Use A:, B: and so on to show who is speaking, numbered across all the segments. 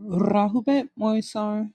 A: Rahubet Moisar.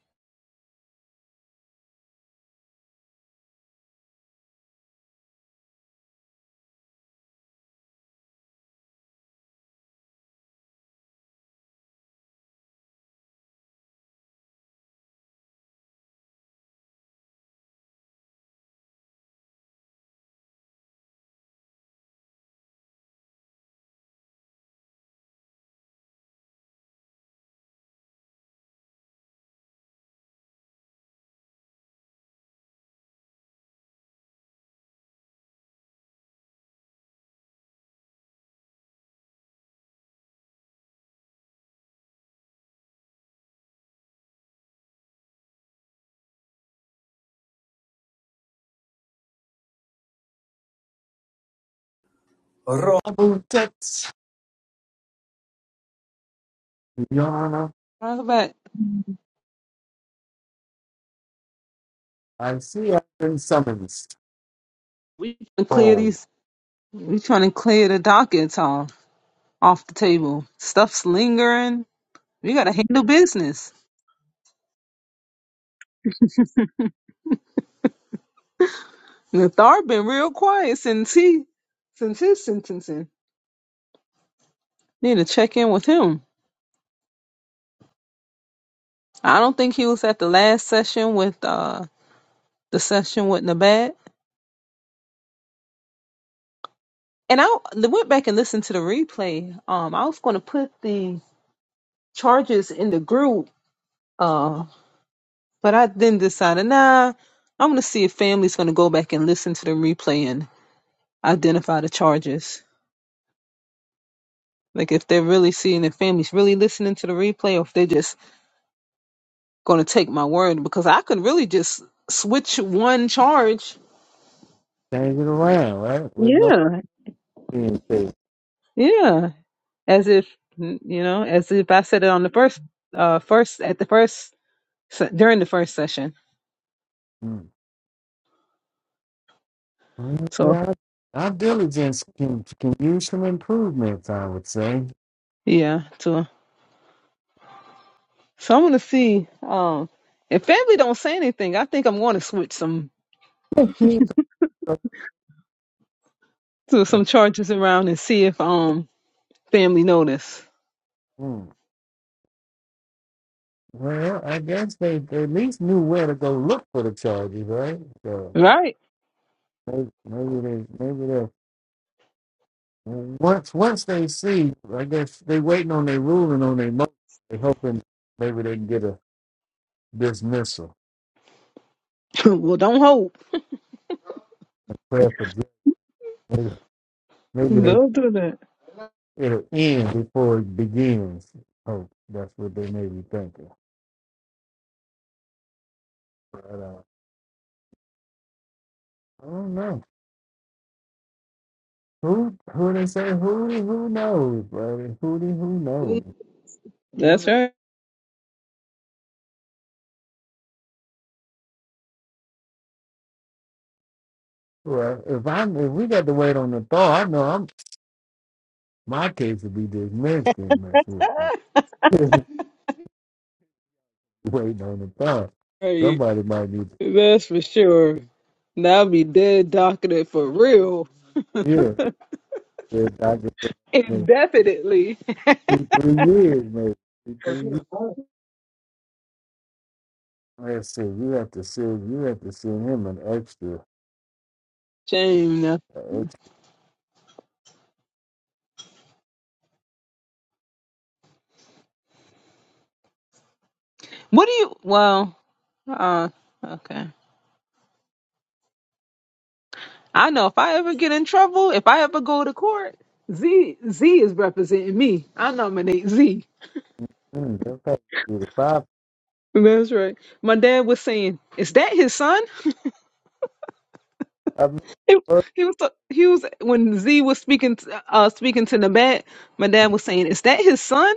B: Robin Tex. Your Honor,
A: Rahubet,
B: I see I've been summoned.
A: we trying to clear
B: Hold.
A: these? We trying to clear the dockets off off the table. Stuff's lingering. We gotta handle business. Nathar been real quiet since he since his sentencing. Need to check in with him. I don't think he was at the last session with uh the session with Nabat. And I I went back and listened to the replay. Um, I was gonna put the charges in the group. uh, But I then decided, nah, I'm gonna see if family's gonna go back and listen to the replay and identify the charges. Like if they're really seeing if families really listening to the replay or if they're just gonna take my word because I could really just switch one charge.
B: Change it around, right? With no
A: Yeah.
B: being paid.
A: Yeah. As if you know, as if I said it on the first uh first at the first se- during the first session.
B: Hmm. Well,
A: So
B: Yeah, our diligence can, can use some improvements, I would say.
A: yeah, so so I'm gonna see um if family don't say anything, I think I'm gonna switch some To some charges around and see if um family notice.
B: Hmm. Well, I guess they, they at least knew where to go look for the charges, right? So
A: Right.
B: maybe, maybe they, maybe they, once once they see, I guess they waiting on their ruling on their motion. They hoping maybe they can get a dismissal.
A: well, don't hope.
B: prayer for justice. Maybe, maybe they
A: Don't do that.
B: it'll end before it begins. Oh, that's what they may be thinking. But uh, I don't know. Who who they say who who knows, brother? Who the- who knows?
A: That's right.
B: Well, if I'm if we got to wait on the thaw, I know I'm my case would be dismissed and mess with. uh, waiting on the thaw.
A: Right.
B: Somebody might need
A: That's for sure. That'll be dead docketed for real.
B: to hear this doctor for the next
A: Indefinitely.
B: two, three years, maybe two, three years. Let's see, you have to send you have to send him an extra
A: Shame. Now.
B: 18,
A: What do you? Well, uh, okay. I know if I ever get in trouble, if I ever go to court, Z Z is representing me. I nominate Z.
B: okay. The Five.
A: That's right. My dad was saying, "Is that his son?"
B: I missed
A: He,
B: the first
A: he was he was when Z was speaking to, uh speaking to the bat. My dad was saying, "Is that his son?"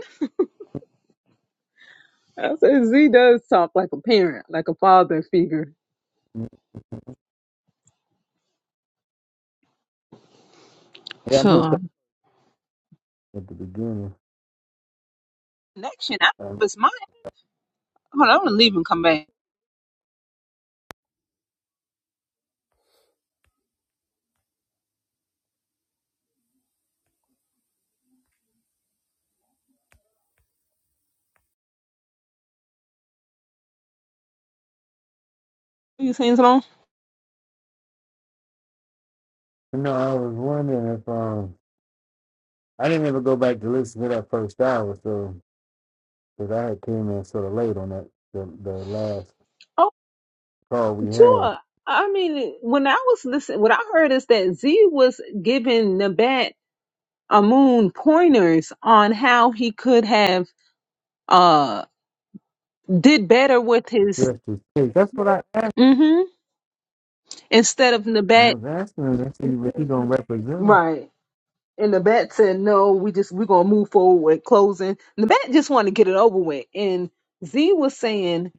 A: I said, "Z does talk like a parent, like a father figure."
B: one. Yeah, I missed
A: So
B: that at the beginning.
A: connection. I
B: Um,
A: was my hold. on, I'm gonna leave and come back. You saying something?
B: you know, I was wondering if um, I didn't ever go back to listen to that first hour, so because I had came in sort of late on that the, the last
A: Oh,
B: call we had.
A: Tua. I mean, when I was listening, what I heard is that Z was giving Nabat Amun pointers on how he could have uh did better with his
B: Just to see, that's what I asked.
A: mm-hmm, instead of
B: I
A: Nabat.
B: was asking him. I said, "If "You really gonna represent him?"
A: Right. And the bat said, "No, we just we're gonna move forward with closing." And the bat just wanted to get it over with. And Z was saying,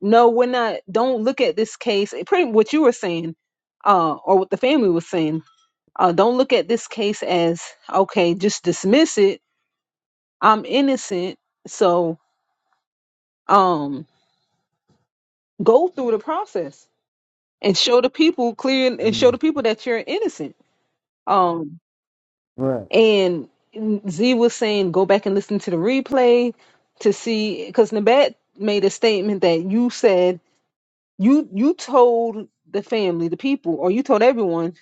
A: "No, we're not. Don't look at this case. eh, Pretty what you were saying, uh, or what the family was saying. Uh, don't look at this case as okay. Just dismiss it. I'm innocent. So um, go through the process and show the people clear and show the
B: Mm,
A: people that you're innocent. Um,
B: right,
A: And Z was saying, go back and listen to the replay to see, because Nabat made a statement that you said you you told the family, the people, or you told everyone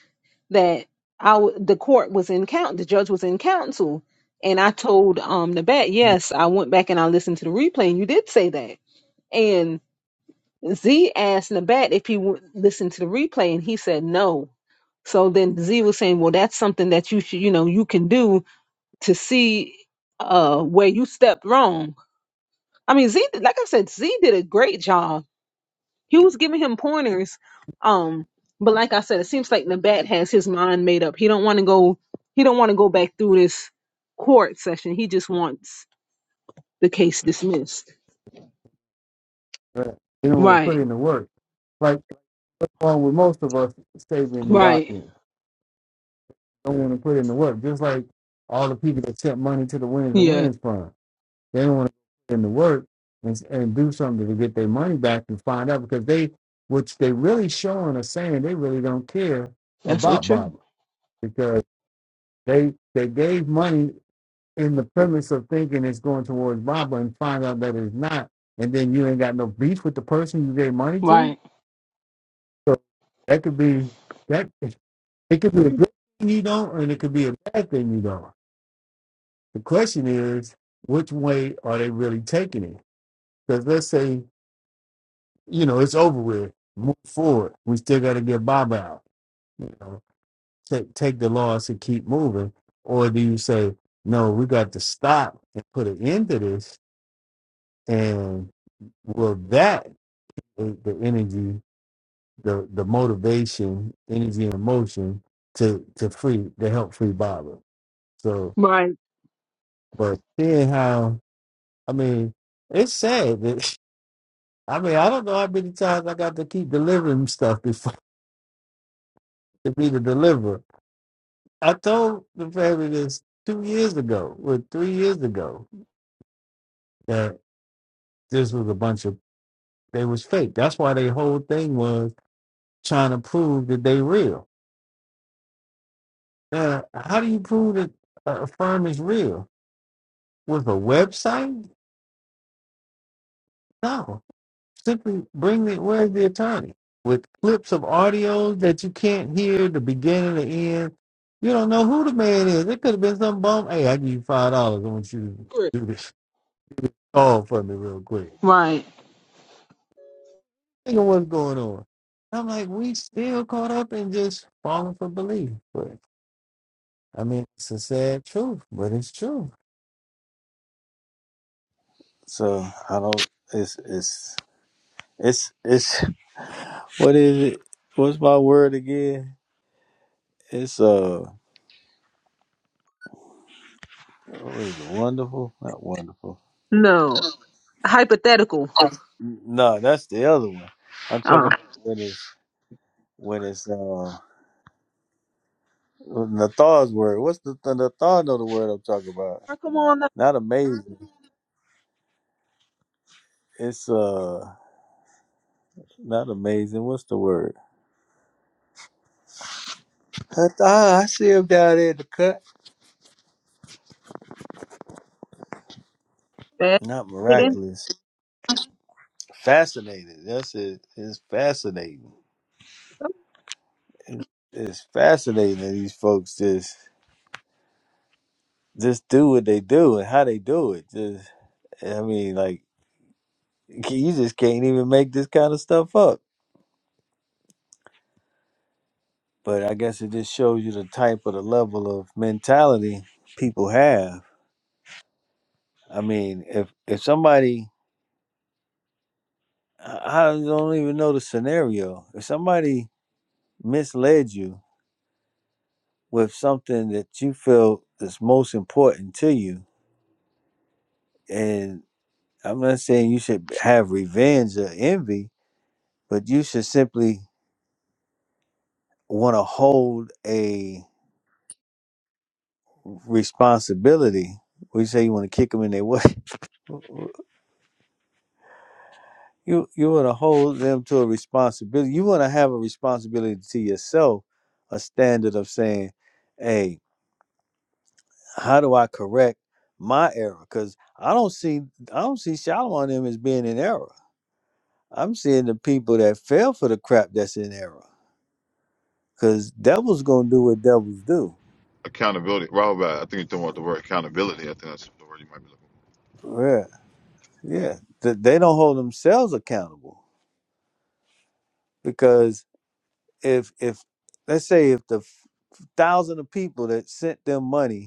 A: that our the court was in count, the judge was in counsel, and I told um Nabat,
B: mm,
A: yes, I went back and I listened to the replay, and you did say that. And Z asked Nabat if he would listen to the replay, and he said no. So then Z was saying, well, that's something that you should, you know, you can do to see uh where you stepped wrong. I mean, Z, like I said, Z did a great job. He was giving him pointers. Um, but like I said, it seems like Nabat has his mind made up. He don't want to go. He don't want to go back through this court session. He just wants the case dismissed.
B: right. You don't want to put
A: Right.
B: in the work, like wrong with most of us saving the
A: Right.
B: watch. don't want to put in the work. Just like all the people that sent money to the Wins and
A: Yeah.
B: Wins Fund, they don't want to put in the work and, and do something to get their money back and find out because they, which they really showing or saying they really don't care
A: That's so
B: about
A: true.
B: Baba because they they gave money in the premise of thinking it's going towards Baba and find out that it's not, and then you ain't got no beef with the person you gave money to.
A: Right.
B: So that could be that it could be a good thing you don't, and it could be a bad thing you don't. The question is, which way are they really taking it? Because let's say, you know, it's over with, move forward. We still got to get Bob out. You know, take take the loss and keep moving, or do you say, no, we got to stop and put an end to this? And will that the the energy, the the motivation, energy and emotion to to free to help free Baba? So,
A: Right.
B: but seeing how I mean, it's sad that. I mean, I don't know how many times I got to keep delivering stuff before to be the deliverer. I told the family this two years ago, or three years ago, that this was a bunch of they was fake. That's why their whole thing was trying to prove that they real. Now, how do you prove that a firm is real with a website? No, Simply bring the where's the attorney with clips of audio that you can't hear the beginning, the end. You don't know who the man is. It could have been some bum. Hey, I give you five dollars. I want you to do this all for me real quick.
A: Right.
B: Think of what's going on. I'm like, we still caught up in just falling for belief. But I mean, it's a sad truth, but it's true. So I don't. It's it's it's it's what is it? What's my word again? It's uh. What is it? Wonderful? Not wonderful.
A: No. Hypothetical.
B: No, that's the other one. I'm talking
A: Uh.
B: about when it's when it's uh Nathar's word. What's the, the Nathar know the word I'm talking about?
A: Come on,
B: Not amazing. It's uh not amazing. What's the word? Nathar, I see him down there in the cut.
A: Nabat.
B: Not
A: It is.
B: miraculous. Fascinating. That's it. It's fascinating. It- It's fascinating that these folks just just do what they do and how they do it. Just I mean, like you just can't even make this kind of stuff up. But I guess it just shows you the type of the level of mentality people have. I mean, if if somebody, I I don't even know the scenario. If somebody misled you with something that you feel is most important to you, and I'm not saying you should have revenge or envy, but you should simply want to hold a responsibility. We say you want to kick them in their way. You you want to hold them to a responsibility. You want to have a responsibility to yourself, a standard of saying, "Hey, how do I correct my error?" Because I don't see I don't see Shalom on them as being in error. I'm seeing the people that fell for the crap that's in error. Because devils gonna do what devils do.
C: accountability. Robert, I think you're talking about the word accountability. I think that's the word you might be looking
B: Yeah, yeah. Th- They don't hold themselves accountable because if if let's say if the thousand of people that sent them money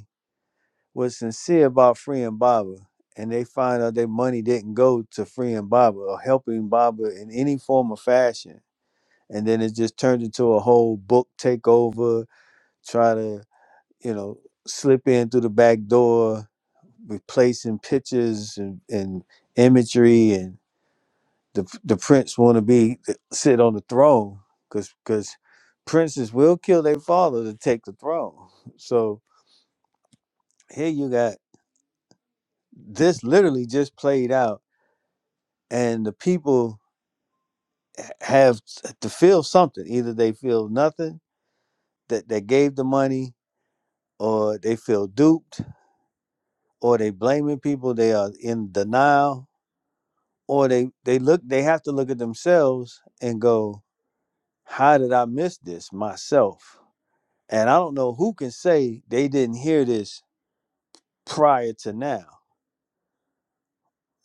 B: was sincere about freeing Baba, and they find out their money didn't go to freeing Baba or helping Baba in any form or fashion. And then it just turned into a whole book takeover, try to, you know, slip in through the back door, replacing pictures and, and imagery. And the, the prince want to be sit on the throne because because princes will kill their father to take the throne. So here you got this literally just played out and the people have to feel something. Either they feel nothing that they gave the money, or they feel duped, or they blaming people. They are in denial, or they they look. They have to look at themselves and go, "How did I miss this myself?" And I don't know who can say they didn't hear this prior to now.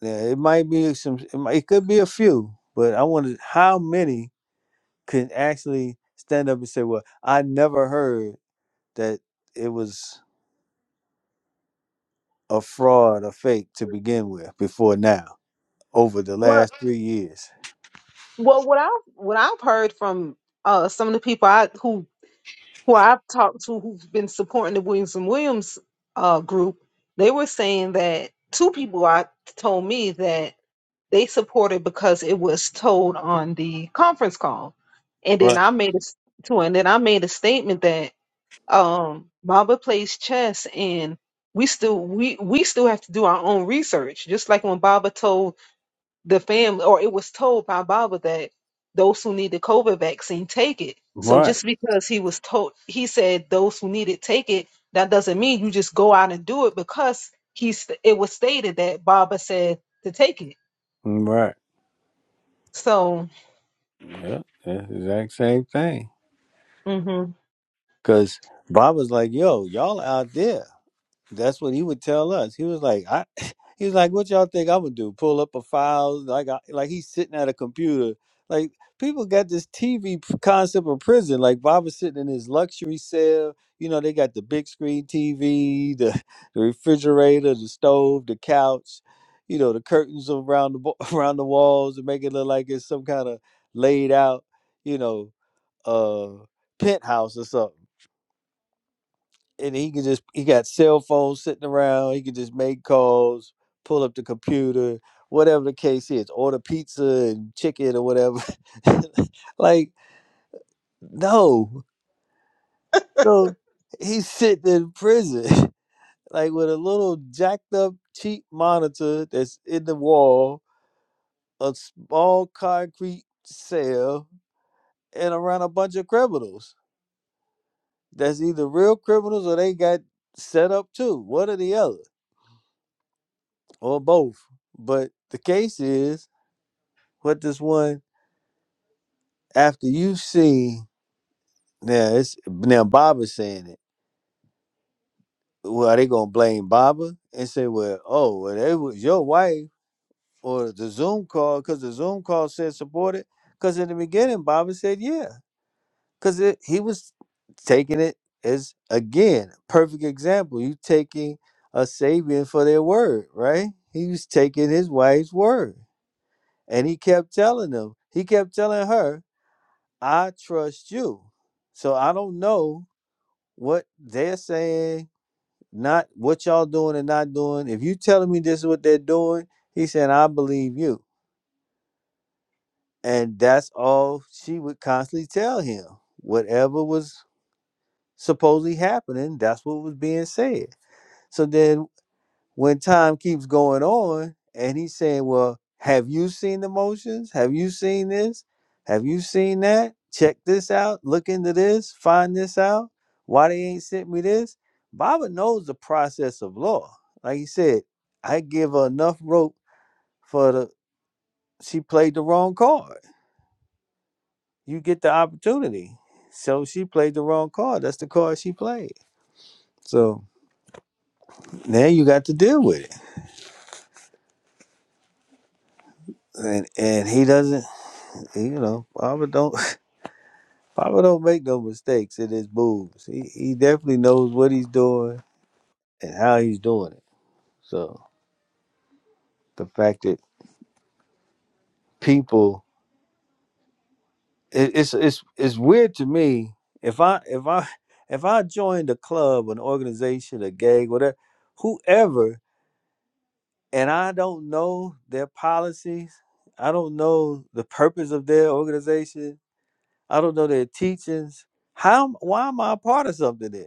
B: Now, it might be some. It, might, it could be a few, but I wonder how many can actually stand up and say, "Well, I never heard." that it was a fraud, a fake to begin with before now, over the
A: well,
B: last three years.
A: Well, what I've what I've heard from uh some of the people I who who I've talked to who've been supporting the Williams and Williams uh group, they were saying that two people I told me that they supported because it was told on the conference call, and then
B: Right.
A: I made a s- to and then I made a statement that um Mamba plays chess and we still we we still have to do our own research, just like when Baba told the family, or it was told by Baba that those who need the COVID vaccine take it. So
B: Right.
A: just because he was told, he said those who need it take it, that doesn't mean you just go out and do it because he's it was stated that Baba said to take it.
B: Right.
A: So
B: Yeah. That's the exact same thing.
A: mhm.
B: Because Bob was like, yo, y'all out there. That's what he would tell us. He was like, I he was like, what y'all think I'm gonna do? Pull up a file like I, like he's sitting at a computer. Like people got this TV concept of prison. Like Bob was sitting in his luxury cell. You know, they got the big screen TV, the, the refrigerator, the stove, the couch, you know, the curtains around the bo- around the walls to make it look like it's some kind of laid out, you know, uh penthouse or something and he could just he got cell phones sitting around. He could just make calls, pull up the computer, whatever the case is, order pizza and chicken or whatever. like no, so he's sitting in prison, like with a little jacked up cheap monitor that's in the wall, a small concrete cell, and around a bunch of criminals. That's either real criminals or they got set up too, one or the other or both. But the case is, what does one after you see now? It's now Baba saying it. Well, are they gonna blame Baba and say, well, oh, well, they was your wife or the Zoom call because the Zoom call said support it? Because in the beginning, Baba said yeah, because he was taking it as again perfect example. You taking a Sabian for their word, right? He was taking his wife's word, and he kept telling them. He kept telling her, I trust you. So I don't know what they're saying, not what y'all doing and not doing. If you telling me this is what they're doing, he said, I believe you. And that's all she would constantly tell him. Whatever was supposedly happening, that's what was being said. So then when time keeps going on and he's saying, Well, have you seen the motions? Have you seen this? Have you seen that? Check this out. Look into this. Find this out. Why they ain't sent me this? Baba knows the process of law. Like he said, I give her enough rope for the she played the wrong card. You get the opportunity. So she played the wrong card. That's the card she played. So now you got to deal with it. And and he doesn't you know, Baba don't Papa don't make no mistakes in his moves. He he definitely knows what he's doing and how he's doing it. So the fact that people it, it's it's it's weird to me if I if I if I joined a club, an organization, a gang, whatever, whoever, and I don't know their policies, I don't know the purpose of their organization, I don't know their teachings. How why am I a part of something then?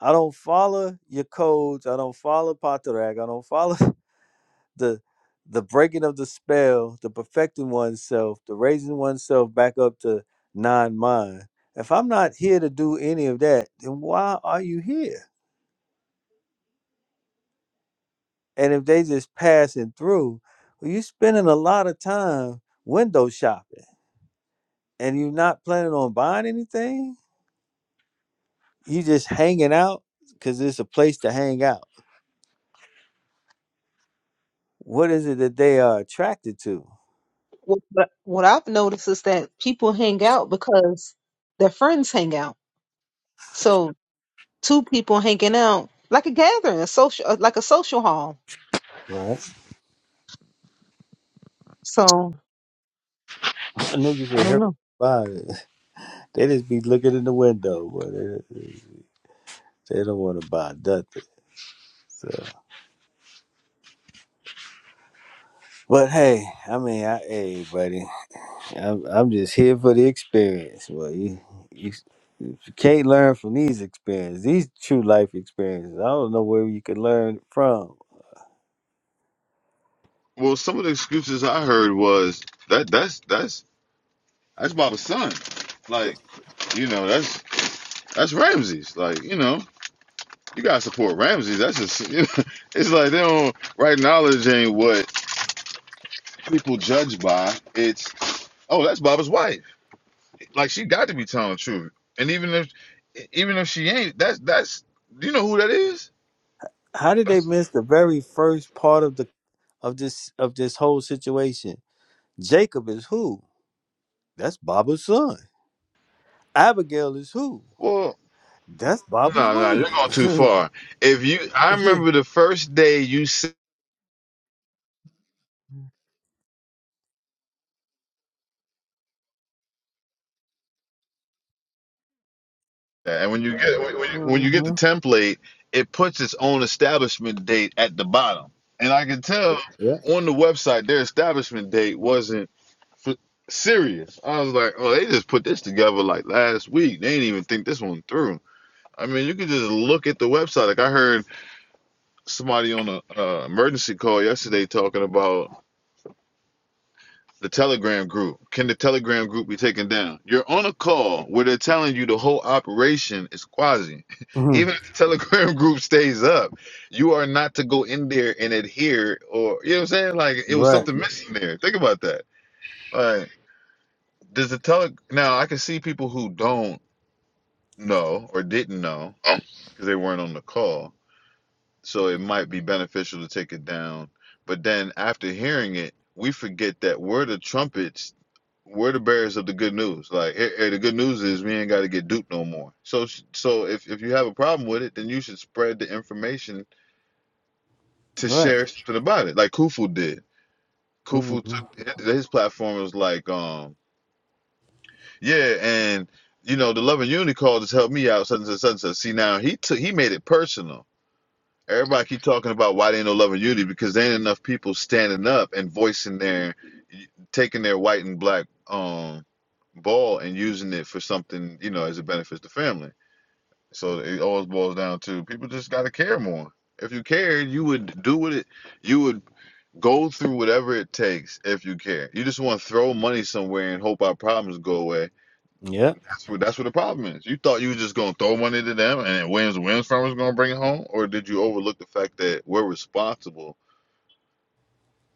B: I don't follow your codes. I don't follow Patarag. I don't follow the the breaking of the spell, the perfecting oneself, the raising oneself back up to non mind. If I'm not here to do any of that, then why are you here? And if they just passing through, well, you're spending a lot of time window shopping and you're not planning on buying anything. You just hanging out because it's a place to hang out. What is it that they are attracted to?
A: what, what what I've noticed is that people hang out because their friends hang out. So two people hanging out like a gathering, a social, like a social hall.
B: Right.
A: So
B: Niggas
A: I
B: in
A: don't
B: here
A: know.
B: buy it. They just be looking in the window, but they, they don't want to buy nothing. So. But hey, I mean, I, hey, buddy, I'm I'm just here for the experience. Well, you you, you can't learn from these experiences, these true life experiences. I don't know where you could learn from.
C: for. Well, some of the excuses I heard was that that's that's that's Baba's son. Like, you know, that's that's Ramses. Like, you know, you gotta support Ramses. That's just you know, it's like they don't right knowledge ain't what people judge by. It's oh, that's Baba's wife. Like she got to be telling the truth. And even if even if she ain't, that's that's you know who that is?
B: How did they miss the very first part of the of this of this whole situation? Jacob is who? That's Baba's son. Abigail is who?
C: Well,
B: That's Baba's
C: No, no, you're
B: wife.
C: going too far. If you, I remember the first day you said that, and when you get when you, when you get
B: Mhm.
C: the template, it puts its own establishment date at the bottom, and I can tell
B: Yeah.
C: on the website their establishment date wasn't f- serious. I was like, oh, they just put this together like last week. They didn't even think this one through. I mean, you could just look at the website. Like I heard somebody on a uh, emergency call yesterday talking about. the Telegram group. Can the Telegram group be taken down? You're on a call where they're telling you the whole operation is quasi.
B: hmm
C: Even if the Telegram group stays up, you are not to go in there and adhere or you know what I'm saying? Like it was
B: Right.
C: something missing there. Think about that. Like does the tele now I can see people who don't know or didn't know because they weren't on the call so it might be beneficial to take it down. But then after hearing it, we forget that we're the trumpets, we're the bearers of the good news. Like here, here the good news is we ain't got to get duped no more. So so if if you have a problem with it, then you should spread the information to
B: Right.
C: share something about it, like Kufu did.
B: hmm
C: Kufu took his his platform was like, um, yeah, and you know the Love and Unity call just helped me out, such and such. and such. See now he took he made it personal Everybody keep talking about why there ain't no love and unity because there ain't enough people standing up and voicing their, taking their white and black um ball and using it for something you know as it benefits the family. So it always boils down to people just got to care more. If you cared, you would do what it. You would go through whatever it takes if you care. You just want to throw money somewhere and hope our problems go away
B: Yeah.
C: that's what that's what the problem is. You thought you were just gonna throw money to them and Williams Williams firm was gonna bring it home, or did you overlook the fact that we're responsible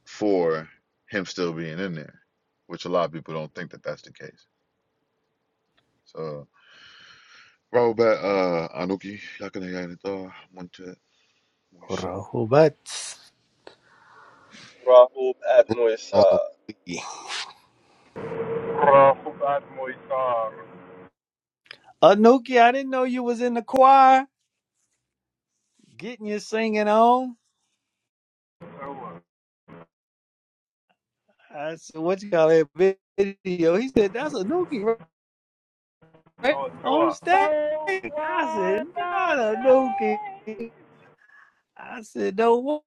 C: for him still being in there, which a lot of people don't think that that's the case. So, Robert, uh, Anuki, Yakanayanatar, Montet, Moisar.
B: Rahubat.
D: Rahul
B: Oh.
D: Atmuisar.
E: رافضات ميسار
B: Anuki, I didn't know you was in the choir getting your singing on.
E: هو
B: I said, what you call that video? He said, that's Anuki right right
E: هو
B: on
E: هو
B: stage. I said, not Anuki.
E: Those
B: I said, no wo-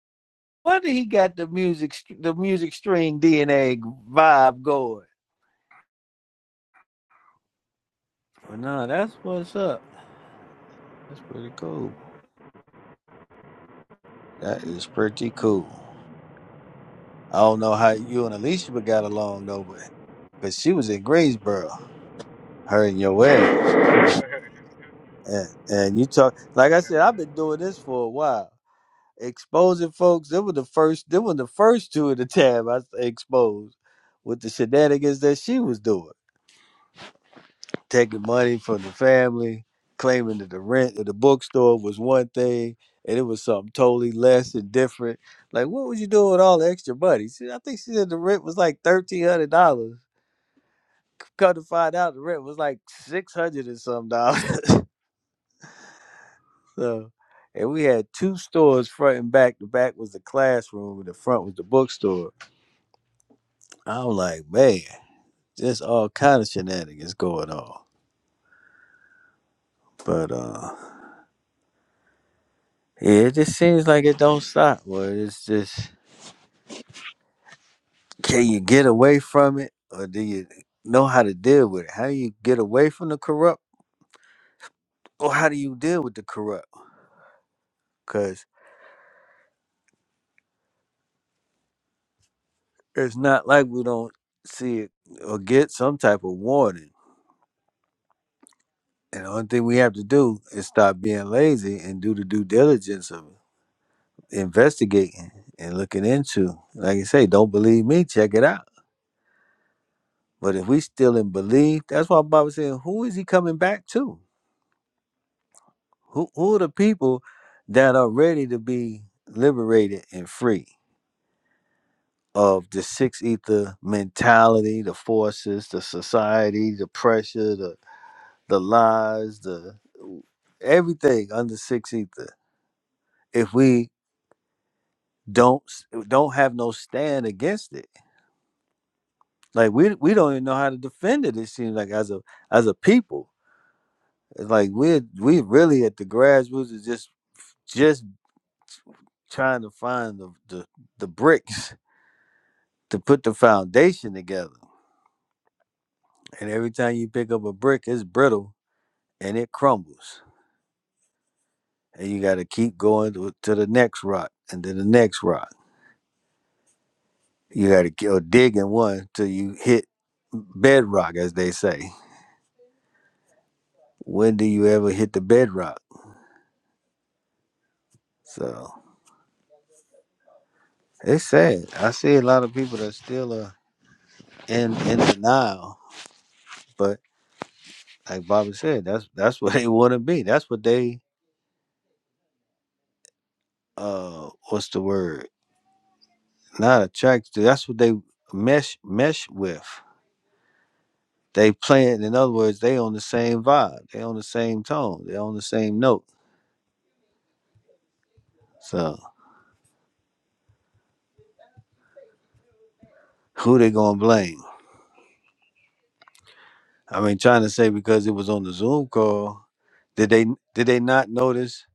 B: wonder he got the music, st- the music string DNA vibe going. But no, that's what's up. That's pretty cool. That is pretty cool. I don't know how you and Alicia got along though, but because she was in Greensboro, her and your ass.
E: were the days.
B: And, and you talk like I said, I've been doing this for a while. Exposing folks, they were the first they were the first two at the time I exposed with the shenanigans that she was doing. Taking money from the family, claiming that the rent at the bookstore was one thing and it was something totally less and different. Like what was you doing with all the extra money? She, I think she said the rent was like thirteen hundred dollars Come to find out, the rent was like six hundred and some dollars. so, and we had two stores front and back. The back was the classroom, and the front was the bookstore. I'm like, man, just all kind of shenanigans going on. But uh, yeah, it just seems like it don't stop. Well, it's just can you get away from it, or do you know how to deal with it? How do you get away from the corrupt, or how do you deal with the corrupt? Because it's not like we don't see it or get some type of warning. And the only thing we have to do is stop being lazy and do the due diligence of investigating and looking into. Like you say, don't believe me, check it out. But if we still in belief, that's why Bob was saying, who is he coming back to? Who who are the people that are ready to be liberated and free of the six ether mentality, the forces, the society, the pressure, the the lies, the everything under six ether. If we don't don't have no stand against it. Like we we don't even know how to defend it. It seems like as a as a people, it's like we're we really at the grassroots is just just trying to find the, the the bricks to put the foundation together. And every time you pick up a brick, it's brittle and it crumbles, and you got to keep going to, to the next rock and then the next rock. You got to dig in one till you hit bedrock, as they say. When do you ever hit the bedrock? So it's sad. I see a lot of people that still are in in denial, but like Bobby said, that's that's what they want to be. That's what they uh what's the word? Not attracted to. That's what they mesh mesh with. They playing. In other words, they on the same vibe. They on the same tone. They on the same note. So who they gonna blame? I mean, trying to say because it was on the Zoom call, did they did they not notice?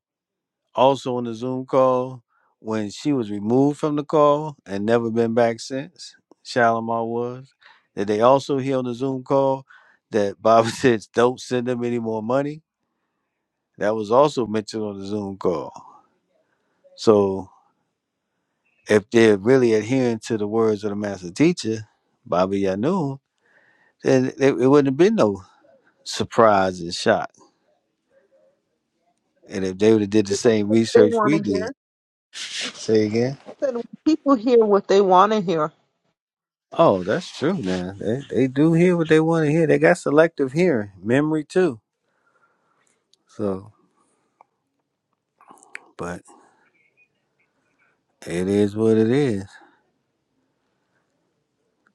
B: Also on the Zoom call, when she was removed from the call and never been back since, Shalimar was, that they also hear on the Zoom call that Baba says, don't send them any more money. That was also mentioned on the Zoom call. So if they're really adhering to the words of the master teacher, Baba Yanun, then it, it wouldn't have been no surprise and shock. And if they would have did the
A: People
B: same
A: they
B: research
A: want
B: we
A: to hear.
B: did, say again.
A: said people hear what they want to hear.
B: Oh, that's true, man. They they do hear what they want to hear. They got selective hearing, memory too. So, but it is what it is.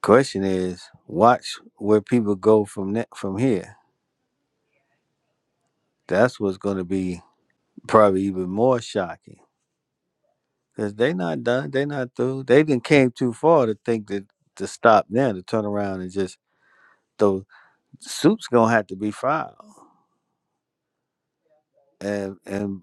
B: Question is, watch where people go from that from here. That's what's going to be probably even more shocking because they not done. They not through. They didn't came too far to think that to stop now to turn around and just those suits gonna have to be filed and and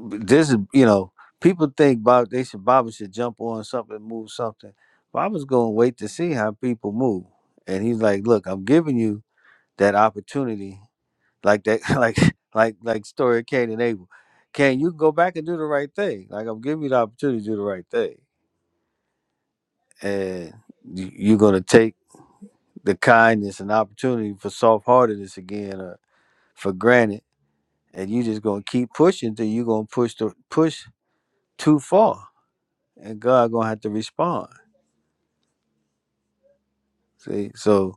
B: this is you know people think Bob they should Baba should jump on something, move something. Baba's gonna wait to see how people move, and he's like, look, I'm giving you that opportunity, like that, like like like story of Cain and Abel. Cain, you can go back and do the right thing. Like I'm giving you the opportunity to do the right thing, and you- you're gonna take the kindness and opportunity for soft heartedness again uh, for granted, and you just gonna keep pushing till you're gonna push the push too far and God gonna have to respond. See, so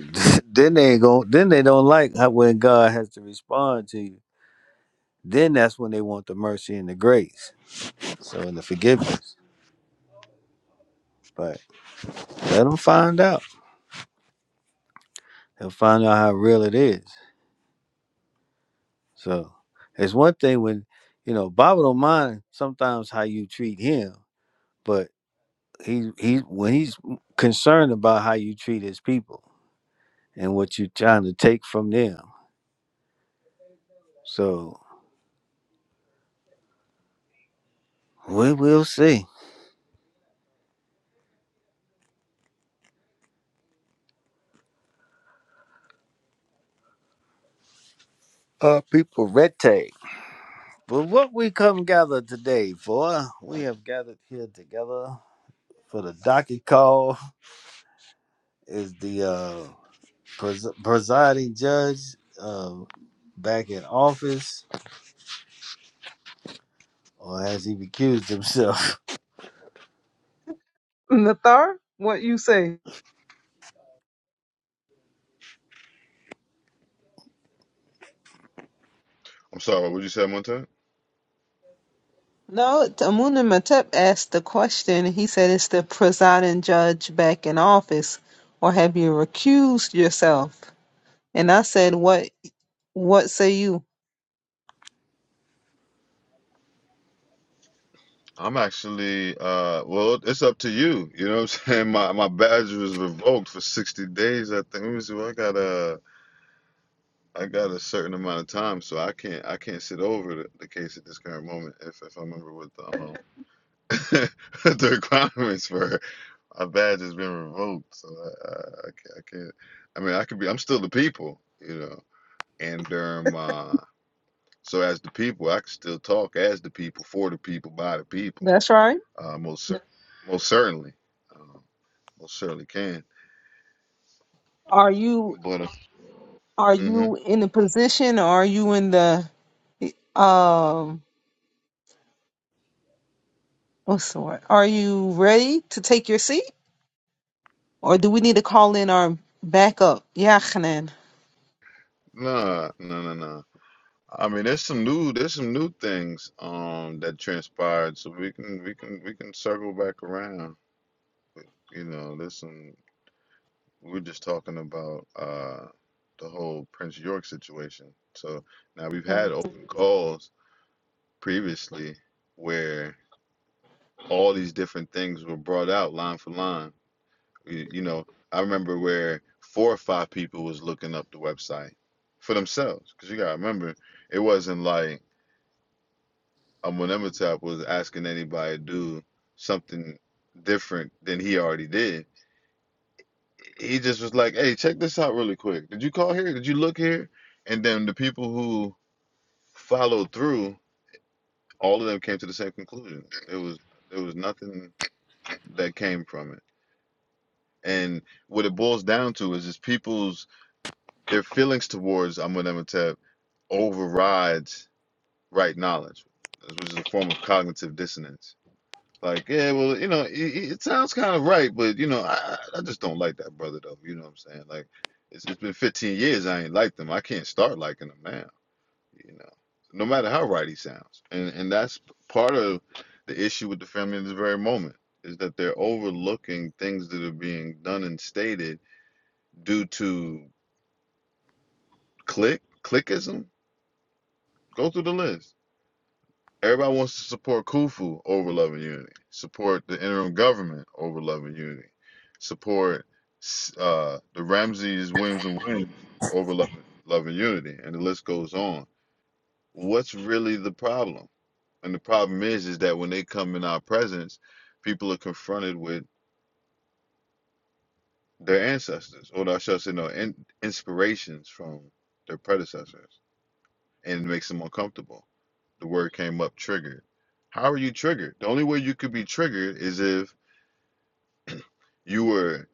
B: then they ain't going then they don't like how, when God has to respond to you. Then that's when they want the mercy and the grace, so and the forgiveness. But let them find out. They'll find out how real it is. So it's one thing when you know Bible don't mind sometimes how you treat him, but he he when he's concerned about how you treat his people and what you're trying to take from them. So we will see. Uh, people, red tape. But what we come gathered today for, we have gathered here together for the docket call. Is the uh, pres- presiding judge uh, back in office, or has he recused himself?
A: Nathar, what you say?
C: I'm sorry, what you say, Montet?
A: No, Amun Matep asked the question. He said, Is the presiding judge back in office, or have you recused yourself? And I said, What what say you?
C: I'm actually, uh, well, it's up to you. You know what I'm saying? My my badge was revoked for 60 days. I think. Let me see. What I got. a. Uh, I got a certain amount of time, so I can't I can't sit over the, the case at this current moment. If if I remember what the um, the requirements were, my badge has been revoked, so I, I, I can't, I can't. I mean, I could be. I'm still the people, you know. And during my so as the people, I can still talk as the people, for the people, by the people.
A: That's right.
C: Uh, most cer- most certainly, uh, most certainly can.
A: Are you
C: But uh,
A: are
C: mm-hmm.
A: you in a position or are you in the um what's the word? Are you ready to take your seat? Or do we need to call in our backup? Yachanan.
C: nah, nah, nah, nah. I mean, there's some new there's some new things um that transpired, so we can we can we can circle back around. You know, there's some we we're just talking about uh the whole Prince York situation. So now we've had open calls previously where all these different things were brought out line for line. You, you know, I remember where four or five people was looking up the website for themselves, because you gotta remember it wasn't like. Amunematap was asking anybody to do something different than he already did. He just was like, "Hey, check this out really quick. Did you call here? Did you look here?" And then the people who followed through, all of them came to the same conclusion. There was there was nothing that came from it. And what it boils down to is just people's their feelings towards Amunematap overrides right knowledge, which is a form of cognitive dissonance Like, yeah, well, you know, it, it sounds kind of right, but you know, I I I just don't like that brother though. You know what I'm saying? Like, it's, it's been 15 years I ain't liked him. I can't start liking him now. You know, no matter how right he sounds, and and that's part of the issue with the family in this very moment is that they're overlooking things that are being done and stated due to click clickism. Go through the list Everybody wants to support Khufu over love and unity, support the interim government over love and unity, support uh, the Ramses, Williams, and Williams over love, love and unity, and the list goes on. What's really the problem? And the problem is, is that when they come in our presence, people are confronted with their ancestors, or I shall say, no, in, inspirations from their predecessors. and it makes them uncomfortable. The word came up triggered. How are you triggered? The only way you could be triggered is if you were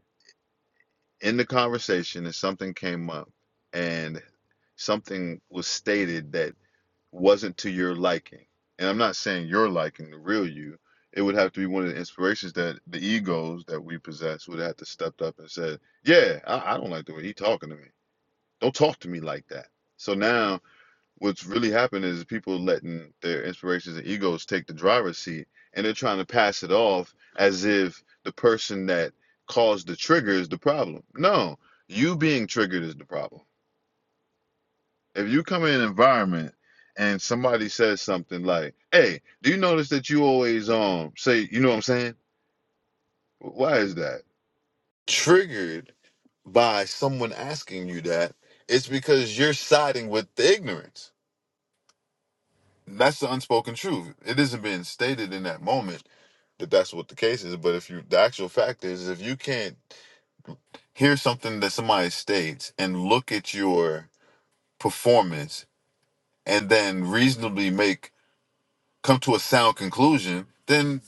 C: in the conversation and something came up and something was stated that wasn't to your liking. And I'm not saying your liking, the real you. It would have to be one of the inspirations that the egos that we possess would have to step up and said, "Yeah, I, I don't like the way he's talking to me. Don't talk to me like that." So now what's really happened is people letting their inspirations and egos take the driver's seat and they're trying to pass it off as if the person that caused the trigger is the problem. No, you being triggered is the problem. If you come in an environment and somebody says something like, Hey, do you notice that you always um say you know what I'm saying? Why is that? Triggered by someone asking you that, it's because you're siding with the ignorance That's the unspoken truth. It isn't being stated in that moment that that's what the case is. But if you, the actual fact is, if you can't hear something that somebody states and look at your performance and then reasonably make come to a sound conclusion, then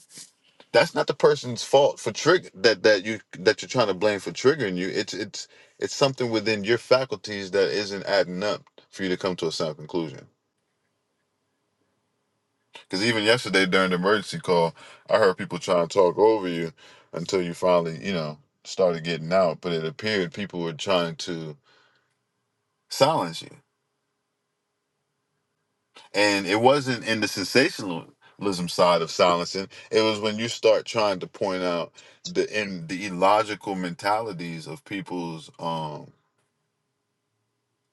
C: that's not the person's fault for trigger that that you that you're trying to blame for triggering you. It's it's it's something within your faculties that isn't adding up for you to come to a sound conclusion. Because even yesterday during the emergency call, I heard people trying to talk over you until you finally, you know, started getting out. But it appeared people were trying to silence you. And it wasn't in the sensationalism side of silencing, it was when you start trying to point out the in the illogical mentalities of people's um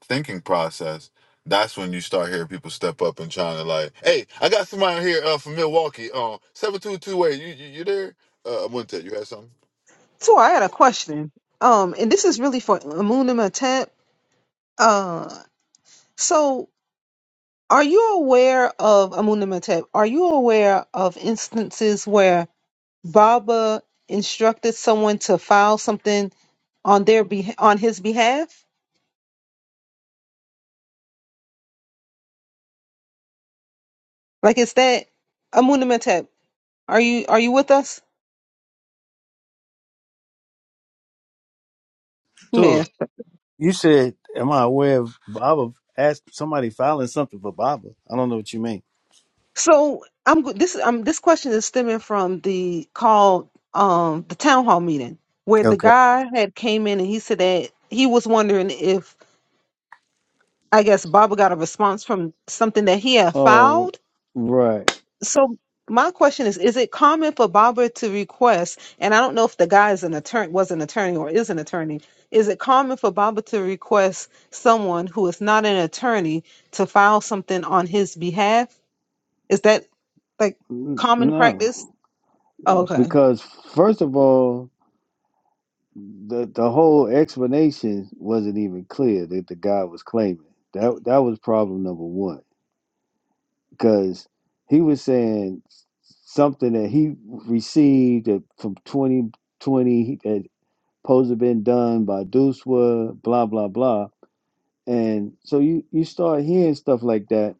C: thinking process. That's when you start hearing people step up and trying to like, hey, I got somebody here uh, from Milwaukee, um, seven two two eight. You, you you there? Uh, I wouldn't tell you had something.
A: So I had a question. Um,
C: Mhm.
A: and this is really for Amunimatep. Uh, so are you aware of Amunimatep? Are you aware of instances where Baba instructed someone to file something on their beh on his behalf? Like is that Amunimatep? Are you are you with us?
B: Tua, you said, "Am I aware of Baba?" Asked somebody filing something for Baba. I don't know what you mean.
A: So I'm go- this um this question is stemming from the call um the town hall meeting where the
B: Okay.
A: guy had came in and he said that he was wondering if I guess Baba got a response from something that he had
B: Oh,
A: filed.
B: right.
A: So my question is is it common for Baba to request and I don't know if the guy is an attorney was an attorney or is an attorney is it common for Baba to request someone who is not an attorney to file something on his behalf? Is that like
B: N-
A: common practice?
B: No,
A: Oh, okay.
B: because first of all. the the whole explanation wasn't even clear that the guy was claiming. That that was problem number one because he was saying something that he received that from 2020 that supposed to have been done by Duswa, blah blah blah. And so you you start hearing stuff like that,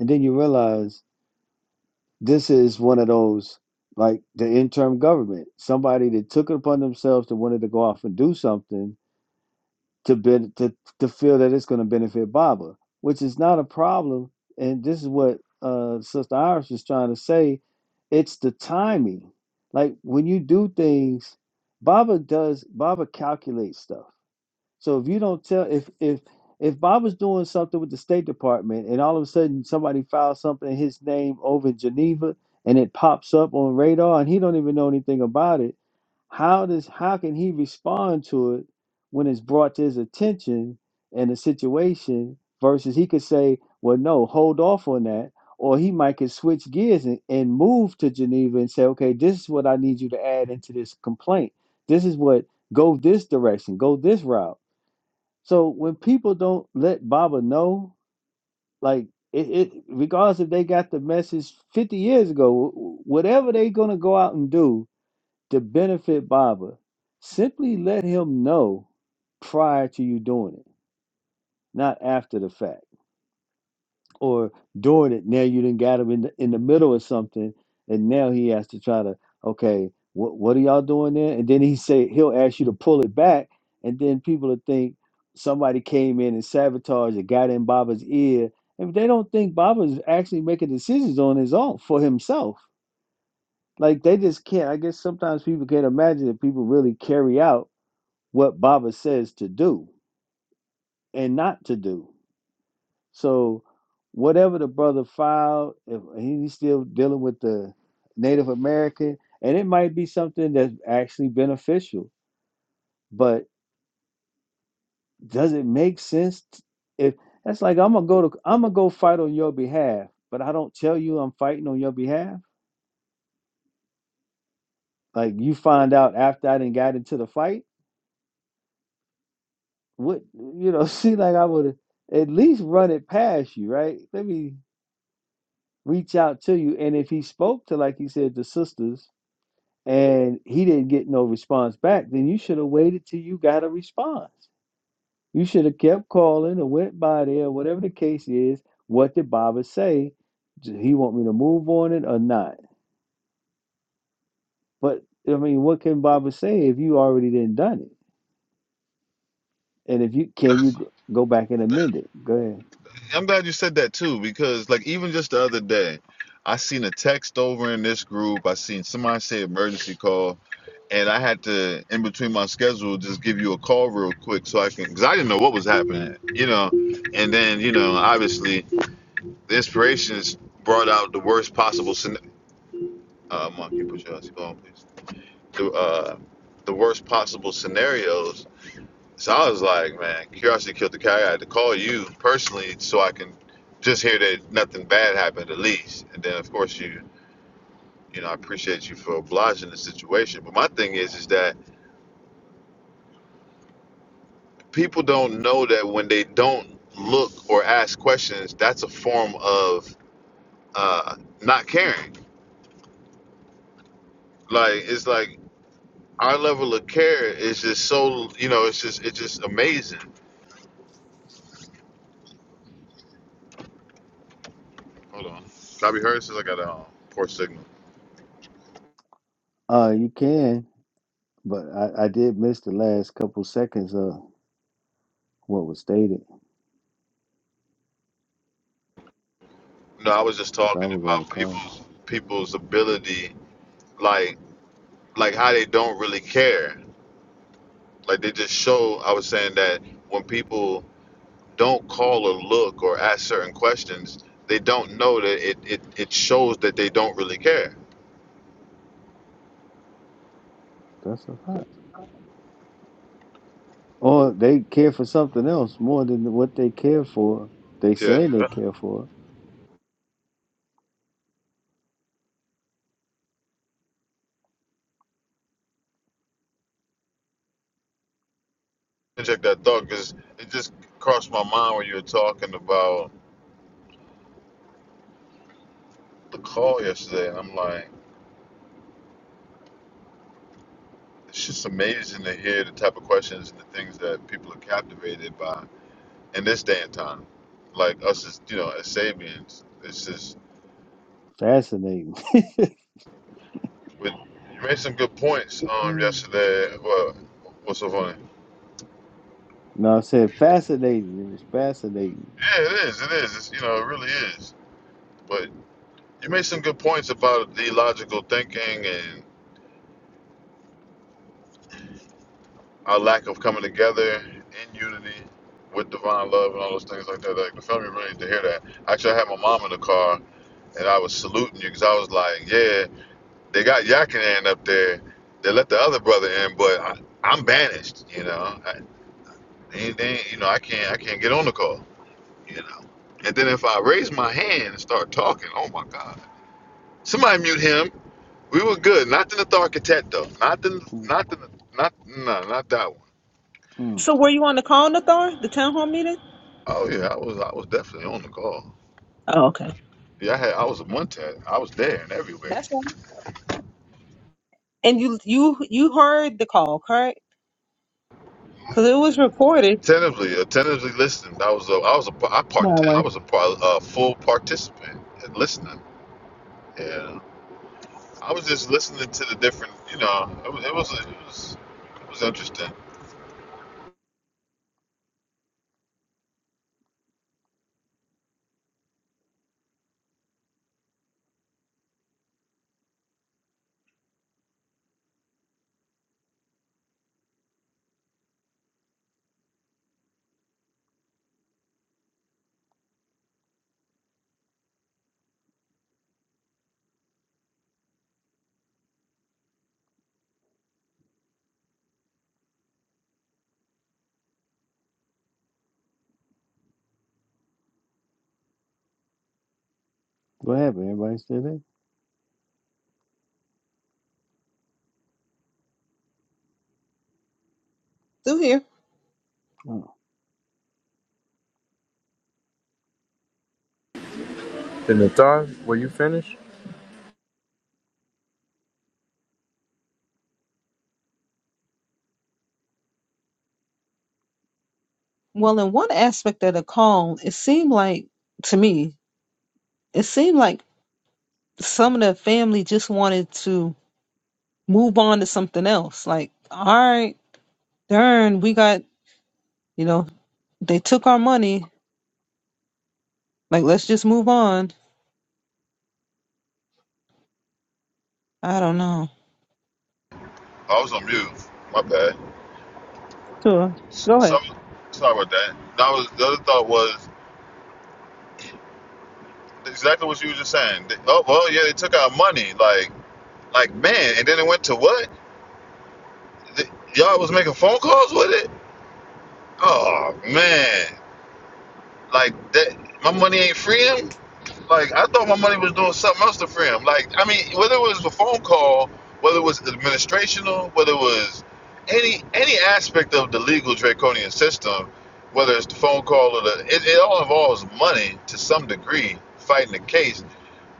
B: and then you realize this is one of those like the interim government, somebody that took it upon themselves to wanted to go off and do something to ben- to to feel that it's going to benefit Baba, which is not a problem. And this is what uh, Sister Iris was trying to say: it's the timing. Like when you do things, Baba does. Baba calculates stuff. So if you don't tell, if if if Baba's doing something with the State Department, and all of a sudden somebody files something in his name over in Geneva, and it pops up on radar, and he don't even know anything about it how does how can he respond to it when it's brought to his attention in a situation versus he could say, well, no, hold off on that. Or he might could switch gears and, and move to Geneva and say, okay, this is what I need you to add into this complaint. This is what go this direction, go this route. So when people don't let Baba know, like it, it regardless if they got the message 50 years ago, wh- whatever they're gonna go out and do, to benefit Baba, simply let him know prior to you doing it, not after the fact or doing it. Now you didn't got him in the, in the middle of something, and now he has to try to okay, what what are y'all doing there? And then he say he'll ask you to pull it back, and then people will think somebody came in and sabotaged it, got in Baba's ear, and they don't think Baba's actually making decisions on his own for himself. Like they just can't. I guess sometimes people can't imagine that people really carry out what Baba says to do and not to do. So whatever the brother filed, if he's still dealing with the Native American, and it might be something that's actually beneficial, but does it make sense t- if that's like I'm gonna go to I'm gonna go fight on your behalf, but I don't tell you I'm fighting on your behalf? Like you find out after I didn't got into the fight? What you know, see like I would at least run it past you, right? Let me reach out to you. And if he spoke to, like he said, the sisters, and he didn't get no response back, then you should have waited till you got a response. You should have kept calling or went by there, whatever the case is. What did Baba say? Did he want me to move on it or not? But I mean, what can Baba say if you already didn't done it? And if you can, you
C: That-
B: go back and
C: that-
B: amend it. Go ahead.
C: I'm glad you said that too, because like even just the other day, I seen a text over in this group. I seen somebody say emergency call, and I had to in between my schedule just give you a call real quick so I can, because I didn't know what was happening, you know. And then you know, obviously, the inspirations brought out the worst possible scen- Uh, Mark, you put your ass on, please. The uh, the worst possible scenarios So I was like, man, curiosity killed the cat. I had to call you personally so I can just hear that nothing bad happened at least. And then of course you, you know, I appreciate you for obliging the situation. But my thing is, is that people don't know that when they don't look or ask questions, that's a form of uh, not caring. Like it's like our level of care is just so, you know, it's just it's just amazing. Hold on, can I be heard since I got a um, poor signal?
B: Uh, you can, but I, I did miss the last couple seconds of what was stated
C: No, I was just
B: because I
C: talking
B: was on the
C: about
B: call.
C: people's people's ability, like like how they don't really care. Like they just show. I was saying that when people don't call or look or ask certain questions, they don't know that it it, it shows that they don't really care.
B: That's a fact. Or they care for something else more than what they care for. They
C: Yeah,
B: say they care for.
C: I check that thought because it just crossed my mind when you were talking about the call yesterday. I'm like, it's just amazing to hear the type of questions and the things that people are captivated by in this day and time. Like us as you know, as Sabians, it's just.
B: Fascinating.
C: But you made some good points um
B: Mm.
C: yesterday. Well, what's so funny?
B: No, I said fascinating. It was fascinating.
C: Yeah, it is. It is. It's, you know, it really is. But you made some good points about the logical thinking and our lack of coming together in unity with divine love and all those things like that. Like the family really need to hear that. Actually, I had my mom in the car and I was saluting you because I was like, yeah. They got Yakinan up there. They let the other brother in, but I, I'm banished. You know, I, they, they, you know, I can't, I can't get on the call. You know, and then if I raise my hand and start talking, oh my God, somebody mute him. We were good. Not in the Tharkatet though. Not in,
B: Mm,
C: not in, not no, not that one.
B: mm.
A: So were you on the call, Nathar? The town hall meeting?
C: Oh yeah, I was, I was definitely on the call.
A: Oh, okay.
C: Yeah, I had, I was a Montet. I was there and everywhere.
A: That's right. And you you you heard the call, correct? Because it was recorded.
C: Attentively, attentively listening. I was, a, I was a, I
A: No
C: part, I
A: worries.
C: was a part, a full participant and listening. Yeah. I was just listening to the different, you know, it was it was it was, it was interesting.
B: What happened? Everybody still there?
A: Still here.
B: Mm.
E: In the time, were you finished?
A: Well, in one aspect of the call, it seemed like to me, it seemed like some of the family just wanted to move on to something else. Like, all right, darn, we got you know, they took our money. Like, let's just move on. I don't know.
C: I was on mute. My bad.
A: Sure.
C: S-
A: Go ahead.
C: Some sorry about that. That was the other thought was exactly what you were just saying. They- oh well, yeah, they took our money, like like man, and then it went to what? The, y'all was making phone calls with it. Oh man, like that. My money ain't free Like I thought my money was doing something else to free him. Like I mean, whether it was the phone call, whether it was administrational, whether it was any any aspect of the legal draconian system, whether it's the phone call or the it, it all involves money to some degree, fighting the case.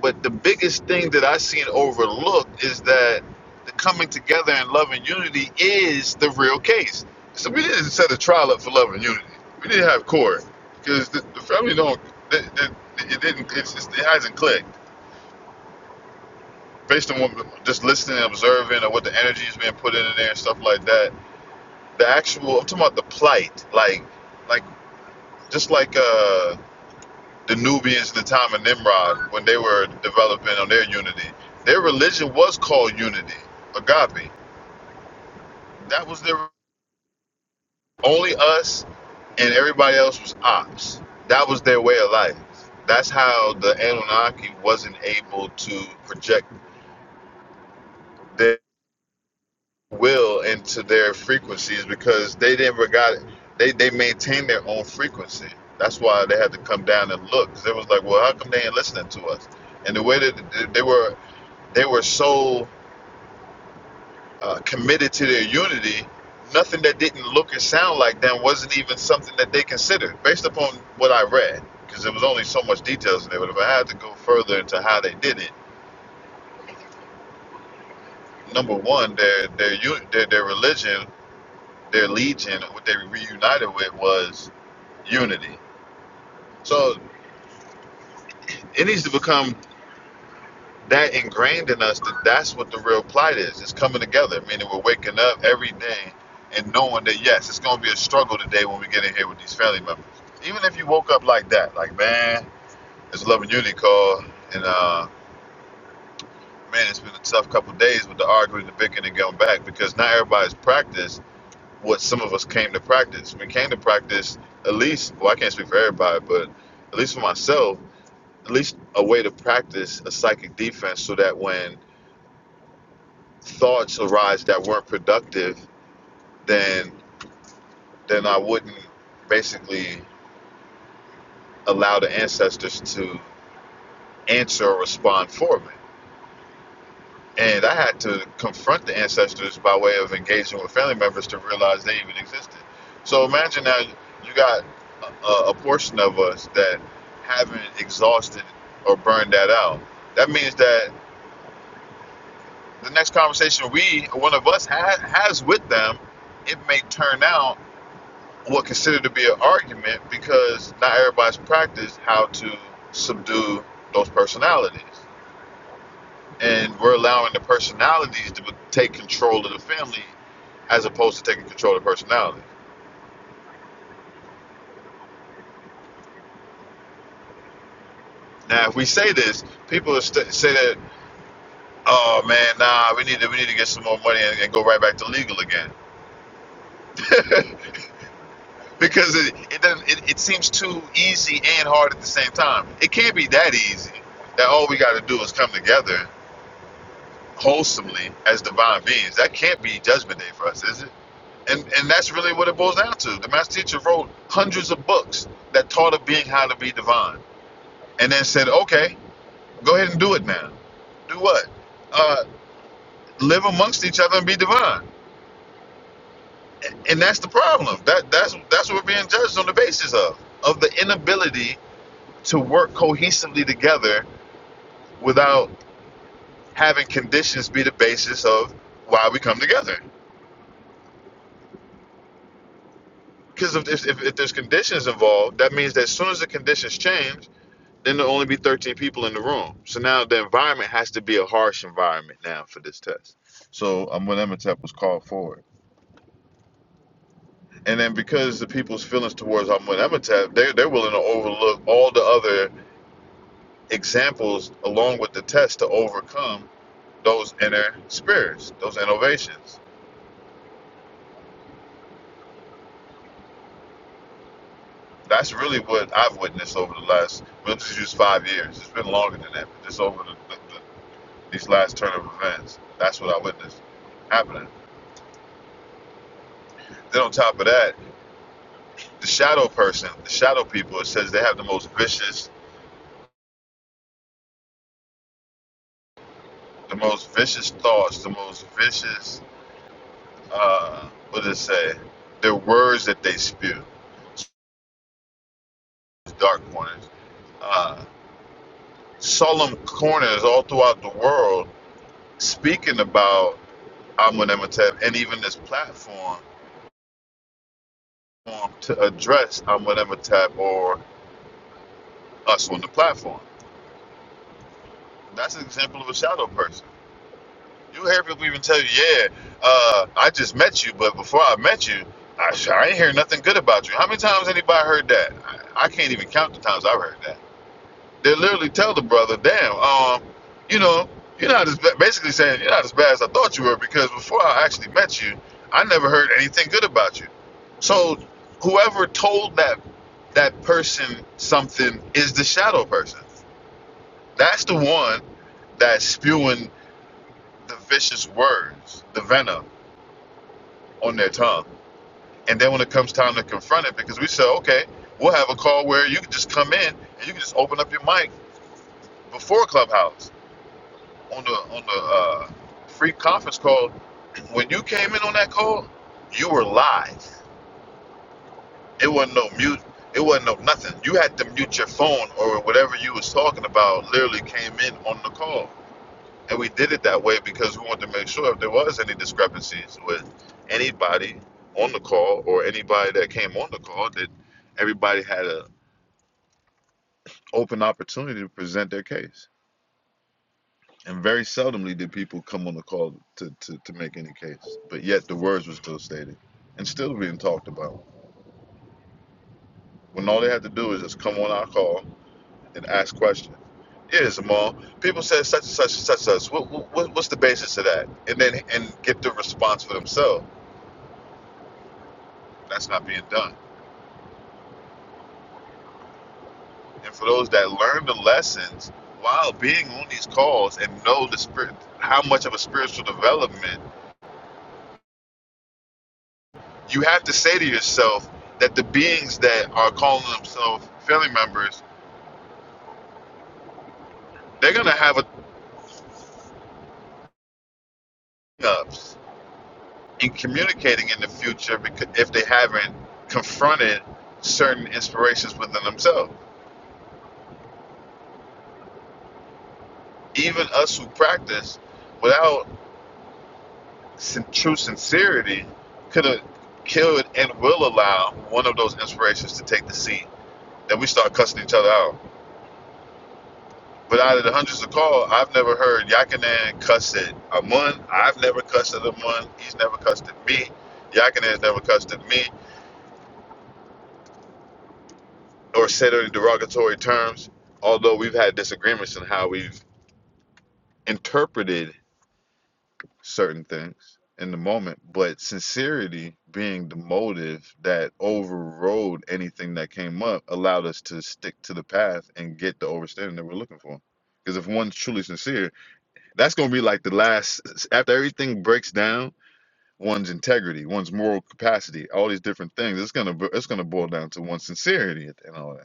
C: But the biggest thing that I seen overlooked is that the coming together and love and unity is the real case. So we didn't set a trial up for love and unity. We didn't have court because the, the family don't. It, it, it didn't. It's, it's, it hasn't clicked based on what, just listening and observing or what the energy is being put in there and stuff like that. The actual. I'm talking about the plight. Like, like just like uh the Nubians, the time of Nimrod, when they were developing on their unity, their religion was called unity, agape. That was their only us, and everybody else was ops. That was their way of life. That's how the Anunnaki wasn't able to project their will into their frequencies because they didn't regard it. They they maintained their own frequency. That's why they had to come down and look. 'cause They was like, well, how come they ain't listening to us? And the way that they were, they were so uh, committed to their unity, nothing that didn't look and sound like them wasn't even something that they considered, based upon what I read, because there was only so much details in there. But if I had to go further into how they did it, number one, their their their, their religion, their legion, what they reunited with was unity. So it needs to become that ingrained in us that that's what the real plight is. It's coming together, meaning we're waking up every day and knowing that yes, it's going to be a struggle today when we get in here with these family members. Even if you woke up like that, like man, it's love and unity call, and uh, man, it's been a tough couple of days with the arguing, the bickering, and going back because not everybody's practiced what some of us came to practice. We came to practice at least, well, I can't speak for everybody, but at least for myself, at least a way to practice a psychic defense so that when thoughts arise that weren't productive, then then I wouldn't basically allow the ancestors to answer or respond for me. And I had to confront the ancestors by way of engaging with family members to realize they even existed. So imagine now you got a, a portion of us that haven't exhausted or burned that out. That means that the next conversation we, one of us, ha- has with them, it may turn out what considered to be an argument because not everybody's practiced how to subdue those personalities. And we're allowing the personalities to take control of the family as opposed to taking control of the personality. Now, if we say this, people st- say that, oh man, nah, we need to, we need to get some more money and, and go right back to legal again. because it, it, doesn't, it, it seems too easy and hard at the same time. It can't be that easy that all we got to do is come together wholesomely as divine beings. That can't be judgment day for us, is it? And and that's really what it boils down to. The master teacher wrote hundreds of books that taught a being how to be divine. And then said, Okay, go ahead and do it now. Do what? Uh live amongst each other and be divine. And that's the problem. That that's that's what we're being judged on the basis of. Of the inability to work cohesively together without having conditions be the basis of why we come together. Because if, if, if there's conditions involved, that means that as soon as the conditions change, then there'll only be 13 people in the room. So now the environment has to be a harsh environment now for this test. So Amunetep was called forward. And then because the people's feelings towards Amunetep, they're, they're willing to overlook all the other examples along with the test to overcome those inner spirits, those innovations. That's really what I've witnessed over the last, we'll just use five years. It's been longer than that, but just over the, the, these last turn of events. That's what I witnessed happening. Then on top of that, the shadow person, the shadow people, it says they have the most vicious, the most vicious thoughts, the most vicious, uh, what did it say? Their words that they spew, dark corners, uh, solemn corners all throughout the world, speaking about Amun Emetep and even this platform um, to address Amun Emetep or us on the platform. That's an example of a shadow person You hear people even tell you, yeah, uh, I just met you, but before I met you, I, I ain't hear nothing good about you. How many times anybody heard that? I, I can't even count the times I've heard that. They literally tell the brother, damn, um, you know, you're not as ba- basically saying you're not as bad as I thought you were because before I actually met you, I never heard anything good about you. So whoever told that that person something is the shadow person. That's the one that's spewing the vicious words, the venom on their tongue. And then when it comes time to confront it, because we said, okay, we'll have a call where you can just come in and you can just open up your mic before Clubhouse on the on the uh, free conference call. When you came in on that call, you were live. It wasn't no mute. It wasn't no nothing. You had to mute your phone or whatever you was talking about. Literally came in on the call. And we did it that way because we wanted to make sure if there was any discrepancies with anybody on the call or anybody that came on the call, that everybody had an open opportunity to present their case. And very seldomly did people come on the call to, to, to make any case. But yet the words were still stated and still being talked about. When all they had to do is just come on our call and ask questions. Yeah, Jamal. People said such and such and such and such. What, what, what's the basis of that? And then and get the response for themselves That's not being done. And for those that learn the lessons while being on these calls and know the spirit, how much of a spiritual development, you have to say to yourself that the beings that are calling themselves family members, they're gonna have a ups in communicating in the future because if they haven't confronted certain inspirations within themselves. Even us who practice without sin- true sincerity could have killed and will allow one of those inspirations to take the seat that we start cussing each other out. But out of the hundreds of calls, I've never heard Yakanan cuss at Amun. I've never cussed at Amun. He's never cussed at me. Yakinan's never cussed at me or said any derogatory terms, although we've had disagreements in how we've interpreted certain things in the moment, but sincerity being the motive that overrode anything that came up allowed us to stick to the path and get the overstanding that we're looking for. Because if one's truly sincere, that's going to be like the last, after everything breaks down, one's integrity, one's moral capacity, all these different things. It's gonna, it's gonna boil down to one's sincerity and all that.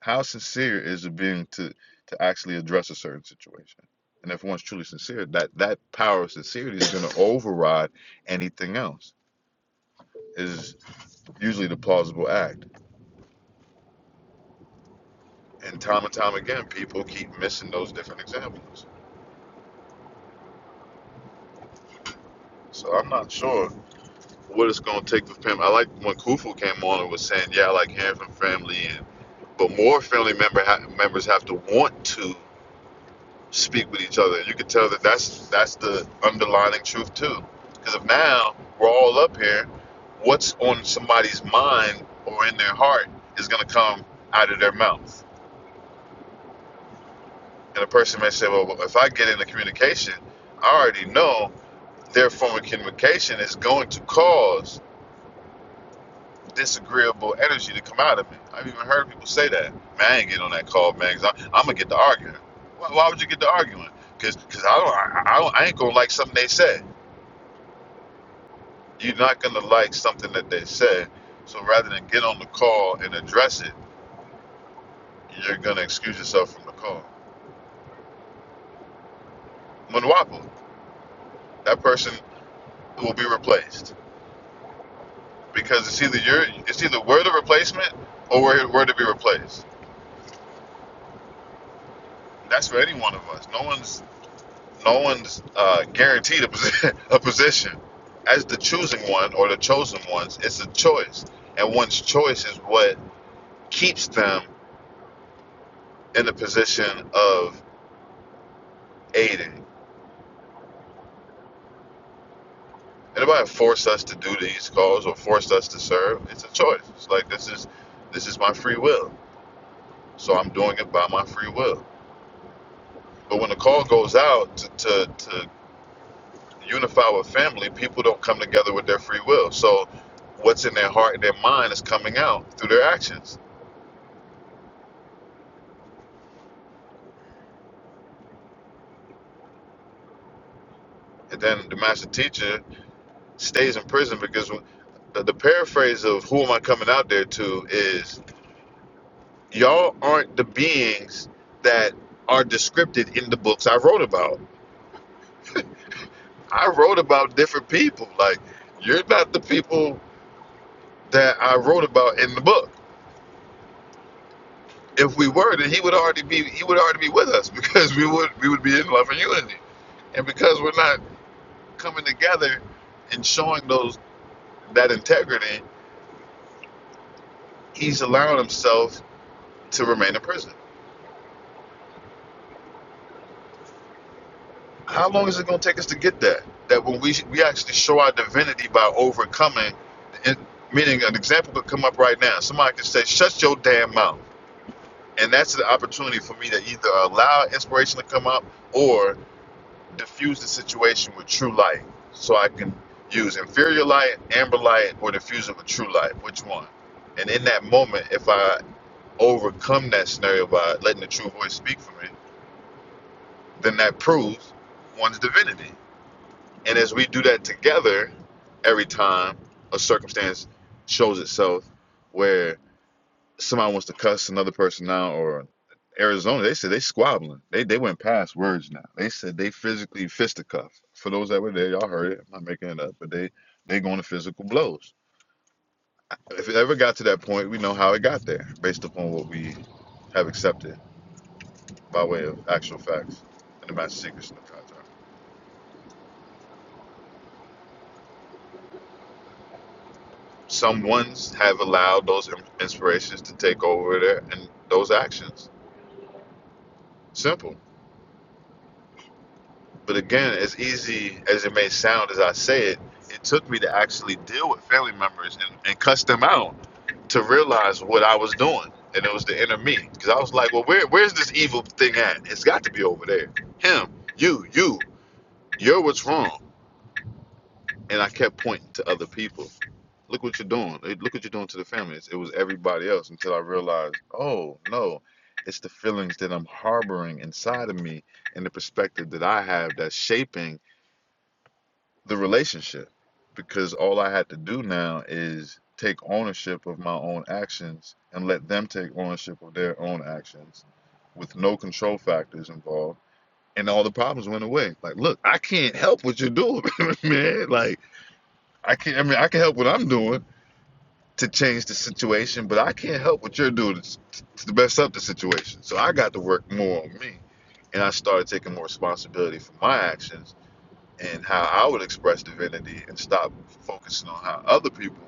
C: How sincere is it being to to actually address a certain situation? And if one's truly sincere, that that power of sincerity is going to override anything else. Is usually the plausible act. And time and time again, people keep missing those different examples. So I'm not sure what it's going to take for Pam. I like when Kufu came on and was saying, "Yeah, I like hearing from family," and but more family member ha- members have to want to speak with each other. You can tell that that's that's the underlying truth too. Because if now we're all up here, what's on somebody's mind or in their heart is going to come out of their mouth. And a person may say, "Well, if I get into communication, I already know their form of communication is going to cause disagreeable energy to come out of me." I've even heard people say that. Man, I ain't getting on that call, man. 'cause i am I'm gonna get to arguing. Why, why would you get to arguing? Because I don't I, I don't I ain't gonna like something they said. You're not going to like something that they said. So rather than get on the call and address it, you're going to excuse yourself from the call. Munwapu, that person will be replaced because it's either you're, it's either we're the replacement or we're, we're to be replaced. That's for any one of us. No one's, no one's uh, guaranteed a, posi- a position. As the choosing one or the chosen ones, it's a choice, and one's choice is what keeps them in the position of aiding. Anybody forced us to do these calls or forced us to serve. It's a choice. It's like this is this is my free will. So I'm doing it by my free will. But when the call goes out to, to, to unify with family, people don't come together with their free will. So what's in their heart and their mind is coming out through their actions. And then the master teacher stays in prison because the, the paraphrase of who am I coming out there to is y'all aren't the beings that are descripted in the books I wrote about I wrote about different people. Like, you're not the people that I wrote about in the book. If we were, then he would already be he would already be with us because we would we would be in love and unity. And because we're not coming together and showing those that integrity, he's allowing himself to remain in prison. How long is it going to take us to get that? That when we we actually show our divinity by overcoming, and, meaning an example could come up right now. Somebody could say, "Shut your damn mouth." and that's the opportunity for me to either allow inspiration to come up or diffuse the situation with true light so i can use inferior light amber light or diffuse it with true light which one and in that moment if i overcome that scenario by letting the true voice speak for me then that proves one's divinity and as we do that together every time a circumstance shows itself where. somebody wants to cuss another person out or Arizona, they said they squabbling. They they went past words now. They said they physically fisticuff. For those that were there, y'all heard it. I'm not making it up, but they they going to physical blows. If it ever got to that point, we know how it got there, based upon what we have accepted by way of actual facts and the master secrets in the contract. Some ones have allowed those inspirations to take over there, and those actions. Simple. But again, as easy as it may sound as I say it, it took me to actually deal with family members and, and cuss them out to realize what I was doing. And it was the inner me. Because I was like, well, where, where's this evil thing at? It's got to be over there. Him, you, you, you're what's wrong. And I kept pointing to other people. Look what you're doing. Eh, Look what you're doing to the family. It was everybody else until I realized, oh, no, it's the feelings that I'm harboring inside of me and the perspective that I have that's shaping the relationship because all I had to do now is take ownership of my own actions and let them take ownership of their own actions with no control factors involved. And all the problems went away. Like, look, I can't help what you're doing, man. Like, I can't, I mean, I can help what I'm doing to change the situation, but I can't help what you're doing to, to mess up the situation. So I got to work more on me. And I started taking more responsibility for my actions and how I would express divinity and stop focusing on how other people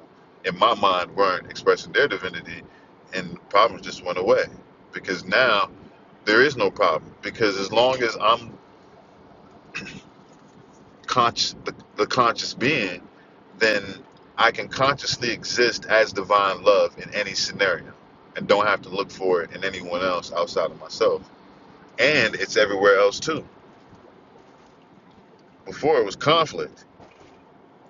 C: in my mind weren't expressing their divinity and problems just went away because now there is no problem because as long as I'm conscious the, the conscious being then I can consciously exist as divine love in any scenario and don't have to look for it in anyone else outside of myself and it's everywhere else too before it was conflict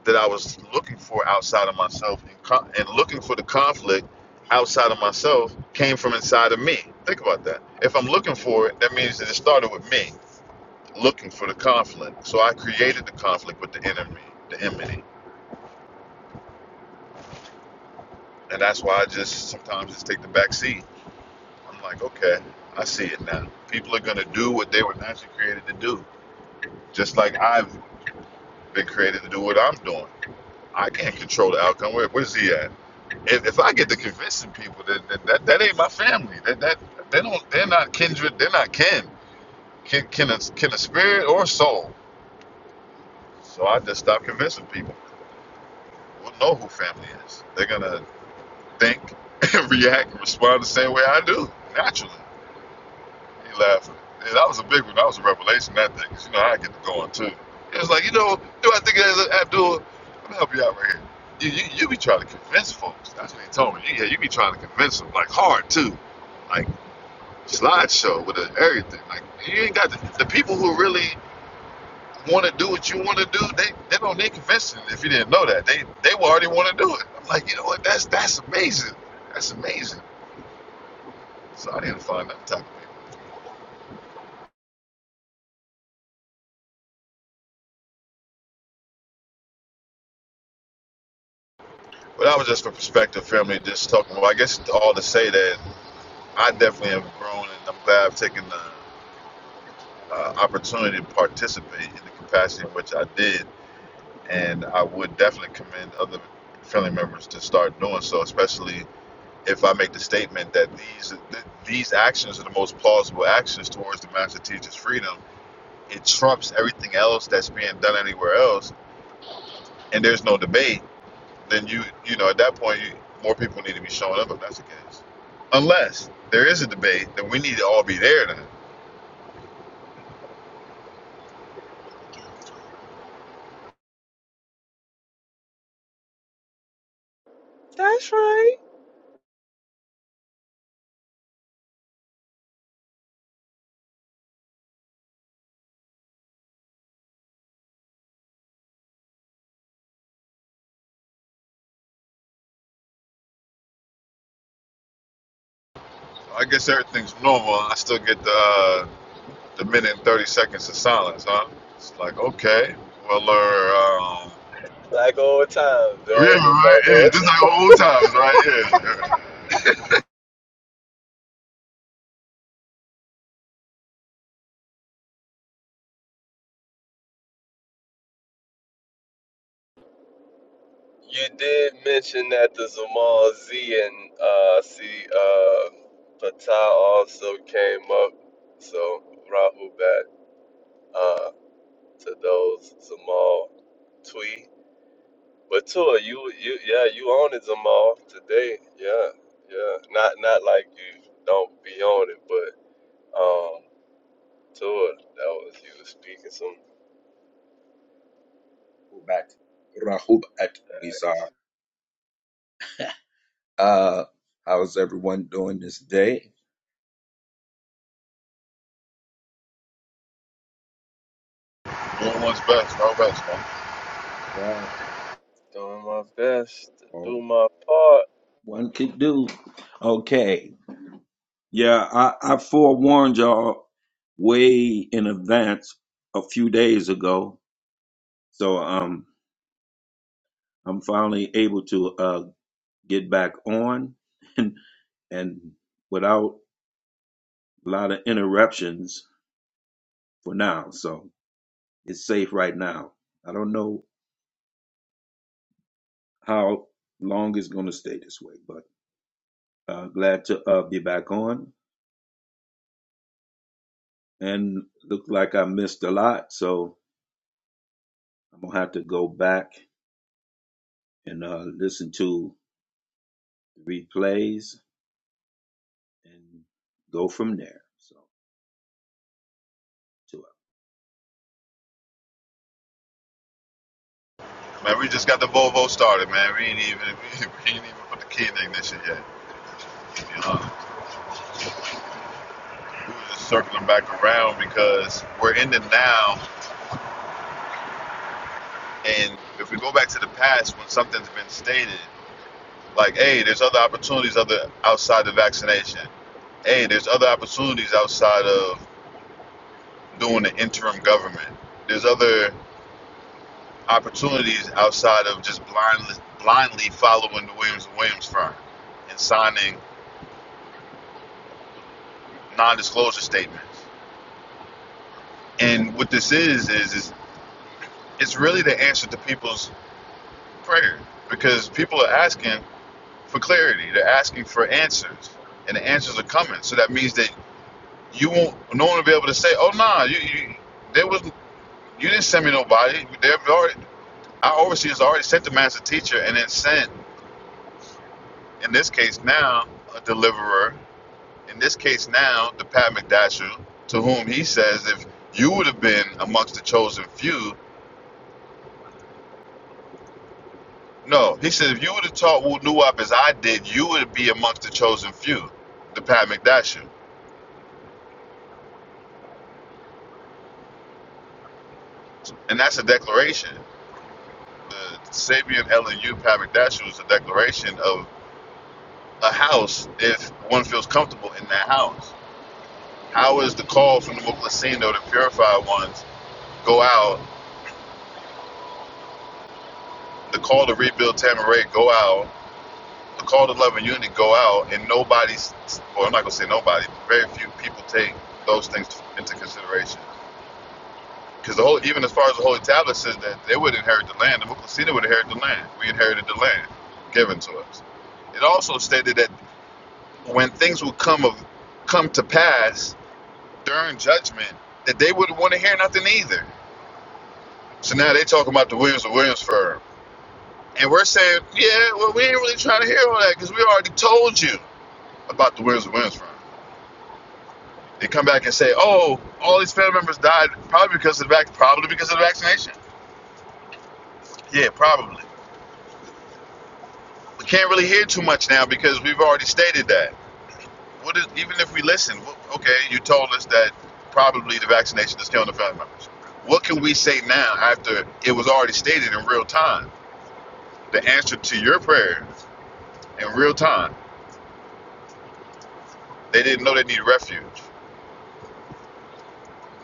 C: that I was looking for outside of myself and, co- and looking for the conflict outside of myself came from inside of me. Think about that. If I'm looking for it, that means that it started with me looking for the conflict. So I created the conflict with the enemy, the enmity. And that's why I just sometimes just take the back seat. I'm like, okay, I see it now. People are going to do what they were naturally created to do, just like I've been created to do what I'm doing. I can't control the outcome. Where, where's he at? if, if I get to convincing people that that, that, that ain't my family, that that they don't, they're not kindred, they're not kin, kin, kin, a, kin a spirit or a soul. So I just stop convincing people. We'll know who family is. They're gonna think, react, and respond the same way I do naturally. He laughing. Yeah, that was a big one. That was a revelation. That thing, 'cause you know I get to going too. It was like, you know, do I think it is Abdul? Let me help you out right here. You, you, you be trying to convince folks. That's what he told me. Yeah, you be trying to convince them like hard too. like. slideshow with everything. Like you ain't got the, the people who really want to do what you want to do. They they don't need convincing. If you didn't know that, they they will already want to do it. I'm like, you know what? That's that's amazing. That's amazing. So I didn't find that type of thing. But that was just for perspective, family. Just talking. Well, I guess all to say that I definitely have grown, and I'm glad I've taken the uh, opportunity to participate in the capacity in which I did. And I would definitely commend other family members to start doing so, especially if I make the statement that these th- these actions are the most plausible actions towards the master teacher's freedom, it trumps everything else that's being done anywhere else, and there's no debate. Then you you know at that point you, more people need to be showing up if that's the case. Unless there is a debate, then we need to all be there. Then
D: That's right.
C: So I guess everything's normal. I still get the uh, the minute and thirty seconds of silence, huh? It's like okay, well, uh, um,
D: Like old times,
C: yeah,
D: man. It's just
C: right,
D: like
C: yeah,
D: old
C: just
D: times.
C: like old times, right? Yeah,
D: You did mention that the Zamal Z and uh, see uh, Fatah also came up. So Rahul back uh, to those Zamal Twee. But Tua, you you yeah, you own it Zamal today. Yeah, yeah. Not not like you don't be on it, but um Tua, that was you was speaking some
F: Rahubat, Rahubat Wizar. Uh, how's everyone doing this day?
C: Doing what's best, our best, man.
F: Right.
D: Doing my best to do
F: All
D: my part.
F: one can do. Okay. Yeah, I, I forewarned y'all way in advance a few days ago. So um I'm finally able to uh get back on and and without a lot of interruptions for now. So it's safe right now. I don't know how long it's going to stay this way. But uh, glad to uh, be back on. And looked like I missed a lot, so I'm gonna have to go back and uh, listen to replays and go from there. So to
C: Man, we just got the Volvo started, man. We ain't even we, we ain't even put the key in the ignition yet. You know, we were just circling back around because we're in the now, and if we go back to the past when something's been stated, like, hey, there's other opportunities other outside the vaccination. Hey, there's other opportunities outside of doing the interim government. There's other opportunities outside of just blindly blindly following the Williams Williams firm and signing. non-disclosure statements. And what this is is is it's really the answer to people's prayer because people are asking for clarity. They're asking for answers, and the answers are coming. So that means that you won't. No one will be able to say, "Oh, nah, you, you there was you didn't send me nobody." They've already our overseers already sent the master teacher, and then sent in this case now a deliverer. In this case now the Pat McDasher, to whom he says, "If you would have been amongst the chosen few." No, he said if you would have taught Wu Nuwap as I did, you would be amongst the chosen few, the Pat McDasher. And that's a declaration. The Sabian LNU Pat McDasher is a declaration of a house if one feels comfortable in that house. How is the call from the Muklesino, to purify ones, go out, the call to rebuild Tamaray go out, the call to love and unity go out, and nobody's, well, I'm not going to say nobody, very few people take those things into consideration. Because the whole, even as far as the Holy Tablet says that they would inherit the land, the Mucosina would inherit the land. We inherited the land given to us. It also stated that when things would come of come to pass during judgment, that they wouldn't want to hear nothing either. So now they talking about the Williams and Williams firm, and we're saying, yeah, well, we ain't really trying to hear all that because we already told you about the Williams and Williams firm. They come back and say, oh, all these family members died probably because of the vac- probably because of the vaccination. Yeah, probably. We can't really hear too much now because we've already stated that. What is, even if we listen, okay, you told us that probably the vaccination is killing the family members. What can we say now after it was already stated in real time? The answer to your prayer in real time. They didn't know they needed refuge.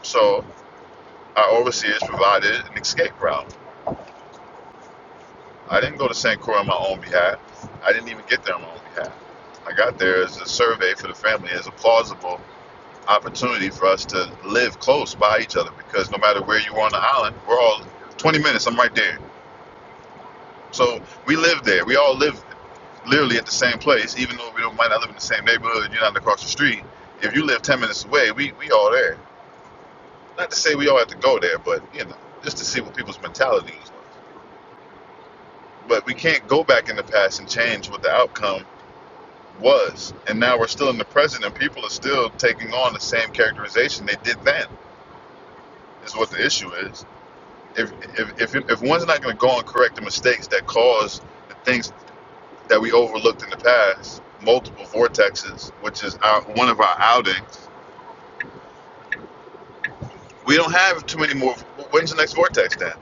C: So our overseers provided an escape route. I didn't go to St. Croix on my own behalf. I didn't even get there on my own behalf. I got there as a survey for the family, as a plausible opportunity for us to live close by each other because no matter where you are on the island, we're all 20 minutes, I'm right there. So we live there. We all live literally at the same place, even though we don't, might not live in the same neighborhood, you're not across the street. If you live 10 minutes away, we, we all there. Not to say we all have to go there, but you know, just to see what people's mentality is. But we can't go back in the past and change what the outcome was. And now we're still in the present and people are still taking on the same characterization they did then, is what the issue is if if if, if one's not going to go and correct the mistakes that cause the things that we overlooked in the past, multiple vortexes, which is our, one of our outings, we don't have too many more. When's the next vortex then?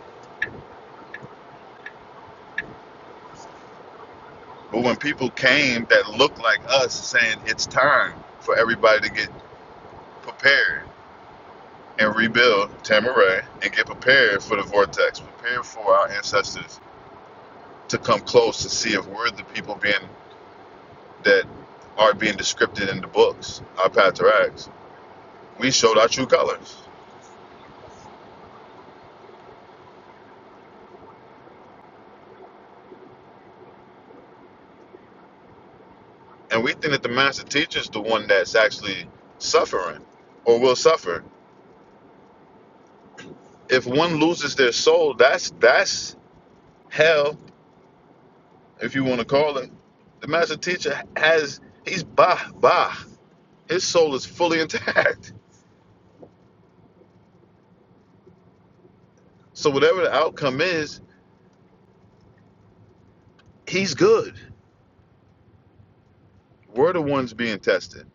C: But when people came that looked like us, saying it's time for everybody to get prepared and rebuild Tamaray and get prepared for the vortex, prepared for our ancestors to come close to see if we're the people being that are being described in the books, our patriarchs We showed our true colors. And we think that the master teacher is the one that's actually suffering or will suffer. If one loses their soul, that's that's hell, if you want to call it. The master teacher has he's bah bah. His soul is fully intact. So whatever the outcome is, he's good. We're the ones being tested.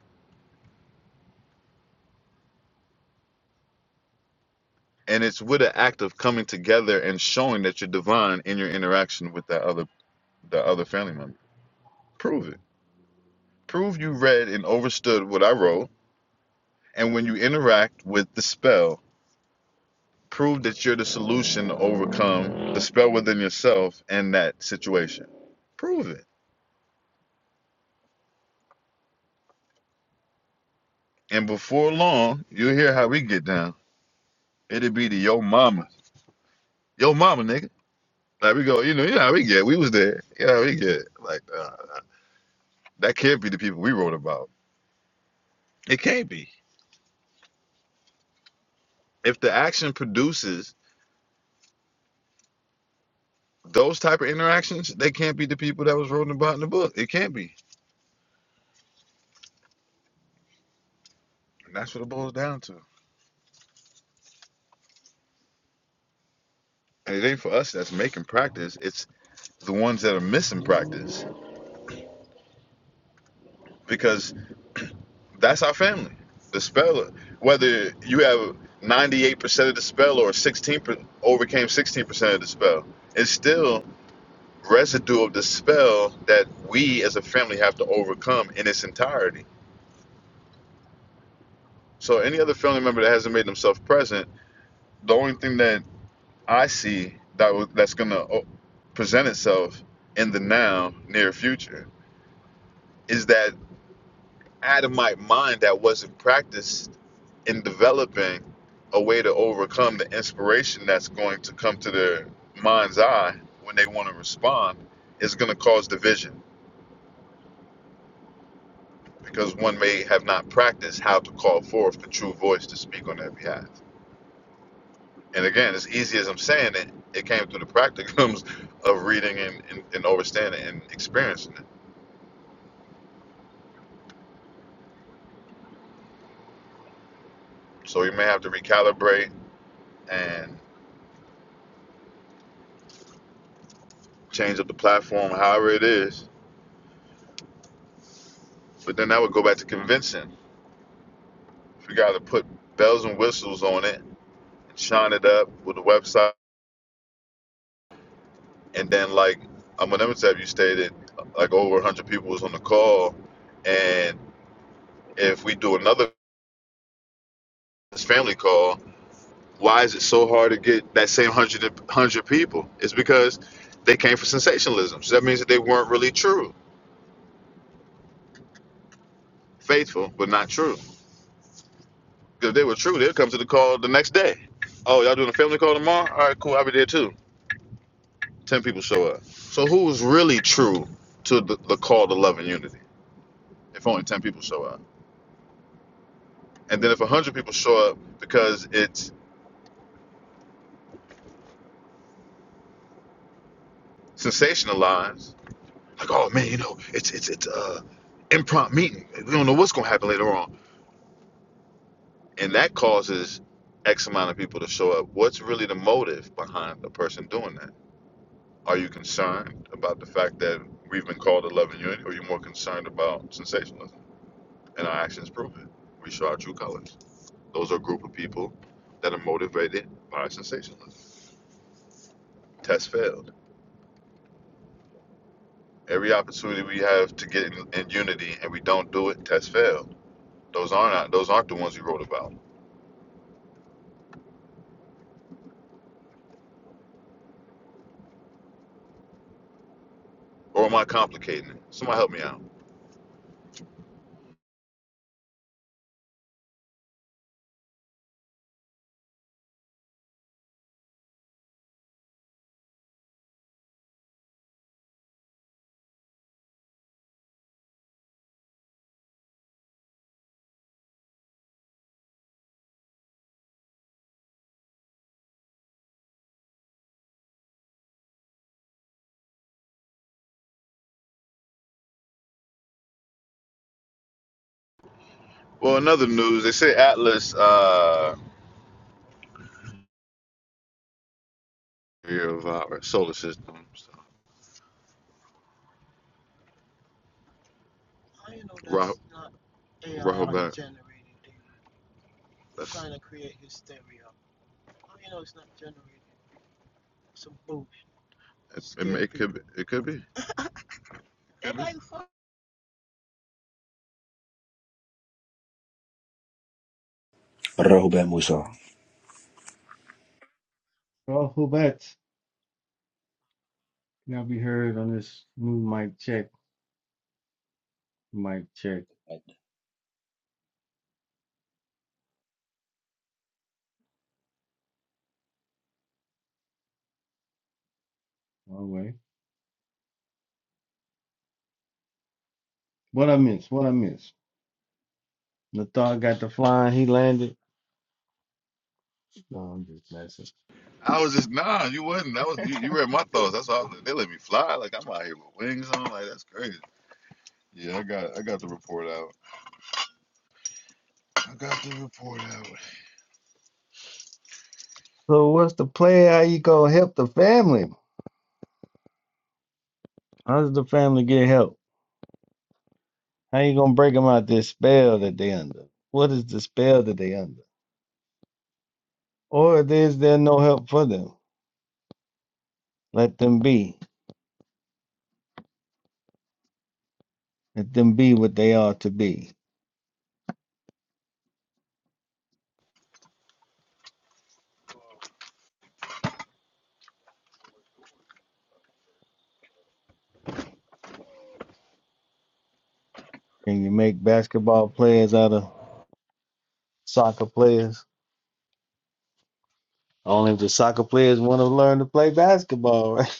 C: And it's with an act of coming together and showing that you're divine in your interaction with that other the other family member. Prove it. Prove you read and overstood what I wrote, and when you interact with the spell, prove that you're the solution to overcome the spell within yourself and that situation. Prove it. And before long, you'll hear how we get down. It'll be the yo mama. Yo mama, nigga. Like we go, you know, you know how we get. We was there. You know how we get. Like, uh, that can't be the people we wrote about. It can't be. If the action produces those type of interactions, they can't be the people that was written about in the book. It can't be. And that's what it boils down to. And it ain't for us that's making practice. It's the ones that are missing practice because that's our family. The speller, whether you have 98% of the spell or 16 percent overcame 16% of the spell, it's still residue of the spell that we as a family have to overcome in its entirety. So any other family member that hasn't made themselves present, the only thing that I see that was- that's gonna uh, present itself in the now near future is that adamite mind that wasn't practiced in developing a way to overcome the inspiration that's going to come to their mind's eye when they want to respond is going to cause division because one may have not practiced how to call forth the true voice to speak on their behalf. And again, as easy as I'm saying it, it came through the practicums of reading and, and, and understanding and experiencing it. So you may have to recalibrate and change up the platform, however it is. But then that would go back to convincing We got to put bells and whistles on it, shine it up with the website, and then like I'm gonna you stated, like over 100 people was on the call, and if we do another family call, why is it so hard to get that same 100 people? It's because they came for sensationalism, so that means that they weren't really true, faithful but not true. 'Cause If they were true, they'd come to the call the next day. Oh, y'all doing a family call tomorrow? All right, cool. I'll be there too. 10 people show up. So who is really true to the, the call to love and unity if only 10 people show up? And then if 100 people show up because it's sensationalized, like, oh man, you know, it's it's it's uh, impromptu meeting. We don't know what's going to happen later on. And that causes X amount of people to show up. What's really the motive behind the person doing that? Are you concerned about the fact that we've been called to love and unity, or are you more concerned about sensationalism? And our actions prove it. We show our true colors. Those are a group of people that are motivated by sensationalism. Test failed. Every opportunity we have to get in, in unity and we don't do it, test failed. Those aren't those aren't the ones you wrote about. Or am I complicating it? Somebody help me out. Well, another news, they say Atlas uh of our solar system. So Ra- Rahul Bar- That's, Ra- not A I generated. They're trying to create hysteria. it, it, it could be, it could be. It Could be.
G: Rehoboam Musa.
B: Now be heard on this new mic check, mic check.
F: it.
B: All right. What I miss? What I miss? Nathar got the flying, he landed. No, I'm just messing.
C: I was just nah, you wasn't. That was you, you read my thoughts. That's all. They let me fly. Like I'm out here with wings on. Like that's crazy. Yeah, I got I got the report out. I got the report out.
B: So what's the play? How you gonna help the family? How does the family get help? How you gonna break them out this spell that they under? What is the spell that they under? Or is there no help for them? Let them be. Let them be what they are to be. Can you make basketball players out of soccer players? Only if the soccer players want to learn to play basketball, right?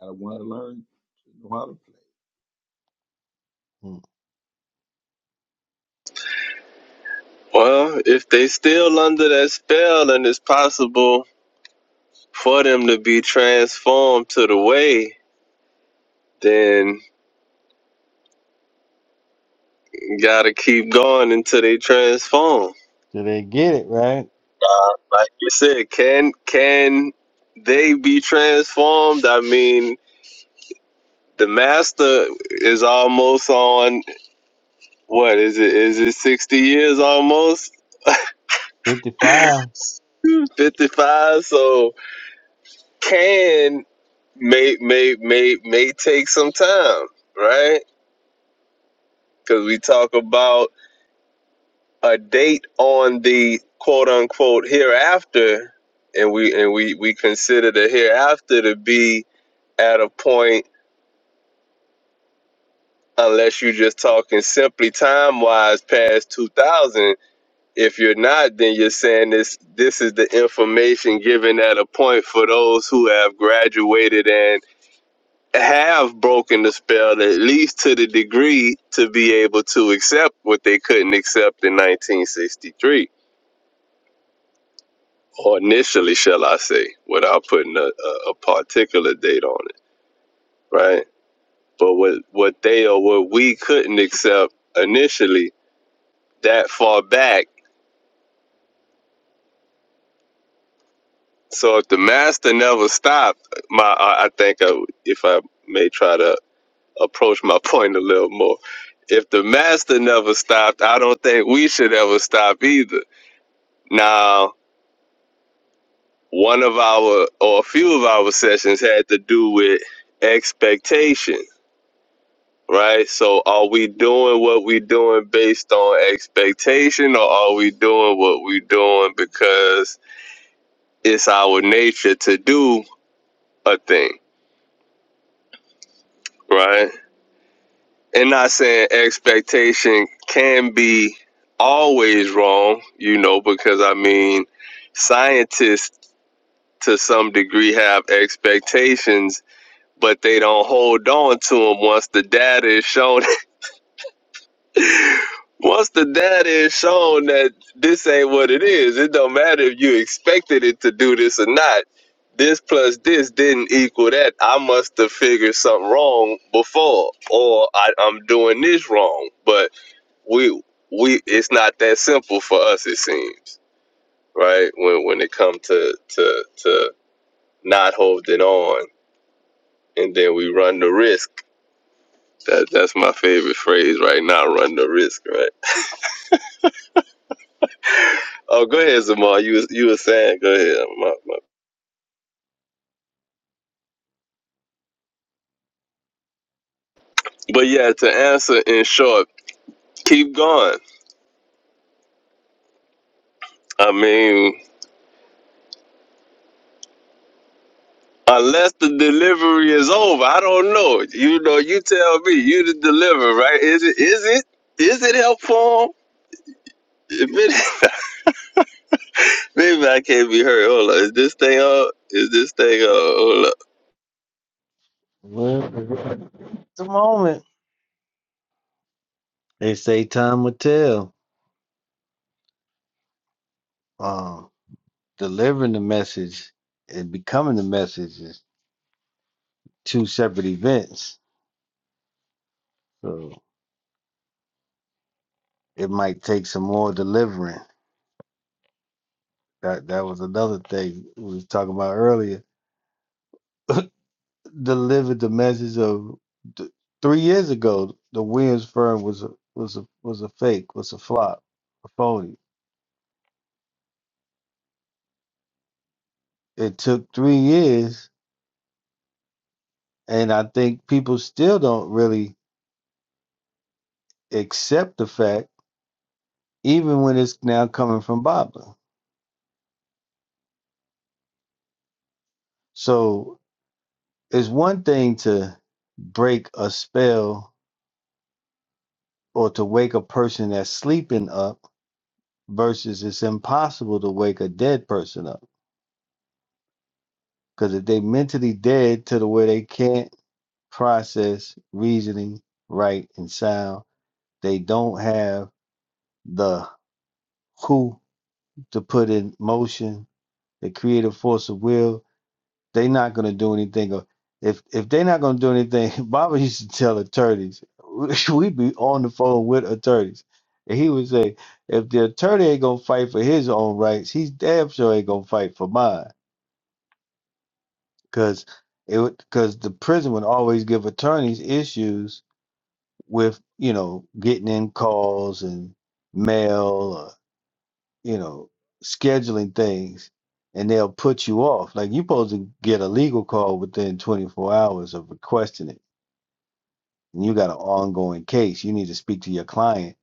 F: I want to learn to know how to play.
B: Do
D: Well, if they still under that spell and it's possible for them to be transformed to the way, then gotta keep going until they transform.
B: they get it right?
D: Uh, like you said, can can they be transformed? I mean, the master is almost on what is it? Is it sixty years almost?
B: 55.
D: Fifty five. So can may may may may take some time, right? Because we talk about a date on the quote unquote hereafter, and we and we we consider the hereafter to be at a point unless you're just talking simply time wise past 2000 if you're not then you're saying this this is the information given at a point for those who have graduated and. have broken the spell at least to the degree to be able to accept what they couldn't accept in 1963 or initially shall i say without putting a, a, a particular date on it right but what what they or what we couldn't accept initially that far back so if the master never stopped my i, think I, if i may try to approach my point a little more if the master never stopped i don't think we should ever stop either Now, one of our or a few of our sessions had to do with expectation, right? So, are we doing what we doing based on expectation, or are we doing what we doing because it's our nature to do a thing, right? And not saying expectation can be always wrong, you know, because I mean, scientists to some degree have expectations but they don't hold on to them once the data is shown. once the data is shown that this ain't what it is, it don't matter if you expected it to do this or not. This plus this didn't equal that. I must have figured something wrong before, or I, I'm doing this wrong. But we we it's not that simple for us. It seems right when when it comes to to to not holding on, and then we run the risk That that's my favorite phrase right now. Run the risk, right? Oh, go ahead, Zamar. You was- you were saying, go ahead. My- my- But yeah, to answer in short, keep going. I mean, unless the delivery is over, I don't know. You know, you tell me. You the deliver, right? Is it is it is it helpful? If it, maybe I can't be heard. Hold on. Is this thing up? Is this thing up? Hold up.
B: Well, It's a moment. They say time will tell. Um, delivering the message and becoming the message is two separate events. So it might take some more delivering. That that was another thing we was talking about earlier. Delivered the message of th- three years ago. The Williams firm was a, was a, was a fake, was a flop, a phony. It took three years, and I think people still don't really accept the fact, even when it's now coming from Boblin. So It's one thing to break a spell or to wake a person that's sleeping up versus it's impossible to wake a dead person up because if they mentally dead to the way they can't process reasoning right and sound they don't have the who to put in motion the creative force of will They're not gonna do anything. Or if if they're not gonna do anything, Baba used to tell attorneys. We'd be on the phone with attorneys, and he would say, "If the attorney ain't gonna fight for his own rights, he's damn sure ain't gonna fight for mine." Because it would because the prison would always give attorneys issues with you know getting in calls and mail you know, scheduling things and they'll put you off. Like you're supposed to get a legal call within 24 hours of requesting it. And you got an ongoing case. You need to speak to your client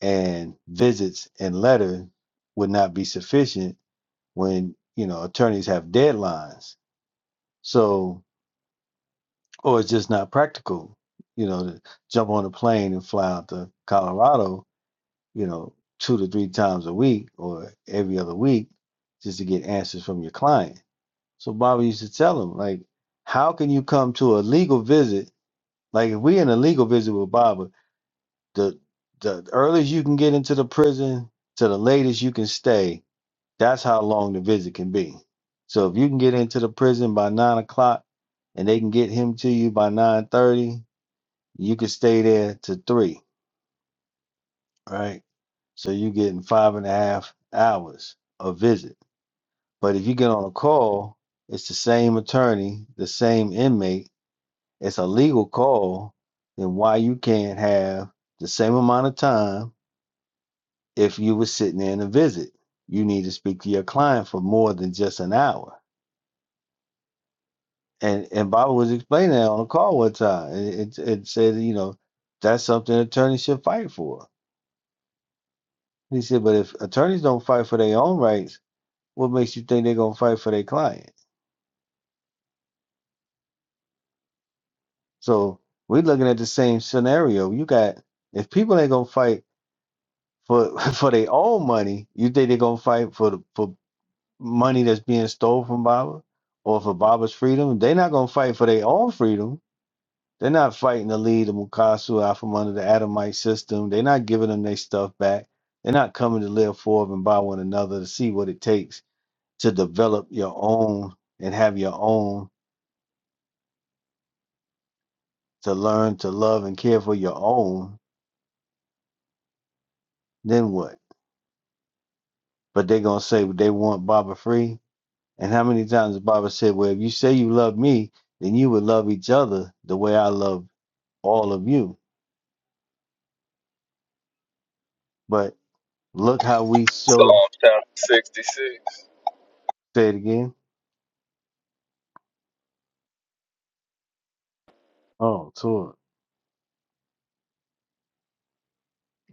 B: and visits and letters would not be sufficient when, you know, attorneys have deadlines. So, or it's just not practical, you know, to jump on a plane and fly out to Colorado, you know, two to three times a week or every other week just to get answers from your client So Bobby used to tell him, like, how can you come to a legal visit? Like, if we in a legal visit with Baba, the the earliest you can get into the prison to the latest you can stay, that's how long the visit can be. So if you can get into the prison by nine o'clock and they can get him to you by nine thirty, you can stay there to three, right? So you're getting five and a half hours of visit. But if you get on a call, it's the same attorney, the same inmate it's a legal call, then why you can't have the same amount of time if you were sitting in a visit. You need to speak to your client for more than just an hour. And and Baba was explaining that on a call one time. It, it, it said, you know, that's something attorneys should fight for. He said, but if attorneys don't fight for their own rights, what makes you think they're gonna fight for their client? So we're looking at the same scenario. You got if people ain't gonna fight for for their own money, you think they're gonna fight for the for money that's being stolen from Baba or for Baba's freedom, they're not going to fight for their own freedom. They're not fighting to lead the Mukasu out from under the Adamite system. They're not giving them their stuff back. They're not coming to live for and by one another to see what it takes to develop your own and have your own, to learn to love and care for your own. Then what? But they're going to say they want Baba free. And how many times Baba said, Well, if you say you love me, then you would love each other the way I love all of you But look how we show
D: Psalm chapter sixty six.
B: say it again. Oh, tour.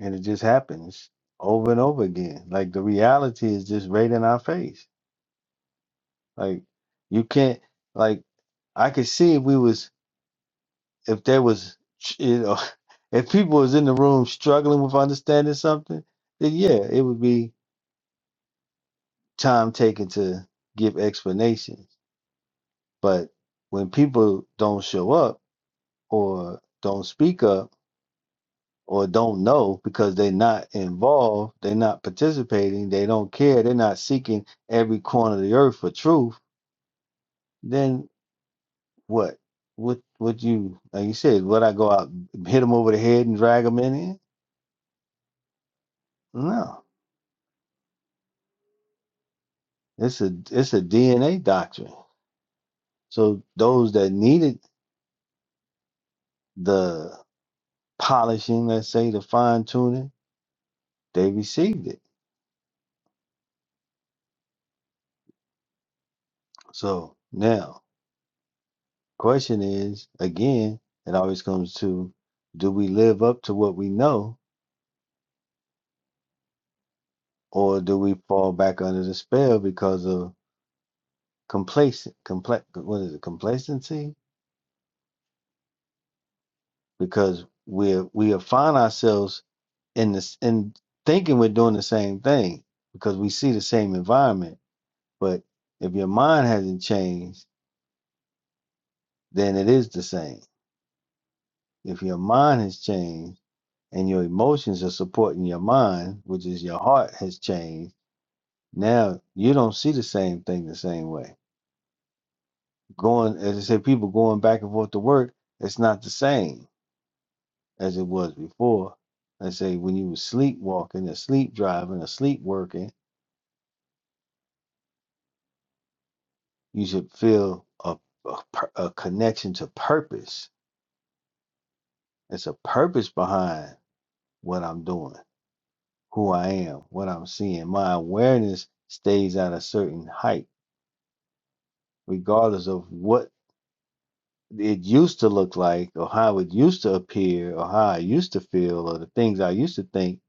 B: And it just happens over and over again. Like the reality is just right in our face. Like you can't like I could see if we was if there was you know if people was in the room struggling with understanding something, then yeah, it would be time taken to give explanations. But when people don't show up or don't speak up or don't know because they're not involved, they're not participating, they don't care, they're not seeking every corner of the earth for truth, then what? What would you like you said, would I go out and hit them over the head and drag them in here? No. It's a it's a DNA doctrine. So those that needed the polishing, let's say the fine tuning, they received it. So now question is again, it always comes to do we live up to what we know or do we fall back under the spell because of complacent compla- what is it complacency because we're we have find ourselves in this in thinking we're doing the same thing because we see the same environment but if your mind hasn't changed then it is the same if your mind has changed and your emotions are supporting your mind which is your heart has changed now you don't see the same thing the same way Going, as I said, people going back and forth to work, it's not the same as it was before. I say when you was sleepwalking, or sleep driving, or sleep working, you should feel a, a, a connection to purpose. It's a purpose behind what I'm doing, who I am, what I'm seeing. My awareness stays at a certain height, regardless of what it used to look like or how it used to appear or how I used to feel or the things I used to think,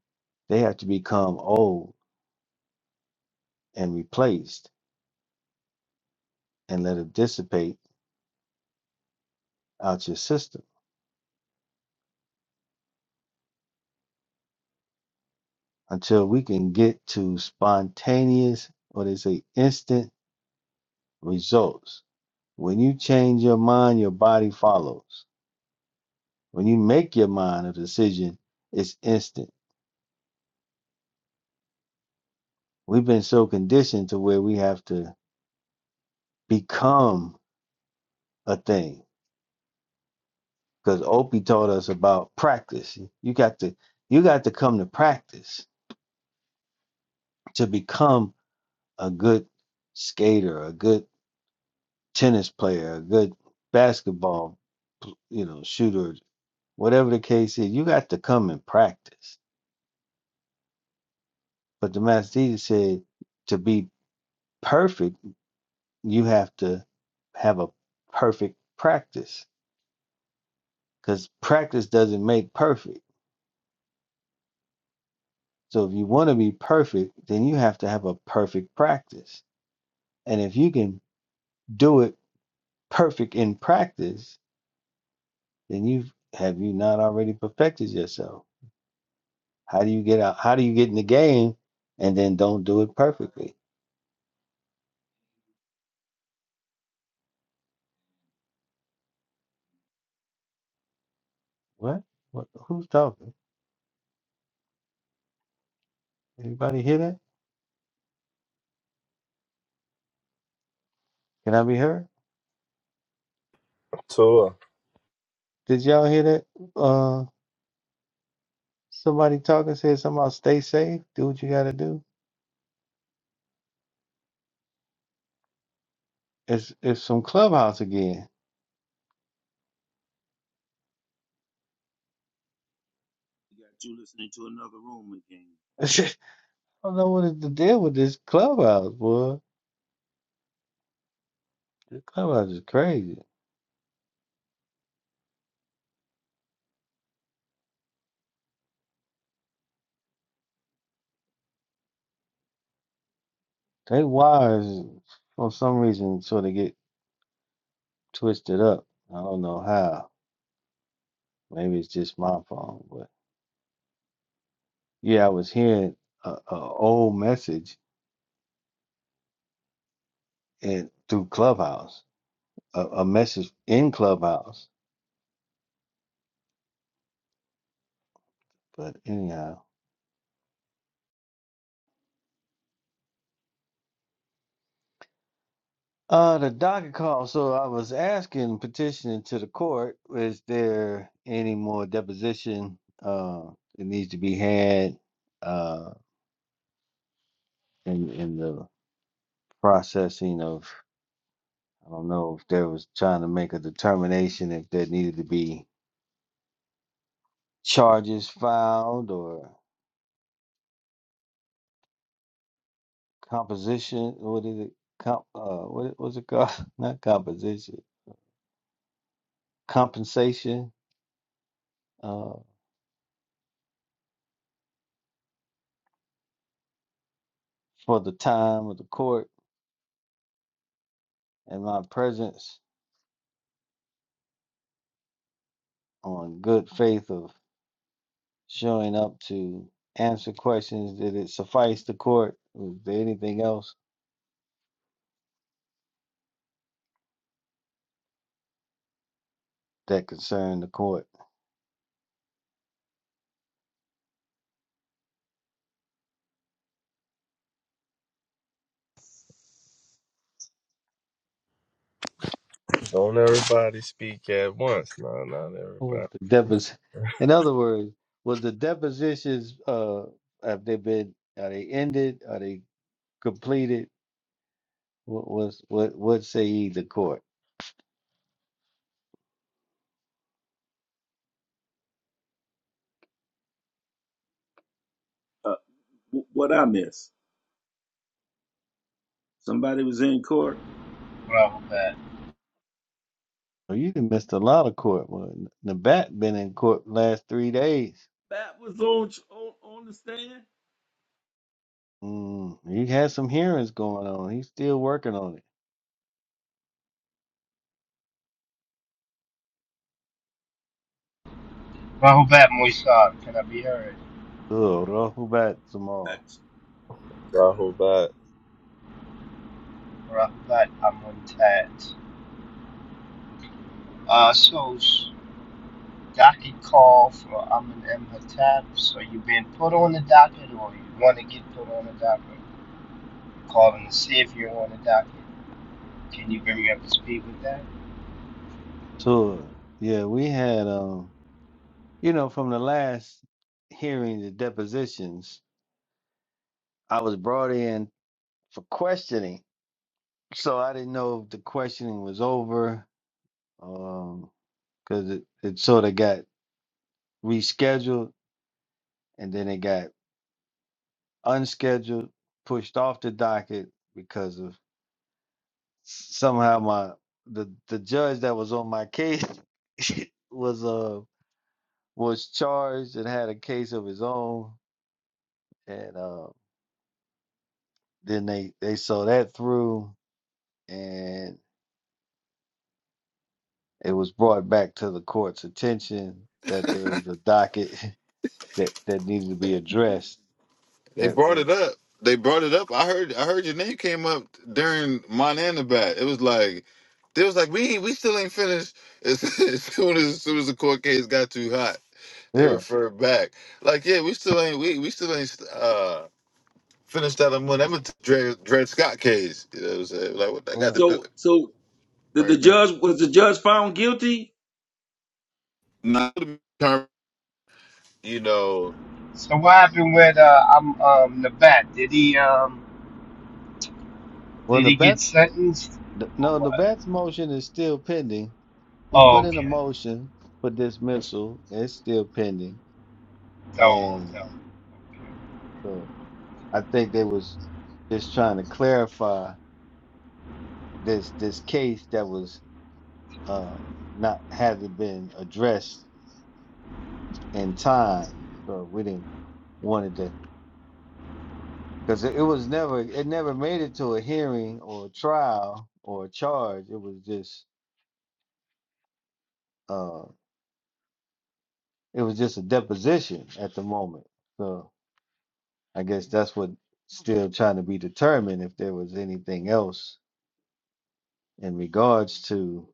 B: they have to become old and replaced and let it dissipate out your system until we can get to spontaneous or they say instant results. When you change your mind, your body follows. When you make your mind a decision, it's instant. We've been so conditioned to where we have to become a thing because Opie taught us about practice. You got to you got to come to practice to become a good skater, a good tennis player, a good basketball, you know, shooter, whatever the case is, you got to come and practice. But the master teacher said to be perfect, you have to have a perfect practice because practice doesn't make perfect. So if you want to be perfect, then you have to have a perfect practice. And if you can do it perfect in practice, then you have you not already perfected yourself? How do you get out? How do you get in the game and then don't do it perfectly? What? What? Who's talking? Anybody hear that? Can I be heard? Did y'all hear that? Uh, somebody talking said something about stay safe. Do what you got to do. It's it's some clubhouse again.
F: You got you listening to another room again.
B: I don't know what is the deal with this clubhouse, boy. This clubhouse is crazy. They wires for some reason sort of get twisted up. I don't know how. Maybe it's just my phone, but. Yeah, I was hearing a, a old message and through Clubhouse, a, a message in Clubhouse. But anyhow, uh, the docket call. So I was asking, petitioning to the court, is there any more deposition uh, that needs to be had uh, in in the processing of? I don't know if there was trying to make a determination if there needed to be charges filed or composition. What is it? Comp, uh, what was it called? Not composition. Compensation uh, for the time of the court and my presence on good faith of showing up to answer questions. Did it suffice the court? Was there anything else that concerned the court?
D: Don't everybody speak at once. No, not
B: What Was
D: everybody.
B: the depos- In other words, was the depositions uh, have they been are they ended? Are they completed? What was what what say ye the court?
F: Uh, w- what I miss? Somebody was in court.
H: Rahubat.
B: Oh, you done missed a lot of court. Well, N- Nabat been in court last three days.
F: That was on on, on the stand.
B: Mm, he had some hearings going on. He's still working on it.
H: Rahubat Moisar, can I be heard?
B: Good, Rahubat Zamal.
F: That's uh,
H: Rahubat Amuntat. Uh, so, s- docket call for Amun M. Hattab. So, you have been put on the docket or you want to get put on the docket? Calling to see if you're on the docket. Can you bring me up to speed with that?
B: So, Yeah, we had um, you know, from the last hearing, the depositions, I was brought in for questioning, so I didn't know if the questioning was over, um, because it it sort of got rescheduled, and then it got unscheduled, pushed off the docket because of somehow my the the judge that was on my case was uh was charged and had a case of his own and uh then they they saw that through and it was brought back to the court's attention that there was a docket that that needed to be addressed
C: They
B: that,
C: brought
B: that
C: it up. They brought it up. I heard I heard your name came up during Montana bat. It was like they was like we we still ain't finished. As, as soon as, as soon as the court case got too hot, they
B: yeah
C: referred back. Like yeah, we still ain't we we still ain't uh finished that on Monday. That was the Dred, Dred Scott case. You know what I'm saying? Like what that got to
B: right.
C: do
F: so. So Did the
C: right now.
F: judge was the judge found guilty?
C: not the term, you know.
H: So, what happened with uh, um, um, Nabat? Did he, um,
B: well
H: did
B: the
H: he get
B: bats
H: sentenced or
B: no the
H: what?
B: bats motion is still pending He
H: Oh,
B: put in a
H: okay.
B: motion for dismissal. It's still pending.
H: No,
B: And
H: no. Okay.
B: so I think they was just trying to clarify this this case that was uh not hasn't been addressed in time. So we didn't wanted to because it, it was never it never made it to a hearing or a trial or a charge. It was just uh it was just a deposition at the moment. So. I guess that's what still trying to be determined if there was anything else in regards to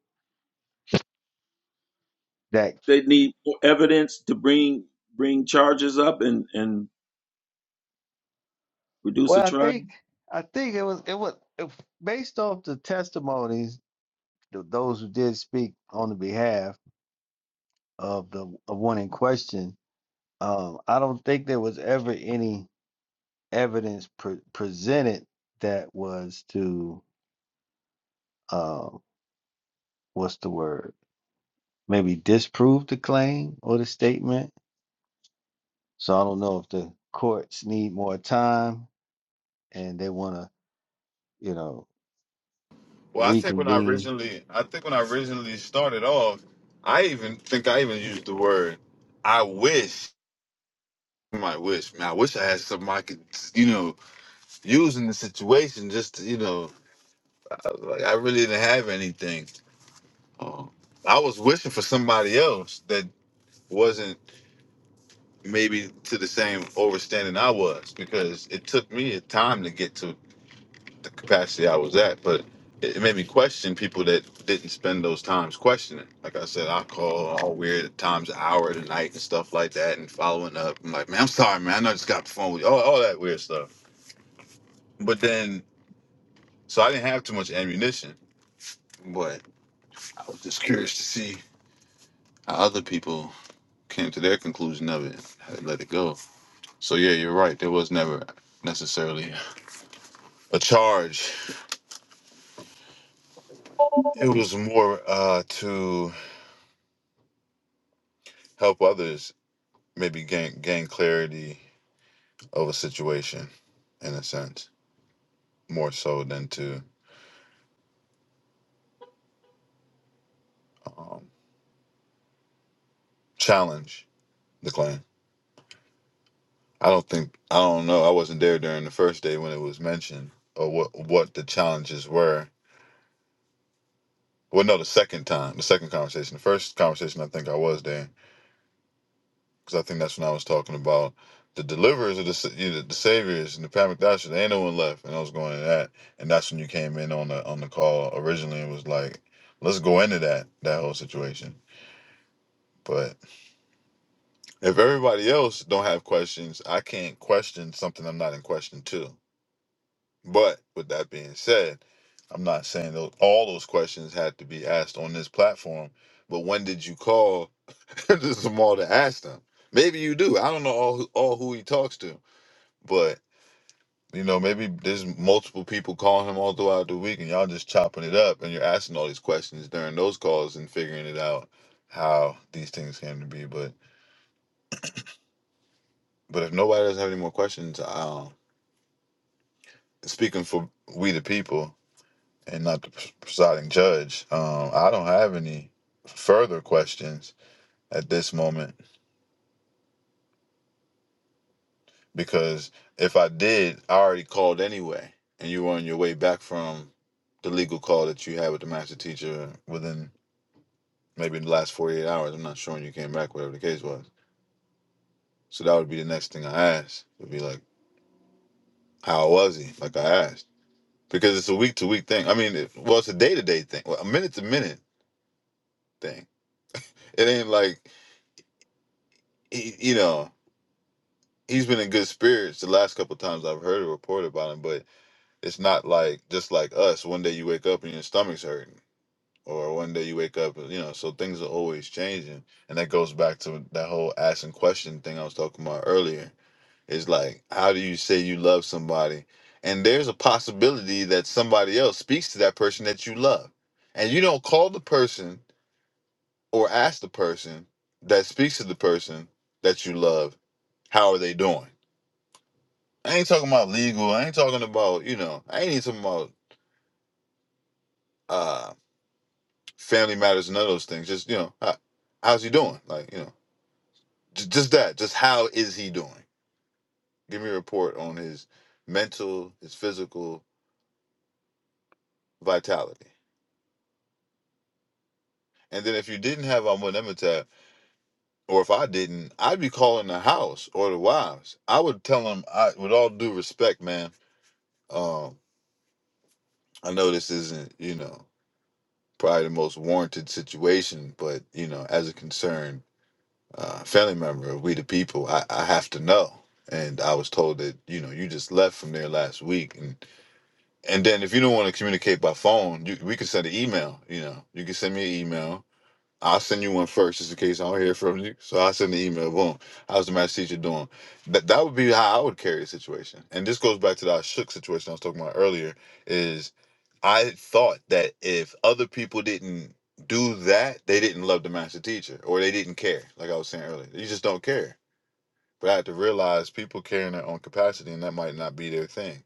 B: that.
F: They need more evidence to bring bring charges up and and reduce a
B: Well, I
F: trial.
B: think I think it was it was if, based off the testimonies th- those who did speak on the behalf of the of one in question. Um, I don't think there was ever any evidence pre- presented that was to uh, what's the word maybe disprove the claim or the statement So I don't know if the courts need more time and they want to, you know,
C: Well, I think when I
B: reconvene.
C: originally, I think when I originally started off, I even think I even used the word "I wish." My wish, man. I wish I had something I could, you know, use in the situation. Just to, you know, I, like, I really didn't have anything. Um, I was wishing for somebody else that wasn't maybe to the same overstanding I was, because it took me a time to get to. the capacity I was at, but it, it made me question people that didn't spend those times questioning. Like I said, I call all weird times, an hour of the night and stuff like that, and following up. I'm like, man, I'm sorry, man. I know I just got off the phone with you, all, all that weird stuff. But then, so I didn't have too much ammunition, but I was just curious to see how other people came to their conclusion of it, how they let it go. So yeah, you're right. There was never necessarily a charge. It was more uh, to help others maybe gain gain clarity of a situation in a sense more so than to um, challenge the claim i don't think i don't know i wasn't there during the first day when it was mentioned or what what the challenges were well no the second time the second conversation the first conversation i think i was there because I think that's when I was talking about the deliverers or the sa- you know, the saviors and the Pat McDasher. There ain't no one left, and I was going to that, and that's when you came in on the on the call originally and was like, let's go into that that whole situation. But if everybody else don't have questions, I can't question something I'm not in question to. But with that being said, I'm not saying those, all those questions had to be asked on this platform. But when did you call Jamal to ask them? Maybe you do. I don't know all who, all who he talks to But you know, maybe there's multiple people calling him all throughout the week, and y'all just chopping it up, and you're asking all these questions during those calls and figuring it out how these things came to be. But but if nobody doesn't have any more questions, um, speaking for we the people and not the presiding judge, um, I don't have any further questions at this moment because if I did, I already called anyway, and you were on your way back from the legal call that you had with the master teacher within maybe in the last 48 hours. I'm not sure when you came back, whatever the case was. So that would be the next thing I asked. Would be like, how was he? Like I asked. Because it's a week to week thing. I mean, it, well, it's a day to day thing, well, a minute to minute thing. It ain't like, he, you know, he's been in good spirits the last couple times I've heard a report about him, but it's not like, just like us, one day you wake up and your stomach's hurting. Or one day you wake up, you know, so things are always changing. And that goes back to that whole asking question thing I was talking about earlier It's like, how do you say you love somebody? And there's a possibility that somebody else speaks to that person that you love. And you don't call the person or ask the person that speaks to the person that you love, how are they doing? I ain't talking about legal. I ain't talking about, you know, I ain't even talking about uh, family matters, and none of those things. Just, you know, how, how's he doing? Like, you know, j- just that. Just how is he doing? Give me a report on his mental, his physical vitality. And then if you didn't have Amun Emitab, or if I didn't, I'd be calling the house or the wives. I would tell them, I, with all due respect, man, um, I know this isn't, you know, probably the most warranted situation, but, you know, as a concerned uh, family member of We the People, I, I have to know. And I was told that, you know, you just left from there last week. And, and then if you don't want to communicate by phone, you, we can send an email, you know, you can send me an email I'll send you one first, just in case I don't hear from you. So i send the email. Boom. How's the math teacher doing? That that would be how I would carry the situation. And this goes back to that shook situation I was talking about earlier. Is I thought that if other people didn't do that, they didn't love the master teacher or they didn't care. Like I was saying earlier, you just don't care. But I had to realize people care in their own capacity, and that might not be their thing.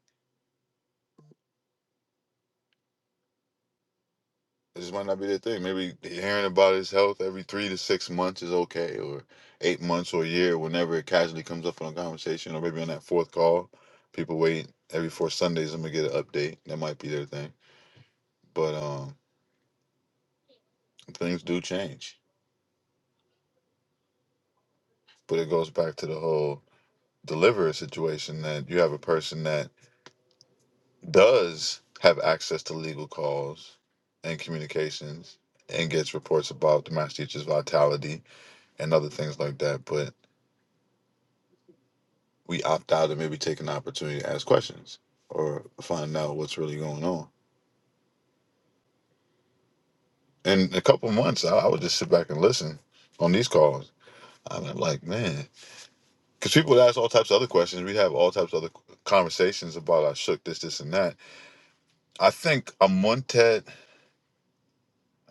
C: It just might not be their thing. Maybe hearing about his health every three to six months is okay, or eight months or a year, whenever it casually comes up on a conversation, or maybe on that fourth call, people wait every four Sundays. I'm gonna get an update. That might be their thing. But um, things do change. But it goes back to the whole deliverer situation that you have a person that does have access to legal calls and communications and gets reports about the master teacher's vitality and other things like that. But we opt out and maybe take an opportunity to ask questions or find out what's really going on. In a couple months, I, I would just sit back and listen on these calls. I'm like, man, because people would ask all types of other questions. We'd have all types of other conversations about I shook this, this, and that. I think a Montet,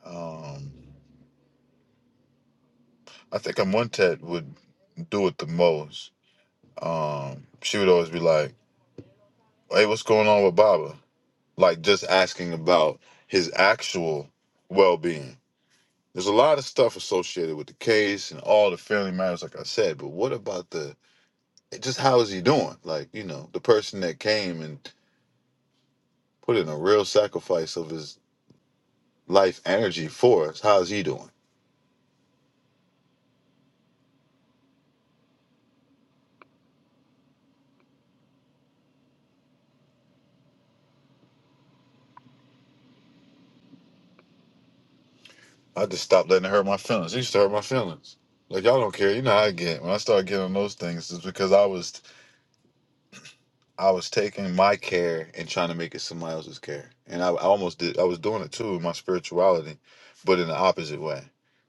C: um, I think a Montet would do it the most. Um, she would always be like, hey, what's going on with Baba? Like just asking about his actual well being There's a lot of stuff associated with the case and all the family matters, like I said. But what about the just how is he doing? Like you know, the person that came and put in a real sacrifice of his life energy for us. How's he doing? I just stopped letting it hurt my feelings. It used to hurt my feelings. Like y'all don't care. You know how I get. When I started getting on those things, it's because I was I was taking my care and trying to make it somebody else's care. And I, I almost did, I was doing it too in my spirituality, but in the opposite way.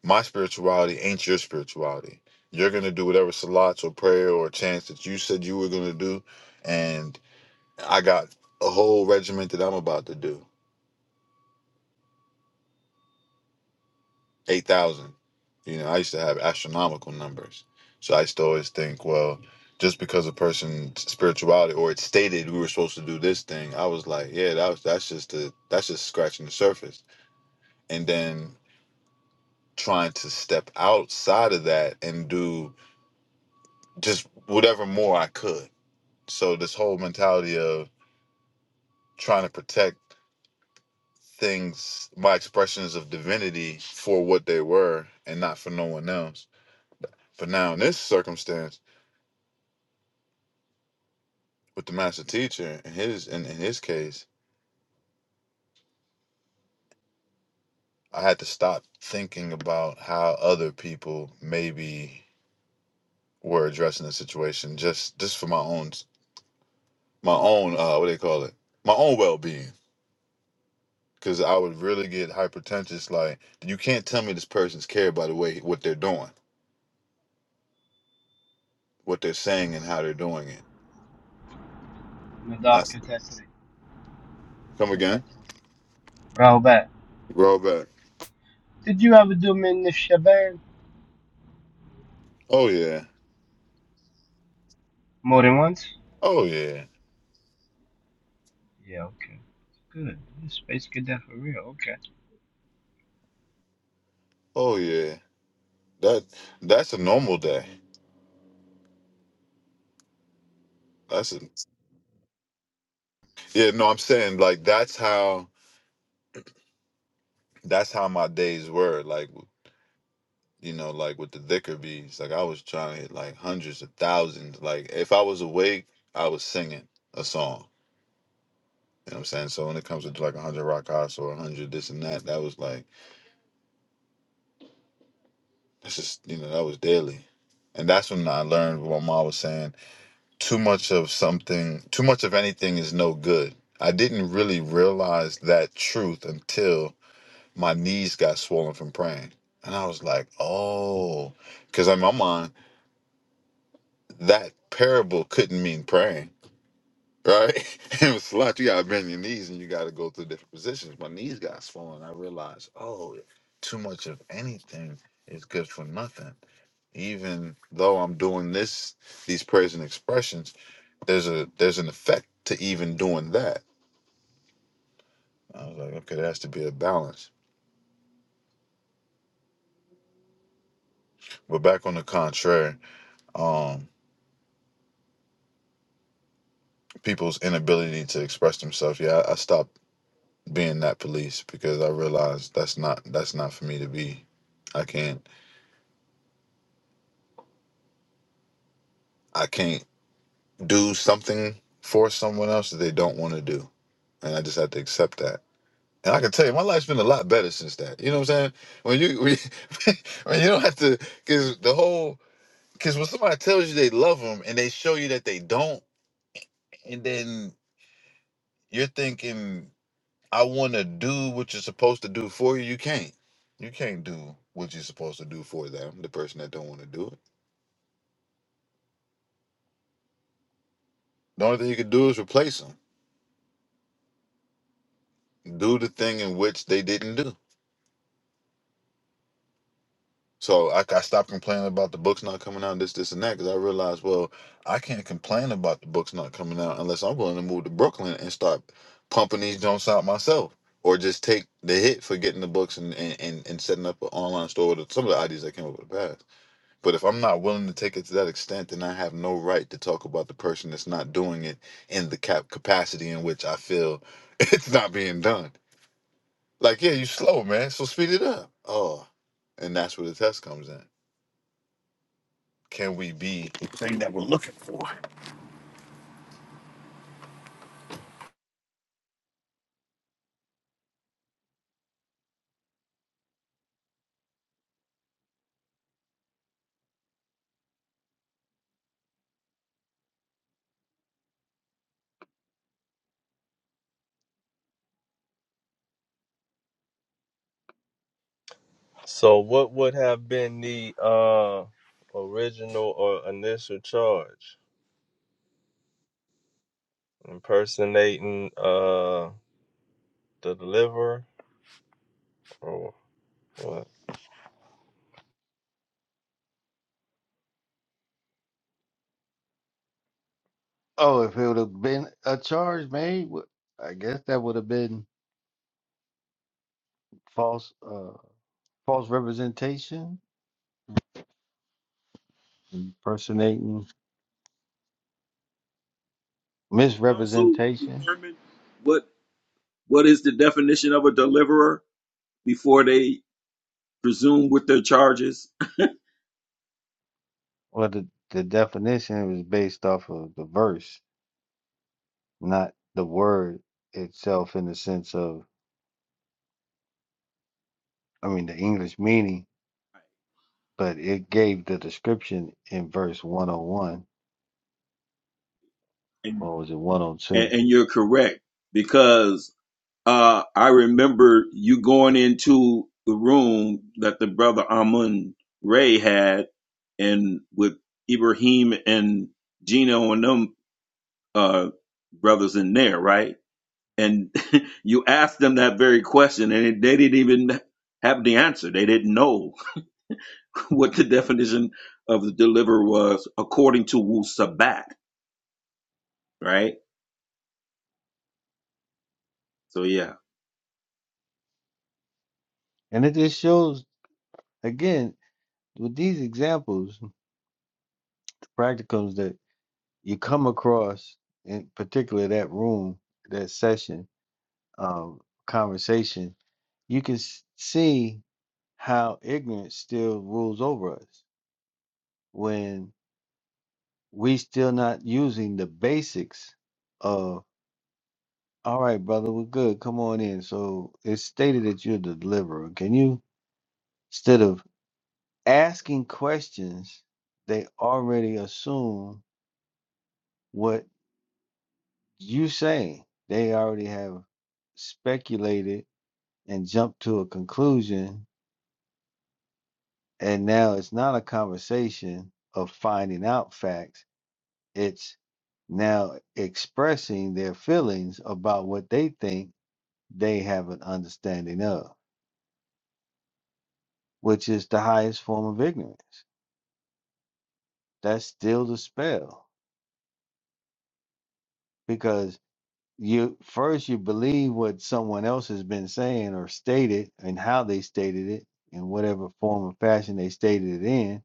C: My spirituality ain't your spirituality. You're going to do whatever salats or prayer or chants that you said you were going to do. And I got a whole regiment that I'm about to do. eight thousand. You know, I used to have astronomical numbers, so I used to always think, well, just because a person's spirituality or it stated we were supposed to do this thing, I was like, yeah, that was, that's just the that's just scratching the surface, and then trying to step outside of that and do just whatever more I could. So this whole mentality of trying to protect things, my expressions of divinity for what they were and not for no one else. But now in this circumstance with the master teacher in his in, in his case i had to stop thinking about how other people maybe were addressing the situation just just for my own my own uh what do they call it my own well-being because i would really get hypertentious like you can't tell me this person's care by the way what they're doing what they're saying and how they're doing it
H: Nadal
C: that's
H: Katetli.
C: come again
H: Katetli. Rahubat.
C: roll back
H: Did you ever do Midnight Shaban?
C: oh yeah
H: More than once?
C: oh yeah
H: Yeah, okay. Good. This space get that for real. Okay.
C: oh yeah that that's a normal day that's a yeah no i'm saying like that's how that's how my days were like you know like with the liquor bees like i was trying to hit like hundreds of thousands like if i was awake i was singing a song you know what i'm saying so when it comes to like 100 rock house or 100 this and that that was like that's just you know that was daily and that's when i learned what ma was saying too much of something too much of anything is no good i didn't really realize that truth until my knees got swollen from praying and i was like oh because in my mind that parable couldn't mean praying, right? it was slouch. You gotta bend your knees and you gotta go through different positions. My knees got swollen. I realized, oh, too much of anything is good for nothing. Even though I'm doing this, these prayers and expressions, there's a there's an effect to even doing that. I was like, okay, there has to be a balance. But back on the contrary, um, people's inability to express themselves. Yeah, I, I stopped being that police because I realized that's not that's not for me to be. I can't I can't do something for someone else that they don't want to do, and I just have to accept that. And I can tell you, my life's been a lot better since that. You know what I'm saying? When you when you, when you don't have to, because the whole because when somebody tells you they love them and they show you that they don't, and then you're thinking, I want to do what you're supposed to do for you. You can't. You can't do what you're supposed to do for them. The person that don't want to do it The only thing you could do is replace them. Do the thing in which they didn't do. So I, I stopped complaining about the books not coming out, this, this, and that, because I realized, well, I can't complain about the books not coming out unless I'm willing to move to Brooklyn and start pumping these joints out myself, or just take the hit for getting the books and and, and, and setting up an online store with some of the ideas that came up with the past. But if I'm not willing to take it to that extent, then I have no right to talk about the person that's not doing it in the cap- capacity in which I feel it's not being done Like, yeah, you slow, man. So speed it up. Oh, and that's where the test comes in. Can we be the thing that we're looking for?
D: So what would have been the uh oh, gosh, uh the deliverer or
B: Oh, if it would have been a charge made, wh- I guess that would have been false, uh, false representation, impersonating,
F: Counsel
B: misrepresentation.
F: determine what what is the definition of a deliverer before they presume with their charges.
B: Well, the the definition was based off of the verse, not the word itself, in the sense of, I mean, the English meaning. But it gave the description in verse 101,
F: And
B: or was it 102?
F: and, and you're correct because uh, I remember you going into the room that the brother Amun Ray had, and with Ibrahim and Gino and them uh, brothers in there, right? And you asked them that very question, and they didn't even have the answer. They didn't know what the definition of the deliverer was according to Wu Sabat, right? So yeah,
B: And it just shows again with these examples, the practicums that you come across, in particular that room, that session, um, conversation, you can s- see how ignorance still rules over us when we still not using the basics of all right, brother, we're good. Come on in. So it's stated that you're the deliverer. Can you instead of asking questions, they already assume what you say. They already have speculated and jumped to a conclusion. And now it's not a conversation of finding out facts. It's now expressing their feelings about what they think they have an understanding of, which is the highest form of ignorance. That's still the spell because you first you believe what someone else has been saying or stated and how they stated it in whatever form or fashion they stated it in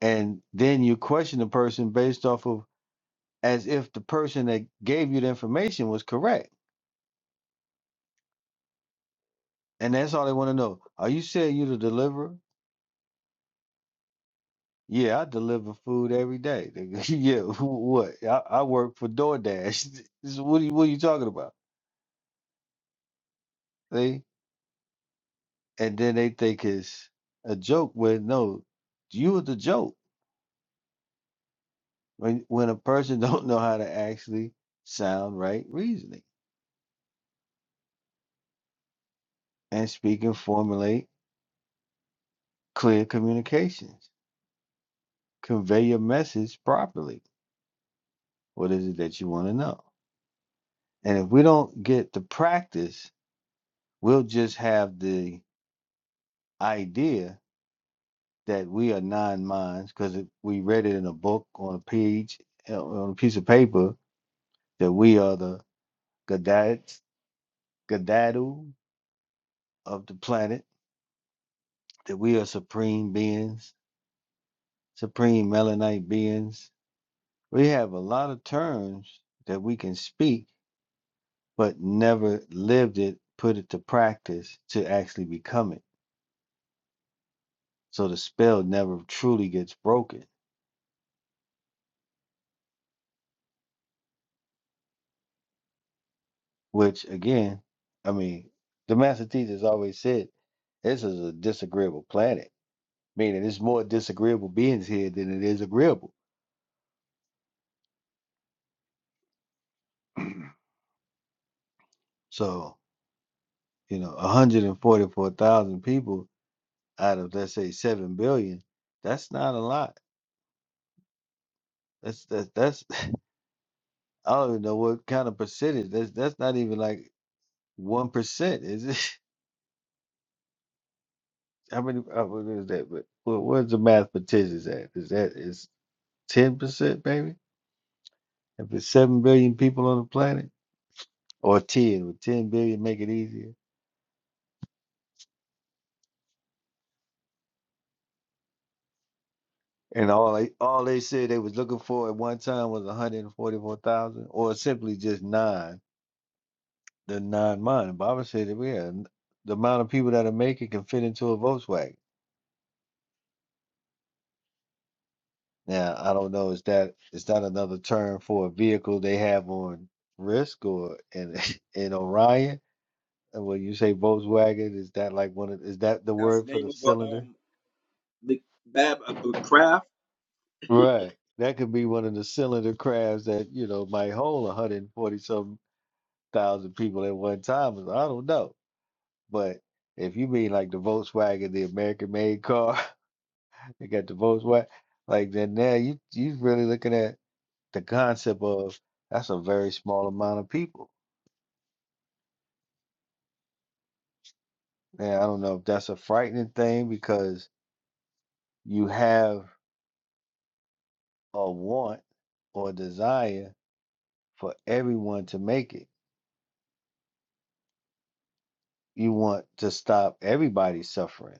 B: and then you question the person based off of as if the person that gave you the information was correct and that's all they want to know are you saying you the deliverer yeah i deliver food every day Nigga, yeah wh- what I, I work for doordash So what are you, what are you talking about see and then they think it's a joke when no you were the joke when when a person don't know how to actually sound right reasoning and speak and formulate clear communications convey your message properly what is it that you want to know and if we don't get the practice we'll just have the idea that we are nine minds because we read it in a book on a page uh, on a piece of paper that we are the gadads gadadu of the planet that we are supreme beings supreme Melanite beings. We have a lot of terms that we can speak, but never lived it, put it to practice to actually become it. So the spell never truly gets broken, which again, I mean, the master teachers always said this is a disagreeable planet, meaning it's more disagreeable beings here than it is agreeable. So, you know, 144,000 people out of let's say 7 billion, that's not a lot. That's that's that's I don't even know what kind of percentage. That's that's not even like one percent, is it? How many? uh, What is that? But where- where's the mathematicians at? Is that is ten percent, baby? If it's seven billion people on the planet, or ten, would ten billion make it easier? And all they all they said they was looking for at one time was one hundred and forty four thousand, or simply just nine, the nine mind. Baba said that we had the amount of people that are making can fit into a Volkswagen. Now, I don't know, is that is that another term for a vehicle they have on Risk or in in Orion? And when you say Volkswagen, is that like one of is that the
F: that's
B: word
F: the
B: for
F: name
B: the
F: of a
B: cylinder?
F: um the bab a, a craft
B: Right. That could be one of the cylinder crabs that, you know, might hold 140 some thousand people at one time. so I don't know. But if you mean like the Volkswagen, the American made car, they got the Volkswagen, like then now you you really looking at the concept of that's a very small amount of people. And I don't know if that's a frightening thing because you have a want or desire for everyone to make it. You want to stop everybody suffering,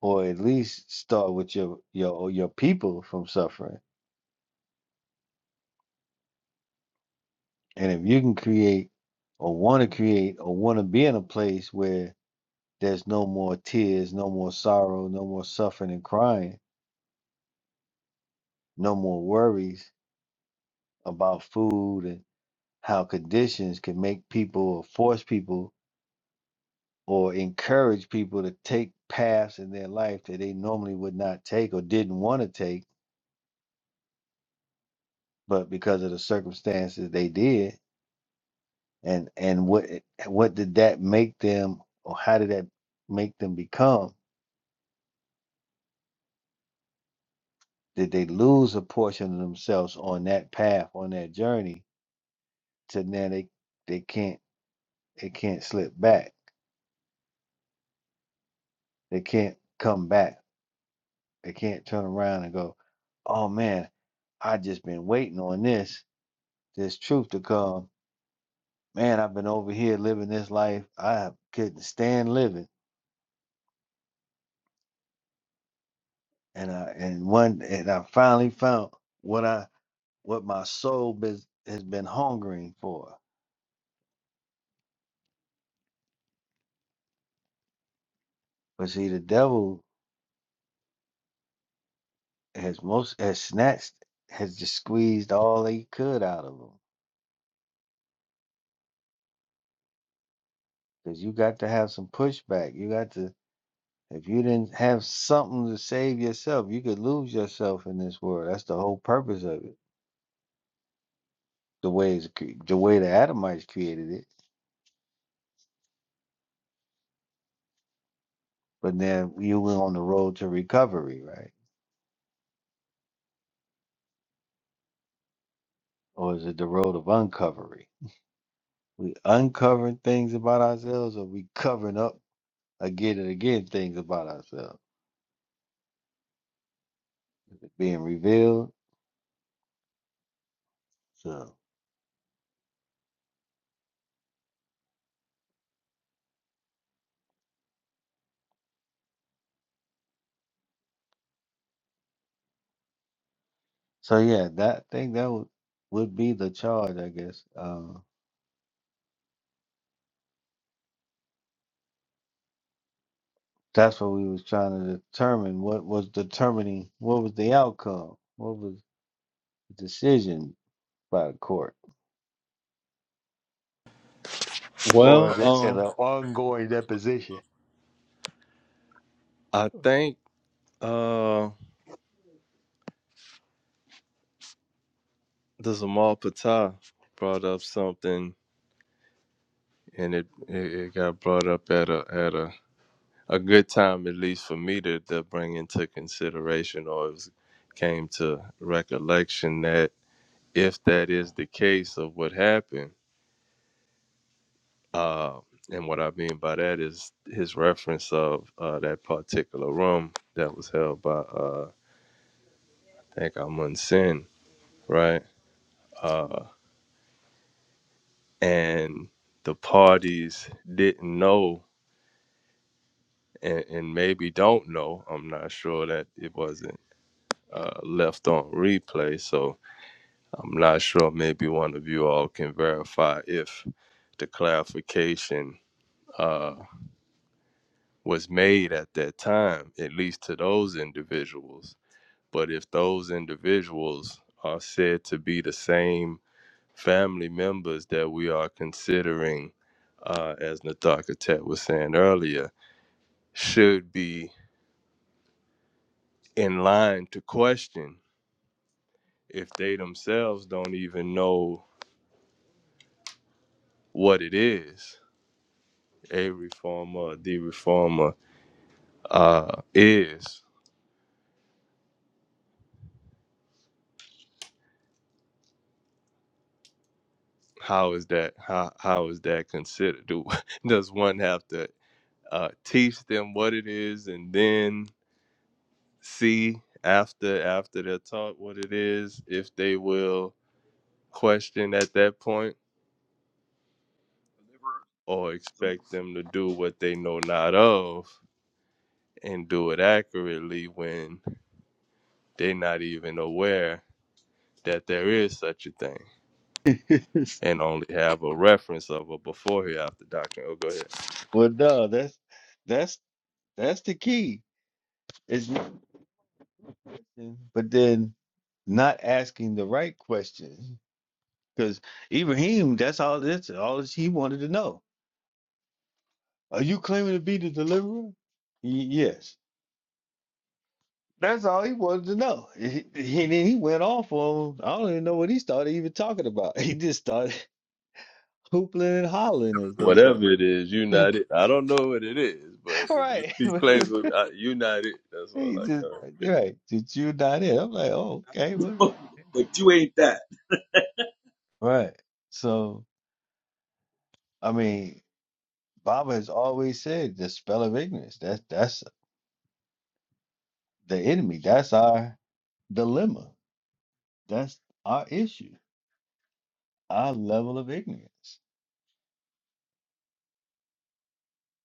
B: or at least start with your your or your people from suffering. And if you can create or want to create or want to be in a place where there's no more tears, no more sorrow, no more suffering and crying, no more worries about food and how conditions can make people or force people or encourage people to take paths in their life that they normally would not take or didn't want to take, but because of the circumstances they did. And and what it- what did that make them, or how did that make them become? Did they lose a portion of themselves on that path, on that journey? To now they they can't they can't slip back. They can't come back. They can't turn around and go, oh man, I just been waiting on this this truth to come man, I've been over here living this life. I couldn't stand living, and I and one and I finally found what I what my soul bes- has been hungering for. But see, the devil has most has snatched has just squeezed all he could out of them because you got to have some pushback. You got to if you didn't have something to save yourself, you could lose yourself in this world. That's the whole purpose of it. The way it's, cre- the way the Adamites created it But then you were on the road to recovery, right? Or is it the road of uncovery? We uncovering things about ourselves, or we covering up again and again things about ourselves It being revealed. So, so yeah, that thing that would would be the charge, I guess. Uh, that's what we was trying to determine. What was determining? What was the outcome? What was the decision by the court? Or
D: Well,
B: is it an
D: um,
B: ongoing deposition?
D: I think uh, the Zamal Patah brought up something, and it, it it got brought up at a at a a good time, at least for me to to bring into consideration, or it was, came to recollection that if that is the case of what happened. Uh, and what I mean by that is his reference of uh, that particular room that was held by uh, I think Amun Sin, right? Uh, and the parties didn't know and, and maybe don't know. I'm not sure that it wasn't uh, left on replay, so I'm not sure. Maybe one of you all can verify if the clarification uh, was made at that time, at least to those individuals But if those individuals are said to be the same family members that we are considering, uh, as Nathaka Tet was saying earlier, should be in line to question if they themselves don't even know what it is a reformer, the reformer uh, is. How is that? How, how is that considered? Do, does one have to uh, teach them what it is and then? see after after they're taught what it is if they will question at that point or expect
F: deliverer,
D: them to do what they know not of and do it accurately when they're not even aware that there is such a thing and only have a reference of a before here after doctrine. Oh, go ahead.
B: well, no, that's that's That's the key. Is not question, but then not asking the right question. Because Ibrahim, that's all this all this he wanted to know. Are you claiming to be the deliverer? "Y- yes. That's all he wanted to know. He- he- And then he went off on I don't even know what he started even talking about. He just started hoopling and hollering, as they
D: Whatever it
B: say.
D: is, united. I don't know what it is, but if you
B: right.
D: keep claiming uh, united, that's
B: he
D: all I
B: just
D: got.
B: right. Did you not it? I'm like, oh, okay, what?
F: but you ain't that.
B: Right. So I mean, Baba has always said the spell of ignorance. That's that's the enemy. That's our dilemma. That's our issue. Our level of ignorance.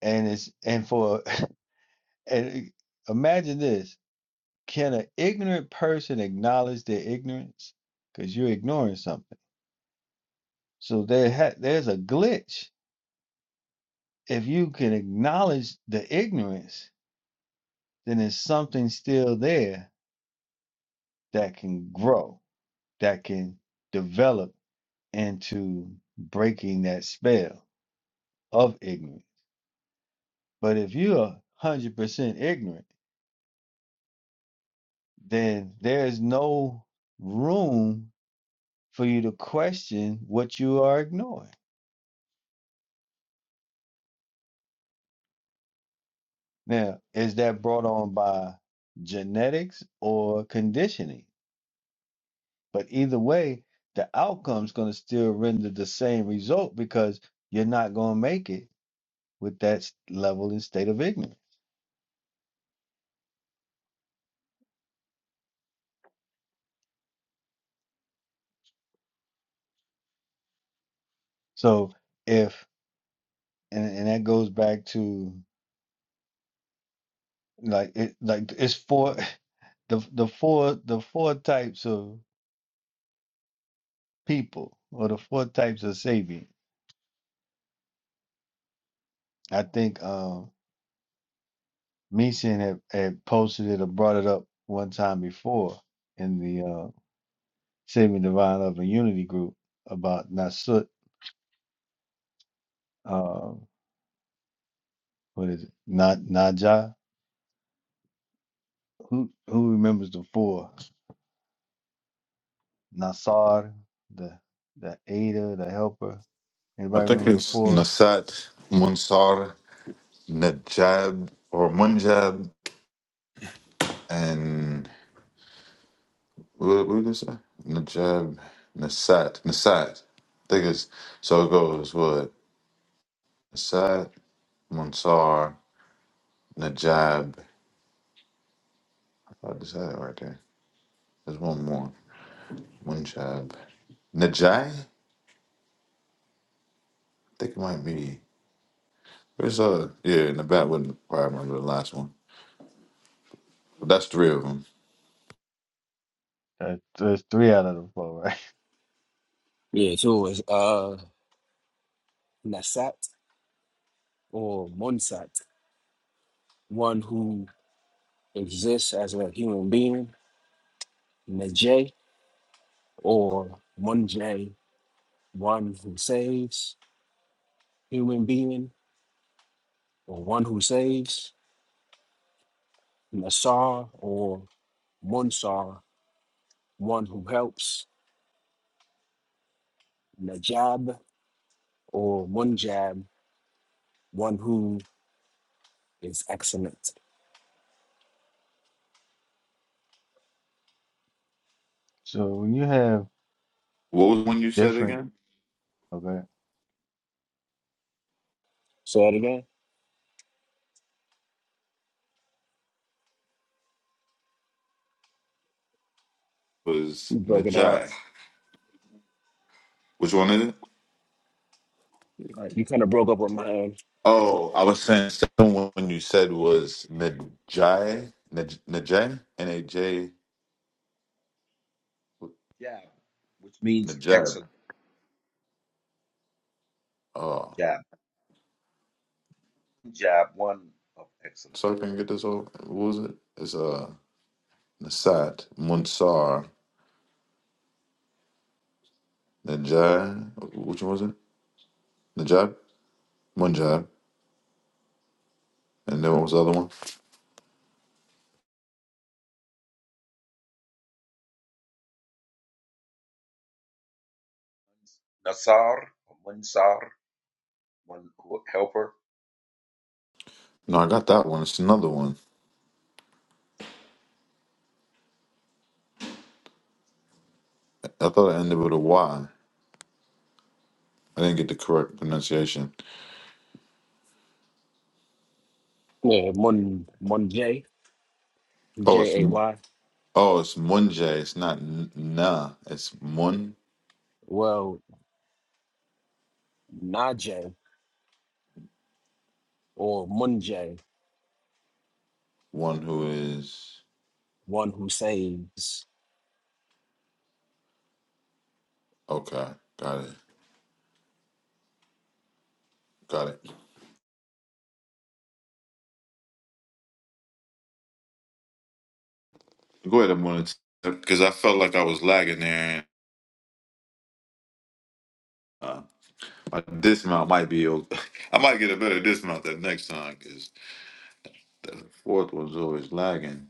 B: And it's and for and it- imagine this. Can an ignorant person acknowledge their ignorance? Because you're ignoring something. So there ha- there's a glitch. If you can acknowledge the ignorance, then there's something still there that can grow, that can develop and to breaking that spell of ignorance. But if you're 100% ignorant, then there's no room for you to question what you are ignoring. Now, is that brought on by genetics or conditioning? But either way, the outcome's going to still render the same result because you're not going to make it with that s- level and state of ignorance. So if and, and that goes back to like it like it's four the the four the four types of people or the four types of savior. I think um Meeson had, had posted it or brought it up one time before in the uh Saving Divine Love and Unity group about Nasut uh what is it? Not Naja. Who who remembers the four? Nasar, the the aider, the helper.
C: I
B: Anybody
C: think
B: remember the
C: it's
B: four?
C: Nasat, Munsar, Najab, or Munjab, and what, what did it say? Najab, Nasat, Nasat. I think it's so it goes what Nasat, Munsar, Najab. I just had it right there. There's one more, Munjab, Najai. I think it might be. It's uh, yeah, in the back wasn't probably remember the last one. But that's three of them.
B: Uh, There's three out of the four, right?
G: Yeah, it's always uh Nasat or Monsat, one who exists as a human being, Najay or Munjay, one who saves, human being, or one who saves, Nasar or Munsar, one who helps, Najab or Munjab, one who is excellent.
B: So when you have
C: What was one you said
B: Different.
C: again?
B: Okay.
G: Say that again.
C: Was
G: You broke it up.
C: Najai? Which one is it?
G: Like, You kind of broke up with my
C: Oh, I was saying second one you said was Najai, Naj- Najai, N A J,
F: Jab, which means
C: Najai.
F: excellent.
C: Oh,
F: Jab, jab, one of excellent.
C: so I can get this over. What was it? It's uh, Nasat, Munsar, Najai. Which one was it? Najab, Munjab, and then what was the other one?
F: Nasar, Munsar, one who- helper.
C: No, I got that one. It's another one. I thought it ended with a Y. I didn't get the correct pronunciation.
G: Yeah, Mun Munjay.
C: Oh, it's
G: J A Y.
C: oh, it's Munje. It's not n- Nah. It's Mun.
G: Well, Najee or Munjay,
C: One who is
G: one who saves.
C: okay. Got it. Got it. Go ahead, Mun, because I felt like I was lagging there. Uh, my dismount might be. o- I might get a better dismount that next time because the fourth one's always lagging.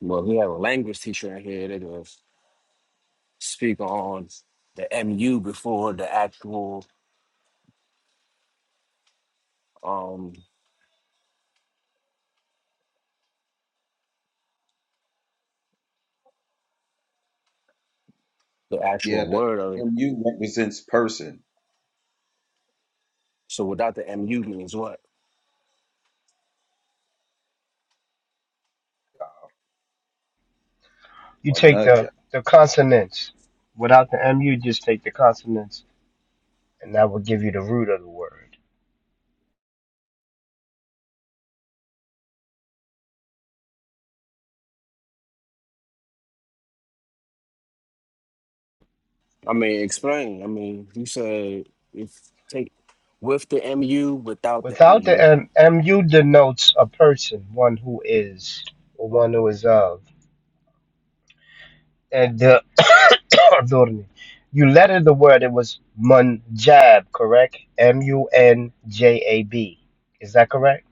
G: Well, we have a language teacher in here that will speak on the MU before the actual um the
F: Yeah,
G: actual
F: the
G: word of it.
F: MU represents person
G: So without the MU means what?
H: You
F: or
H: take the,
F: nudja,
H: the consonants. Without the MU, just take the consonants, and that will give you the root of the word.
G: I mean, explain. I mean, you said if take with the MU, without the
H: Without the
G: MU.
H: M, MU denotes a person, one who is, or one who is of. And the, You lettered the word, it was Munjab, correct? M U N J A B. Is that correct?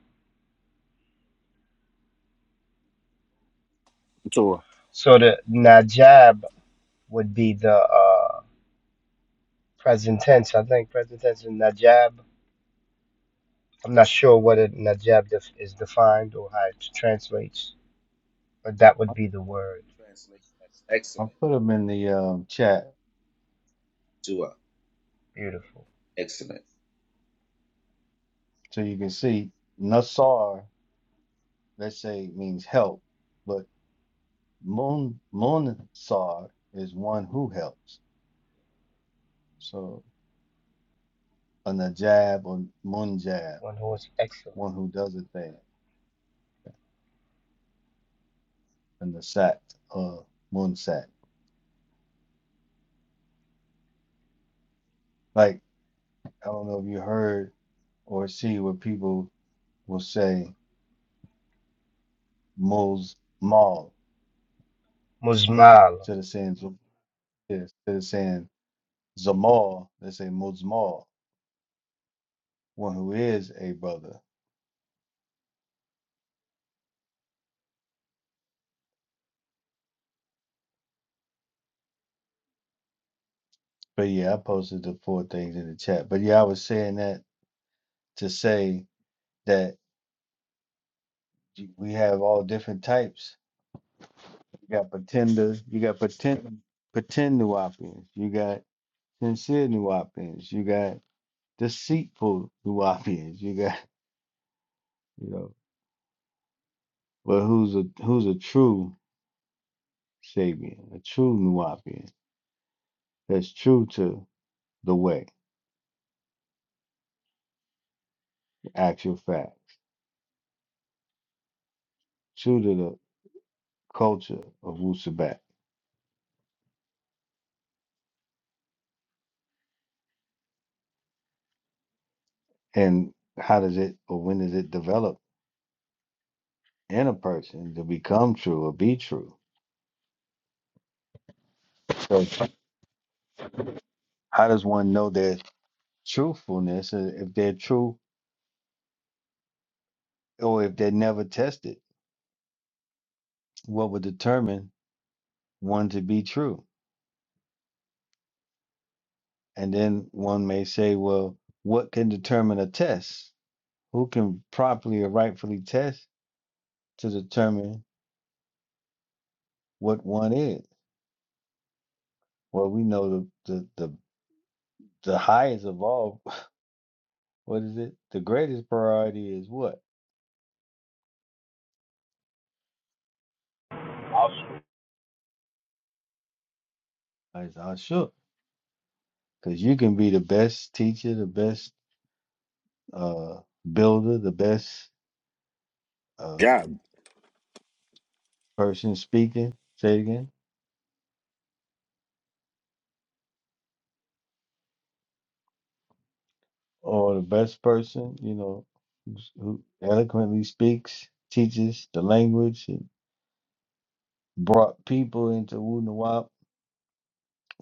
G: So
H: So the Najab would be the uh, present tense. I think present tense in Najab. I'm not sure whether Najab def- is defined or how it translates, but that
B: I-
H: would be the word.
F: translate as
B: I'll
F: excellent
B: put them in the um, chat
F: to a
H: Beautiful.
F: excellent.
B: so you can see. Nasar, let's say, means help, but Mun Munsar is one who helps. So a Najab or Munjab,
H: One who is excellent.
B: one who does a thing, and the Sat or Munsat. Like, I don't know if you heard or see where people will say Muz Mal
H: Muzmal.
B: instead of saying Zum- yeah, instead of saying Zamal, they say Muzmal one who is a brother. But yeah, I posted the four things in the chat. But yeah, I was saying that to say that y- we have all different types. You got pretenders, you got pretend pretend Nuwapians, you got sincere Nuwapians, you got deceitful Nuwapians, you got you know. But who's a who's a true Sabian, a true Nuwapian that's true to the way, actual facts, true to the culture of Wusabat And how does it or when does it develop in a person to become true or be true? So how does one know their truthfulness uh, if they're true or if they're never tested? What would determine one to be true? And then one may say, well, what can determine a test? Who can properly or rightfully test to determine what one is? Well, we know the the the, the highest of all, what is it? The greatest priority is what?
E: Oscar
B: Is Ashuk Because you can be the best teacher, the best uh, builder, the best uh,
G: Yeah.
B: person speaking, say it again, or the best person, you know, who's- who eloquently speaks, teaches the language, and brought people into Wunawap,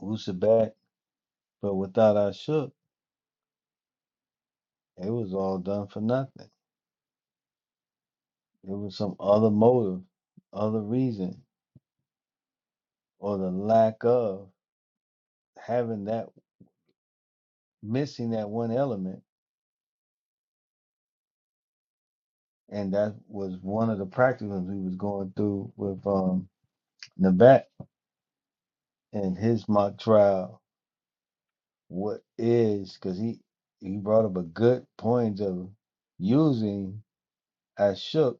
B: Wusabat. But without our Shook, it was all done for nothing. It was some other motive, other reason, or the lack of having that, missing that one element and that was one of the practicums we was going through with um Nabat and his mock trial. What is because he he brought up a good point of using Ashok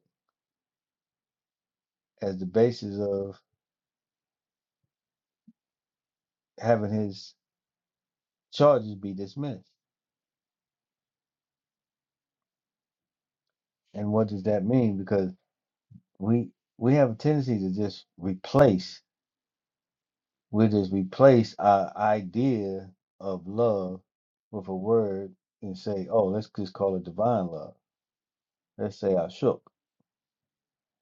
B: as the basis of having his charges be dismissed. And what does that mean? Because we we have a tendency to just replace we just replace our idea of love with a word and say, oh, let's just call it divine love let's say I shook,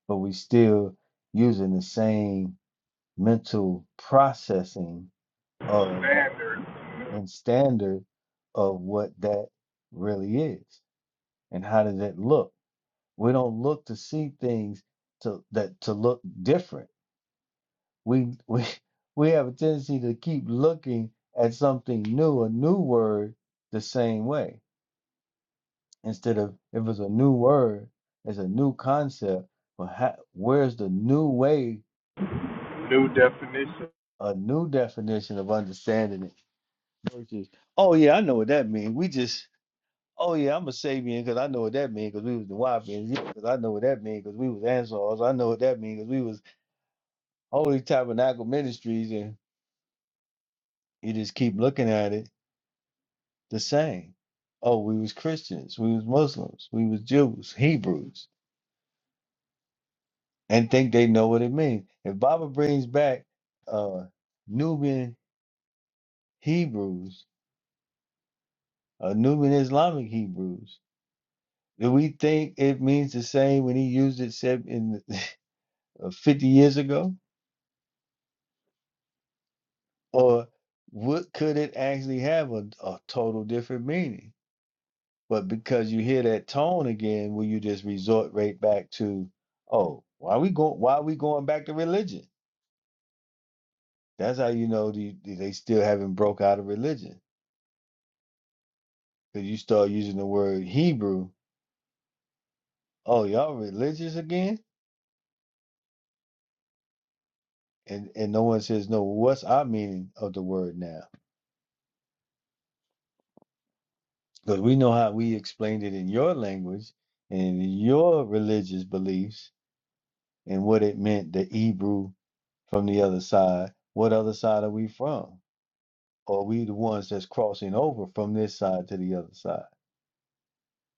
B: but we still using the same mental processing of
E: Standard,
B: and standard of what that really is and how does it look. We don't look to see things to that to look different. We we we have a tendency to keep looking at something new, a new word, the same way. Instead of if it's a new word, it's a new concept, but how, where's the new way
E: new definition
B: a new definition of understanding it versus, oh yeah, I know what that means. We just, oh yeah, I'm a Sabian because I know what that means because we was the Wapians. Yeah, because I know what that means because we was Ansars. I know what that means because we was Holy Tabernacle Ministries, and you just keep looking at it the same. Oh, we was Christians, we was Muslims, we was Jews, Hebrews, and think they know what it means. If Baba brings back uh Nubian Hebrews, uh, Nubian Islamic Hebrews. Do we think it means the same when he used it said in the- uh, 50 years ago? Or what could it actually have a, a total different meaning? But because you hear that tone again, will you just resort right back to, oh, why we going why we going back to religion? That's how you know the, the- they still haven't broke out of religion. Because you start using the word Hebrew, oh, y'all religious again? And and no one says, no, what's our meaning of the word now? Because we know how we explained it in your language and your religious beliefs and what it meant, the Hebrew from the other side. What other side are we from? Or Are we the ones that's crossing over from this side to the other side?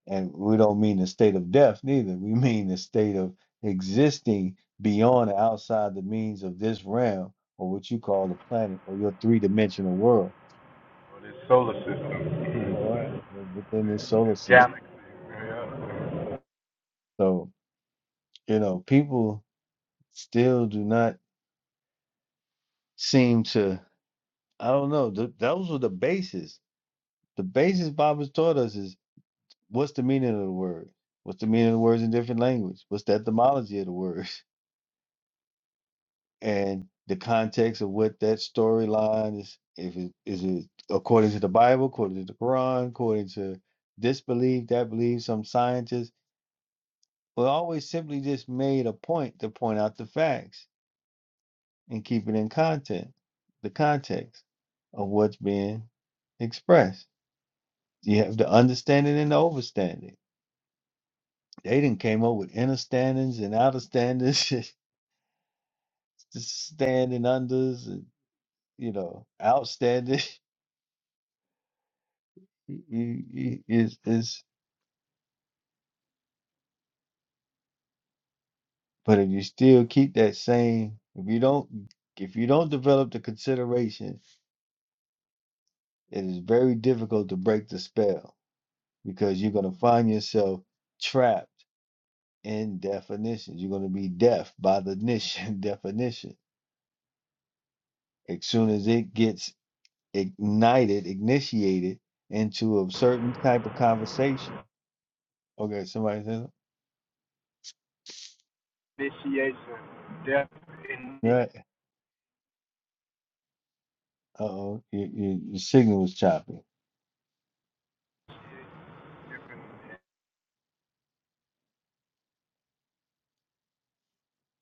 B: And we don't mean the state of death neither. We mean the state of existing beyond and outside the means of this realm or what you call the planet or your three dimensional world.
E: for this solar system,
B: All right. or Within this solar system.
E: galaxy, yeah.
B: So, you know, people still do not seem to i don't know th- those were the basis the basis Bob has taught us is what's the meaning of the word what's the meaning of the words in different language what's the etymology of the words and the context of what that storyline is if it is it according to the bible according to the quran according to this belief that belief some scientists were always simply just made a point to point out the facts and keep it in context, the context of what's being expressed. You have the understanding and the overstanding. They didn't came up with inner standings and outer standings, just standing unders, and you know, outstanding. You, you, is is. But if you still keep that same, if you don't, if you don't develop the consideration, it is very difficult to break the spell because you're gonna find yourself trapped in definitions. You're going to be deaf by the niche definition. As soon as it gets ignited, initiated into a certain type of conversation. Okay, somebody says,
E: initiation, death, initiation.
B: right? Uh oh, your, your, your signal was choppy.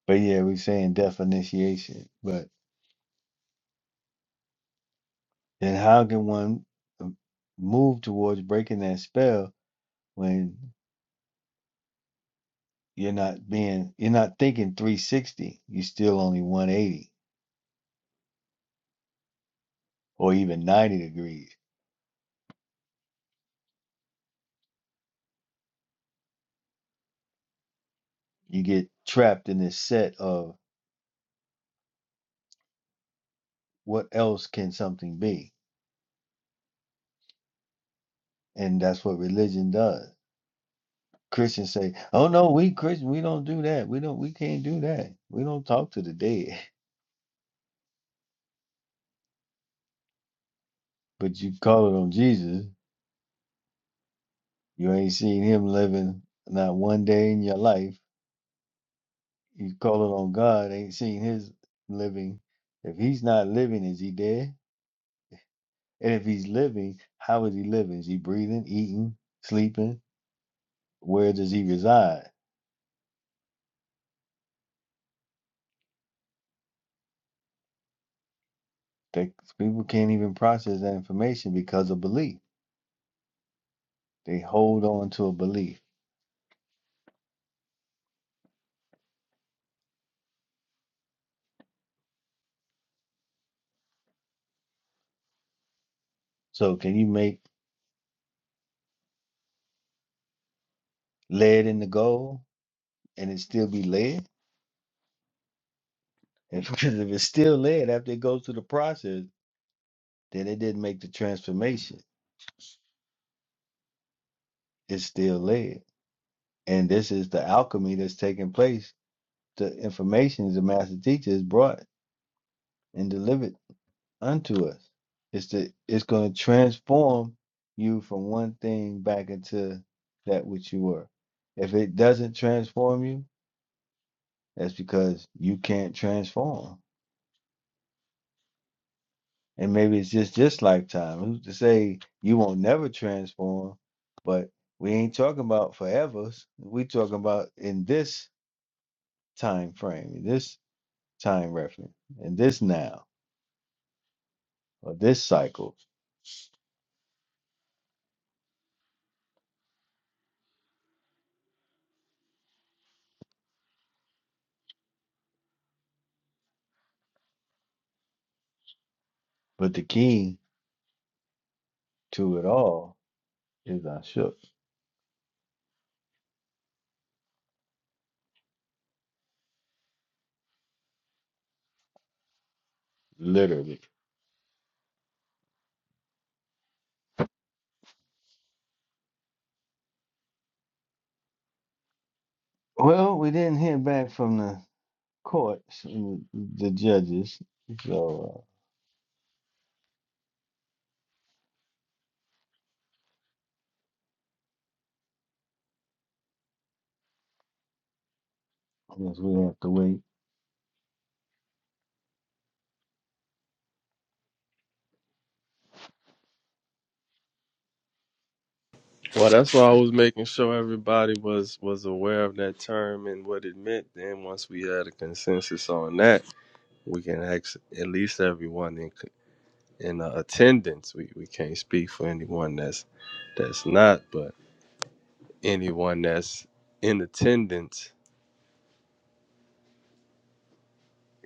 B: But yeah, we're saying deaf initiation. But then how can one um, move towards breaking that spell when you're not being, you're not thinking 360, you're still only 180 or even 90 degrees? you get trapped in this set of what else can something be and that's what religion does christians say oh no we christian we don't do that we don't we can't do that we don't talk to the dead but you call it on jesus you ain't seen him living not one day in your life you call it on god ain't seen his living if he's not living is he dead and if he's living how is he living is he breathing eating sleeping where does he reside They people can't even process that information because of belief. They hold on to a belief. So can you make lead into gold and it still be lead? If- Because if it's still lead after it goes through the process, then it didn't make the transformation. It's still lead. And this is the alchemy that's taking place. The information the master teacher has brought and delivered unto us. It's the it's going to transform you from one thing back into that which you were. If it doesn't transform you, that's because you can't transform. And maybe it's just this lifetime. Who's to say you won't never transform? But we ain't talking about forevers. We talking about in this time frame, in this time reference, in this now or this cycle. But the key to it all is I shook, literally. Well, we didn't hear back from the courts, mm, the judges, so uh, I guess we have to wait.
D: Well, that's why I was making sure everybody was was aware of that term and what it meant. Then once we had a consensus on that, we can ask at least everyone in c- in uh, attendance. We we can't speak for anyone that's that's not, but anyone that's in attendance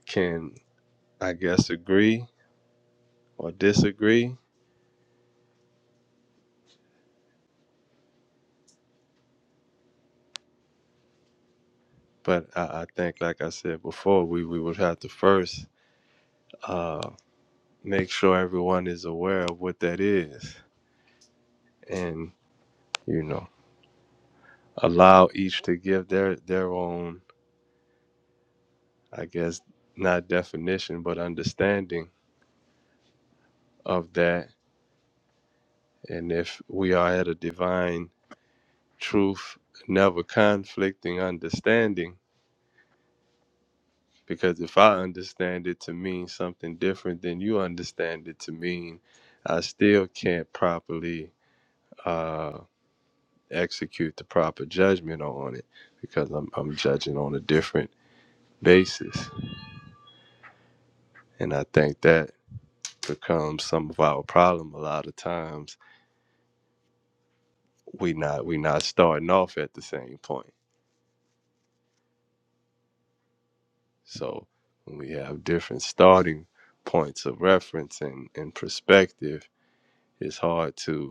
D: can, I guess, agree or disagree. But I, I think, like I said before, we we would have to first uh, make sure everyone is aware of what that is and you know allow each to give their their own i guess not definition but understanding of that and if we are at a divine truth never conflicting understanding because if i understand it to mean something different than you understand it to mean i still can't properly uh execute the proper judgment on it because i'm, I'm judging on a different basis and i think that becomes some of our problem a lot of times we not we not starting off at the same point so when we have different starting points of reference and, and perspective it's hard to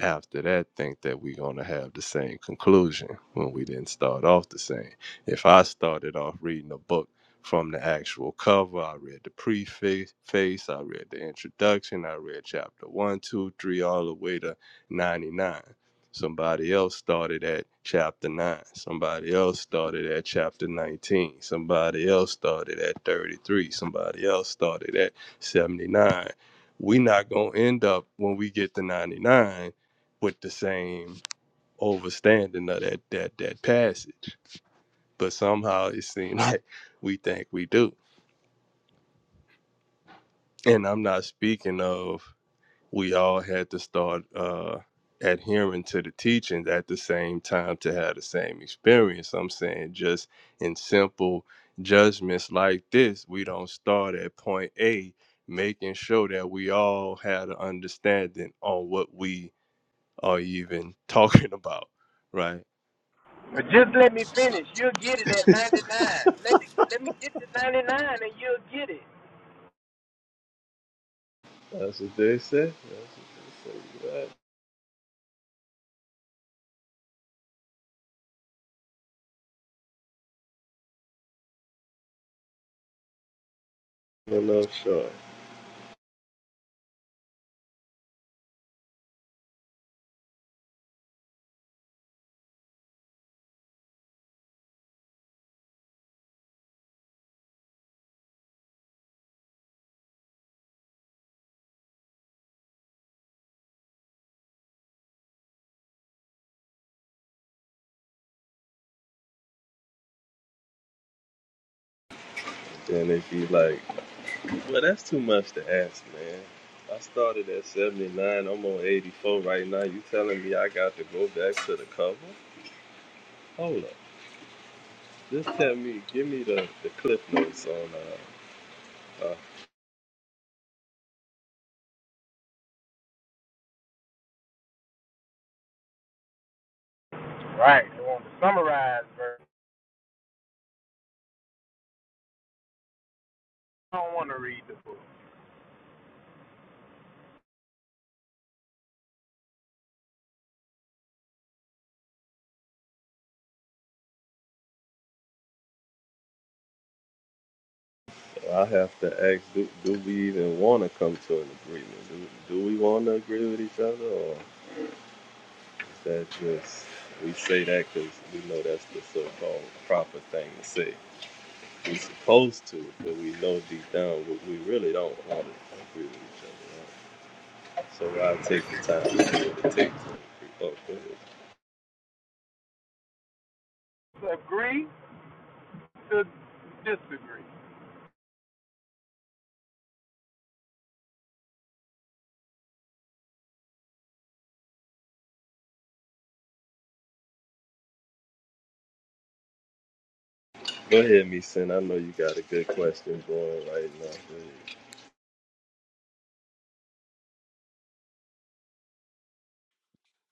D: after that think that we're going to have the same conclusion when we didn't start off the same. If I started off reading a book from the actual cover, I read the preface, I read the introduction, I read chapter one, two, three, all the way to 99. Somebody else started at chapter 9. Somebody else started at chapter 19. Somebody else started at 33. Somebody else started at 79. We're not going to end up when we get to 99 with the same overstanding of that that that passage. But somehow it seems like we think we do. And I'm not speaking of we all had to start uh adhering to the teachings at the same time to have the same experience. I'm saying just in simple judgments like this, we don't start at point A, making sure that we all had an understanding on what we are even talking about. Right
E: But just let me finish. You'll get it at 99. Let the, let me get to 99 and you'll get it.
D: That's what they say. That's what you got. No, no, sure. Then they be like, well, that's too much to ask, man. I started at 79. I'm on 84 right now. You telling me I got to go back to the cover? Hold up. Just tell me, give me the, the cliff notes on. Uh,
E: Right. I want to summarize, verse. I don't want to read the book.
D: I have to ask, do, do we even want to come to an agreement? Do, do we want to agree with each other, or is that just we say that because we know that's the so-called proper thing to say? we supposed to, but we know deep down we, we really don't want to agree with each other. Right? So why take the time to do what it takes to agree? Oh, go ahead.
E: Agree to disagree.
D: Go ahead, me sin. I know you got a good question going right now. Go ahead.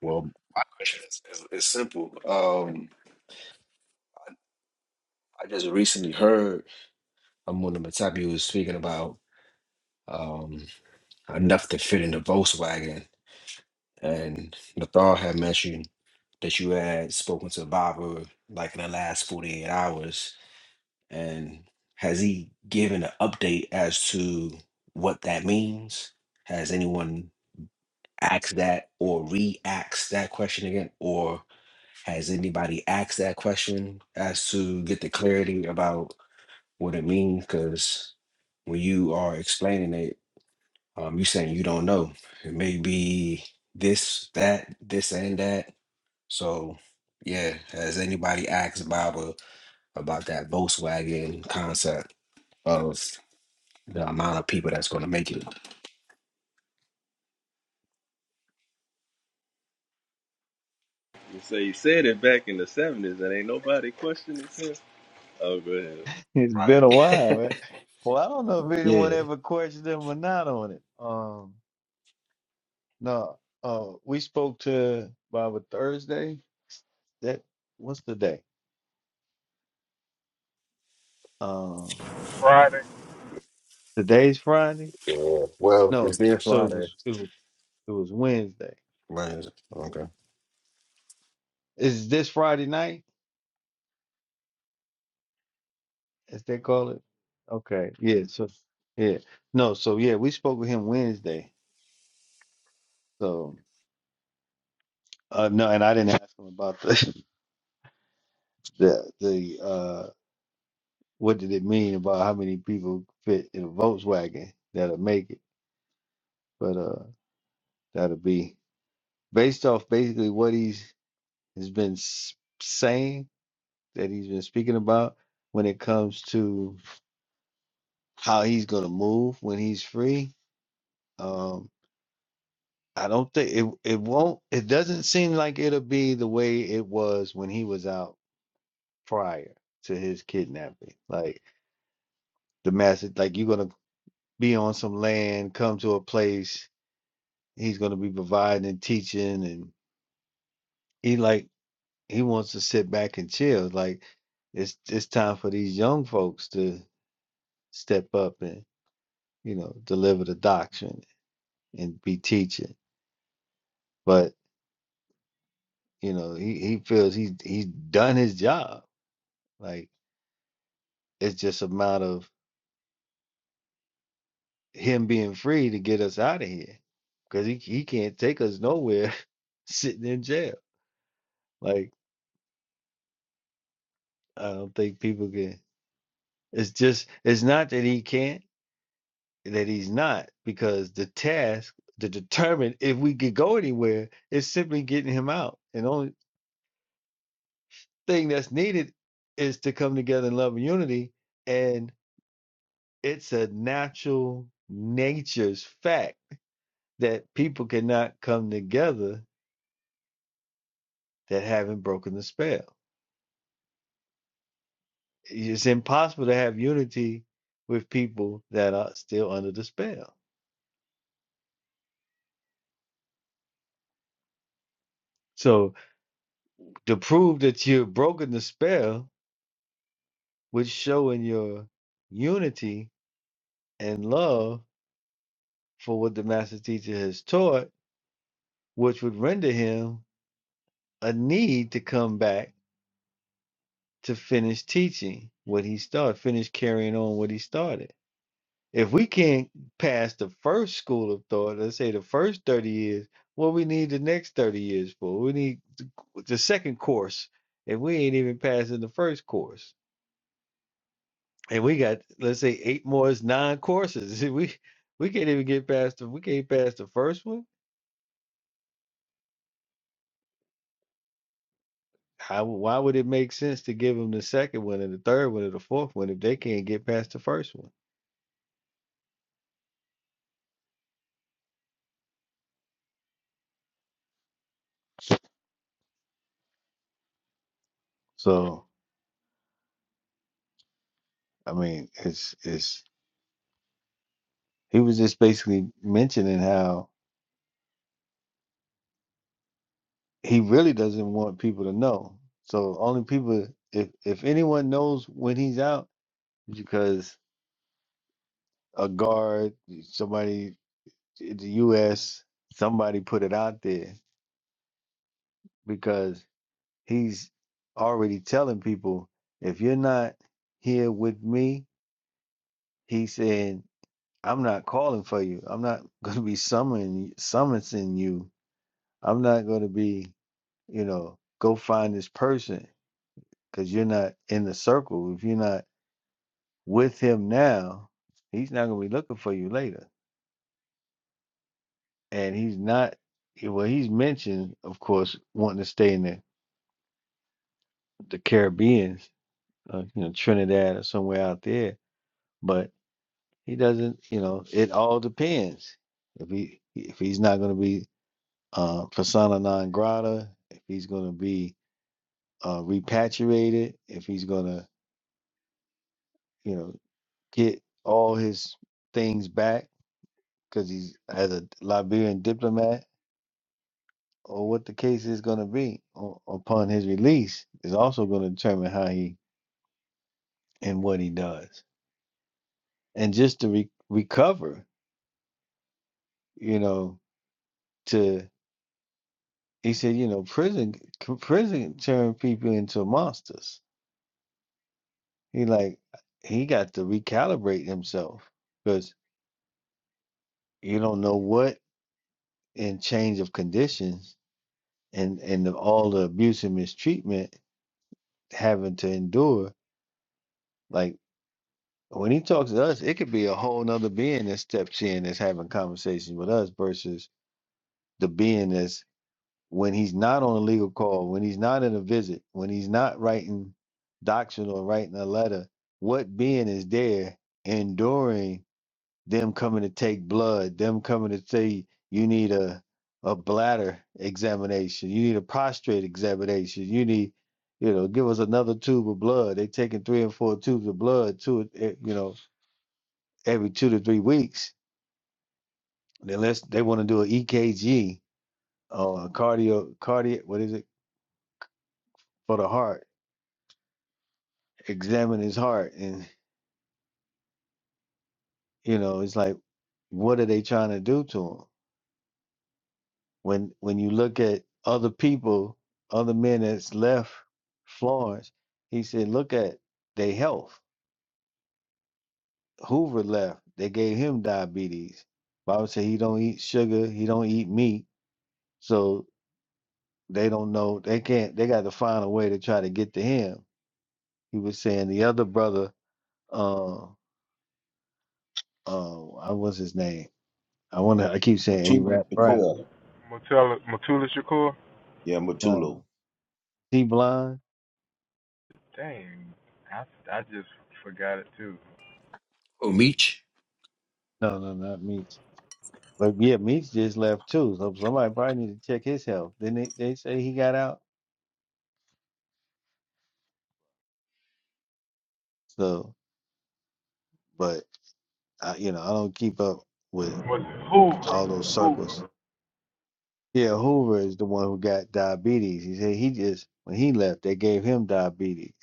G: Well, my question is, is, is simple. Um, I just recently heard. I'm Amuna Matapi was speaking about um, enough to fit in the Volkswagen. And Nathal had mentioned that you had spoken to Baba like in the last 48 hours. And has he given an update as to what that means? Has anyone asked that or re asked that question again? Or has anybody asked that question as to get the clarity about what it means? Because when you are explaining it, Um, you saying you don't know. It may be this, that, this, and that. So, yeah, has anybody asked Baba about that Volkswagen concept of the amount of people that's going to make it?
D: You say you said it back in the seventies, and ain't nobody questioning it. Oh, go ahead.
B: It's
G: Right.
B: been a while, right? Well, I don't know if anyone
G: Yeah.
B: ever questioned them or not on it. Um, no, uh, we spoke to Baba Thursday. That what's the day? Um,
E: Friday.
B: today's Friday.
G: Yeah. Well, it's
B: No,
G: near
B: so it
G: Friday.
B: was it was it was Wednesday.
G: Right. Okay.
B: Is this Friday night? as they call it. Okay, yeah. So yeah, no. So yeah, we spoke with him Wednesday. So uh, no, and I didn't ask him about the the the uh what did it mean about how many people fit in a Volkswagen that'll make it. But uh, that'll be based off basically what he's has been s- saying that he's been speaking about when it comes to how he's gonna move when he's free. um, I don't think it it won't it doesn't seem like it'll be the way it was when he was out prior to his kidnapping. Like the message like you're gonna be on some land, come to a place, he's gonna be providing and teaching and he like he wants to sit back and chill. Like it's it's time for these young folks to step up and, you know, deliver the doctrine and be teaching. But, you know, he, he feels he's he's done his job. Like It's just a matter of him being free to get us out of here because he, he can't take us nowhere sitting in jail. Like, I don't think people can. It's just, it's not that he can't, that he's not, because the task to determine if we could go anywhere is simply getting him out. And the only thing that's needed is to come together in love and unity. And it's a natural nature's fact that people cannot come together that haven't broken the spell. It's impossible to have unity with people that are still under the spell. So to prove that you've broken the spell would show in your unity and love for what the master teacher has taught, which would render him a need to come back to finish teaching what he started, finish carrying on what he started. If we can't pass the first school of thought, let's say the first 30 years, what we need the next 30 years for? We need the the second course, and we ain't even passing the first course. And we got, let's say, eight more is nine courses. We we can't even get past the we can't pass the first one. How why would it make sense to give them the second one and the third one and the fourth one if they can't get past the first one? So I mean, it's it's he was just basically mentioning how he really doesn't want people to know. So only people, if if anyone knows when he's out, because a guard, somebody, in the U.S., somebody put it out there because he's already telling people if you're not here with me, he's saying I'm not calling for you. I'm not going to be summoning summoning you. I'm not going to be, you know, go find this person because you're not in the circle. If you're not with him now, he's not going to be looking for you later. And he's not, well, he's mentioned, of course, wanting to stay in the, the Caribbean, uh, you know, Trinidad or somewhere out there. But he doesn't, you know, it all depends. If he if he's not going to be uh, persona non grata, if he's going to be uh, repatriated, if he's going to, you know, get all his things back because he's as a Liberian diplomat or what the case is going to be o- upon his release is also going to determine how he and what he does and just to re- recover you know to he said you know prison c- prison turned people into monsters he like he got to recalibrate himself because you don't know what in change of conditions and and the, all the abuse and mistreatment having to endure like When he talks to us, it could be a whole nother being that steps in that's having conversations with us versus the being that's when he's not on a legal call, when he's not in a visit, when he's not writing doctrine or writing a letter, what being is there enduring them coming to take blood, them coming to say you need a a bladder examination, you need a prostate examination, you need you know, give us another tube of blood. They taking three and four tubes of blood, two, eh, you know, every two to three weeks, unless they want to do an EKG or a cardio cardiac what is it for the heart, examine his heart, and you know it's like, what are they trying to do to him? When when you look at other people, other men that's left Florence, he said, look at their health. Hoover left, they gave him diabetes. Bible said he don't eat sugar, he don't eat meat, so they don't know they can't they got to find a way to try to get to him he was saying the other brother, uh, uh, I was his name. I want to. I keep saying A.
F: Mutulu
B: Rap Brown.
F: Shakur,
E: Matula, Matula Shakur.
F: yeah, Mutulu.
B: No, T. Blind.
E: Dang, I, I just forgot it too.
G: Oh, Meech,
B: No, no, not Meeks. But yeah, Meeks just left too. So somebody probably need to check his health. Then they they say he got out. So, but I, you know, I don't keep up with
E: Was it Hoover?
B: all those circles.
E: Hoover.
B: Yeah, Hoover is the one who got diabetes. He said he just when he left, they gave him diabetes.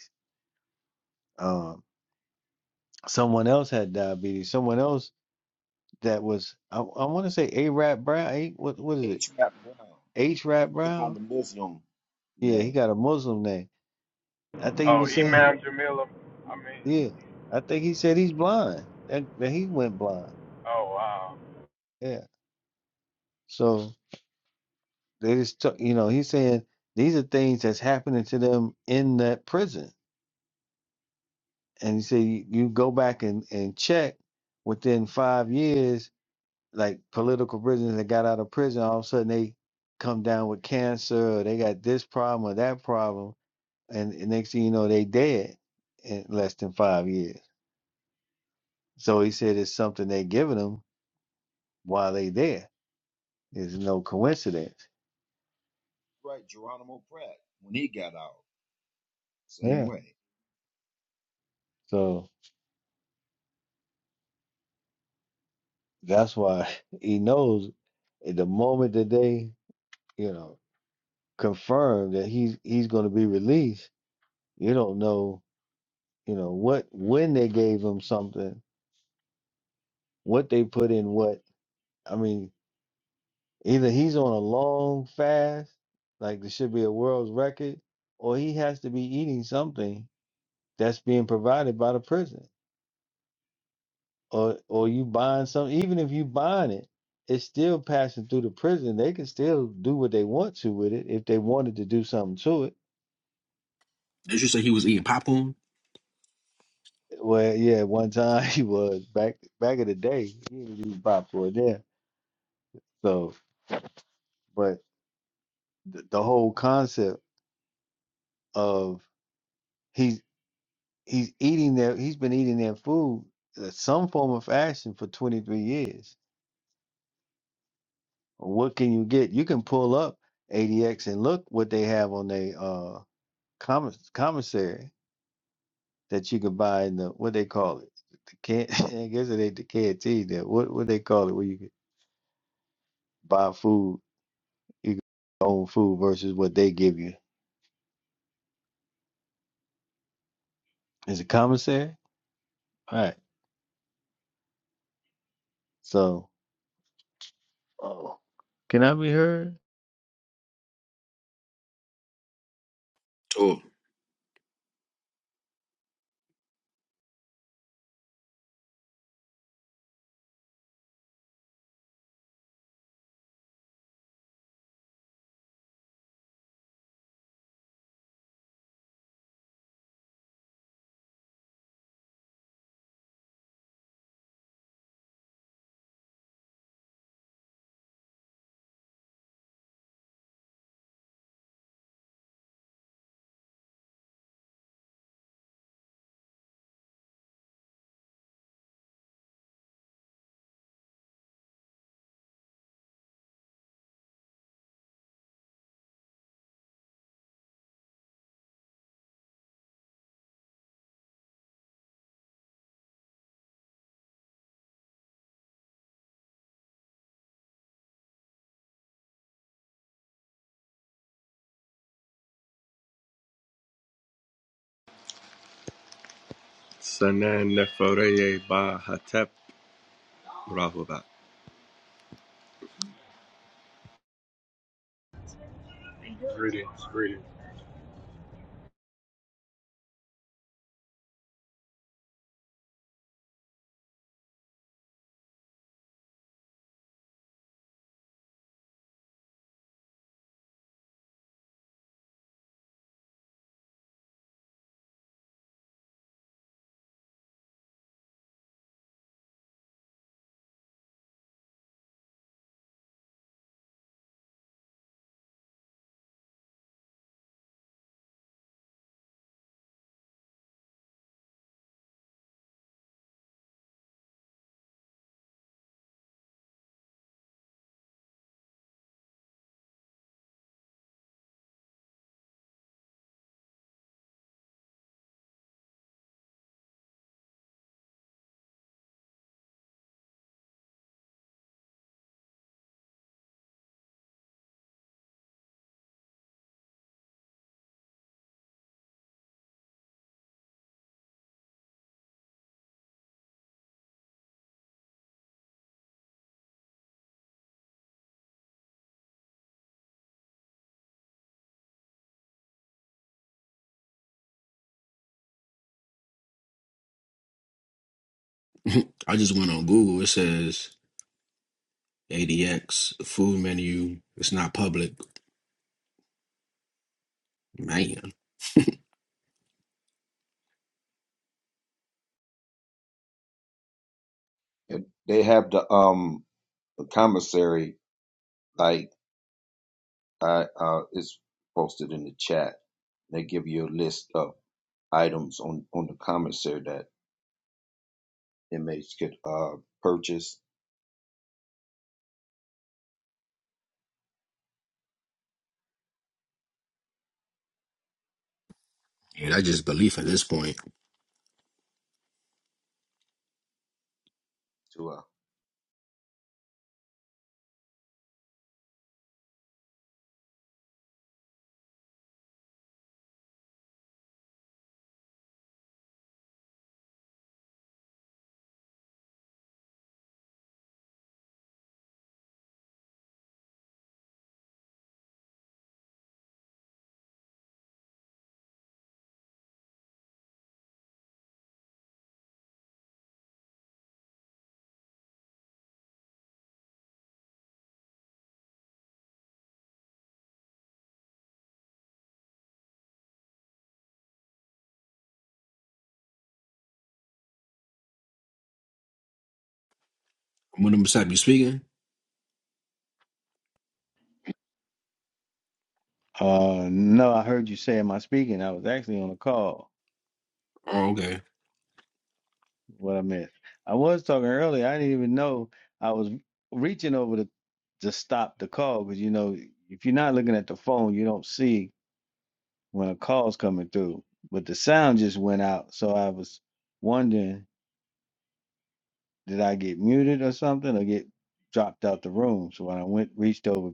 B: Um, someone else had diabetes. Someone else that was I, I want to say A Rap Brown. A, what what is it?
F: H. Rap Brown,
B: H
F: he,
B: Rap
F: he took on
B: Brown.
F: the Muslim
B: Yeah, he
F: name.
B: got a Muslim name. I think he
E: Oh,
B: was saying
E: Imam Jamila. I mean,
B: yeah. I think he said he's blind. That, that he went blind.
E: oh wow.
B: Yeah. So they just took you know he's saying these are things that's happening to them in that prison, and he said you, you go back and and check within five years, like political prisoners that got out of prison, all of a sudden they come down with cancer or they got this problem or that problem and the next thing you know, they dead in less than five years. So he said it's something they are giving them while they there. It's no coincidence. Yeah. So that's why he knows at the moment that they, you know, confirm that he's he's going to be released. You don't know, you know, what when they gave him something, what they put in what. I mean, either he's on a long fast, like there should be a world's record, or he has to be eating something that's being provided by the prison or or you buying some even if you buying it it's still passing through the prison they can still do what they want to with it if they wanted to do something to it
G: did you say he was eating popcorn?
B: well yeah one time he was back back in the day he didn't do pop for it there so but the whole concept of he's he's eating their he's been eating their food uh, some form of fashion for 23 years what can you get you can pull up adx and look what they have on their uh. commis- commissary that you could buy in the what they call it. The can I guess it ain't the canteen that what what they call it where you could buy food, you could buy your own food versus what they give you. Is it commissary? All right. So oh can I be heard?
G: Oh,
D: Sanan Neforeye Ba Hatep Rahobat.
I: Greetings, greetings.
G: I just went on Google. It says ADX food menu. It's not public. Man,
F: Um, sorry, like I uh, it's post chat. They give you a list of items on on the commissary that inmates could uh purchase
G: yeah, that's just belief at this point.
F: to uh
G: When I'm you speaking?
B: Uh no, I heard you saying my speaking. I was actually on a call.
G: Oh, okay.
B: What I missed. I was talking earlier. I didn't even know I was reaching over to to stop the call because you know if you're not looking at the phone, you don't see when a call's coming through, but the sound just went out. So I was wondering, did I get muted or something or get dropped out the room? So when I went, reached over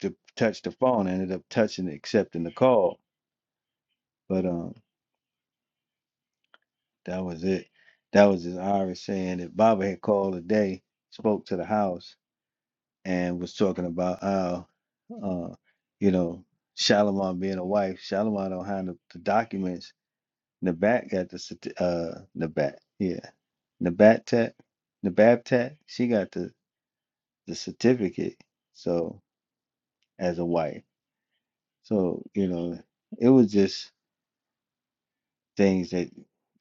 B: to touch the phone, I ended up touching it, accepting the call. But um, that was it. That was his Irish saying that Baba had called a day, spoke to the house, and was talking about how, uh, you know, Shalimar being a wife. Shalimar don't have the, the documents Nabat got the uh Nabat, yeah. Nabat Tech, Nabab Tech, she got the the certificate. So as a wife, so you know, it was just things that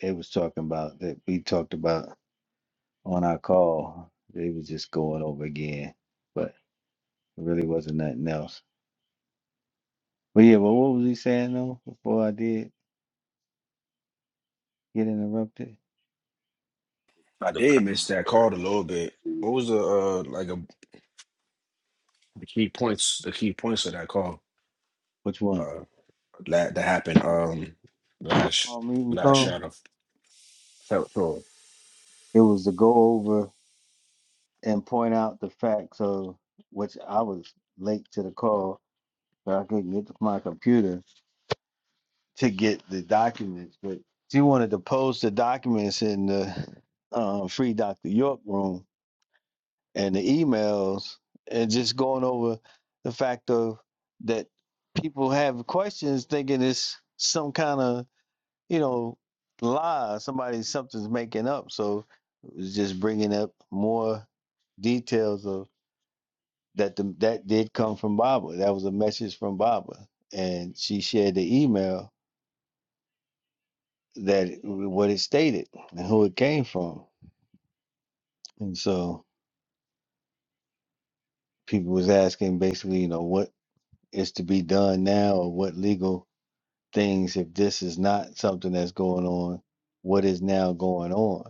B: they was talking about that we talked about on our call. They was just going over again, but it really wasn't nothing else. But yeah, but what was he saying though before I did get interrupted?
G: I
F: the
G: did miss that
F: commissary.
G: call a little bit. What was the uh like a, the key points? The key points of that call
B: Which one?
G: uh that that happened
B: Oh,
G: um
B: town
G: last
B: hall meeting
G: last
B: call.
G: shadow of tour.
B: It was to go over and point out the fact so which I was late to the call, but I couldn't get to my computer to get the documents. But she wanted to post the documents in the uh, free Dr. York room and the emails and just going over the fact of that people have questions thinking it's some kind of you know lie somebody something's making up so it was just bringing up more details of. that the, that did come from Baba. That was a message from Baba, and she shared the email that it- what it stated and who it came from. And so people was asking basically, you know, what is to be done now, or what legal things if this is not something that's going on, what is now going on?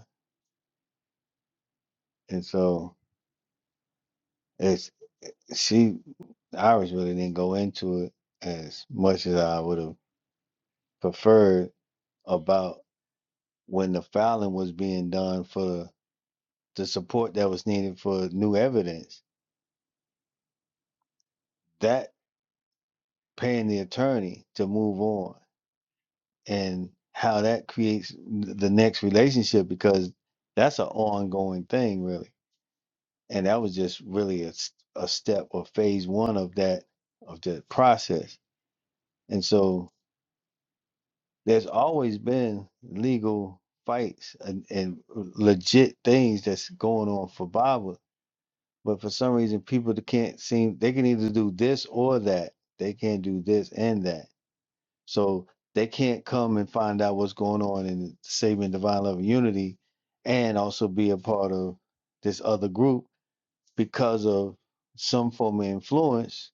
B: And so it's she Iris really didn't go into it as much as I would have preferred about when the filing was being done for the support that was needed for new evidence, that paying the attorney to move on and how that creates the next relationship because that's an ongoing thing really and that was just really a, s- a step or phase one of that of that process and so there's always been legal fights and, and uh, legit things that's going on for Baba But for some reason, people that can't seem they can either do this or that. They can't do this and that. So they can't come and find out what's going on in saving divine love and unity, and also be a part of this other group because of some form of influence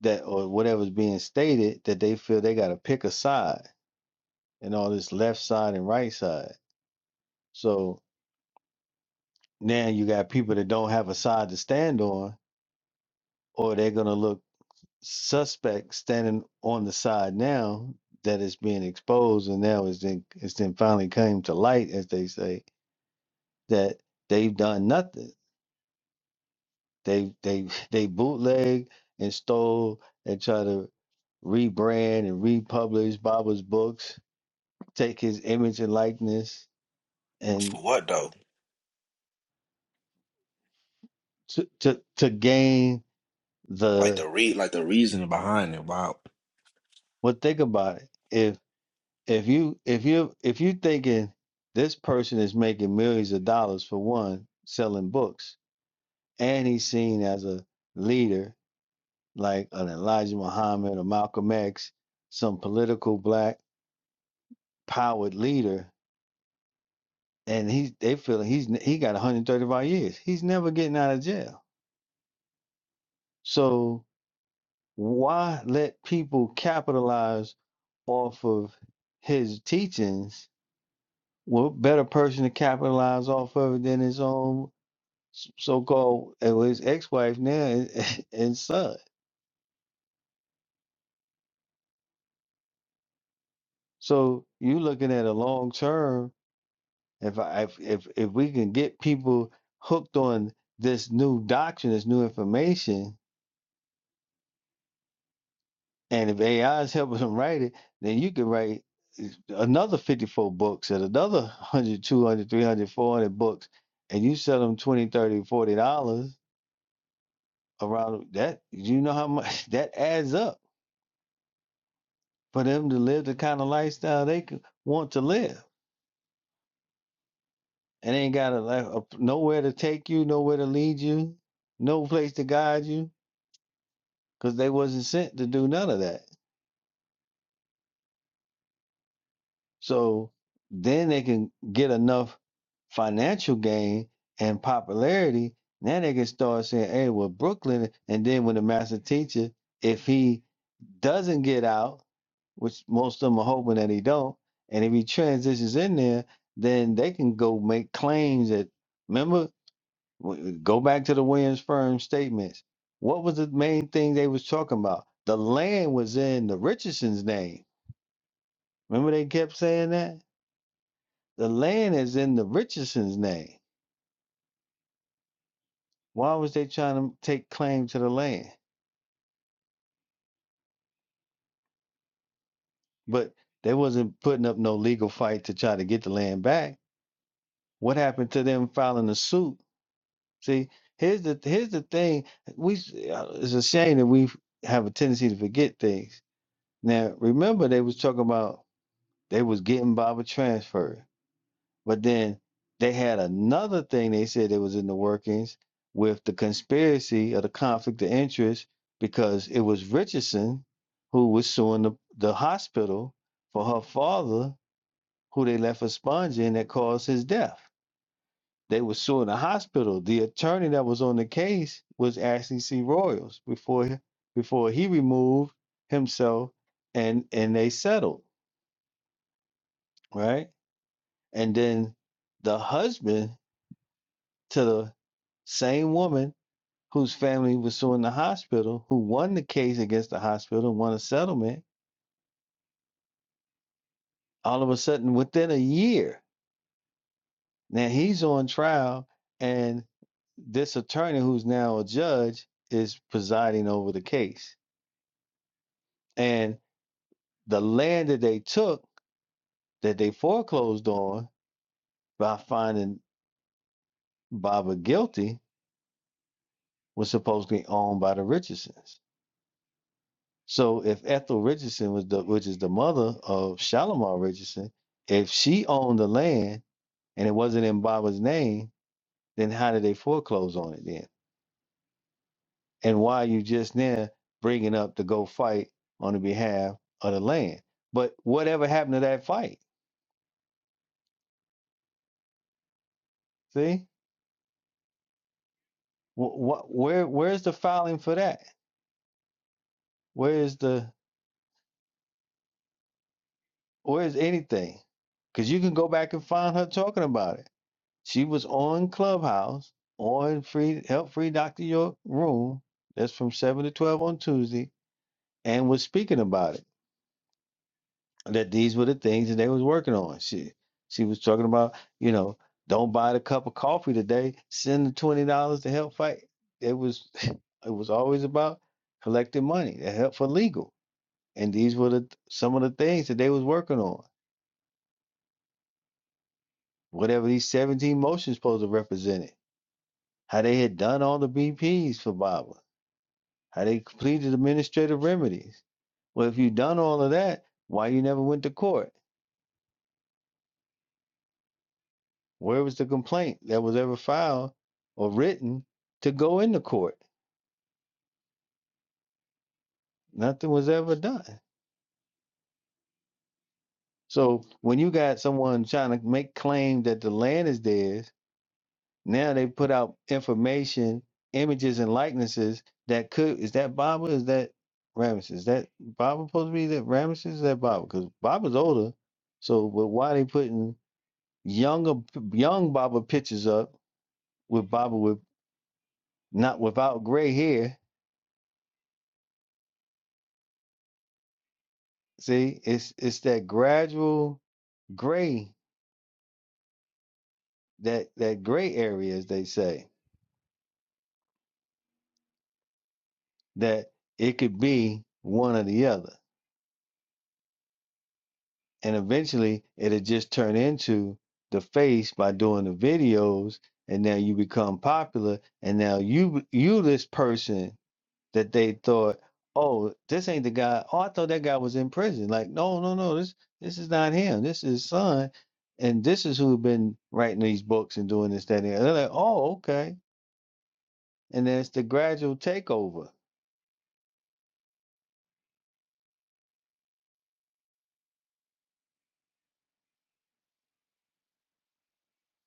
B: that or whatever's being stated that they feel they got to pick a side and all this left side and right side. So now you got people that don't have a side to stand on, or they're gonna look suspect standing on the side now that is being exposed and now it's then it's then finally came to light as they say that they've done nothing they they they bootleg and stole and try to rebrand and republish baba's books take his image and likeness and
G: For what though?
B: to to, to gain
G: Like
B: the
G: the re like the reason behind it about
B: well think about it If if you if you if you thinking this person is making millions of dollars for one selling books and he's seen as a leader like an Elijah Muhammad or Malcolm X, some political black powered leader, and he's they feel like he's he got 135 years. He's never getting out of jail. So why let people capitalize off of his teachings? What better person to capitalize off of it than his own so-called it was ex-wife now and, and son. So you looking at a long term. If I if, if if we can get people hooked on this new doctrine, this new information, and if AI is helping them write it, then you can write eh, another 54 books and another 100, 200, 300, 400 books, and you sell them 20, 30, 40 dollars around that. You know how much that adds up for them to live the kind of lifestyle they could want to live and ain't got a, like, a nowhere to take you, nowhere to lead you, no place to guide you, because they wasn't sent to do none of that. So then they can get enough financial gain and popularity. Now they can start saying, "Hey, well, Brooklyn," and then when the master teacher, if he doesn't get out, which most of them are hoping that he don't, and if he transitions in there, then they can go make claims that. Remember W- uh, Go back to the Williams firm statements. What was the main thing they was talking about? The land was in the Richardson's name. Remember they kept saying that? The land is in the Richardson's name. Why was they trying to take claim to the land? But they wasn't putting up no legal fight to try to get the land back. What happened to them filing a suit? See, here's the here's the thing. We s- uh, it's a shame that we have a tendency to forget things. Now remember they was talking about They was getting by transferred, But then they had another thing they said it was in the workings with the conspiracy of the conflict of interest because it was Richardson who was suing the, the hospital for her father who they left a sponge in that caused his death. They were suing the hospital. The attorney that was on the case was Ashley C. Royals before before he removed himself and and they settled, right? and then the husband to the same woman whose family was suing the hospital, who won the case against the hospital, won a settlement, all of a sudden within a year, now he's on trial, and this attorney who's now a judge is presiding over the case. And the land that they took, that they foreclosed on by finding Baba guilty, was supposedly owned by the Richardsons. So if Ethel Richardson was the which is the mother of Shalimar Richardson, if she owned the land and it wasn't in Baba's name, then how did they foreclose on it then? And why are you just now bringing up to go fight on the behalf of the land? But whatever happened to that fight? See, what where where's the filing for that? Where's the where's anything? Because you can go back and find her talking about it. She was on Clubhouse on free help free Dr. York room. That's from seven to twelve on Tuesday, and was speaking about it. That these were the things that they was working on. She she was talking about, you know, don't buy the cup of coffee today. Send the twenty dollars to help fight. It was it was always about collecting money to help for legal. And these were the some of the things that they was working on. Whatever these 17 motions supposed to represent it. How they had done all the BPs for Baba How they completed administrative remedies. Well, if you done all of that, why you never went to court? Where was the complaint that was ever filed or written to go into court? Nothing was ever done. So when you got someone trying to make claim that the land is theirs, now they put out information, images, and likenesses that could is that Baba? Is that Ramesses? Is that Baba supposed to be that Ramesses? Is that Baba? Because Baba's older. So, but why they putting Younger young Baba pitches up with Baba with not without gray hair. See, it's it's that gradual gray that that gray area, as they say, that it could be one or the other, and eventually it'll just turn into the face by doing the videos, and now you become popular, and now you you this person that they thought, oh, this ain't the guy. Oh, I thought that guy was in prison. Like, no, no, no, this this is not him. This is his son, and this is who has been writing these books and doing this, that, and the other. They're like, oh, okay. And then it's the gradual takeover.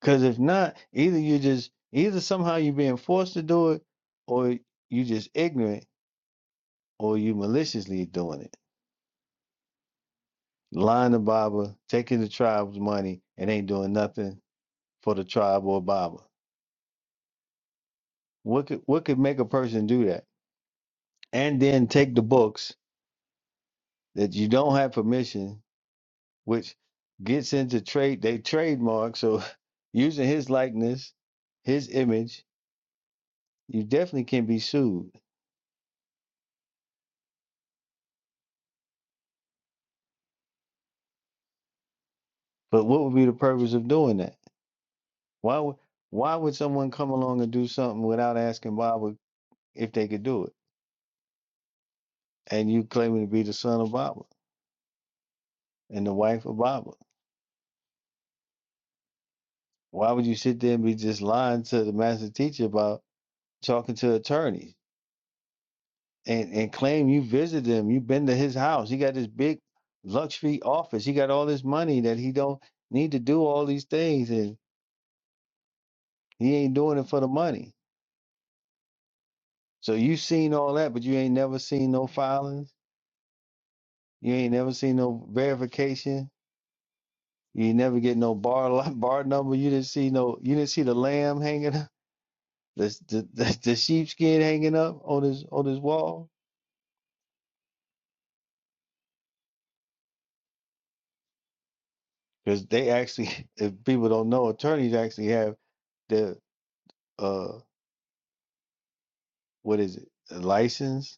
B: Because if not, either you just either somehow you're being forced to do it, or you just ignorant, or you maliciously doing it. Lying to Baba, taking the tribe's money, and ain't doing nothing for the tribe or Baba. What could what could make a person do that? and then take the books that you don't have permission, which gets into trade they trademark. So using his likeness, his image, you definitely can be sued. But what would be the purpose of doing that? Why would why would someone come along and do something without asking Baba if they could do it? And you claiming to be the son of Baba and the wife of Baba. Why would you sit there and be just lying to the master teacher about talking to attorneys? and, and claim you visited him. You've been to his house. He got this big luxury office. He got all this money that he don't need to do all these things, and he ain't doing it for the money. So you seen all that, but you ain't never seen no filings. You ain't never seen no verification. You ain't never get no bar li- bar number. You didn't see no. You didn't see the lamb hanging up, the the, the, the sheepskin hanging up on his on his wall. Because they actually, if people don't know, attorneys actually have the uh. what is it? A license?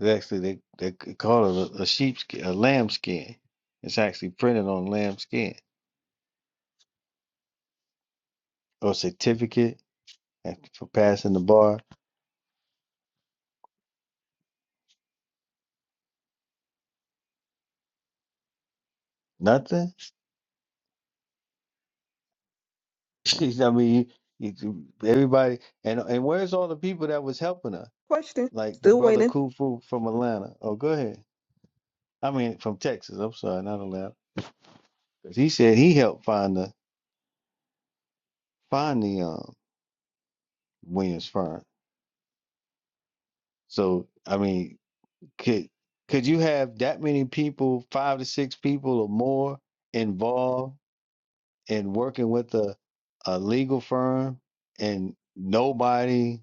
B: It's actually they they c- call it a, a sheep skin, a lamb skin. It's actually printed on lamb skin or certificate after- for passing the bar. Nothing. I mean, you, you- everybody and and where's all the people that was helping her?
A: Question.
B: Like the
A: Still
B: brother
A: waiting.
B: Kufu from Atlanta. Oh, go ahead. I mean, from Texas. I'm sorry, not Atlanta. 'Cause he said he helped find the find the um Williams firm. So I mean, could could you have that many people, five to six people or more, involved in working with a a legal firm, and nobody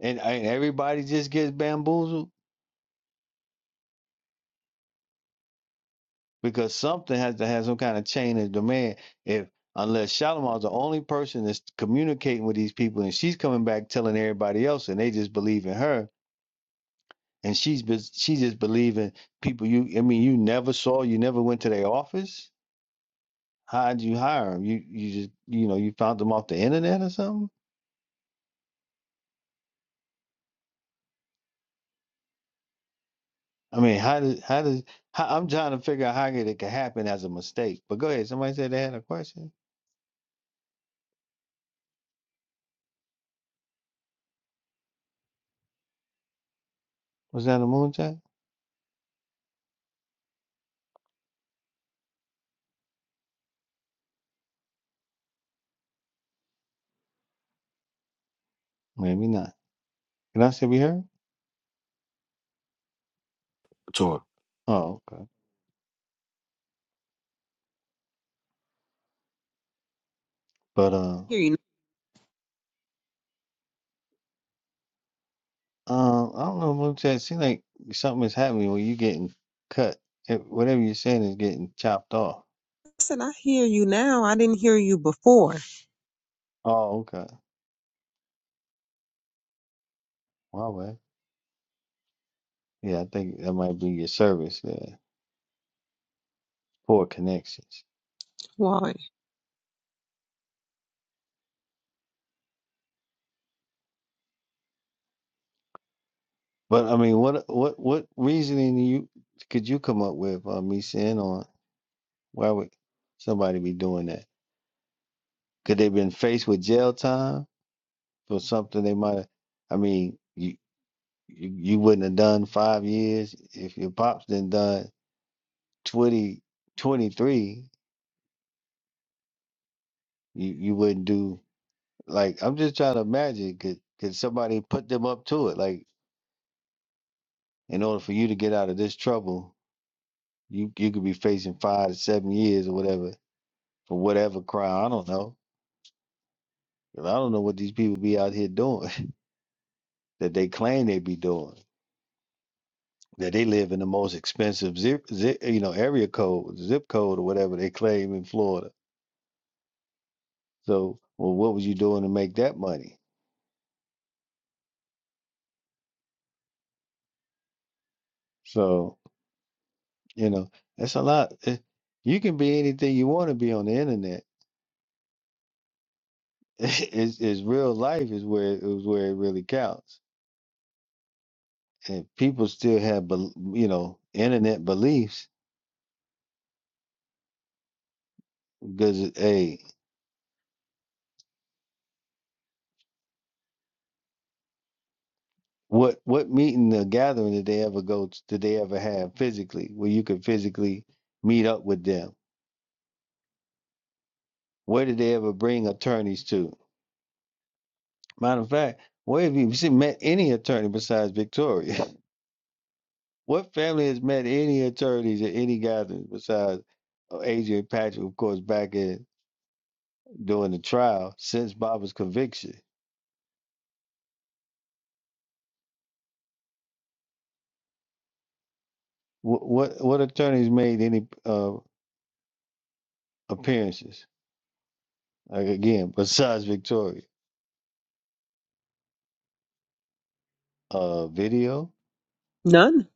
B: and, and everybody just gets bamboozled because something has to have some kind of chain of demand. If unless Shalimar's the only person that's communicating with these people, and she's coming back telling everybody else, and they just believe in her, and she's bes- she just believing people. You, I mean, you never saw, you never went to their office How'd you hire him? You you just you know you found them off the internet or something? I mean, how did how does how, I'm trying to figure out how it could happen as a mistake. But go ahead. Somebody said they had a question. Was that a moonshot? Maybe not. Can I still be heard?
G: tour.
B: Oh, okay. But uh,
A: Hear you.
B: um, I don't know, moonshot. It seems like something is happening where you are getting cut. It, whatever you're saying is getting chopped off.
A: Listen, I hear you now. I didn't hear you before.
B: Oh, okay. Wow, well, yeah. I think that might be your service there. Poor connections.
A: Why?
B: But I mean, what what what reasoning you could you come up with, uh, me saying on why would somebody be doing that? Could they been faced with jail time for something they might have? I mean, you, you you wouldn't have done five years if your pops done done 20 23. You you wouldn't do like I'm just trying to imagine could could somebody put them up to it? Like in order for you to get out of this trouble, you you could be facing five to seven years or whatever for whatever crime. I don't know. 'Cause I don't know what these people be out here doing that they claim they be doing. That they live in the most expensive zip, zip you know, area code, zip code, or whatever they claim in Florida. So, well, what was you doing to make that money? So, you know, that's a lot. Eh, You can be anything you want to be on the internet. It's, it's real life is where is where it really counts. And people still have, bel- you know, internet beliefs because, hey, What what meeting or gathering did they ever go to, did they ever have physically where you could physically meet up with them? Where did they ever bring attorneys to? Matter of fact, where have you seen- met any attorney besides Victoria? what family has met any attorneys at any gatherings besides uh, Adrian Patrick, of course, back in during the trial since Bob's conviction? What what, what attorneys made any uh, appearances? Like again, besides Victoria, uh, video,
A: None.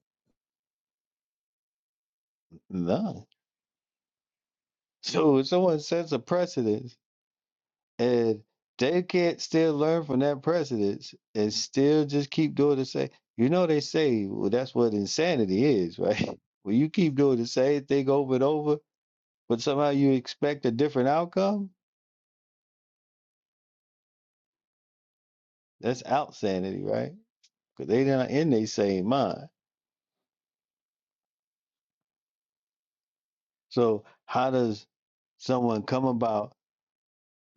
B: none. So if someone sets a precedent, and they can't still learn from that precedence and still just keep doing the same, you know they say, well, that's what insanity is, right? When you keep doing the same thing over and over, but somehow you expect a different outcome, that's outsanity, right? Because they're not in their same mind. So how does someone come about,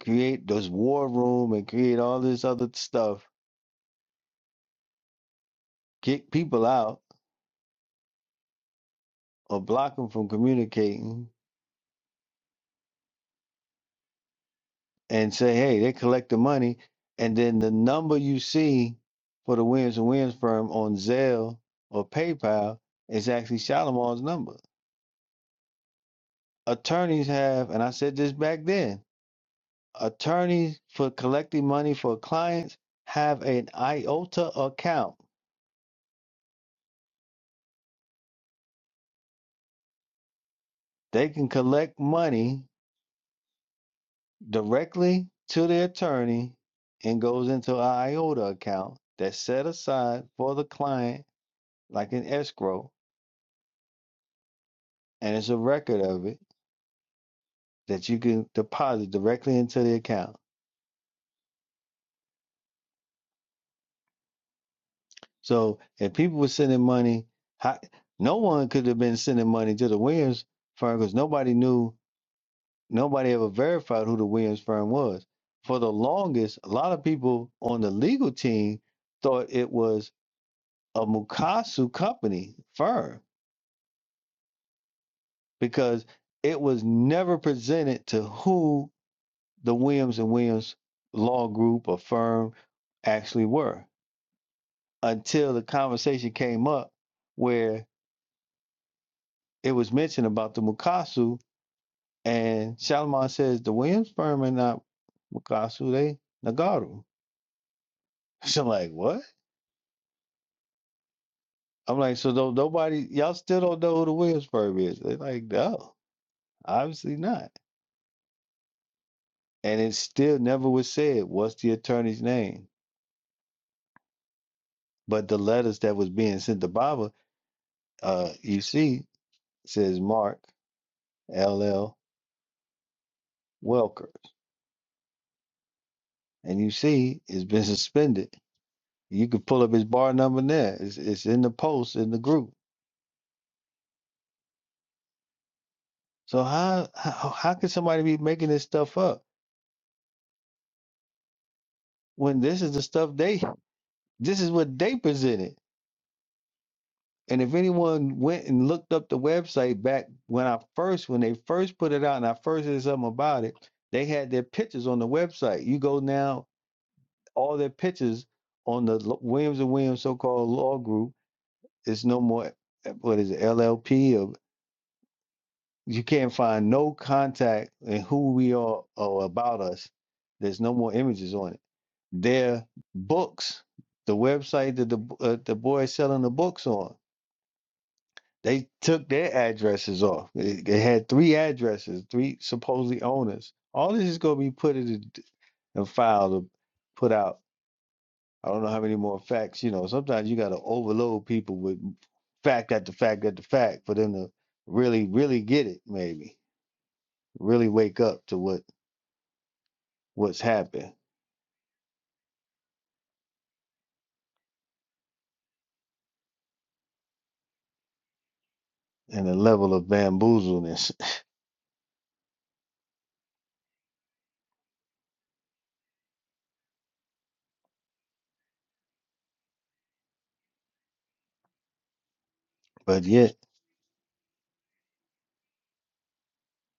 B: create this war room and create all this other stuff, kick people out or block them from communicating and say, hey, they collect the money. And then the number you see for the Williams and Williams firm on Zelle or PayPal is actually Shalimar's number. Attorneys have, and I said this back then, attorneys for collecting money for clients have an IOTA account. They can collect money directly to the attorney and goes into an IOTA account that's set aside for the client, like an escrow, and it's a record of it that you can deposit directly into the account. So if people were sending money, how, no one could have been sending money to the Williams firm because nobody knew, nobody ever verified who the Williams firm was. For the longest, a lot of people on the legal team thought it was a Mukasu company firm because it was never presented to who the Williams and Williams law group or firm actually were. until the conversation came up where it was mentioned about the Mukasu, and Shalimar says the Williams firm are not Mukasu, they Nagaru. So I'm like, what? I'm like, so don't nobody, y'all still don't know who the Williams firm is? They're like, no, obviously not. And it still never was said what's the attorney's name. But the letters that was being sent to Baba, uh, you see, says Mark L. L. Welker, and you see, it's been suspended You could pull up his bar number there. It's, it's in the post in the group. So how how how can somebody be making this stuff up when this is the stuff they this is what they presented? And if anyone went and looked up the website back when I first when they first put it out and I first did something about it, they had their pictures on the website. You go now, all their pictures on the Lo- Williams and Williams so-called law group It's no more. What is it? LLP You can't find no contact in who we are or about us. There's no more images on it. Their books, the website that the uh, the boy is selling the books on, they took their addresses off. They, they had three addresses, three supposedly owners. All this is going to be put in a, d- a file to put out. I don't know how many more facts. You know, sometimes you got to overload people with fact after fact after fact for them to really, really get it. Maybe really wake up to what what's happened and the level of bamboozleness. But yet,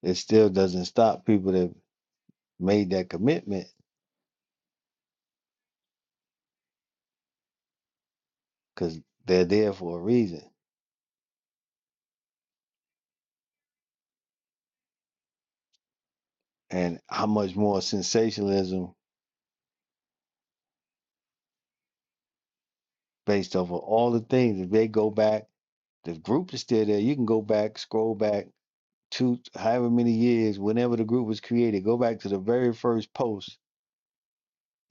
B: it still doesn't stop people that made that commitment because they're there for a reason. And how much more sensationalism based off of all the things, if they go back, the group is still there. You can go back, scroll back to however many years, whenever the group was created, go back to the very first post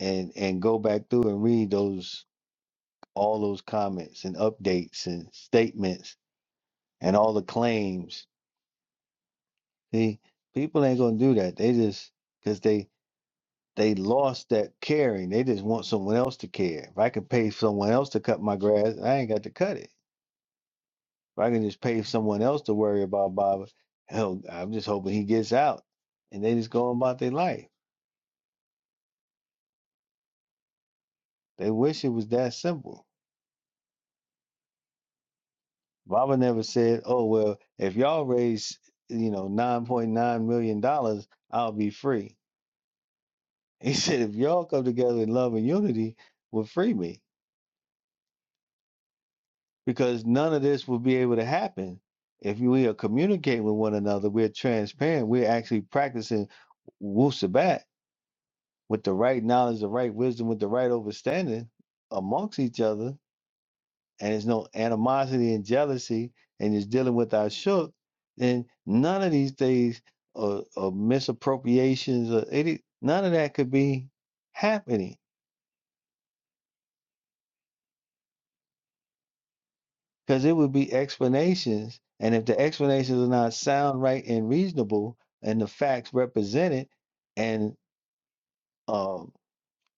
B: and and go back through and read those all those comments and updates and statements and all the claims See, people ain't gonna do that. They just because they they lost that caring. They just want someone else to care. If I can pay someone else to cut my grass, I ain't got to cut it. If I can just pay someone else to worry about Bob, hell, I'm just hoping he gets out. And they just go about their life. They wish it was that simple. Baba never said, "Oh well, if y'all raise, you know, nine point nine million dollars, I'll be free." He said, "If y'all come together in love and unity, will free me." because none of this would be able to happen if we are communicating with one another. We're transparent. We're actually practicing Wu Sabat with the right knowledge, the right wisdom, with the right understanding amongst each other, and there's no animosity and jealousy, and is dealing with our shook. Then none of these things or, or misappropriations or any none of that could be happening Because it would be explanations. And if the explanations are not sound, right, and reasonable, and the facts represented and um,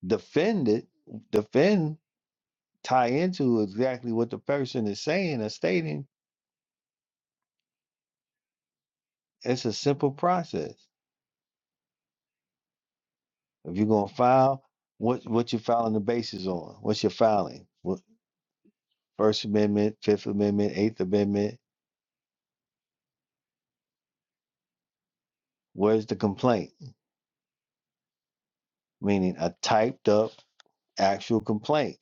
B: defended, defend, tie into exactly what the person is saying or stating, it's a simple process. If you're going to file, what what you filing the basis on? What's your filing? What, First Amendment, Fifth Amendment, Eighth Amendment? Where's the complaint? meaning a typed up actual complaint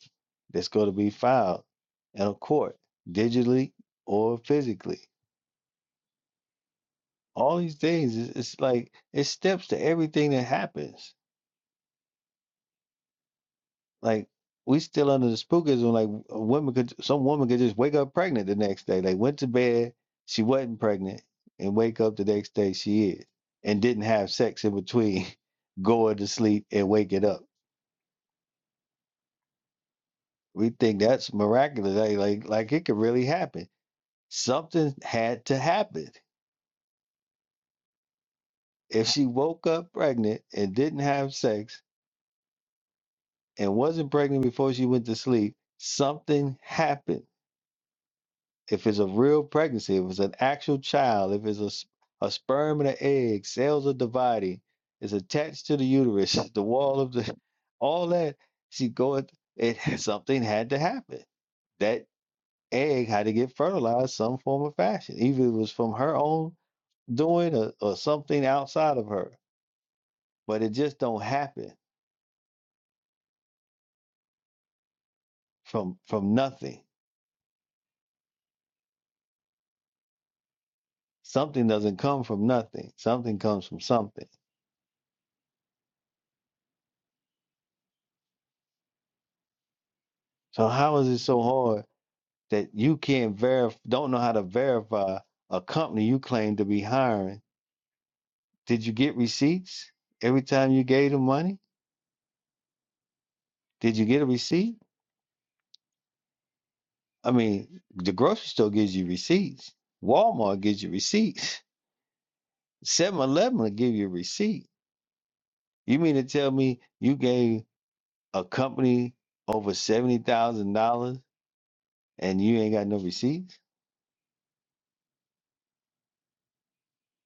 B: that's going to be filed in a court digitally or physically. All these things, it's, it's like it steps to everything that happens. Like we still under the spookism. Like a woman could, some woman could just wake up pregnant the next day. Like went to bed, she wasn't pregnant, and wake up the next day she is, and didn't have sex in between going to sleep and waking up. We think that's miraculous. Like like, like it could really happen Something had to happen. If she woke up pregnant and didn't have sex and wasn't pregnant before she went to sleep, something happened. If it's a real pregnancy, if it's an actual child, if it's a, s- a sperm and an egg, cells are dividing, it's attached to the uterus, the wall of the, all that, she going, it something had to happen. That egg had to get fertilized some form of fashion, either it was from her own doing or, or something outside of her but it just don't happen from from nothing something doesn't come from nothing something comes from something so how is it so hard that you can't verify don't know how to verify a company you claim to be hiring did you get receipts every time you gave them money did you get a receipt i mean the grocery store gives you receipts walmart gives you receipts Seven Eleven will give you a receipt you mean to tell me you gave a company over $70000 and you ain't got no receipts,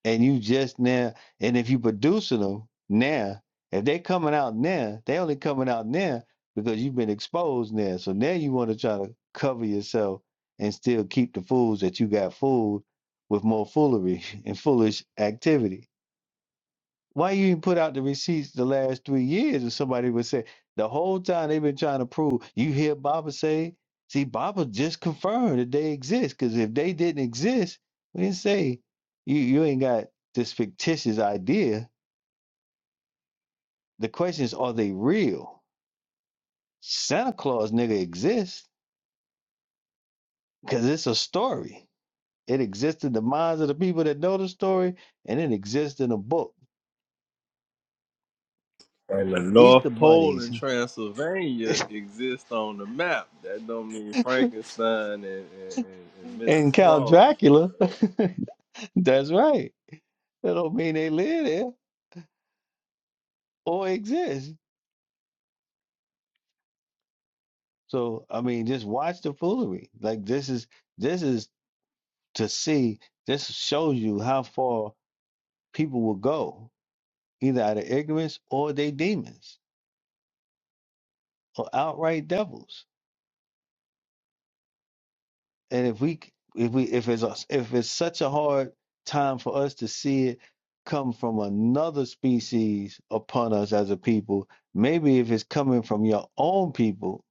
B: and you just now, and if you producing them now, if they coming out now, they only coming out now because you've been exposed now. So now you want to try to cover yourself and still keep the fools that you got fooled with more foolery and foolish activity. Why you didn't put out the receipts the last three years? And somebody would say, the whole time they've been trying to prove, you hear Baba say, see, Baba just confirmed that they exist. Because if they didn't exist, we didn't say, you, you ain't got this fictitious idea. The question is, are they real? Santa Claus nigga exists because it's a story. It exists in the minds of the people that know the story, and it exists in a book.
D: And the North
B: Easter
D: Pole in
B: bunnies
D: Transylvania exist on the map. That don't mean Frankenstein and, and, and, and
B: and
D: Mrs.
B: Count
D: Claus.
B: Dracula. That's right. That don't mean they live there or exist. So I mean, just watch the foolery. Like this is this is to see. This shows you how far people will go, either out of ignorance or they demons or outright devils. And if we if we if it's us if it's such a hard time for us to see it come from another species upon us as a people, maybe if it's coming from your own people,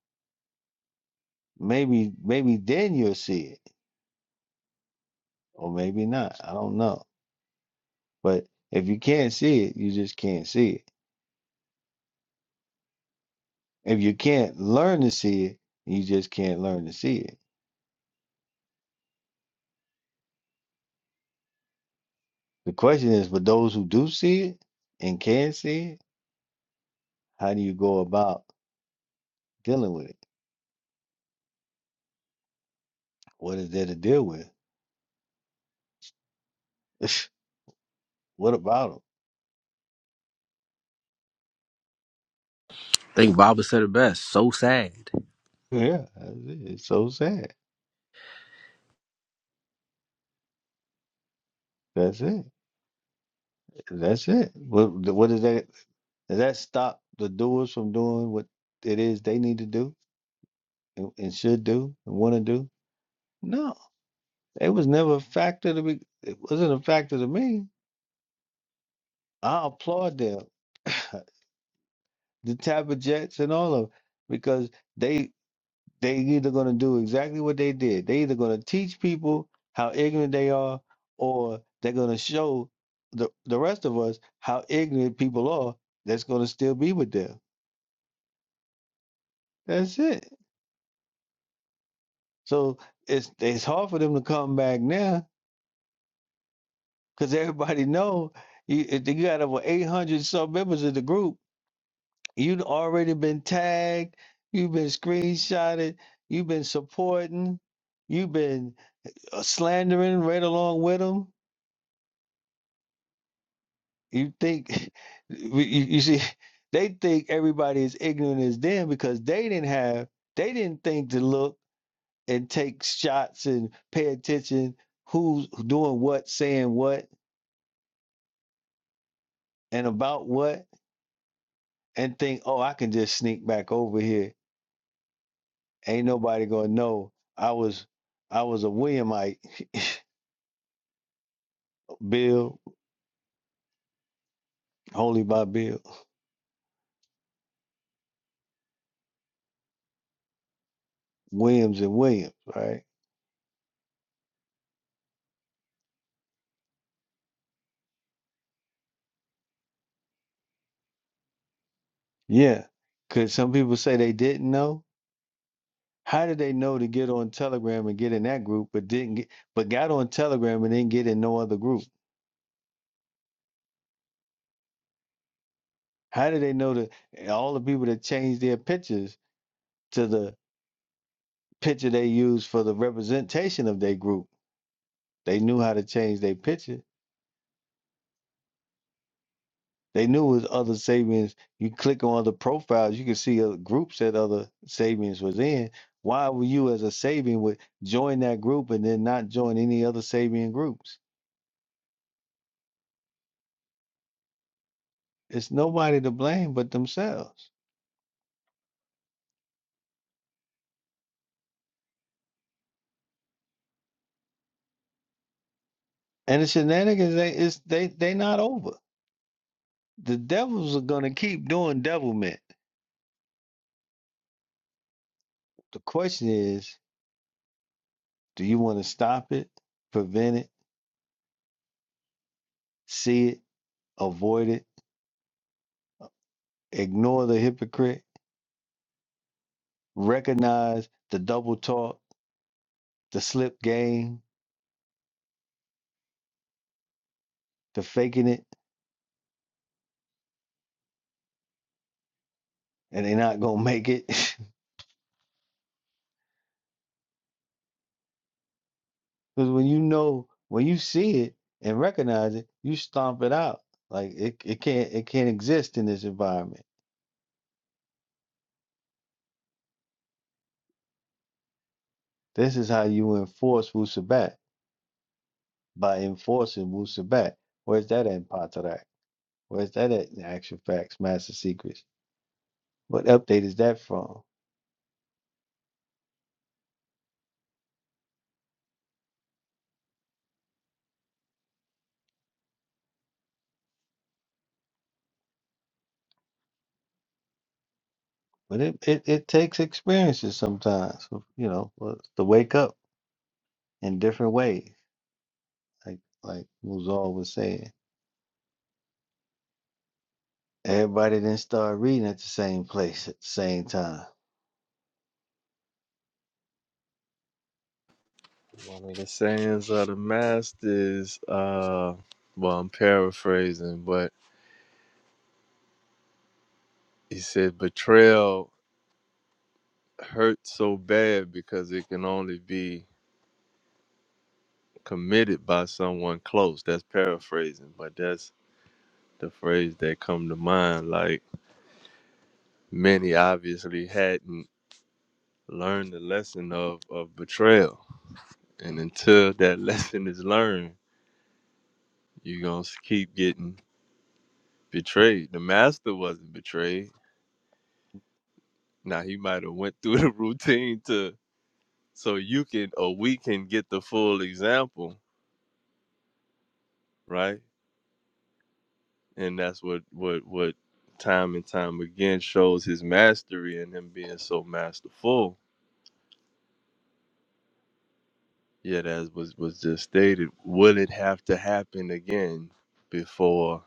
B: maybe maybe then you'll see it or maybe not. I don't know. But if you can't see it, you just can't see it. If you can't learn to see it, you just can't learn to see it. The question is for those who do see it and can see it, how do you go about dealing with it? What is there to deal with? what about
G: I think Baba said it best. So sad.
B: them? Yeah, that's it. it's so sad. That's it. That's it. What what does that? Does that stop the doers from doing what it is they need to do and, and should do and want to do? No. It was never a factor to be. It wasn't a factor to me. I applaud them, the Tampa Jets and all of 'em, because they they either going to do exactly what they did. They either going to teach people how ignorant they are, or they're going to show the the rest of us how ignorant people are. That's going to still be with them. That's it. So it's it's hard for them to come back now because everybody know you, if you got over eight hundred sub members in the group You've already been tagged. You've been screenshotted. You've been supporting. You've been uh, slandering right along with them. You think, you, you see, they think everybody is ignorant as them because they didn't have, they didn't think to look and take shots and pay attention who's doing what, saying what, and about what, and think, oh, I can just sneak back over here. Ain't nobody gonna know I was, I was a Williamite. Bill, only by Bill, Williams and Williams, right? Yeah. Could some people say they didn't know? How did they know to get on Telegram and get in that group, but didn't get, but got on Telegram and didn't get in no other group? How did they know that all the people that changed their pictures to the picture they used for the representation of their group? They knew how to change their picture They knew it was other Sabians. You click on other profiles, you can see other groups that other Sabians was in. Why would you, as a Sabian, would join that group and then not join any other Sabian groups? It's nobody to blame but themselves. And the shenanigans, they it's, they they not over. The devils are gonna keep doing devilment. The question is, do you want to stop it, prevent it, see it, avoid it, ignore the hypocrite, recognize the double talk? the slip game, the faking it, and they not gonna make it. Because when you know, when you see it and recognize it, you stomp it out. Like it, it can't it can't exist in this environment. This is how you enforce Wusabat by enforcing Wusabat. Where's that at in Patarak? Where's that at in Action Facts, Master Secrets? What update is that from? But it, it, it takes experiences sometimes, you know, for- to wake up in different ways, like like Muzal was saying. Everybody didn't start reading at the same place at the same time.
D: One of the sayings of the masters, uh, well, I'm paraphrasing, but he said betrayal hurts so bad because it can only be committed by someone close. That's paraphrasing, but that's the phrase that come to mind. Like many obviously hadn't learn the lesson of, of betrayal. And until that lesson is learned, you're gonna keep getting betrayed. The master wasn't betrayed. Now he might have went through the routine to so you can or we can get the full example, right? And that's what what what time and time again shows his mastery and him being so masterful. Yet as was was just stated, will it have to happen again before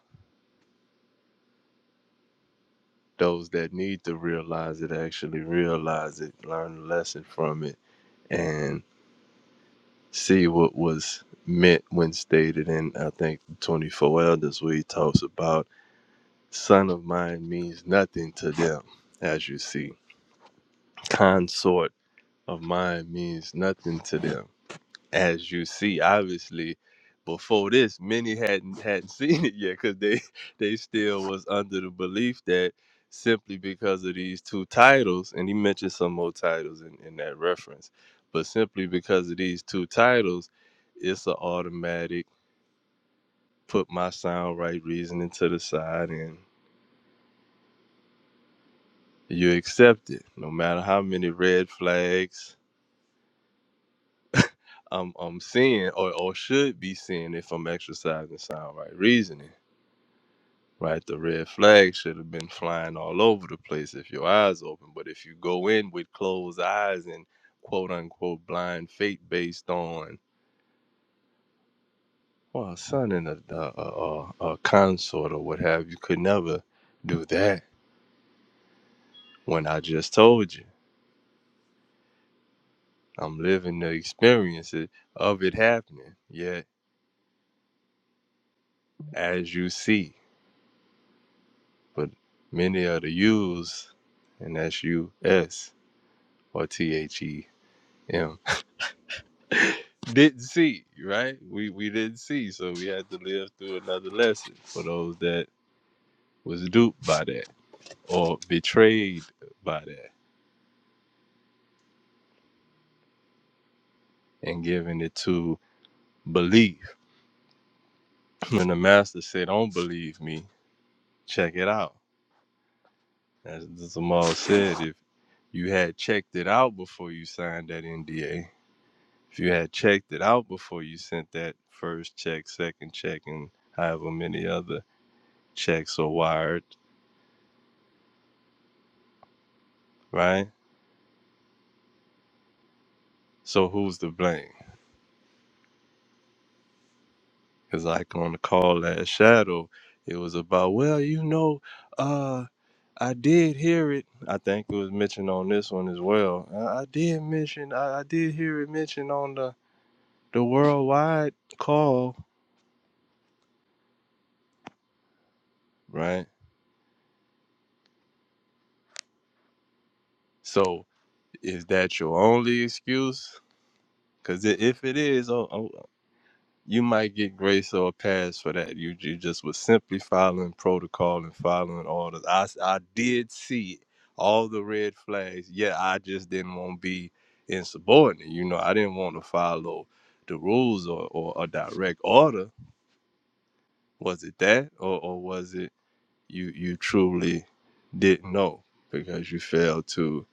D: Those that need to realize it actually realize it, learn a lesson from it, and see what was meant when stated in I think the 24 elders where he talks about son of mine means nothing to them as you see consort of mine means nothing to them as you see, obviously, before this, many hadn't hadn't seen it yet because they they still was under the belief that simply because of these two titles, and he mentioned some more titles in, in that reference, but simply because of these two titles, it's an automatic put my sound right reasoning to the side and you accept it, no matter how many red flags I'm I'm seeing or, or should be seeing if I'm exercising sound right reasoning right? The red flag should have been flying all over the place if your eyes open. But if you go in with closed eyes and quote unquote blind faith based on, well, a son and a, a, a, a consort or what have you could never do that when I just told you. I'm living the experiences of it happening, yet as you see. But many of the U's, and that's U S or T H E M didn't see, right? We we didn't see, so we had to live through another lesson for those that was duped by that or betrayed by that and given it to belief. When the master said, Don't believe me, check it out. As the Zamal said, if you had checked it out before you signed that NDA, if you had checked it out before you sent that first check, second check, and however many other checks are wired, right? So who's to blame? Cause like on the call last shadow, it was about, well, you know, uh, I did hear it. I think it was mentioned on this one as well. I, I did mention, I, I did hear it mentioned on the the worldwide call, right? So is that your only excuse? Because if it is, oh. oh, you might get grace or a pass for that. You you just was simply following protocol and following orders. I s- I did see all the red flags. Yeah, I just didn't want to be insubordinate. You know, I didn't want to follow the rules or, or a direct order. Was it that, or or was it you you truly didn't know because you failed to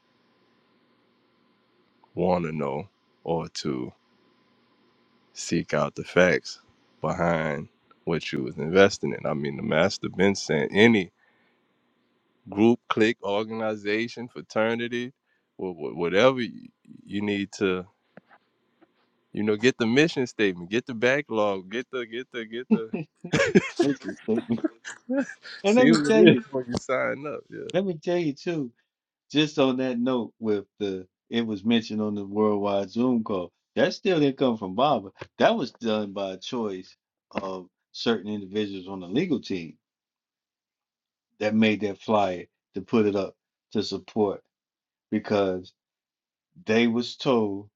D: want to know or to seek out the facts behind what you was investing in. I mean, the master been saying any group, clique, organization, fraternity, wha- wha- whatever you, you need to, you know, get the mission statement, get the backlog, get the, get the, get the,
B: That's just statement. And let
D: see
B: me
D: what
B: tell
D: it
B: you,
D: is when you sign up. Yeah.
B: let me tell you too, just on that note with the it was mentioned on the worldwide Zoom call. That still didn't come from Baba. That was done by choice of certain individuals on the legal team that made that flyer to put it up to support because they was told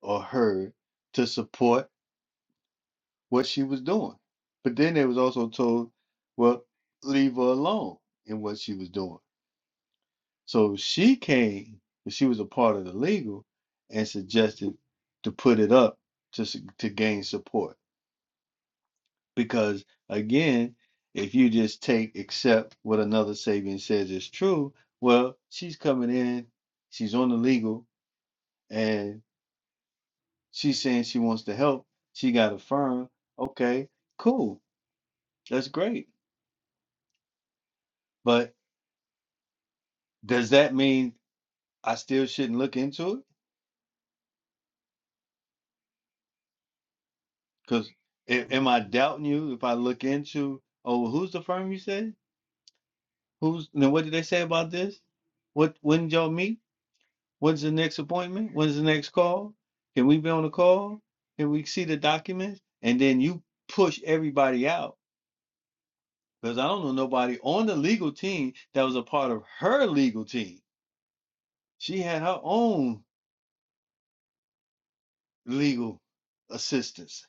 B: or heard to support what she was doing. But then they was also told, well, leave her alone in what she was doing. So she came, and she was a part of the legal, and suggested to put it up to s- to gain support. Because again, if you just take accept what another Sabian says is true, well, she's coming in, she's on the legal, and she's saying she wants to help. She got a firm. Okay, cool, that's great. But Does that mean I still shouldn't look into it? Because am I doubting you if I look into, oh, well, who's the firm you said? Who's, then what did they say about this? What, when did y'all meet? When's the next appointment? When's the next call? Can we be on the call? Can we see the documents? And then you push everybody out because I don't know nobody on the legal team that was a part of her legal team. She had her own legal assistance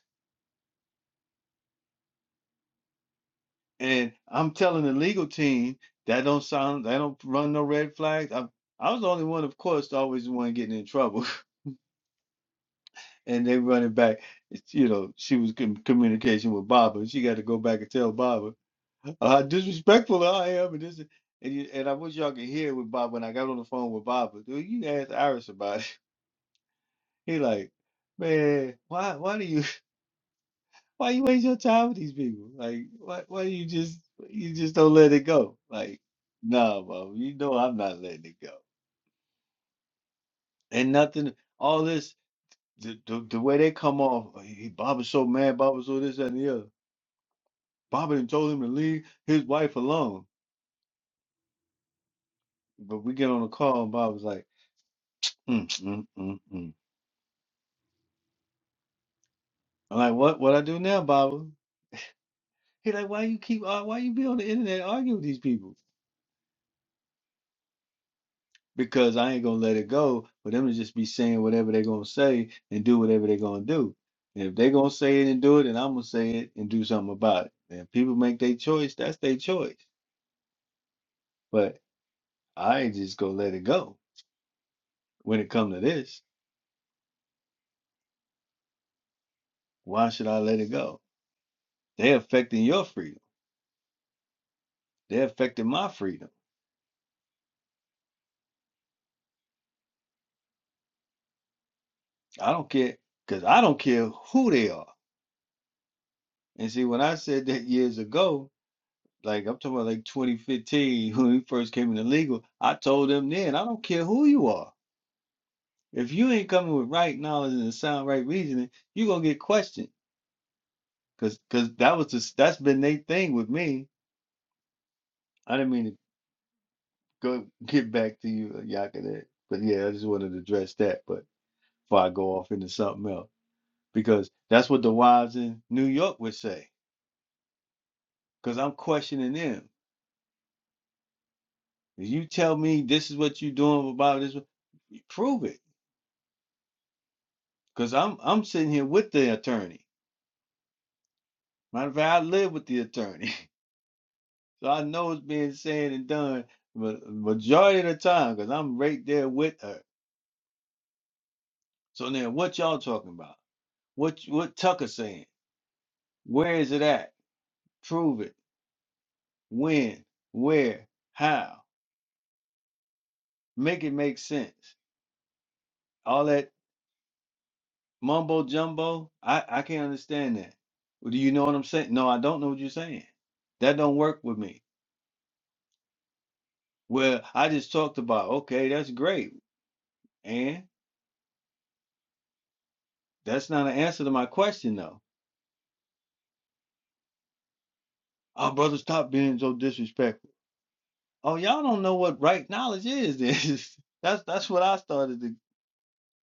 B: And I'm telling the legal team that don't sound, that don't run no red flags. I, I was the only one, of course, always the one getting in trouble. And they running back, it's, you know, she was in communication with Baba. and She got to go back and tell Baba how disrespectful I am. And this, is- and, you, and I wish y'all could hear with Bob when I got on the phone with Baba. Dude, you asked Iris about it. He like, man, why, why do you? Why you waste your time with these people? Like, why why you just you just don't let it go? Like, nah, bro, you know I'm not letting it go. And nothing, all this the the, the way they come off. "Oh, He, Bob was so mad. Bob was so this that, and the other. Bob had told him to leave his wife alone. But we get on the call and Bob was like, mm, mm, mm, mm. I'm like, what what I do now, Bob? He like, why you keep uh, why you be on the internet arguing with these people? because I ain't gonna let it go for them to just be saying whatever they're gonna say and do whatever they're gonna do. And if they're gonna say it and do it, then I'm gonna say it and do something about it. And if people make their choice, that's their choice. But I ain't just gonna let it go. When it come to this, why should I let it go? They're affecting your freedom. They're affecting my freedom. I don't care because I don't care who they are. And see, when I said that years ago, like I'm talking about like 2015 when we first came into legal, I told them then, I don't care who you are. If you ain't coming with right knowledge and sound right reasoning, you gonna get questioned. Cause, cause that was just that's been their thing with me. I didn't mean to go get back to you, Yakinet. But yeah, I just wanted to address that. But before I go off into something else, because that's what the wives in New York would say. Cause I'm questioning them. If you tell me this is what you're doing about this, prove it. Cause I'm I'm sitting here with the attorney. Matter of fact, I live with the attorney. So I know it's being said and done ma- majority of the time because I'm right there with her. So now what y'all talking about? What what Tucker saying? Where is it at? Prove it. When? Where? How? Make it make sense. All that mumbo jumbo, I, I can't understand that. Well, Do you know what I'm saying? No, I don't know what you're saying. That don't work with me. Well, I just talked about, okay, that's great. And that's not an answer to my question though. Our brother, stop being so disrespectful. Oh, y'all don't know what right knowledge is. then. that's that's what I started to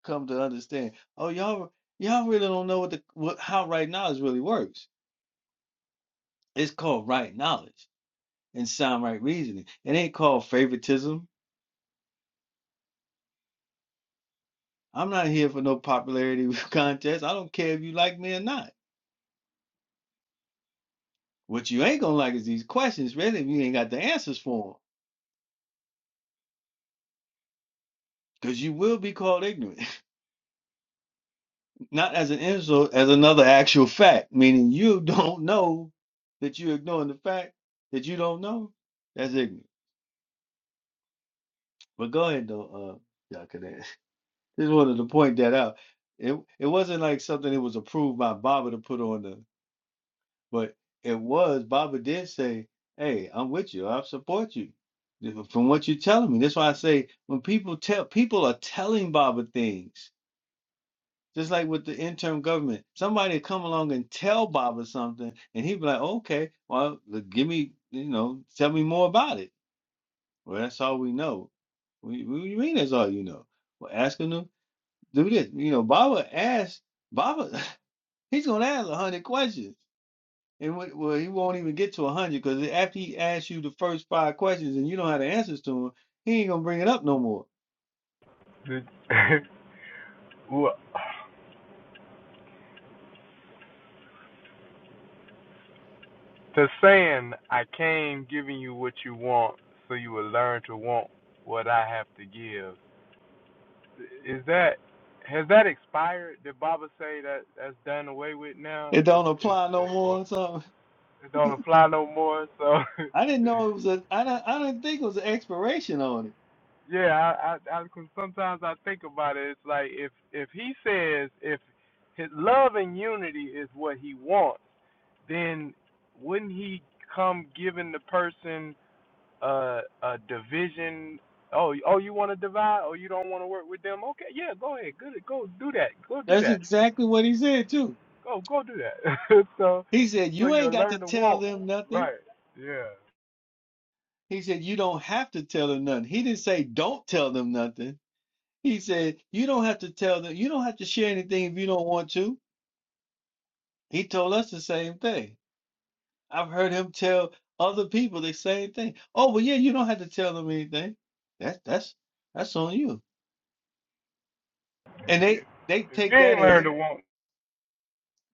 B: come to understand. Oh, y'all y'all really don't know what the what how right knowledge really works. It's called right knowledge and sound right reasoning. It ain't called favoritism. I'm not here for no popularity contest. I don't care if you like me or not. What you ain't gonna like is these questions, really, if you ain't got the answers for them, because you will be called ignorant. Not as an insult, as another actual fact, meaning you don't know that you're ignoring the fact that you don't know. That's ignorant. But go ahead though, uh y'all can ask. Just wanted to point that out. It it wasn't like something that was approved by Baba to put on the but it was Baba did say, Hey, I'm with you, I support you. From what you're telling me. That's why I say when people tell people are telling Baba things. Just like with the interim government, somebody come along and tell Baba something, and he'd be like, "Okay, well, give me, you know, tell me more about it." Well, that's all we know. What do what do you mean that's all you know? Well, ask him to do this. You know, Baba asked Baba, he's gonna ask a hundred questions, and what, well, he won't even get to a hundred because after he asks you the first five questions and you don't have the answers to him, he ain't gonna bring it up no more.
E: The, well, the saying, "I came giving you what you want, so you will learn to want what I have to give," Is that has that expired? Did Baba say that that's done away with now?
B: It
E: It
B: don't
E: it
B: apply no
E: is or
B: more. So
E: it don't apply no more? So
B: I didn't know it was a. I don't. I didn't think it was an expiration on it.
E: yeah, I, I, I 'cause sometimes I think about it. It's like if if he says if his love and unity is what he wants, then wouldn't he come giving the person a a division? Oh, oh, you want to divide? Oh, you don't want to work with them? Okay, yeah, go ahead, good, go do that, go do
B: That's
E: that.
B: exactly what he said too.
E: Go go do that. so
B: He said,
E: so
B: You ain't
E: you'll
B: got to
E: learn to
B: tell
E: walk.
B: them nothing.
E: Right. Yeah.
B: He said, You don't have to tell them nothing. He didn't say don't tell them nothing. He said, You don't have to tell them, you don't have to share anything if you don't want to. He told us the same thing. I've heard him tell other people the same thing. Oh, well, yeah, you don't have to tell them anything. That's that's that's on you. And they they
E: If you
B: take that
E: ain't learn
B: as
E: to walk,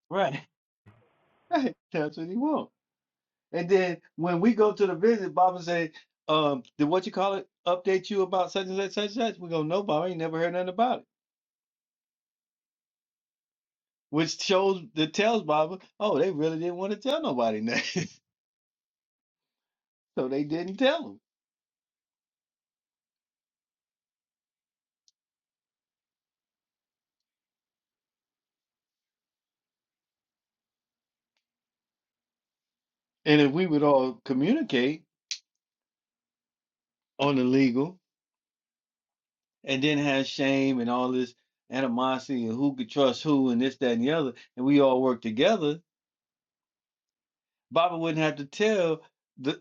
B: right. Right. That's what he wants. And then when we go to the visit, Baba say, um, did what you call it update you about such and such, such and such? We go, no, Baba, I ain't never heard nothing about it. Which shows that tells Baba, oh, they really didn't want to tell nobody nothing. so they didn't tell him. And if we would all communicate on the legal and then have shame and all this animosity and who could trust who and this, that, and the other, and we all work together, Baba wouldn't have to tell. the.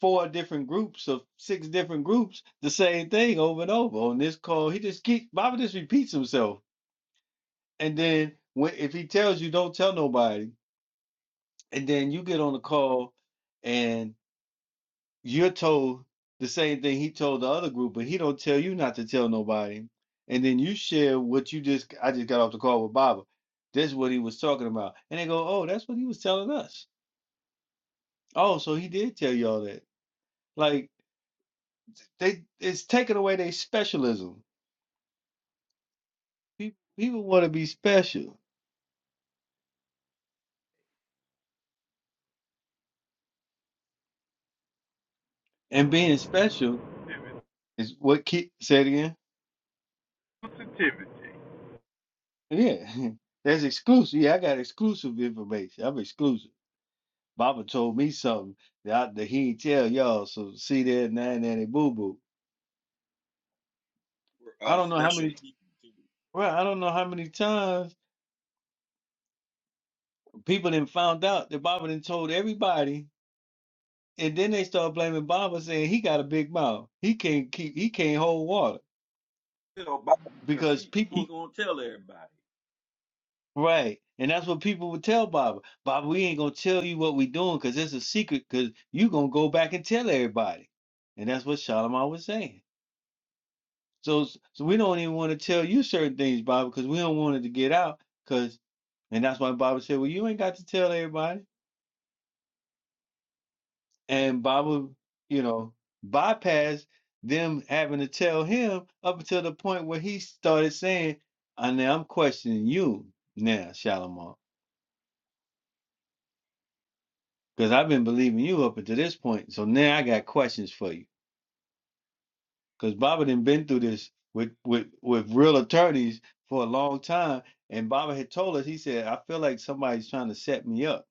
B: four different groups of six different groups the same thing over and over on this call. He just keep Baba just repeats himself. And then when if he tells you don't tell nobody, and then you get on the call and you're told the same thing he told the other group, but he don't tell you not to tell nobody. And then you share what you just I just got off the call with Baba. That's what he was talking about. And they go, Oh, that's what he was telling us. Oh, so he did tell you all that. Like they it's taking away their specialism Pe- People want to be special, and being special is what keep say it again.
E: sensitivity,
B: Yeah, that's exclusive. Yeah, I got exclusive information. I'm exclusive. Baba told me something that, I, that he ain't tell y'all. So see there, nine nanny boo boo.
F: We're
B: I
F: uh,
B: don't know how
F: special
B: many.
F: people too.
B: Well, I don't know how many times people then found out that Baba then told everybody, and then they start blaming Baba, saying he got a big mouth. He can't keep. He can't hold water
F: Tell Bobby because
B: because
F: he he
B: people
F: gonna tell everybody.
B: Right. And that's what people would tell Baba. Baba, we ain't gonna tell you what we doing because it's a secret, because you gonna go back and tell everybody. And that's what Shalimar was saying. So s- so we don't even want to tell you certain things, Baba, because we don't want it to get out. Cause and that's why Baba said, Well, you ain't got to tell everybody. And Baba, you know, bypassed them having to tell him up until the point where he started saying, I now I'm questioning you now, Shalimar. Because I've been believing you up until this point. So now I got questions for you. Because Baba done been through this with, with, with real attorneys for a long time. And Baba had told us, he said, I feel like somebody's trying to set me up.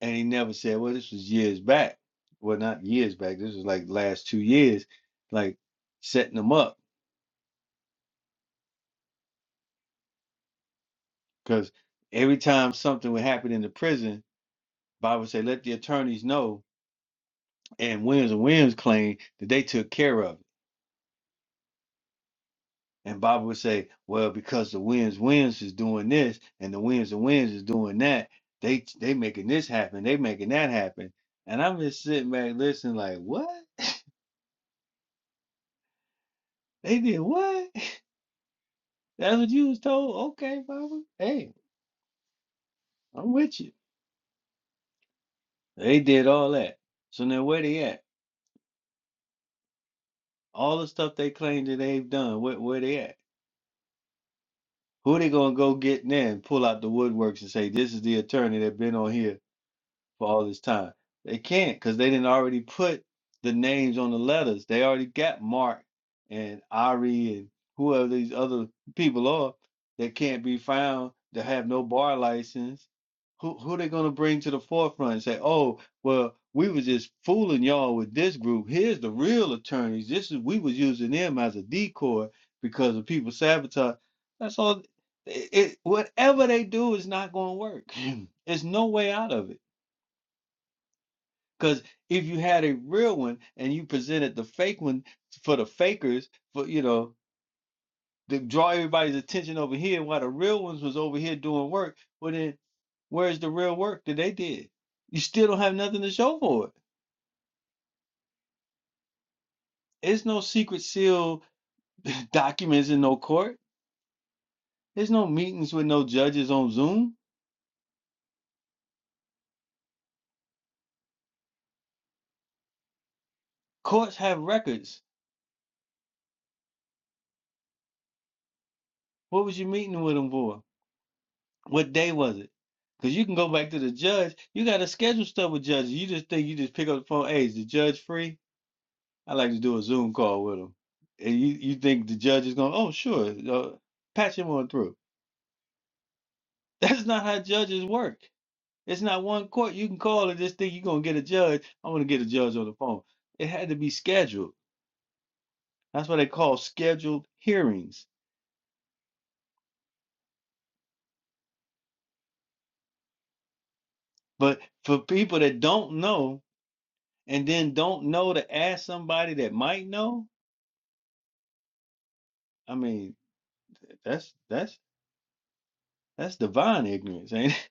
B: And he never said, well, this was years back. Well, not years back. This was like last two years, like setting them up. Because every time something would happen in the prison, Baba would say, let the attorneys know. And Williams and Williams claimed that they took care of it. And Bobby would say, well, because the wins wins is doing this and the wins and wins is doing that. They they making this happen. They making that happen. And I'm just sitting back listening, like, what? They did what? That's what you was told? Okay, Bobby. Hey, I'm with you. They did all that. So now where they at? All the stuff they claim that they've done, where where they at? Who they gonna go get now and pull out the woodworks and say, This is the attorney that been on here for all this time. They can't because they didn't already put the names on the letters. They already got Mark and Ari and whoever these other people are that can't be found that have no bar license. Who who they gonna bring to the forefront and say, oh, well, we was just fooling y'all with this group. Here's the real attorneys. This is we was using them as a decoy because of people sabotage. That's all. It, it, whatever they do is not gonna work. There's no way out of it because if you had a real one and you presented the fake one for the fakers, for you know, to draw everybody's attention over here while the real ones was over here doing work, well then where's the real work that they did? You still don't have nothing to show for it. There's no secret seal documents in no court. There's no meetings with no judges on Zoom. Courts have records. What was you meeting with them for? What day was it? Because you can go back to the judge. You got to schedule stuff with judges. You just think you just pick up the phone. Hey, is the judge free? I like to do a Zoom call with him. And you, you think the judge is going, oh, sure, uh, patch him on through. That's not how judges work. It's not one court you can call and just think you're going to get a judge. I'm going to get a judge on the phone. It had to be scheduled. That's what they call scheduled hearings. But for people that don't know and then don't know to ask somebody that might know, I mean, That's that's that's divine ignorance, ain't it?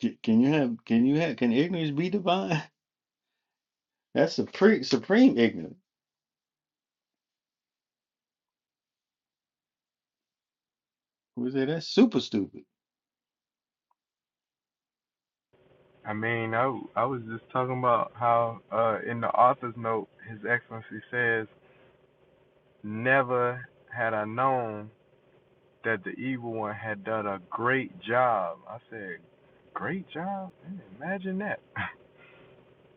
B: Can can you have can you have can ignorance be divine? That's supreme supreme ignorance. We say that's super stupid.
E: I mean, I I was just talking about how uh, in the author's note, His Excellency says, "Never had I known that the evil one had done a great job." I said, "Great job? Man, imagine that!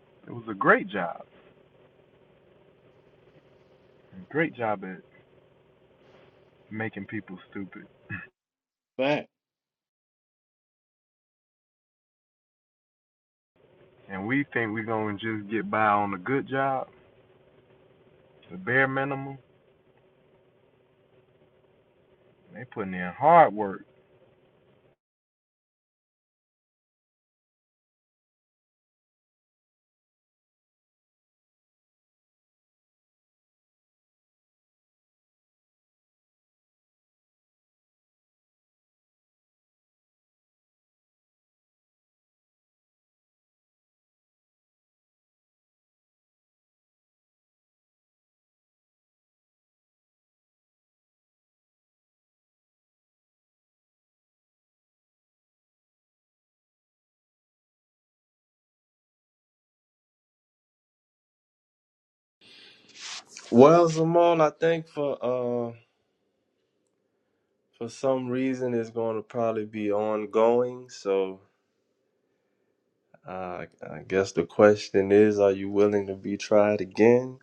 E: it was a great job, a great job at making people stupid."
B: But
E: And we think we're gonna just get by on a good job. The bare minimum. They putting in hard work.
D: Well, Zamal, I think for uh for some reason it's going to probably be ongoing. So uh, I guess the question is, are you willing to be tried again?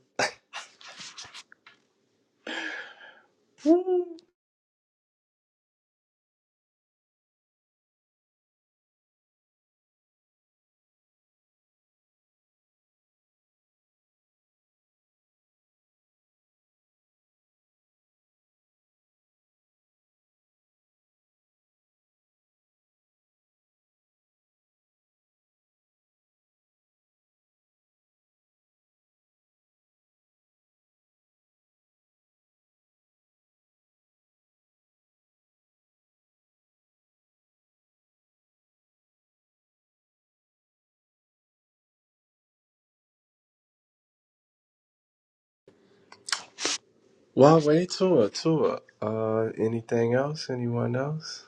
D: Well, way Tua, Tua. Uh, anything else? Anyone else?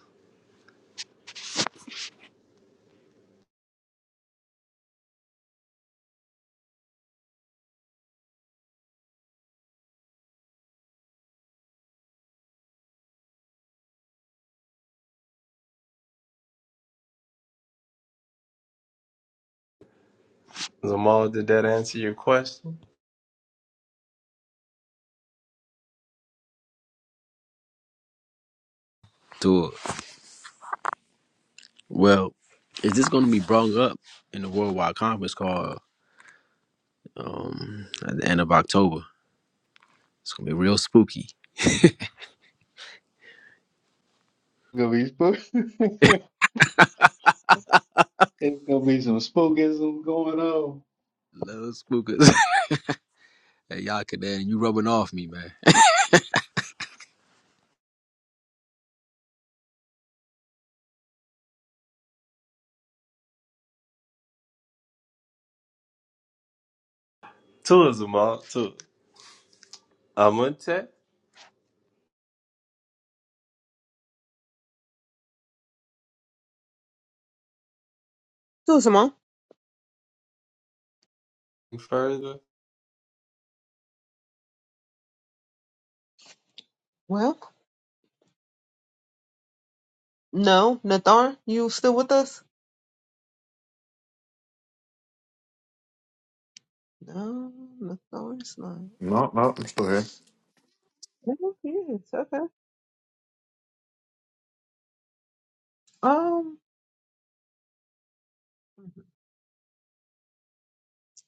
D: Zamal, did that answer your question?
G: To it. Well, is this going to be brought up in the worldwide conference call um, at the end of October? It's going to be real spooky.
B: gonna be spook. it's gonna be some spookism going on.
G: Little spookers. Hey, Yakadan, you rubbing off me, man.
D: Tua, Zamal, Tua. Amunte?
A: So, Simone.
D: Further?
A: Well, no. Nathar, you still with us? No, Nathar is not.
C: No, no, I'm still here.
A: No, he is. Okay. Um,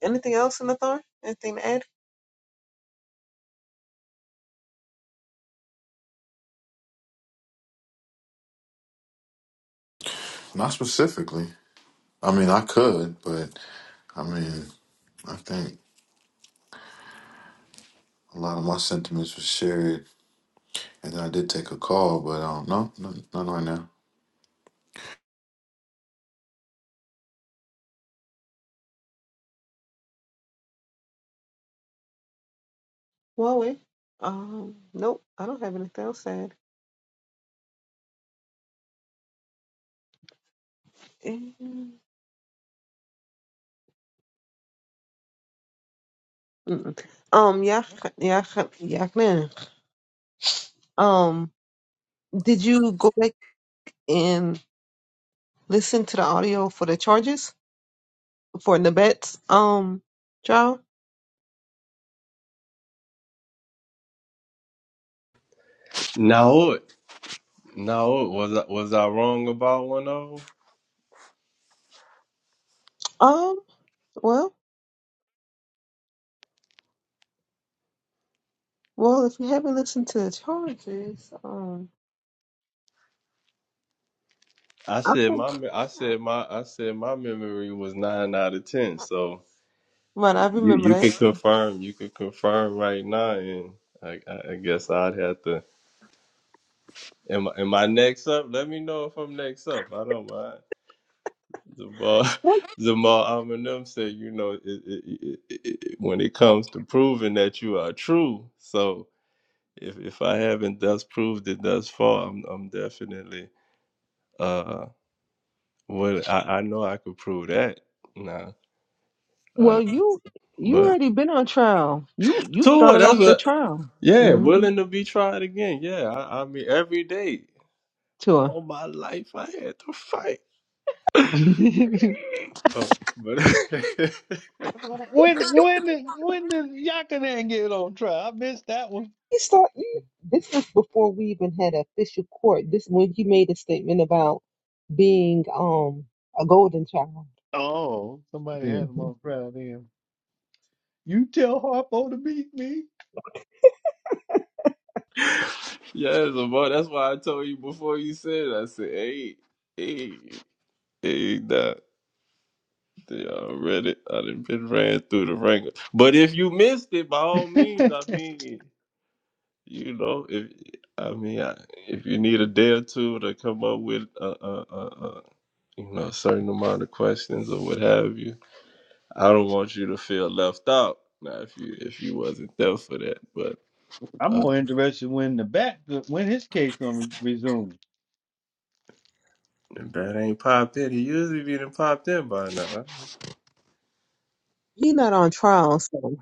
A: anything else, Nathar? Anything to add?
C: Not specifically. I mean, I could, but I mean, I think a lot of my sentiments were shared And then I did take a call, but um, no, no, not right now.
A: Huawei? Um, nope. I don't have anything else to add. Mm. Mm-mm. Um, yeah, yeah, yeah. man. Um, did you go back and listen to the audio for the charges for Nabet's um trial?
D: Now it, now it. Was I was I wrong about one of them?
A: Um, well, well, if you haven't listened to the charges, um,
D: I
A: I
D: said
A: think,
D: my me- I said my I said my memory was nine out of ten. So
A: right, I
D: you
A: remember
D: you
A: that.
D: could confirm you could confirm right now, and I I I guess I'd have to. Am I, am I next up? Let me know if I'm next up. I don't mind. Zamal,
A: What?
D: Zamal Eminem said, you know, it, it, it, it, when it comes to proving that you are true. So if if I haven't thus proved it thus far, I'm I'm definitely uh well, I, I know I could prove that now. Uh,
A: Well, you you
D: but
A: already been on trial. You you
D: so what?
A: started off
D: That's
A: the
D: what.
A: trial.
D: Yeah,
A: Mm-hmm.
D: willing to be tried again. Yeah, I, I mean every day,
A: Tour.
D: all my life I had to fight. Oh, but
B: when when did when did Yakanan get on trial? I missed that one.
A: You start. You, this was before we even had an official court. This when he made a statement about being um a golden child.
B: Oh, somebody had him
A: Mm-hmm.
B: on trial then. You tell Harpo to beat me.
D: Yes, boy. That's why I told you before you said. it. I said, "Hey, hey, hey, nah, they already. I didn't been ran through the ringer. But if you missed it, by all means, I mean, you know, if I mean, I, if you need a day or two to come up with a, a, a, a you know, a certain amount of questions or what have you, I don't want you to feel left out. Now, if you if you wasn't there for that, but
B: I'm
D: uh,
B: more interested when the bat when his case gonna resume.
D: if that ain't popped in. He usually be done popped in by now. huh?
A: He not on trial, so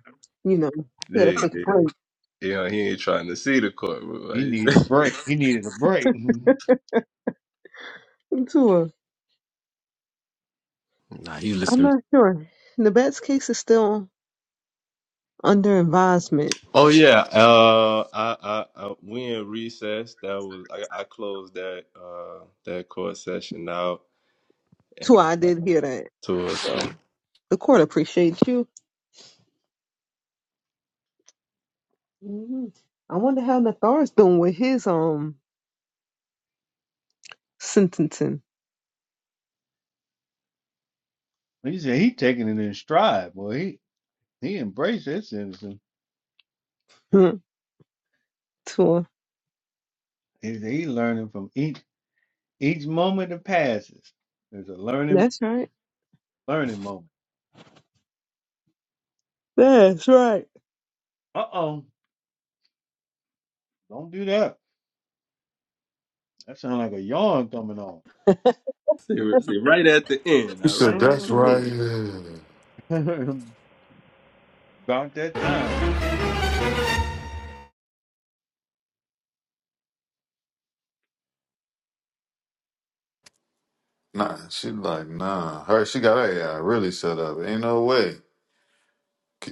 A: you know he had to
D: Yeah,
A: take a
D: they,
A: break.
D: you know, he ain't trying to see the courtroom.
B: He needed
D: Right?
B: a break. He needed a break.
A: Tour.
G: Nah, he
A: I'm
G: listening.
A: not sure. The Bats case is still under advisement.
D: oh yeah, uh, I, I, I, we in recess. That was I, I closed that uh that court session out
A: That's I did hear that.
D: to a
A: So the court appreciates you. hmm I wonder how Nathar's doing with his um sentencing
B: He said he taking it in stride, boy. He he embraced his citizen.
A: Hmm, tour.
B: He said he learning from each each moment that passes. There's a learning
A: That's right.
B: learning moment.
A: That's right.
B: Uh oh, don't do that. That sounds like a yawn coming on.
D: seriously right at the end.
C: She
D: All
C: said,
D: right at
C: that's
D: the
B: Mhm.
C: right.
D: end.
C: Yeah.
B: About that time.
C: Nah, she like, nah. Her, she got her AI really set up. Ain't no way.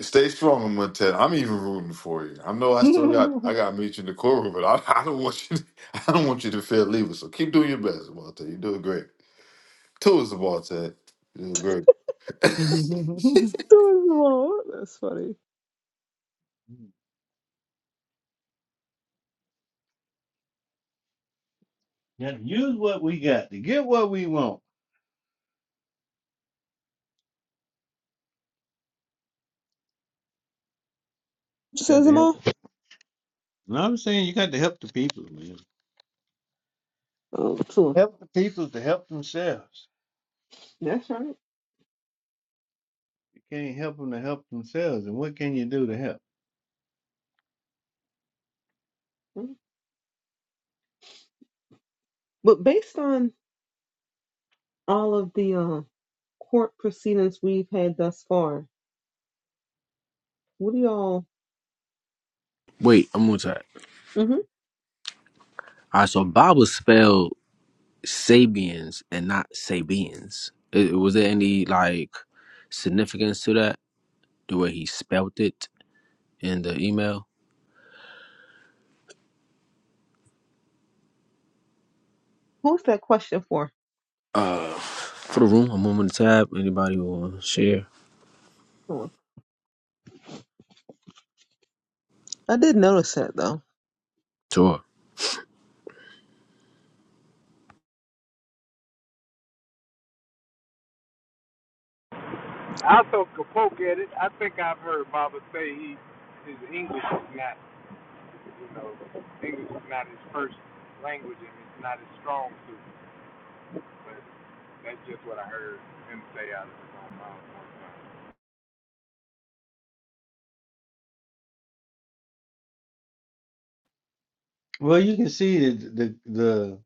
C: Stay strong, Montet. I'm even rooting for you. I know I still got, I got to meet you in the courtroom, but I, I don't want you, to, I don't want you to feel leaving. So keep doing your best, Montet. You're doing great. Two is the ball, Ted. You're doing great.
A: Doing Zamal. That's funny.
B: Gotta use what we got to get what we want.
A: You said
B: Got to
A: Zamal?
B: help. And I'm saying you got to help the people, man.
A: Oh, tour.
B: Help the people to help themselves.
A: That's right.
B: can't help them to help themselves. And what can you do to help?
A: Hmm. But based on all of the uh, court proceedings we've had thus far, what do y'all?
G: Wait, I'm on time.
A: hmm
G: All right, so Bob was spelled Sabians and not Sabians. I- was there any like significance to that? The way he spelt it in the email.
A: Who's that question for?
G: Uh, for the room, I'm on the tab. Anybody who want to share?
A: Tour. I did notice that though.
G: Sure.
E: I throw poke at it. I think I've heard Baba say he his English is not, you know, English is not his first language and it's not his strong suit. But that's just what I heard him say out of his own mouth.
B: Well, you can see that the the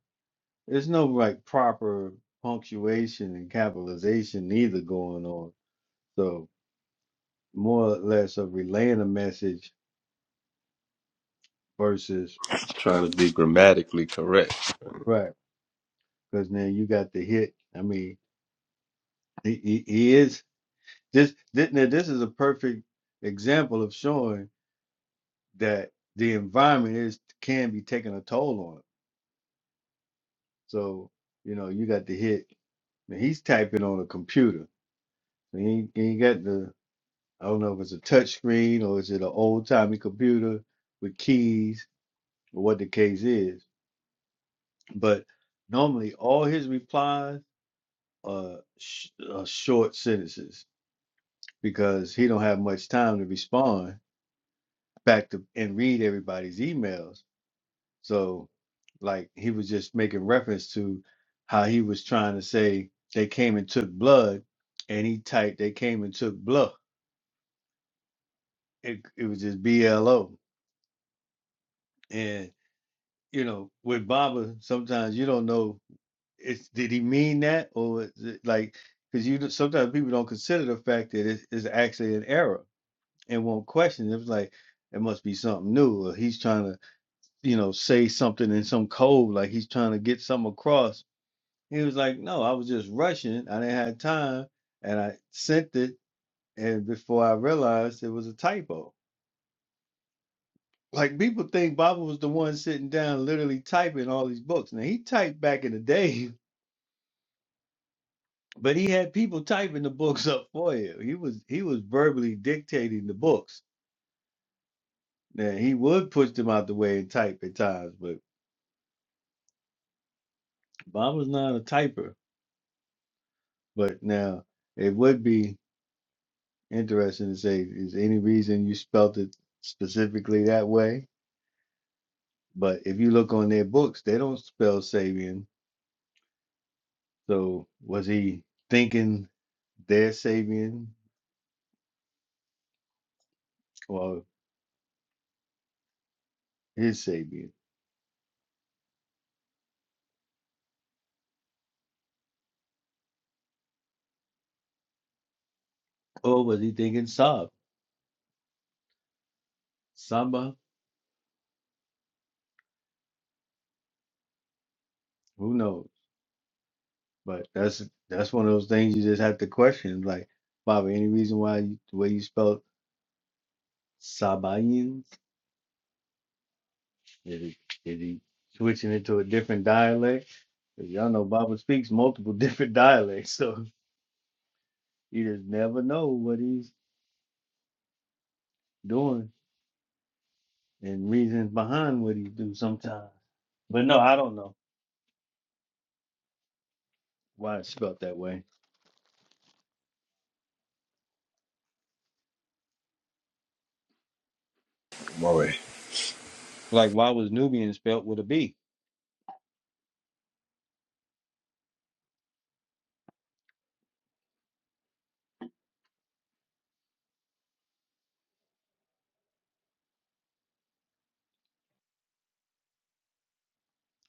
B: there's no like proper punctuation and capitalization neither going on. So more or less of relaying a message versus
D: Trying to be grammatically correct.
B: right because now you got the hit. I mean, he, he, he is this, this now this is a perfect example of showing that the environment is can be taking a toll on it. So you know you got the hit. Now he's typing on a computer And you, you got the, I don't know if it's a touch screen or is it an old timey computer with keys or what the case is. But normally all his replies are, sh- are short sentences because he don't have much time to respond back to and read everybody's emails. So like he was just making reference to how he was trying to say they came and took blood and he typed they came and took blood. It, it was just BLO. you know, with Baba, sometimes you don't know it's did he mean that or is it like because you don't- sometimes people don't consider the fact that it is actually an error and won't question it. It's like it must be something new or he's trying to you know say something in some code like he's trying to get something across. He was like, no, I was just rushing. I didn't have time, and I sent it, and before I realized it was a typo. Like people think Baba was the one sitting down, literally typing all these books. Now he typed back in the day But he had people typing the books up for him. He was he was verbally dictating the books. Now he would push them out the way and type at times, but Bob was not a typer. But now it would be interesting to say, is any reason you spelt it specifically that way? But if you look on their books, they don't spell Sabian. So was he thinking their Sabian or his Sabian? Or was he thinking Sab? Saba? Who knows? But that's that's one of those things you just have to question. Like, Baba, any reason why you, the way you spelled Sabaeans? is he did he switching it to a different dialect? 'Cause y'all know Baba speaks multiple different dialects, so you just never know what he's doing and reasons behind what he do sometimes. But no, I don't know why it's spelled that way.
G: Maury.
B: Like, why was Nubian spelled with a B?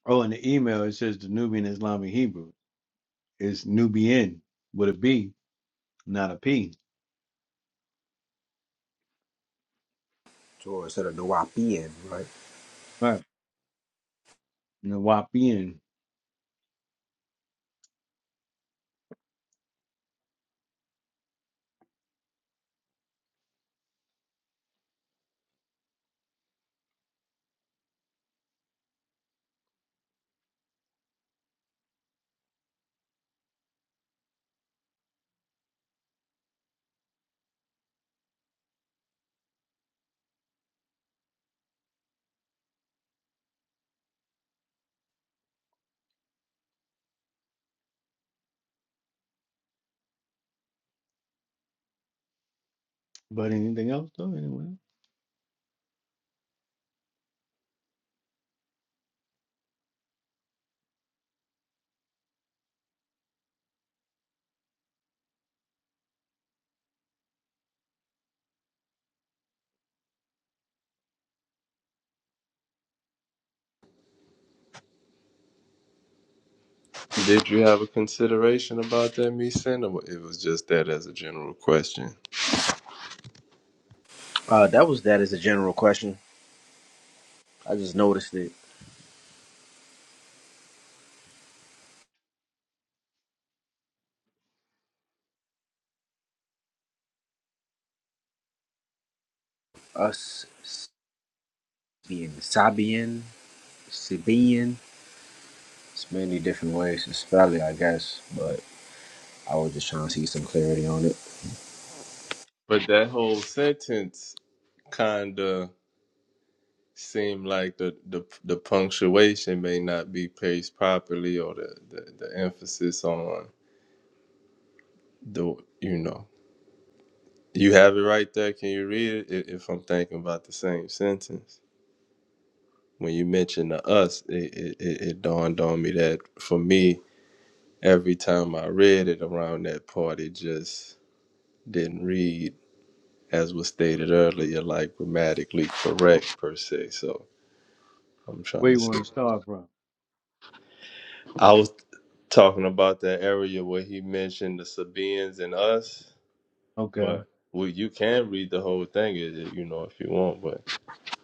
B: Oh, in the email it says the Nubian Islamic Hebrew. It's Nubian with a B, not a P.
G: Sure, instead of Nawapian, right?
B: Right. and the Wapian. But anything else though? Anyway,
D: Did you have a consideration about that, me saying, or it was just that as a general question?
G: Uh, that was that as a general question. I just noticed it. Us being Sabian, Sabian. It's many different ways to spell it, I guess, but I was just trying to see some clarity on it.
D: But that whole sentence kinda. seem like the, the the punctuation may not be placed properly or the, the, the emphasis on the you know you have it right there can you read it I- if i'm thinking about the same sentence when you mentioned the us it, it, it it dawned on me that for me every time i read it around that part it just didn't read as was stated earlier like grammatically correct per se so i'm
B: Where
D: trying to
B: you want
D: see
B: to start from?
D: I was talking about that area where he mentioned the Sabaeans and us,
B: Okay,
D: but well, you can read the whole thing, i- i- you know, if you want, but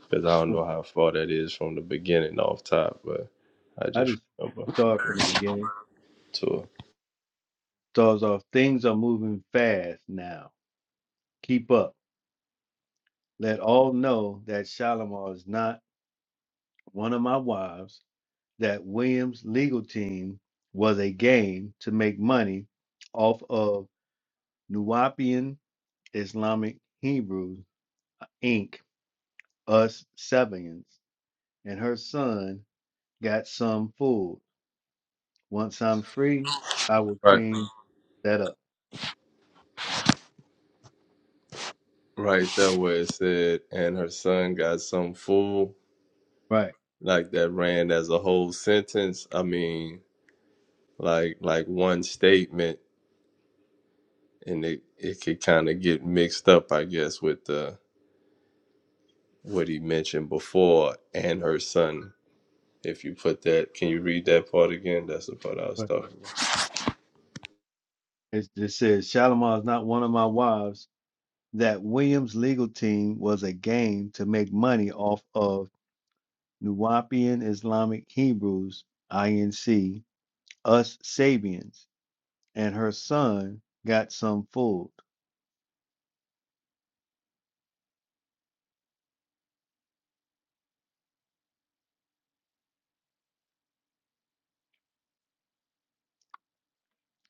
D: because I don't
B: cool.
D: know how far that is from the beginning off top, but I
B: I
D: just
B: just
D: remember
B: start from the beginning.
D: to
B: Starts off. Things are moving fast now. Keep up. Let all know that Shalimar is not one of my wives. That Williams' legal team was a game to make money off of Nuwapian Islamic Hebrews Inc. Us Sevians and her son got some fooled. Once I'm free, I will
D: right
B: clean that up.
D: right there where it said, and her son got some fool
B: Right.
D: like that ran as a whole sentence. I mean, like like one statement, and it it could kind of get mixed up, I guess, with the what he mentioned before and her son. If you put that, can you read that part again? That's the part I was
B: Right.
D: talking about.
B: It, it says Shalimar is not one of my wives. That Williams legal team was a game to make money off of Nuwapian Islamic Hebrews, INC, us Sabians, and her son got some fooled.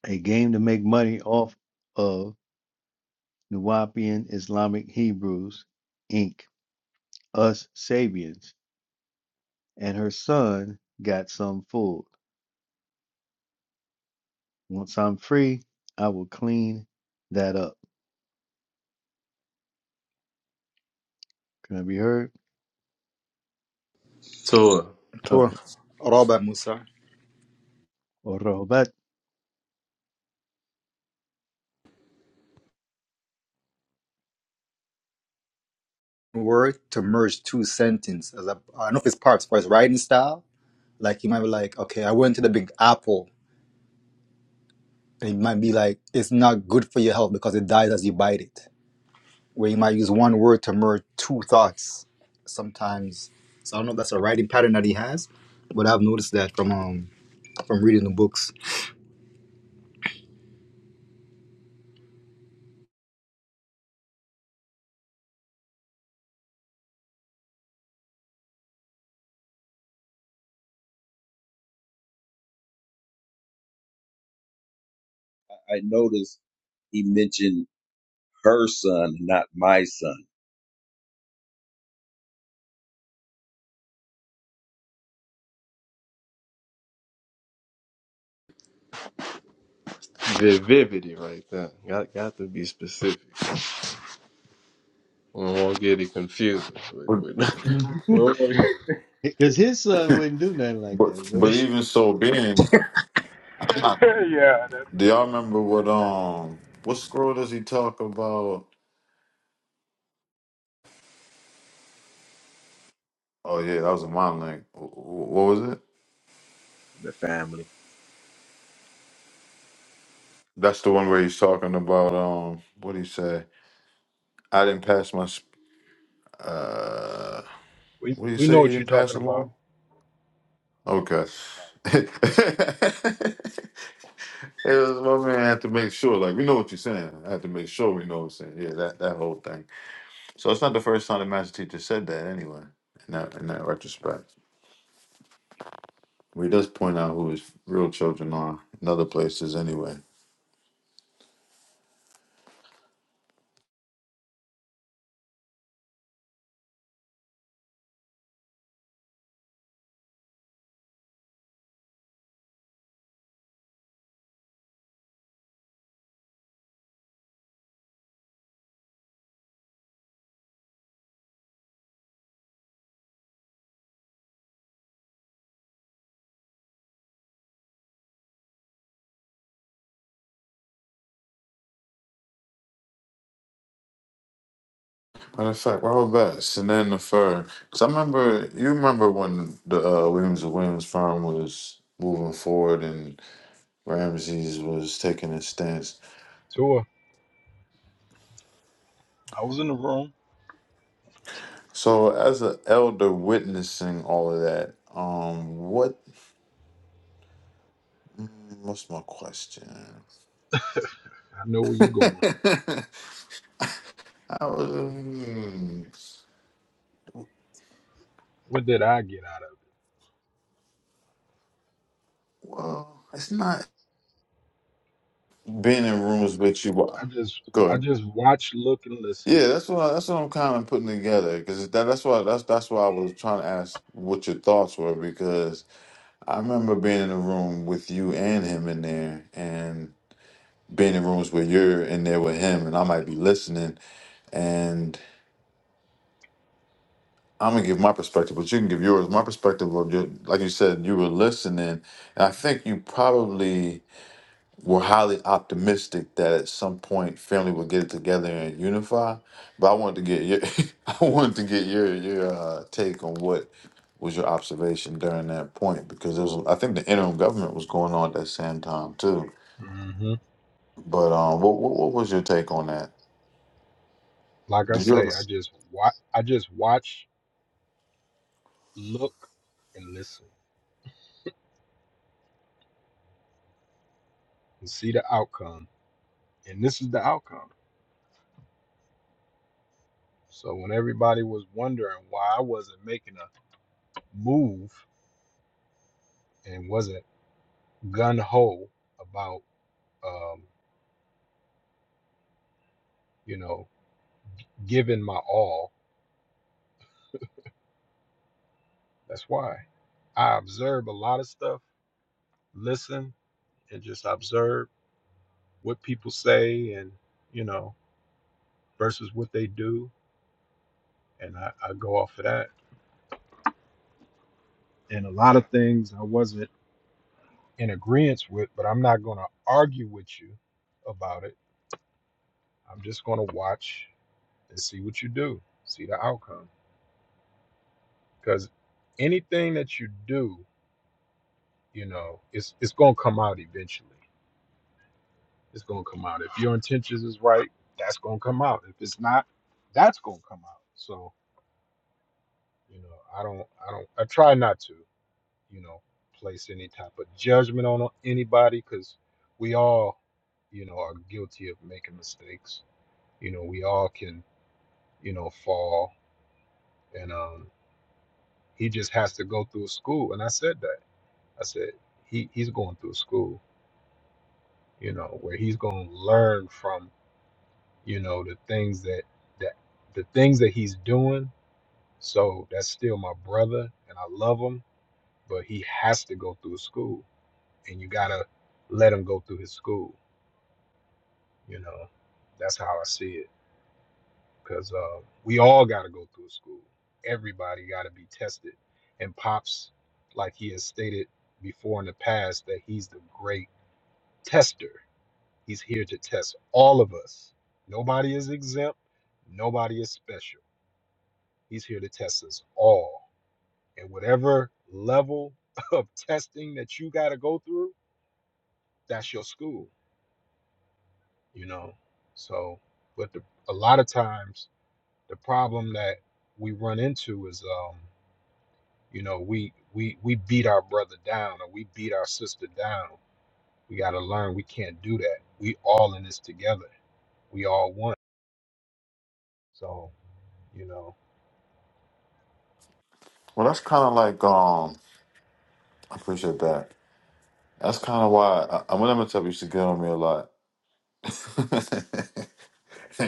B: A game to make money off of Nuwapian Islamic Hebrews, Inc., us Sabians, and her son got some fooled. Once I'm free, I will clean that up. Can I be heard?
D: So
J: Sure.
B: Oh,
J: Rabbi Musa
B: or Robert.
J: word to merge two sentences. As a- I don't know if it's parts for his writing style. Like he might be like, okay, I went to the Big Apple, and he might be like, it's not good for your health because it dies as you bite it. Where he might use one word to merge two thoughts sometimes. So I don't know if that's a writing pattern that he has, but I've noticed that from um from reading the books.
F: I noticed he mentioned her son, not my son.
D: the vivity right there. Got got to be specific. We will not get it confused. We,
C: But,
D: we, we don't
B: Because his son wouldn't do nothing like that,
C: but,
B: would
C: but
B: he?
C: even so, being,
E: yeah, that's
C: do y'all remember what um, what scroll does he talk about? Oh yeah, that was a mind link. Wh- wh- What was it?
G: The family.
C: That's the one where he's talking about um. What did he say? I didn't pass my. sp- Uh,
I: We
C: what did he
I: we
C: say?
I: know
C: He
I: what you're
C: didn't pass
I: talking about.
C: along. Okay. it was my man. I had to make sure. Like we know what you're saying. I had to make sure we know what you're saying. Yeah, that that whole thing. So it's not the first time the master teacher said that. Anyway, in that in that retrospect, we does point out who his real children are in other places. Anyway. Matter of fact, why was that? Sinan the firm. Cause I remember you remember when the uh, Williams and Williams firm was moving forward and Ramses was taking his stance.
I: Tua, I was in the room.
C: So as an elder witnessing all of that, um, what mm, what's my question?
I: I know where you going.
C: I was hmm,
I: What did I get out of
C: well, it's not being in rooms with you.
I: it? I just I
C: Go
I: just watch, look, and listen.
C: Yeah, that's what that's what I'm kind of putting together because that, that's why that's that's why I was trying to ask what your thoughts were because I remember being in a room with you and him in there and being in rooms where you're in there with him and I might be listening and I'm gonna give my perspective, but you can give yours. My perspective of your, like you said, you were listening, and I think you probably. We're highly optimistic that at some point family will get it together and unify. But I wanted to get your I wanted to get your your uh, take on what was your observation during that point because it was I think the interim government was going on at that same time too.
I: hmm
C: But um, what what, what was your take on that?
I: Like I
C: Did you ever?
I: say, I just watch, I just watch, look, and listen, and see the outcome. And this is the outcome. So when everybody was wondering why I wasn't making a move and wasn't gun ho about, um, you know, giving my all, That's why I observe a lot of stuff, listen, and just observe what people say and, you know, versus what they do. And I, I go off of that. And a lot of things I wasn't in agreement with, but I'm not going to argue with you about it. I'm just going to watch and see what you do, see the outcome. Because anything that you do, you know, it's, it's going to come out eventually. It's gonna come out. If your intentions is right, that's gonna come out. If it's not, that's gonna come out. So, you know, I don't, I don't, I try not to, you know, place any type of judgment on anybody because we all, you know, are guilty of making mistakes. You know, we all can, you know, fall. And um, he just has to go through school. And I said that. I said he he's going through school. You know, where he's gonna learn from you know the things that that the things that he's doing so that's still my brother and i love him but he has to go through school and you gotta let him go through his school you know that's how i see it because uh, we all gotta go through school everybody gotta be tested and pops like he has stated before in the past that he's the great tester he's here to test all of us nobody is exempt nobody is special He's here to test us all. And whatever level of testing that you got to go through, that's your school, you know? So, but the, a lot of times the problem that we run into is, um, you know, we, we, we beat our brother down or we beat our sister down. We got to learn we can't do that. We all in this together. We all one. So, you know,
C: Well, that's kind of like um. I appreciate that. That's kind of why I, I when am gonna tell you, used to get on me a lot.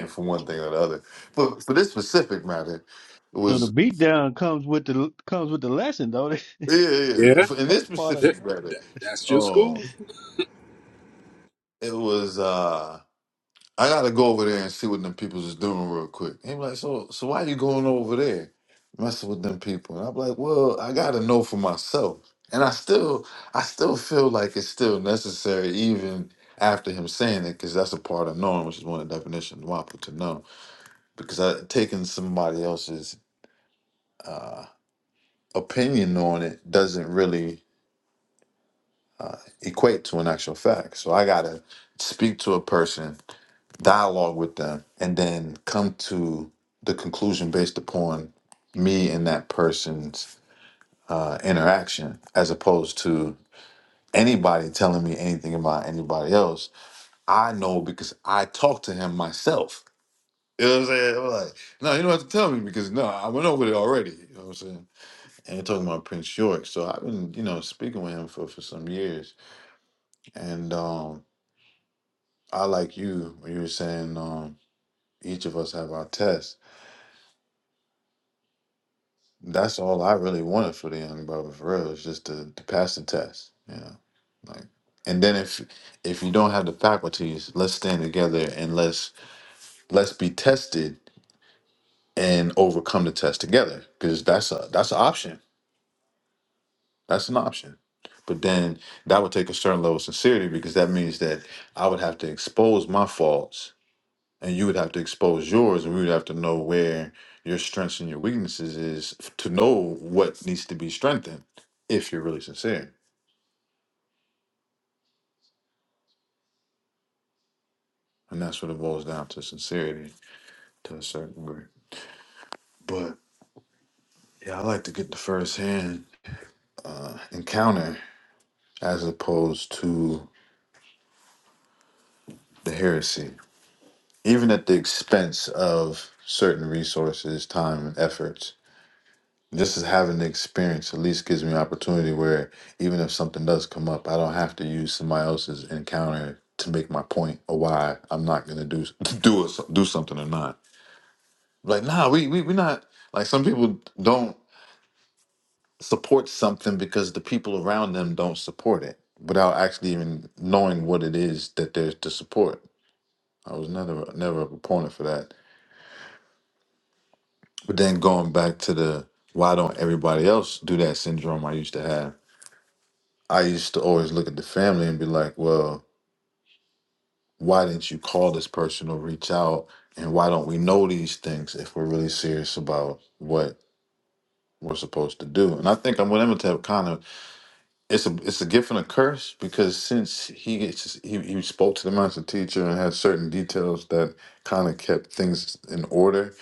C: For one thing or the other, but for this specific matter, it
B: So
C: was.
B: the beatdown comes with the comes with the lesson, though. That's
C: Yeah, yeah.
I: Yeah,
C: In this
B: part of the
I: that,
C: specific
B: lesson.
C: matter,
I: that, that's your
C: um,
I: school.
C: it was uh I gotta go over there and see what them people's is doing real quick. He was like, so so why you going over there messing with them people? And I'm like, well, I gotta know for myself. And I still I still feel like it's still necessary even after him saying it, because that's a part of knowing, which is one of the definitions of WAPA to know. Because I taking somebody else's uh opinion on it doesn't really equate to an actual fact. So I gotta speak to a person, dialogue with them, and then come to the conclusion based upon me and that person's uh, interaction, as opposed to anybody telling me anything about anybody else. I know because I talked to him myself. You know what I'm saying? I'm like, no, you don't have to tell me because no, I went over it already. You know what I'm saying? And you're talking about Prince York. So I've been, you know, speaking with him for, for some years. And um I like you when you were saying um, each of us have our tests. That's all I really wanted for the young brother for real. Is just to, to pass the test, you know. Like, and then if if you don't have the faculties, let's stand together and let's let's be tested and overcome the test together because that's a that's an option. That's an option. But then that would take a certain level of sincerity because that means that I would have to expose my faults and you would have to expose yours and we would have to know where your strengths and your weaknesses is f- to know what needs to be strengthened if you're really sincere and that's what it boils down to sincerity to a certain degree but yeah i like to get the first hand uh, encounter as opposed to the heresy even at the expense of certain resources time and efforts Just as having the experience at least gives me an opportunity where even if something does come up, I don't have to use somebody else's encounter to make my point or why I'm not gonna do do it, do something or not. Like, nah, we we we not like some people don't support something because the people around them don't support it without actually even knowing what it is that they're to support. I was never never a proponent for that. But then going back to the why don't everybody else do that syndrome I used to have I used to always look at the family and be like, well, why didn't you call this person or reach out? And why don't we know these things if we're really serious about what we're supposed to do? And I think I'm with Imhotep kind of it's a it's a gift and a curse because since he gets he, he spoke to the master teacher and had certain details that kind of kept things in order,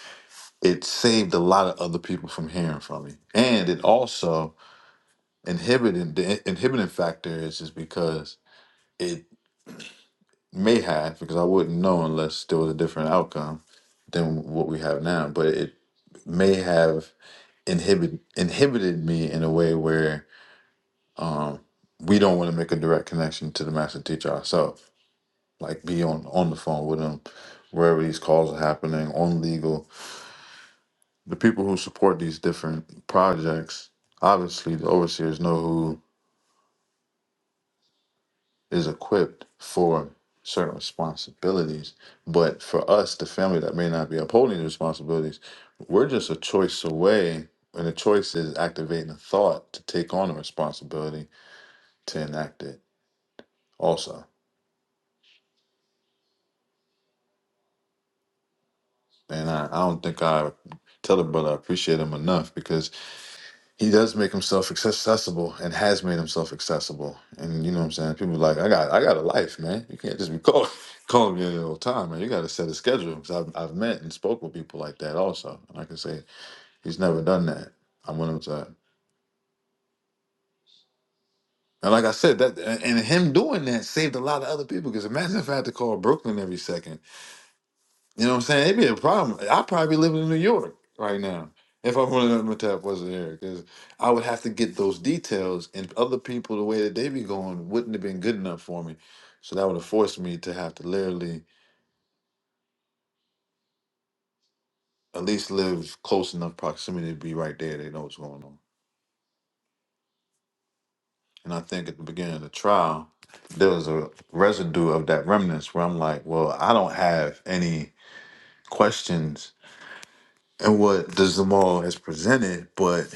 C: it saved a lot of other people from hearing from me. And it also inhibited the inhibiting factor is is because it may have because I wouldn't know unless there was a different outcome than what we have now. But it may have inhibit inhibited me in a way where um, we don't want to make a direct connection to the master teacher ourselves, like be on on the phone with him wherever these calls are happening on legal. The people who support these different projects, obviously, the overseers know who. is equipped for certain responsibilities. But for us, the family that may not be upholding the responsibilities, we're just a choice away. And the choice is activating a thought to take on a responsibility to enact it also. And I, I don't think I tell the brother I appreciate him enough because he does make himself accessible and has made himself accessible. And you know what I'm saying? People like, I got I got a life, man. You can't just be calling calling me all the time, man. You gotta set a schedule. Because I've I've met and spoke with people like that also. And I can say he's never done that. I'm one of And like I said, that and and him doing that saved a lot of other people. Because imagine if I had to call Brooklyn every second. You know what I'm saying? It'd be a problem. I'd probably be living in New York right now if I wanted to tap wasn't here because I would have to get those details, and other people, the way that they be going, wouldn't have been good enough for me. So that would have forced me to have to literally at least live close enough proximity to be right there. They know what's going on. And I think at the beginning of the trial, there was a residue of that remnants where I'm like, well, I don't have any questions and what the Zamal has presented, but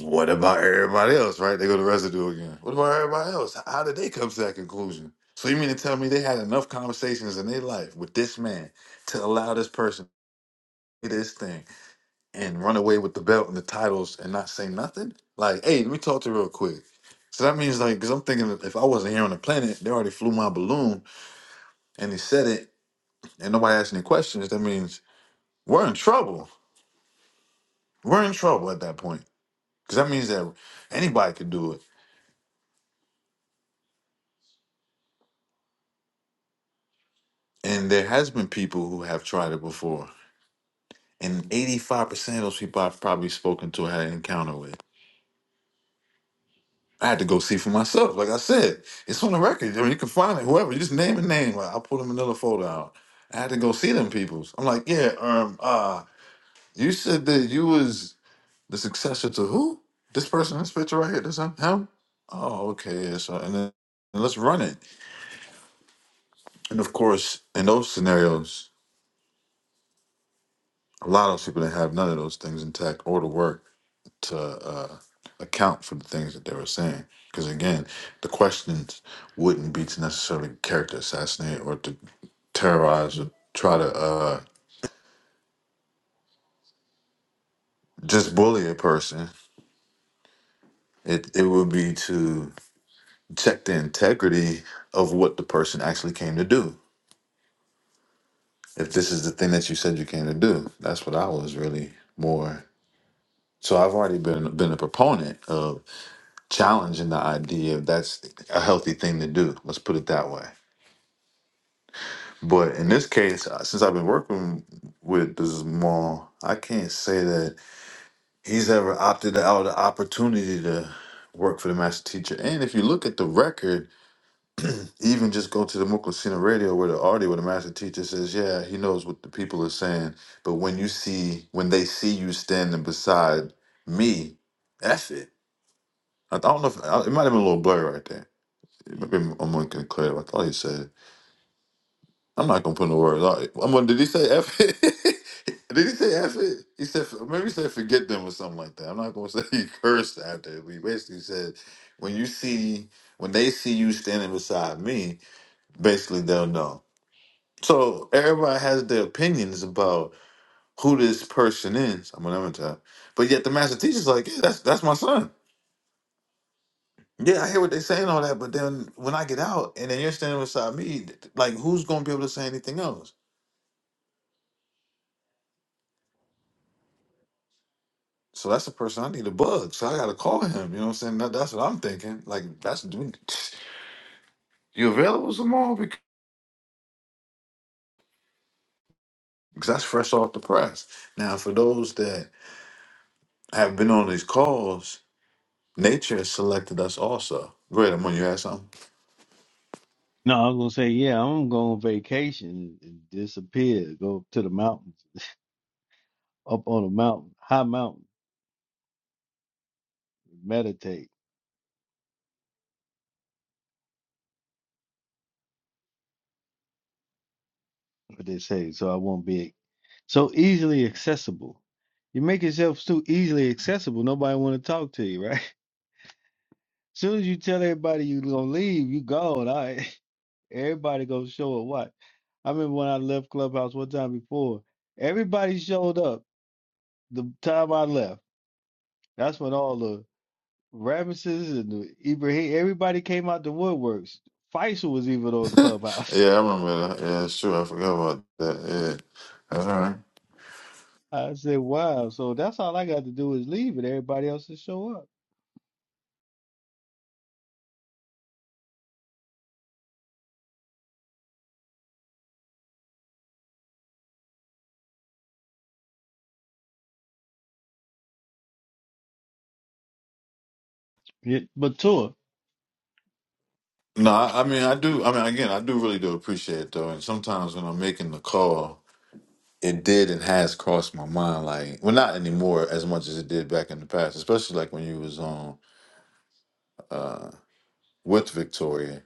C: What about everybody else, right? They go to residue again. What about everybody else? How how did they come to that conclusion? So you mean to tell me they had enough conversations in their life with this man to allow this person to do this thing and run away with the belt and the titles and not say nothing? Like, hey, let me talk to you real quick. So that means like, because I'm thinking if I wasn't here on the planet, they already flew my balloon and they said it and nobody asked any questions. That means we're in trouble. We're in trouble at that point. Because that means that anybody could do it. And there has been people who have tried it before. And 85% of those people I've probably spoken to had an encounter with. I had to go see for myself. Like I said, it's on the record. I mean, you can find it, whoever. You just name a name. Like, I'll pull a manila folder out. I had to go see them peoples. I'm like, yeah, um, uh, you said that you was the successor to who? This person, this picture right here, this him? him? Oh, okay. Yeah, so, and then and let's run it. And of course, in those scenarios, a lot of those people that have none of those things intact or the work to uh, account for the things that they were saying. Because again, the questions wouldn't be to necessarily character assassinate or to terrorize or try to uh, just bully a person. It it would be to check the integrity of what the person actually came to do. If this is the thing that you said you came to do, that's what I was really more. So I've already been been a proponent of challenging the idea of that's a healthy thing to do. Let's put it that way. But in this case, uh, since I've been working with this mall, I can't say that he's ever opted out of the opportunity to work for the master teacher. And if you look at the record, even just go to the Muklasina radio where the audio where the master teacher says, Yeah, he knows what the people are saying. But when you see when they see you standing beside me, F it. I don't know if it might have been a little blurry right there. Maybe I'm unclear. I thought he said it. I'm not gonna put no words out. I'm gonna, did he say F it? did he say F it? He said maybe he said forget them or something like that. I'm not gonna say he cursed after. He basically said when you see when they see you standing beside me, basically they'll know. So everybody has their opinions about who this person is. I'm gonna tell. But yet the master teacher's like, yeah, that's that's my son. Yeah, I hear what they're saying all that, but then when I get out and then you're standing beside me, like who's gonna be able to say anything else? So that's the person I need to bug. So I gotta call him. You know what I'm saying? That, that's what I'm thinking. Like that's do- you available tomorrow because that's fresh off the press. Now for those that have been on these calls, nature has selected us also. Great, I'm on. you had something?
B: No, I was gonna say, yeah, I'm gonna go on vacation and disappear, go to the mountains, up on a mountain, high mountain, meditate, what they say, so I won't be so easily accessible. You make yourself too easily accessible, nobody wanna talk to you, right? Soon as you tell everybody you gonna leave, you gone. All right. Everybody gonna show up. What? I remember when I left Clubhouse one time before, everybody showed up the time I left. That's when all the Ramesses and the Ibrahim, everybody came out the woodworks. Faisal was even on Clubhouse.
C: yeah, I remember that. Yeah, it's true. I forgot about that. Yeah, that's all right.
B: I said, wow. So that's all I got to do is leave and everybody else to show up. Yeah, but tour.
C: No, I, I mean I do. I mean again, I do really do appreciate it, though. And sometimes when I'm making the call. it did and has crossed my mind like well not anymore as much as it did back in the past especially like when you was on uh with victoria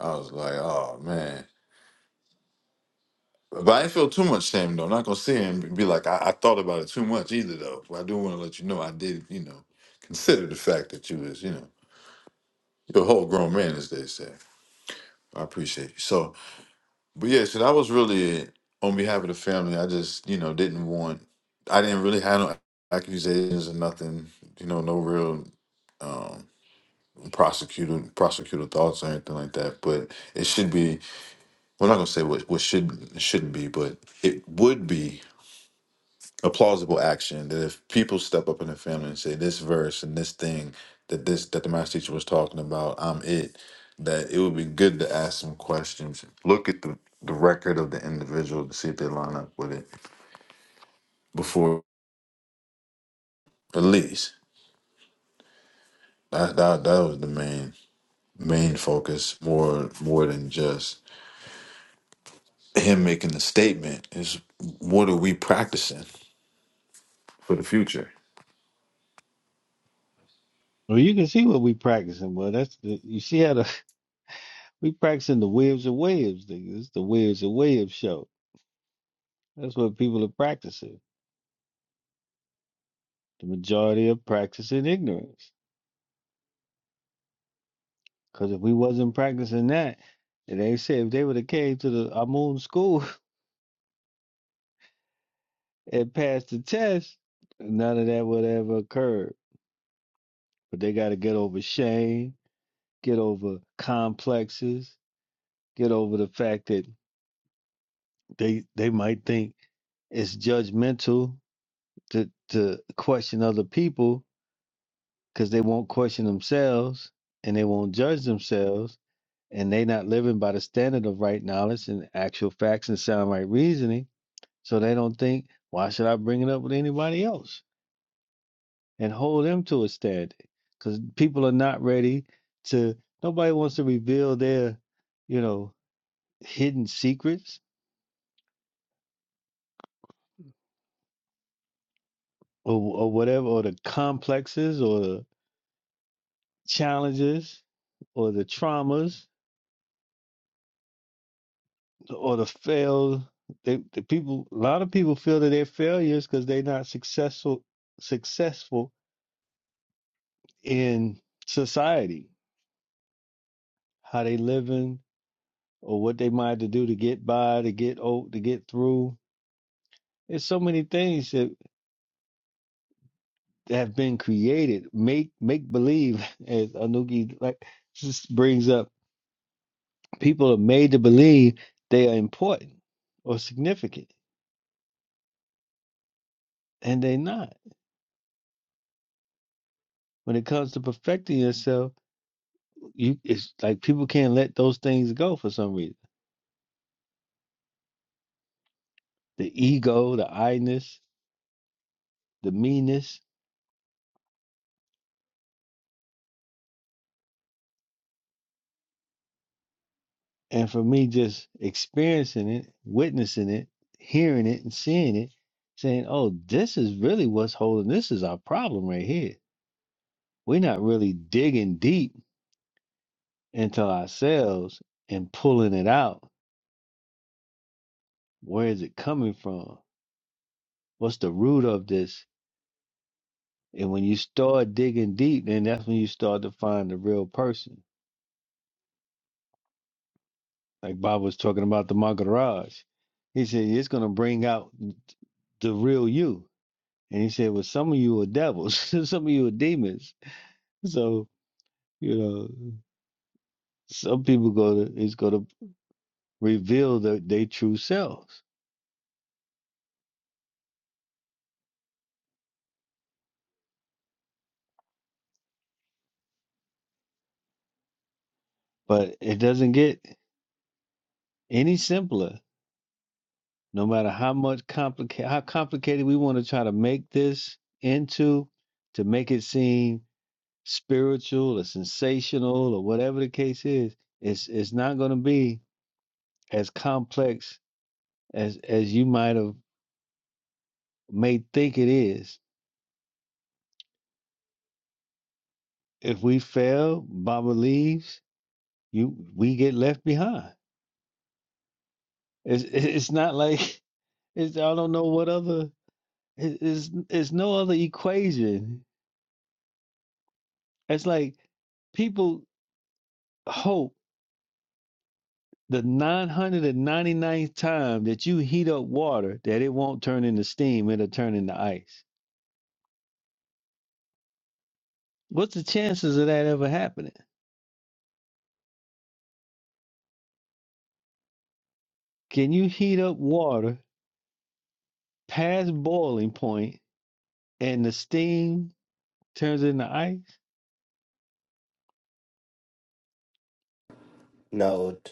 C: i was like oh man but i didn't feel too much shame though not gonna sit here and be like i, I thought about it too much either though but i do want to let you know i did you know consider the fact that you was you know you're a whole grown man as they say i appreciate you so But yeah, so that was really it. on behalf of the family. I just, you know, didn't want. I didn't really have no accusations or nothing. You know, no real um, prosecutor prosecutor thoughts or anything like that. But it should be. We're not gonna say what what should shouldn't be, but it would be a plausible action that if people step up in the family and say this verse and this thing that this that the master teacher was talking about i'm it that it would be good to ask some questions look at the, the record of the individual to see if they line up with it before release. that that, that was the main main focus more more than just him making the statement is what are we practicing for the future
B: Well, you can see what we practicing. Well, that's the, you see how the, we practicing the waves and waves thing. It's the waves and waves show. That's what people are practicing. The majority are practicing ignorance. Because if we wasn't practicing that, and they say if they would have came to the Amun school and passed the test, none of that would ever occurred. But they got to get over shame, get over complexes, get over the fact that they they might think it's judgmental to to question other people because they won't question themselves and they won't judge themselves and they not living by the standard of right knowledge and actual facts and sound right reasoning. So they don't think, why should I bring it up with anybody else and hold them to a standard? Because people are not ready to. Nobody wants to reveal their, you know, hidden secrets or or whatever, or the complexes or the challenges or the traumas or the failed. They, the people, a lot of people feel that they're failures because they're not successful successful in society, how they living or what they might have to do to get by, to get old, to get through. There's so many things that have been created, make make believe, as Anugi like just brings up. People are made to believe they are important or significant, and they're not. When it comes to perfecting yourself, you it's like people can't let those things go for some reason. The ego, the I-ness, the meanness And for me, just experiencing it, witnessing it, hearing it, and seeing it, saying, oh, this is really what's holding this is our problem right here. We're not really digging deep into ourselves and pulling it out. Where is it coming from? What's the root of this? And when you start digging deep, then that's when you start to find the real person. Like Bob was talking about the Maharaj. He said, it's going to bring out the real you And he said, Well, some of you are devils, some of you are demons. So, you know, some people go to is gonna reveal their, their true selves. But it doesn't get any simpler, no matter how much complicated how complicated we want to try to make this into to make it seem spiritual or sensational or whatever the case is, it's it's not gonna be as complex as as you might have may think it is if we fail, Baba leaves, you we get left behind. It's it's not like it's I don't know what other it- it's it's no other equation. It's like people hope the nine hundred and ninety ninth time that you heat up water that it won't turn into steam, it'll turn into ice. What's the chances of that ever happening? Can you heat up water past boiling point and the steam turns into ice?
H: No, t-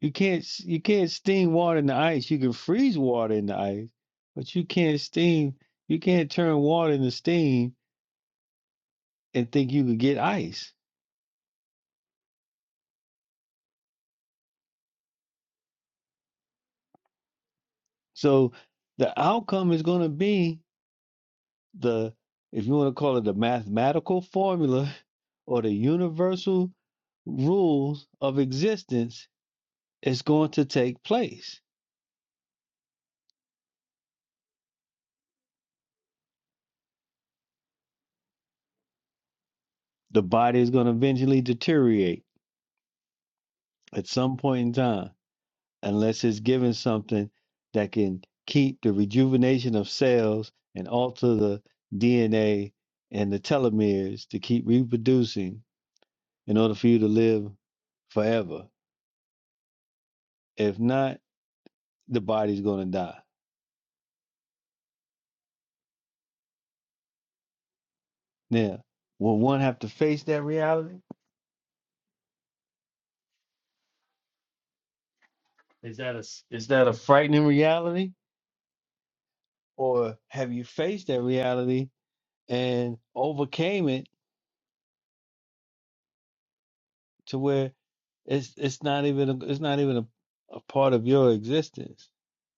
B: You can't s- you can't steam water in the ice. You can freeze water in the ice, but you can't steam. You can't turn water into steam and think you could get ice. So the outcome is going to be the if you want to call it the mathematical formula or the universal rules of existence is going to take place. The body is going to eventually deteriorate at some point in time unless it's given something that can keep the rejuvenation of cells and alter the DNA and the telomeres to keep reproducing in order for you to live forever. If not, the body's going to die. Now, will one have to face that reality? Is that a s- is that a frightening reality, or have you faced that reality and overcame it to where it's it's not even a, it's not even a, a part of your existence?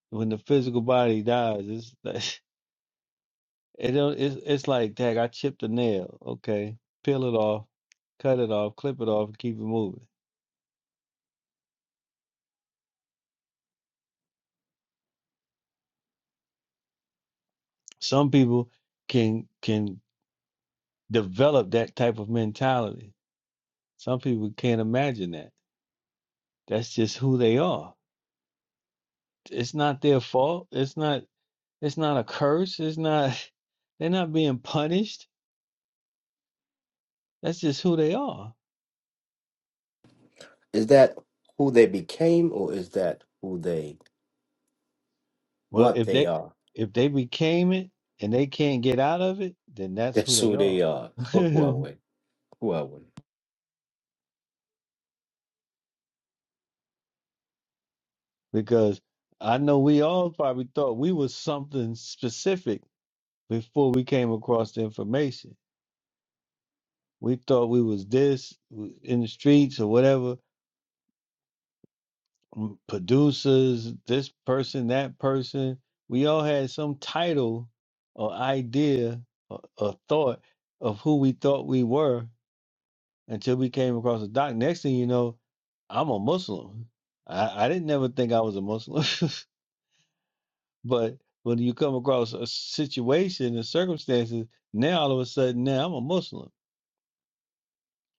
B: when the physical body dies, it's like- it don't, it's it's like dang, I chipped a nail. Okay, peel it off, cut it off, clip it off, and keep it moving. Some people can can develop that type of mentality. Some people can't imagine that. That's just who they are. It's not their fault. It's not it's not a curse. It's not they're not being punished. That's just who they are.
H: is that who they became, or is that who they,
B: Well,
H: what
B: if
H: they
B: they
H: are?
B: if they became it and they can't get out of it, then that's who
H: That's
B: they
H: who they
B: are.
H: are. Who are we? Who are we?
B: because I know we all probably thought we was something specific before we came across the information. We thought we was this w- in the streets or whatever, m- producers, this person, that person. We all had some title or idea or, or thought of who we thought we were until we came across the doc. Next thing you know, I'm a Muslim. I, I didn't never think I was a Muslim, but when you come across a situation and circumstances, now all of a sudden now I'm a Muslim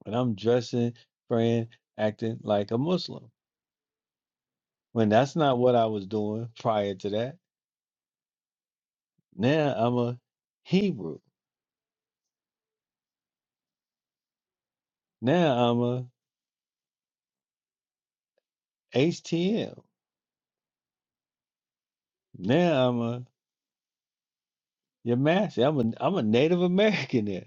B: and I'm dressing, praying, acting like a Muslim when that's not what I was doing prior to that. Now I'm a Hebrew. Now I'm a H T M. Now I'm a Yamasi. I'm a I'm a Native American. There,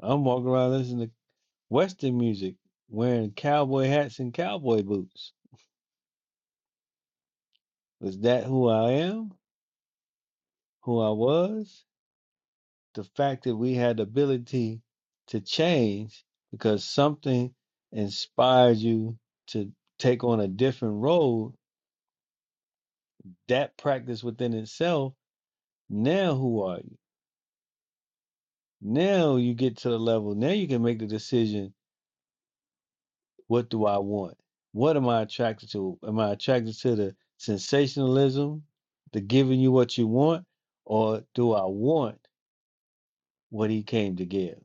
B: I'm walking around listening to Western music, wearing cowboy hats and cowboy boots. Was that who I am? Who I was? The fact that we had the ability to change because something inspired you to take on a different road, that practice within itself, now who are you? Now you get to the level, now you can make the decision What do I want? What am I attracted to? Am I attracted to the sensationalism, the giving you what you want, or do I want what he came to give?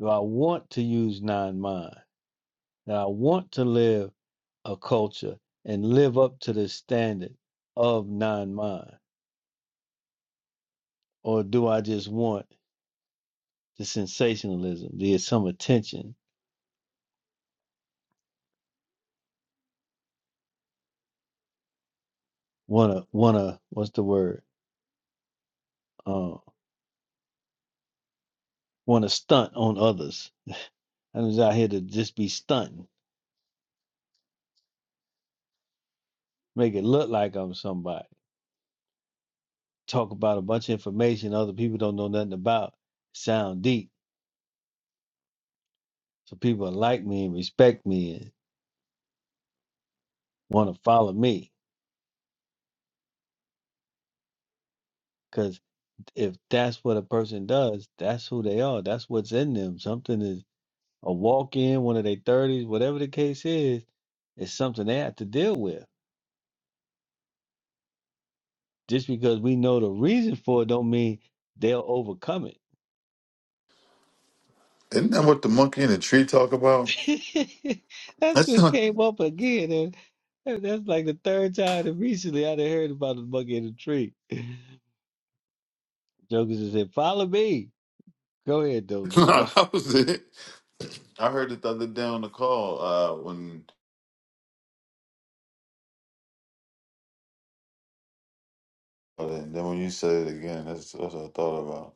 B: Do I want to use nine mind? Do I want to live a culture and live up to the standard of nine mind? Or do I just want the sensationalism, the some attention, wanna wanna what's the word? Uh, wanna stunt on others. I'm just out here to just be stunting make it look like I'm somebody. Talk about a bunch of information other people don't know nothing about. Sound deep. So people like me and respect me and want to follow me. Because if that's what a person does, that's who they are. That's what's in them. Something is a walk in, one of their 30s, whatever the case is, it's something they have to deal with. Just because we know the reason for it don't mean they'll overcome it
C: isn't that what the monkey and the tree talk about
B: That's
C: that's
B: what
C: not
B: came up again. And, and that's like the third time that recently I done heard about the monkey in the tree. Jokers just said, Follow me. Go ahead,
C: no,
B: Dozer.
C: that was it I heard it the other day on the call uh, when and then when you said it again, that's, that's what I thought about.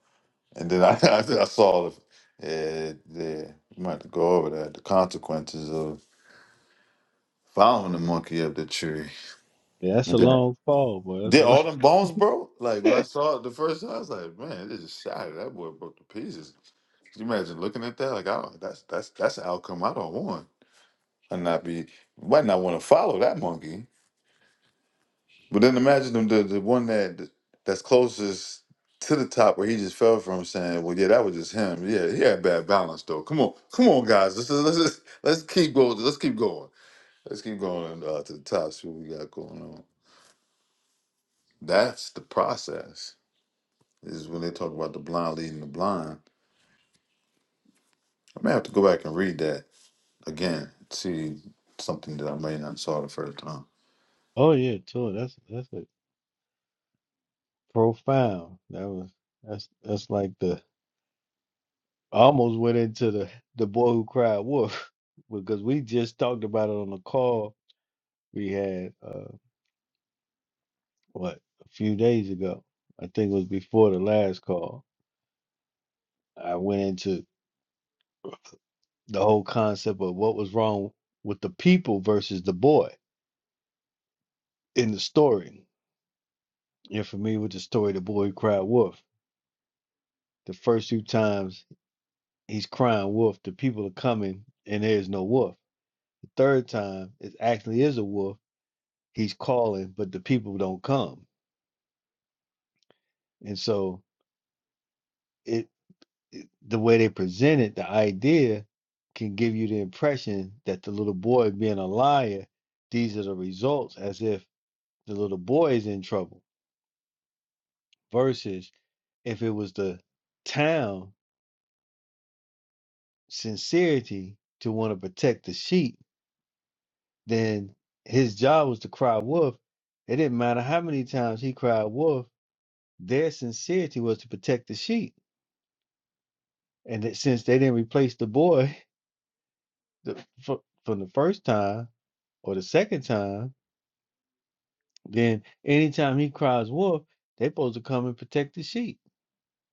C: And then I I, I saw the yeah, yeah, you might have to go over that the consequences of following the monkey up the tree.
B: Yeah, that's
C: And
B: a
C: then-
B: long fall, boy. That's a
C: Did
B: long.
C: all them bones broke? Like when I saw it the first time, I was like, man, this is shattered. That boy broke to pieces. Can you imagine looking at that? Like, oh, that's that's that's an outcome I don't want. I not be might not want to follow that monkey. But then imagine them the, the one that that's closest to the top where he just fell from, saying, "Well, yeah, that was just him. Yeah, he had bad balance though. Come on, come on, guys. Let's let's let's, let's keep going. Let's keep going. Let's keep going uh, to the top. See what we got going on. That's the process. Is when they talk about the blind leading the blind. I may have to go back and read that again. See something that I may not saw the first time.
B: Oh yeah, tour. That's that's a profound. That was that's that's like the I almost went into the the boy who cried wolf because we just talked about it on the call we had uh what a few days ago. I think it was before the last call. I went into the whole concept of what was wrong with the people versus the boy in the story. You're familiar with the story, the boy who cried wolf. The first two times he's crying wolf, the people are coming and there is no wolf. The third time it actually is a wolf. He's calling, but the people don't come. And so it, it the way they presented the idea can give you the impression that the little boy being a liar, these are the results as if the little boy is in trouble versus if it was the town sincerity to want to protect the sheep, then his job was to cry wolf. It didn't matter how many times he cried wolf, their sincerity was to protect the sheep. And that since they didn't replace the boy the, fr- from the first time or the second time, then anytime he cries wolf, they're supposed to come and protect the sheep.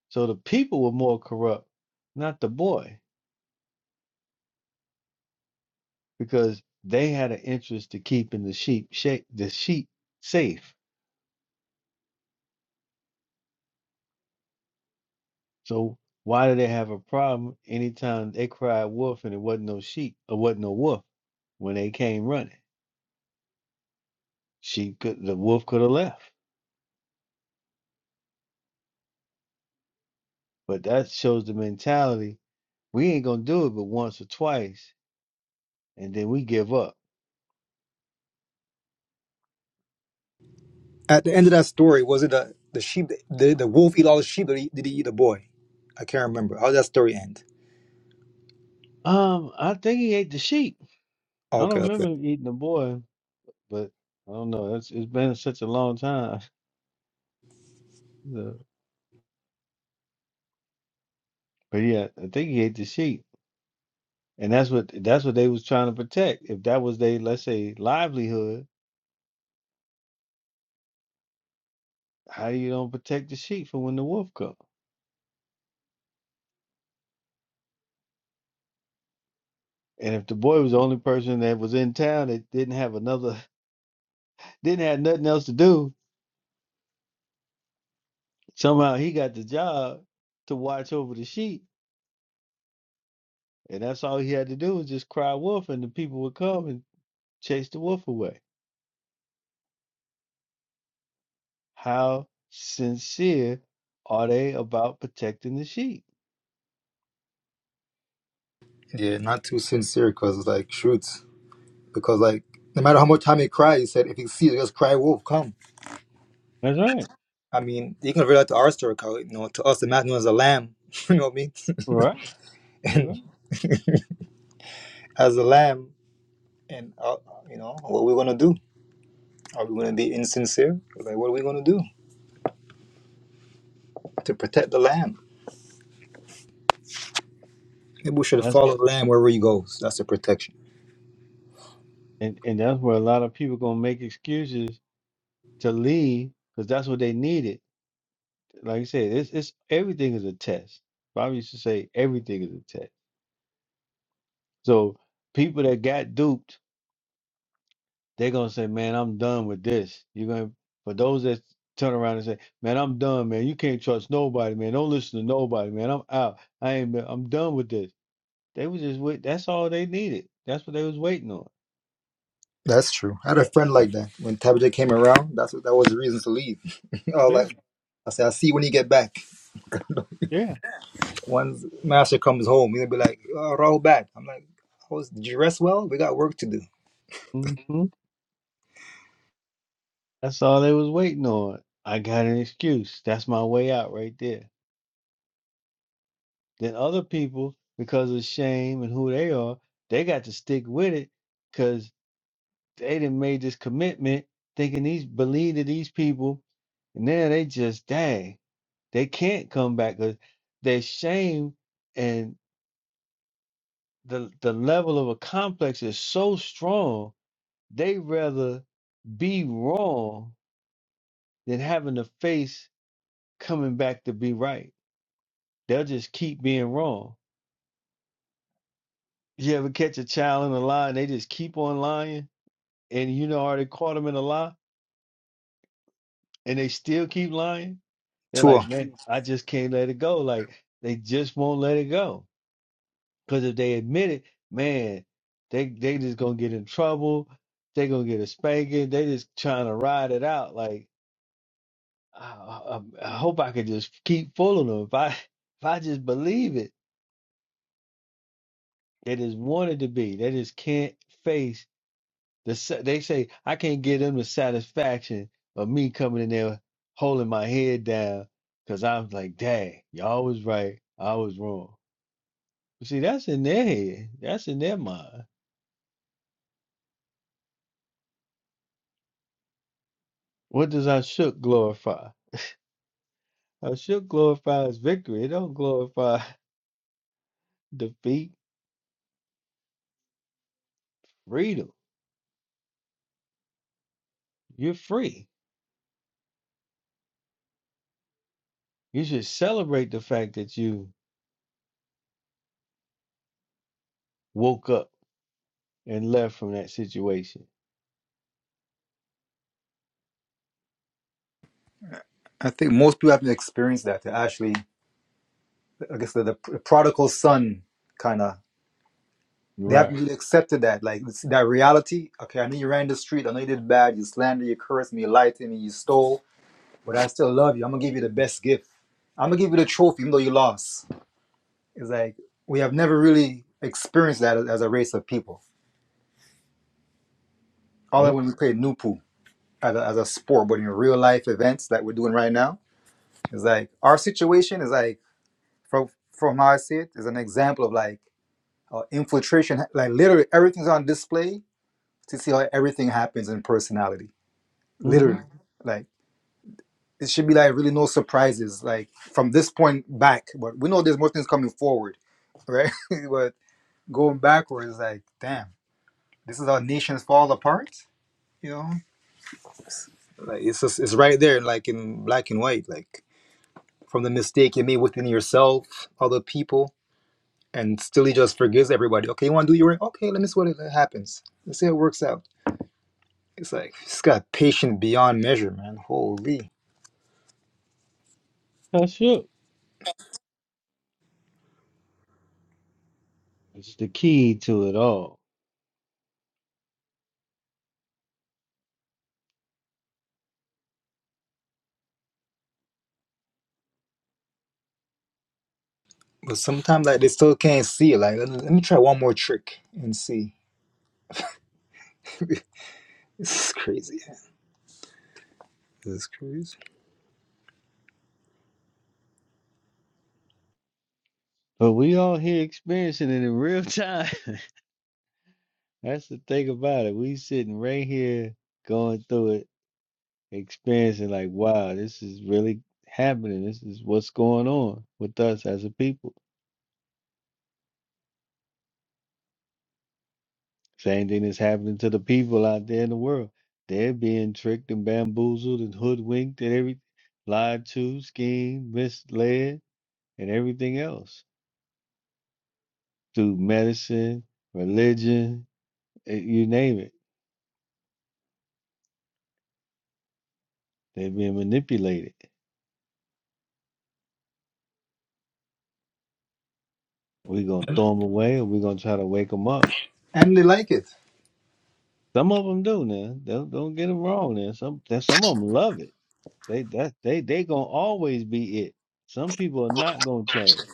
B: So the people were more corrupt, not the boy. because they had an interest to keeping the sheep shape the sheep safe. So why do they have a problem anytime they cried wolf and it wasn't no sheep or wasn't no wolf when they came running? Sheep could the wolf could have left. But that shows the mentality. We ain't gonna do it but once or twice and then we give up.
J: At the end of that story, was it the the sheep, the, the wolf eat all the sheep, or did he eat the boy? I can't remember. How did that story end?
B: Um, I think he ate the sheep. I
J: Okay,
B: don't
J: okay.
B: remember him eating the boy, but I don't know. It's it's been such a long time. The- But yeah, I think he ate the sheep. And that's what that's what they was trying to protect. If that was their, let's say, livelihood, how you don't protect the sheep from when the wolf come? And if the boy was the only person that was in town that didn't have another, didn't have nothing else to do, somehow he got the job to watch over the sheep, and that's all he had to do was just cry wolf, and the people would come and chase the wolf away. How sincere are they about protecting the sheep?
J: Yeah, not too sincere because like shoots because like no matter how much time he cried, he said if he sees, just cry wolf, come.
B: That's right.
J: I mean, you can relate that to our story, 'cause, you know, to us the man was a lamb, you know what I mean?
B: Right. That's right.
J: and as a lamb, and uh, you know what we're gonna do? Are we gonna be insincere? Like what are we gonna do to protect the lamb? Maybe we should
B: That's
J: follow the lamb wherever he goes. That's the protection.
B: and and that's where a lot of people gonna make excuses to leave because that's what they needed. Like I said, it's it's everything is a test. Bobby used to say everything is a test. So people that got duped, they're gonna say, "Man, I'm done with this." You're gonna for those that turn around and say, "Man, I'm done, man. You can't trust nobody, man. Don't listen to nobody, man. I'm out. I ain't. been- I'm done with this." They was just wait. That's all they needed. That's what they was waiting on.
J: That's true. I had a friend like that. When Tabitha came around, that's what, that was the reason to leave. I was like, I said, I'll see you when you get back.
B: Yeah.
J: Once Master comes home, he'll be like, oh, Rahul bad. I'm like, I was did you rest well? We got work to do.
B: Yeah. That's all they was waiting on. I got an excuse. That's my way out right there. Then other people, because of shame and who they are, they got to stick with it because they done made this commitment thinking these believe that these people, and now they just dang, they can't come back because their shame and the the level of a complex is so strong, they rather be wrong than having to face coming back to be right they'll just keep being wrong. You ever catch a child in a lie and they just keep on lying and you know already caught them in a lie and they still keep lying? They're
J: Tour.
B: like, man, I just can't let it go. Like they just won't let it go. Cause if they admit it, man, they they just gonna get in trouble. They gonna get a spanking. They just trying to ride it out. Like I, I, I hope I could just keep fooling them. If I if I just believe it, they just want it to be. They just can't face The, sa- they say I can't give them the satisfaction of me coming in there holding my head down because I'm like, dang, y'all was right, I was wrong. You see, that's in their head, that's in their mind. What does I shook glorify? I shook glorifies victory. It don't glorify defeat, freedom. You're free. You should celebrate the fact that you woke up and left from that situation.
J: I think most people haven't experienced that. They Actually, I guess the, the prodigal son kind of they haven't
B: Right.
J: really accepted that. Like it's that reality. Okay, I know you ran the street. I know you did bad. You slandered. You cursed me. You lied to me. You stole. But I still love you. I'm gonna give you the best gift. I'm gonna give you the trophy, even though you lost. It's like we have never really experienced that as as a race of people. All that
B: Yep.
J: when we played Nupu. as a, as a sport, but in real life events that we're doing right now, it's like our situation is like from from how I see it is an example of like uh, infiltration. Like literally, everything's on display to see how everything happens in personality. Literally,
B: Mm-hmm.
J: like it should be like really no surprises. Like from this point back, but we know there's more things coming forward, right? but going backwards, like damn, this is how nations fall apart. You know, like it's just it's right there, like in black and white, like. from the mistake you made within yourself, other people, and still he just forgives everybody. Okay, you want to do your ring? Okay, let me see what happens. Let's see how it works out. It's like he's got patience beyond measure, man. Holy.
B: I shook. It's the key to it all.
J: But sometimes like they still can't see it. Like let, let me try one more trick and see. This is crazy. This is crazy.
B: But we all here experiencing it in real time. That's the thing about it. We sitting right here going through it, experiencing like, wow, this is really happening. This is what's going on with us as a people. Same thing is happening to the people out there in the world. They're being tricked and bamboozled and hoodwinked and every lied to, schemed, misled, and everything else through medicine, religion, eh, you name it. They're being manipulated. we gonna throw them away, or we gonna try to wake them up.
J: And they like it.
B: Some of them do now. Don't don't get them wrong. Now some that some of them love it. They that they they gonna always be it. Some people are not gonna change,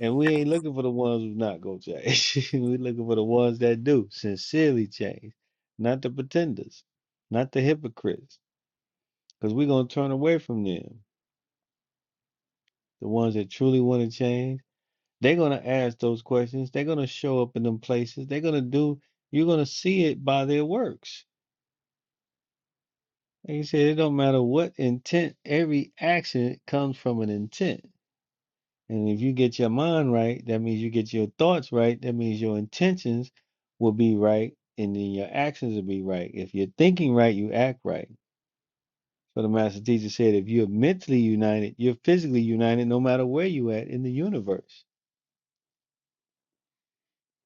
B: and we ain't looking for the ones who's not gonna change. we looking for the ones that do sincerely change, not the pretenders, not the hypocrites, because we gonna turn away from them. The ones that truly want to change, they're gonna ask those questions. They're gonna show up in them places. They're gonna do. You're gonna see it by their works Like you said, it don't matter what intent, every action comes from an intent. And if you get your mind right, that means you get your thoughts right. That means your intentions will be right, and then your actions will be right. If you're thinking right, you act right. So the master teacher said, if you're mentally united, you're physically united no matter where you at in the universe,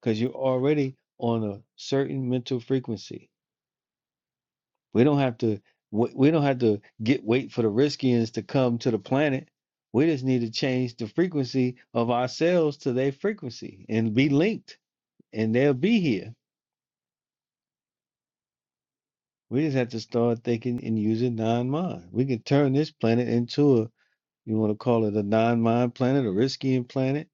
B: because you're already on a certain mental frequency. We don't have to we we don't have to get wait for the riskians to come to the planet. We just need to change the frequency of ourselves to their frequency and be linked and they'll be here. We just have to start thinking and using non-mind. We can turn this planet into a you want to call it a non-mind planet, a riskian planet.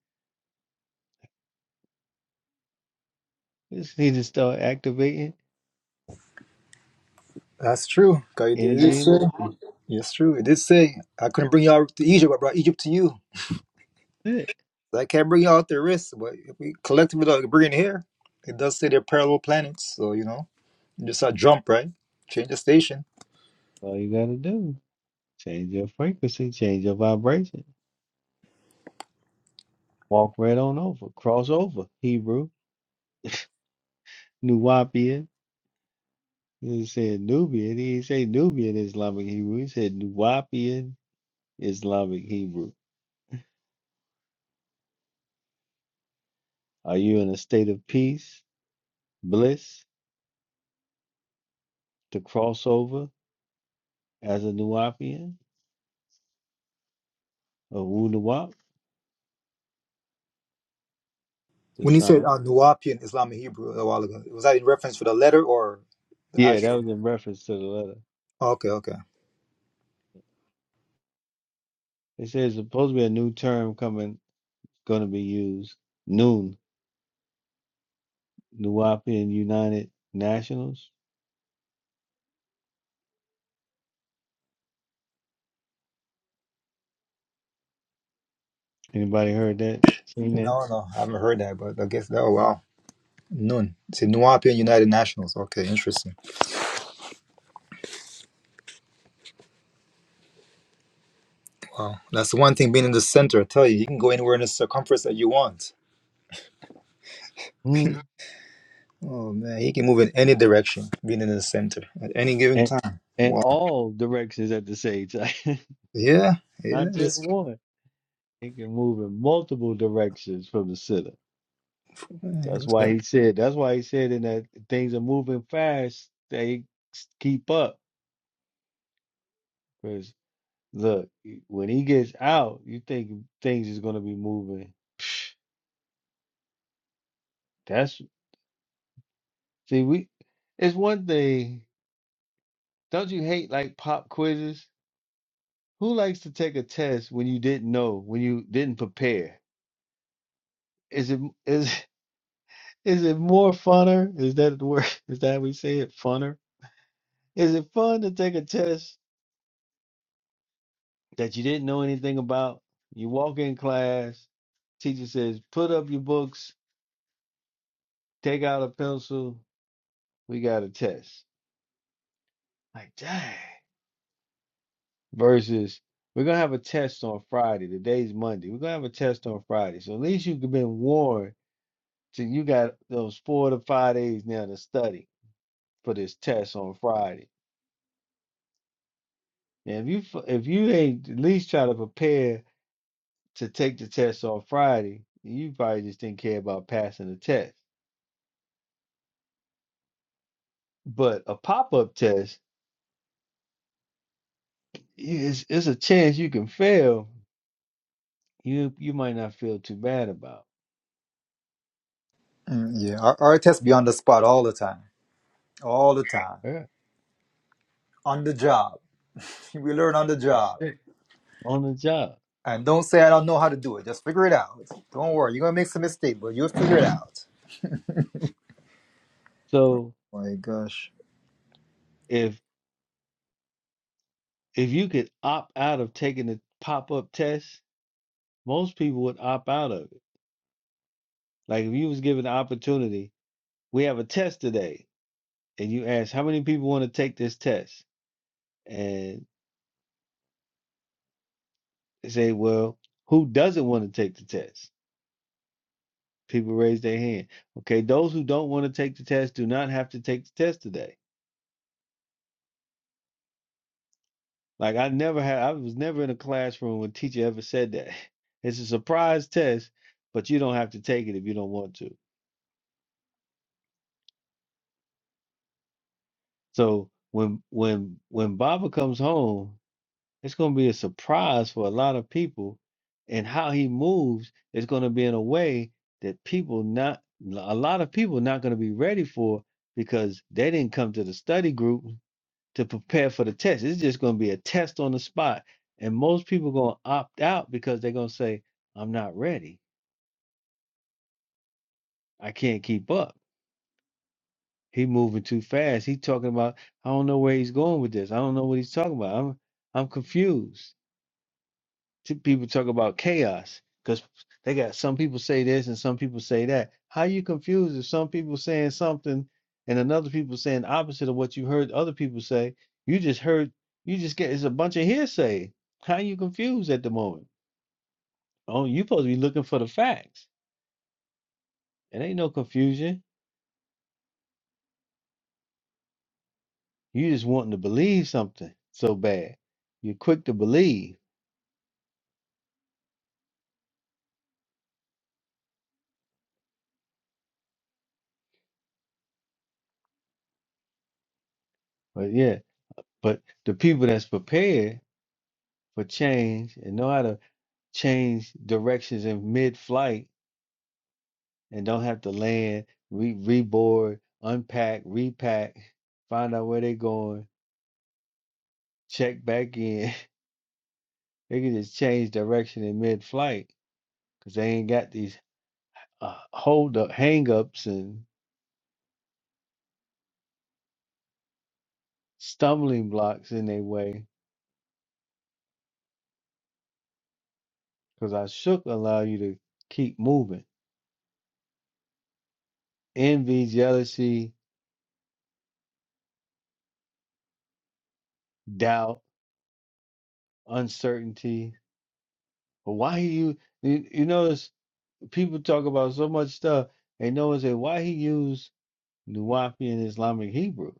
B: We just need to start activating
J: That's true. God, it did
B: energy and
J: say.
B: motion.
J: Yes, true. It did say I couldn't bring y'all to Egypt. I brought Egypt to you.
B: That's it.
J: I can't bring you out their risk, but if we collectively don't bring it here, it does say they're parallel planets. So, you know, you just a jump, right? Change the station.
B: All you gotta do. Change your frequency, change your vibration. Walk right on over. Cross over, Hebrew. Nuwapian. He said Nubian. He didn't say Nubian Islamic Hebrew. He said Nuwapian Islamic Hebrew. Are you in a state of peace, bliss, to cross over as a Nuwapian or Wu Nuwap? The
J: When you said
B: sign.
J: uh, Nuwapian Islamic Hebrew a while ago, was that in reference for the letter or the
B: Yeah, that
J: actual?
B: was in reference to the letter.
J: Okay, okay.
B: It says supposed to be a new term coming, going to be used. Noon, Nuwapian United Nationals. Anybody heard that? Seen that?
J: No, no, I haven't heard that, but I guess that, oh, wow. Nun. See, Nuwapian United Nationals. Okay, interesting. Wow. That's the one thing being in the center, I tell you, you can go anywhere in the circumference that you want.
B: Hmm.
J: Oh, man, he can move in any direction being in the center at any given
B: And
J: time.
B: and
J: Wow.
B: all directions at the same time.
J: Yeah, yeah,
B: not just
J: that's,
B: one. It can move in multiple directions from the center.
J: yeah,
B: That's
J: that's
B: why
J: right.
B: he said. That's why he said in that things are moving fast. They s- keep up because look, y- when he gets out, you think things is gonna be moving. That's see we. It's one thing. Don't you hate like pop quizzes? Who likes to take a test when you didn't know, when you didn't prepare? Is it m- is is it more funner? Is that the word? Is that how we say it? Funner? Is it fun to take a test that you didn't know anything about? You walk in class, teacher says, put up your books, take out a pencil, we got a test. Like, dang. Versus, we're going to have a test on Friday. Today's Monday. We're going to have a test on Friday. So at least you've been warned so you got those four to five days now to study for this test on Friday. And if you f- if you ain't at least try to prepare to take the test on Friday, you probably just didn't care about passing the test. But a pop up test, it's, it's a chance you can fail. You you might not feel too bad about.
J: Mm, yeah. Our, our test be on the spot all the time, all the time,
B: Yeah,
J: on the job. We learn on the
B: that's
J: job,
B: it. On the job.
J: and don't say I don't know how to do it. Just figure it out. Don't worry, you're gonna make some mistake, but you'll figure it out.
B: So
J: My gosh,
B: if if you could opt out of taking the pop up test, most people would opt out of it. Like if you was given the opportunity, we have a test today, and you ask how many people want to take this test, and they say, well, who doesn't want to take the test? People raise their hand. Okay, those who don't want to take the test do not have to take the test today. Like I never had, I was never in a classroom where a teacher ever said that. It's a surprise test, but you don't have to take it if you don't want to. So when when when Baba comes home, it's going to be a surprise for a lot of people, and how he moves is going to be in a way that people not a lot of people not going to be ready for because they didn't come to the study group to prepare for the test. It's just going to be a test on the spot. And most people going to opt out because they're going to say, I'm not ready. I can't keep up. He moving too fast. He talking about, I don't know where he's going with this. I don't know what he's talking about. I'm, I'm confused. t- people talk about chaos because they got some people say this and some people say that. How you confused if some people saying something and another people saying opposite of what you heard other people say? You just heard you just get it's a bunch of hearsay. How you confused at the moment? Oh, you supposed to be looking for the facts. It ain't no confusion. You just wanting to believe something so bad. You're quick to believe, but yeah. But the people that's prepared for change and know how to change directions in mid-flight and don't have to land, re reboard, unpack, repack, find out where they're going, check back in. They can just change direction in mid-flight because they ain't got these uh, hold up, hang ups, and stumbling blocks in their way. Because I shook allow you to keep moving. Envy, jealousy, doubt, uncertainty. But why you you, you notice People talk about so much stuff, and no one say why he used Nuwapi in Islamic Hebrew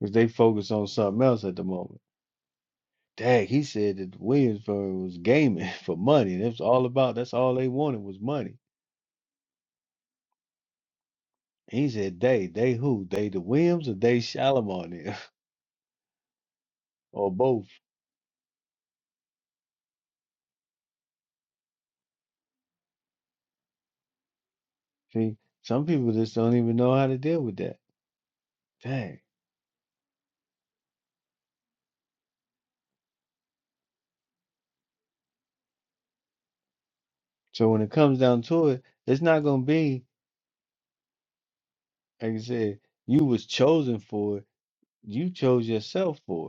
B: because they focus on something else at the moment. Dang, he said that Williamsburg was gaming for money, and it's all about that's all they wanted was money. And he said they, they who, they the Williams or they Shalimar there, or both. See, some people just don't even know how to deal with that. Dang. So when it comes down to it, it's not gonna be like I said, you was chosen for it. You chose yourself for it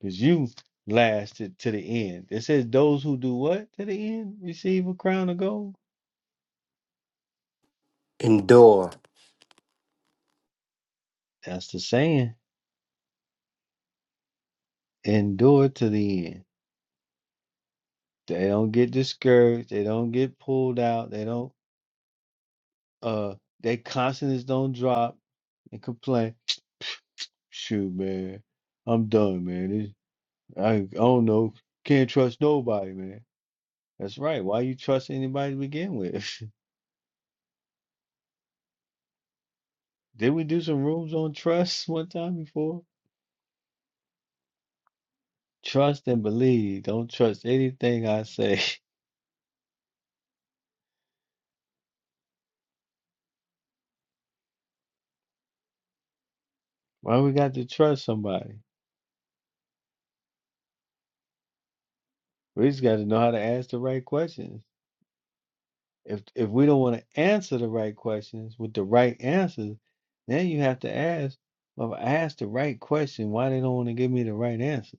B: Because you lasted to the end. It says, Those who do what to the end receive a crown of gold.
H: Endure.
B: That's the saying. Endure to the end. They don't get discouraged. They don't get pulled out. They don't, uh, their confidence don't drop and complain. Shoot, man, I'm done, man. This, I, I don't know. Can't trust nobody, man. That's right. Why you trust anybody to begin with? Did we do some rooms on trust one time before? Trust and believe. Don't trust anything I say. Why we got to trust somebody? We just got to know how to ask the right questions. If if we don't want to answer the right questions with the right answers, then you have to ask. Well, if I asked the right question. Why they don't want to give me the right answer?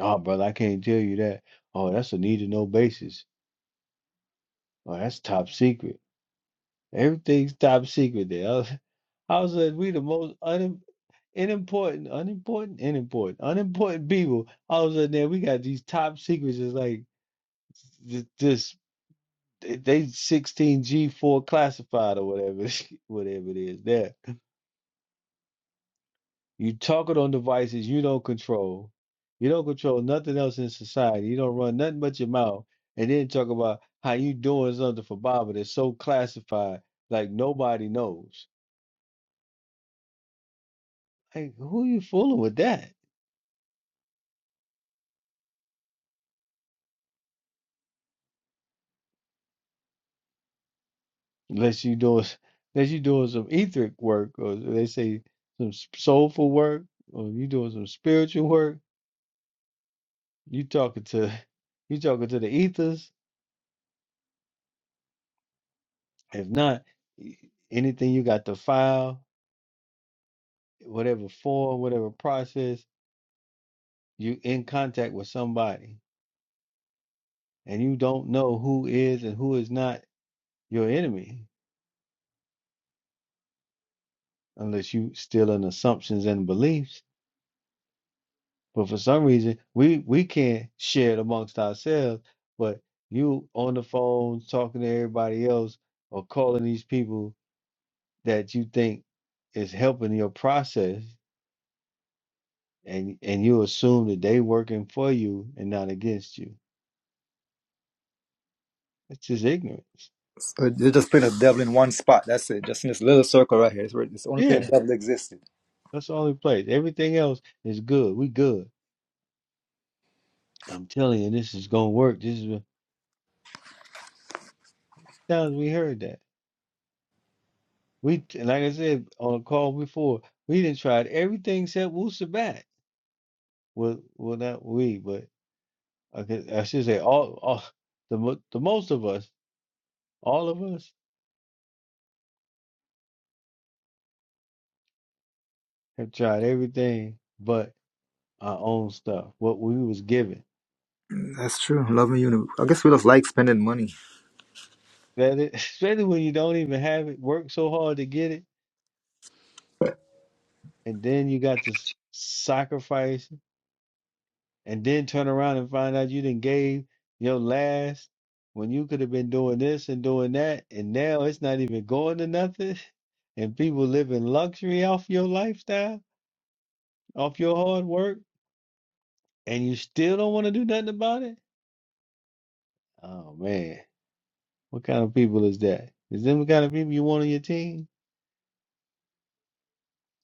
B: Oh, brother, I can't tell you that. Oh, that's a need to know basis. Oh, that's top secret. Everything's top secret there. I was, I was like, we the most un, unimportant, unimportant, unimportant, unimportant people. All of a sudden, there we got these top secrets. It's like th- this, they they 16 G4 classified or whatever, whatever it is. There, you talking on devices you don't control. You don't control nothing else in society. You don't run nothing but your mouth, and then talk about how you doing something for Baba that's so classified, like nobody knows. Like, who you fooling with that? Unless you doing, unless you doing some etheric work, or they say some s- soulful work, or you doing some spiritual work. You talking to, you talking to the ethers. If not, y- anything you got to file, whatever form, whatever process, you in contact with somebody, and you don't know who is and who is not your enemy, unless you still in assumptions and beliefs But for some reason, we we can't share it amongst ourselves. But you on the phone talking to everybody else or calling these people that you think is helping your process, and and you assume that they working for you and not against you. That's just ignorance.
J: so they're just playing a devil in one spot. That's it. Just in this little circle right here. It's, where, it's the only place
B: Yeah,
J: the devil existed.
B: that's the only place. Everything else is good. We good. I'm telling you, this is gonna work. This is what- times we heard that. We t- like I said on a call before. We didn't try everything except Wusabat. well, well, not we, but I could, I should say all, all the mo- the most of us, all of us, have tried everything but our own stuff, what we was given.
J: That's true. Love and unity. I guess we just like spending money.
B: That it, especially when you don't even have it, work so hard to get it, and then you got to s- sacrifice, and then turn around and find out you didn't gave your last when you could have been doing this and doing that, and now it's not even going to nothing, and people live in luxury off your lifestyle, off your hard work and you still don't want to do nothing about it? Oh man, what kind of people is that? Is them the kind of people you want on your team?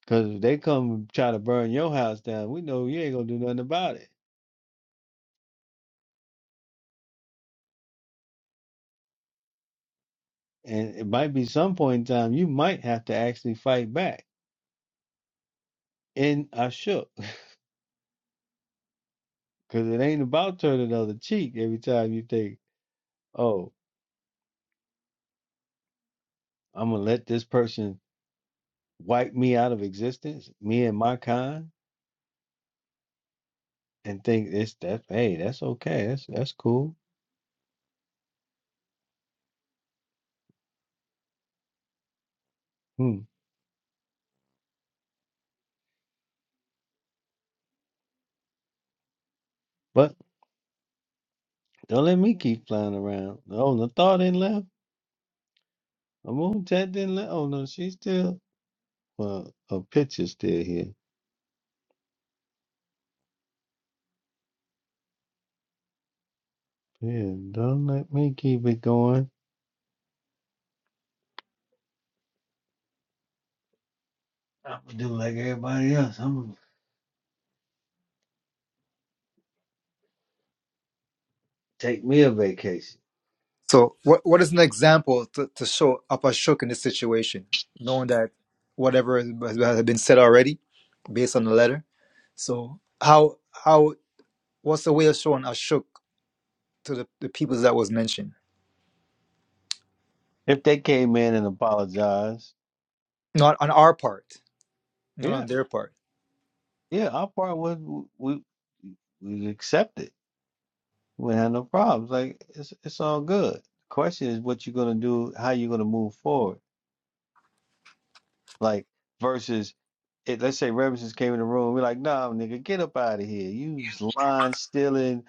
B: Because if they come and try to burn your house down, we know you ain't gonna do nothing about it. And it might be some point in time you might have to actually fight back. And I shook because it ain't about turning the other cheek every time you think, oh, I'm gonna let this person wipe me out of existence, me and my kind, and think it's that hey, that's okay, that's that's cool. Hmm. But Don't let me keep flying around. Oh, Nathar didn't left. Amuntat didn't left. Oh, no, she's still. Well, her picture's still here. Yeah, don't let me keep it going. I'm going to do like everybody else. I'm going to take me a vacation.
J: So, what what is an example to, to show Apashuk in this situation, knowing that whatever has has been said already, based on the letter. So, how how what's the way of showing Ashuk to the, the peoples that was mentioned?
B: If they came in and apologized,
J: Not on our part, not
B: yeah,
J: on their part.
B: yeah, our part was we we accept it. We had no problems. Like, it's, it's all good. The question is what you're going to do, how you're going to move forward. Like versus, it, let's say Reverend came in the room, we're like, "Nah, nigga, get up out of here. You s- lying, stealing,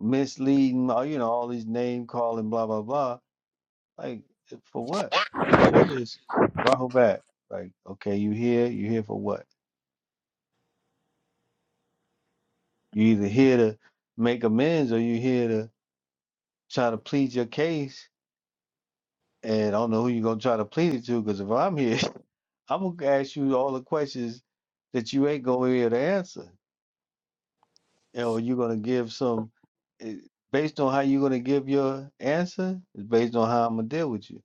B: misleading, all you know, all these name calling, blah blah blah." Like eh, for what? And Sugar is Rahul back. Like, okay, you here? You here for what? You either here to make amends or you here to try to plead your case. And I don't know who you're gonna try to plead it to, because if I'm here, I'm gonna ask you all the questions that you ain't gonna be able to answer. you know, you're gonna give some it, based on how you're gonna give your answer is based on how I'm gonna deal with you.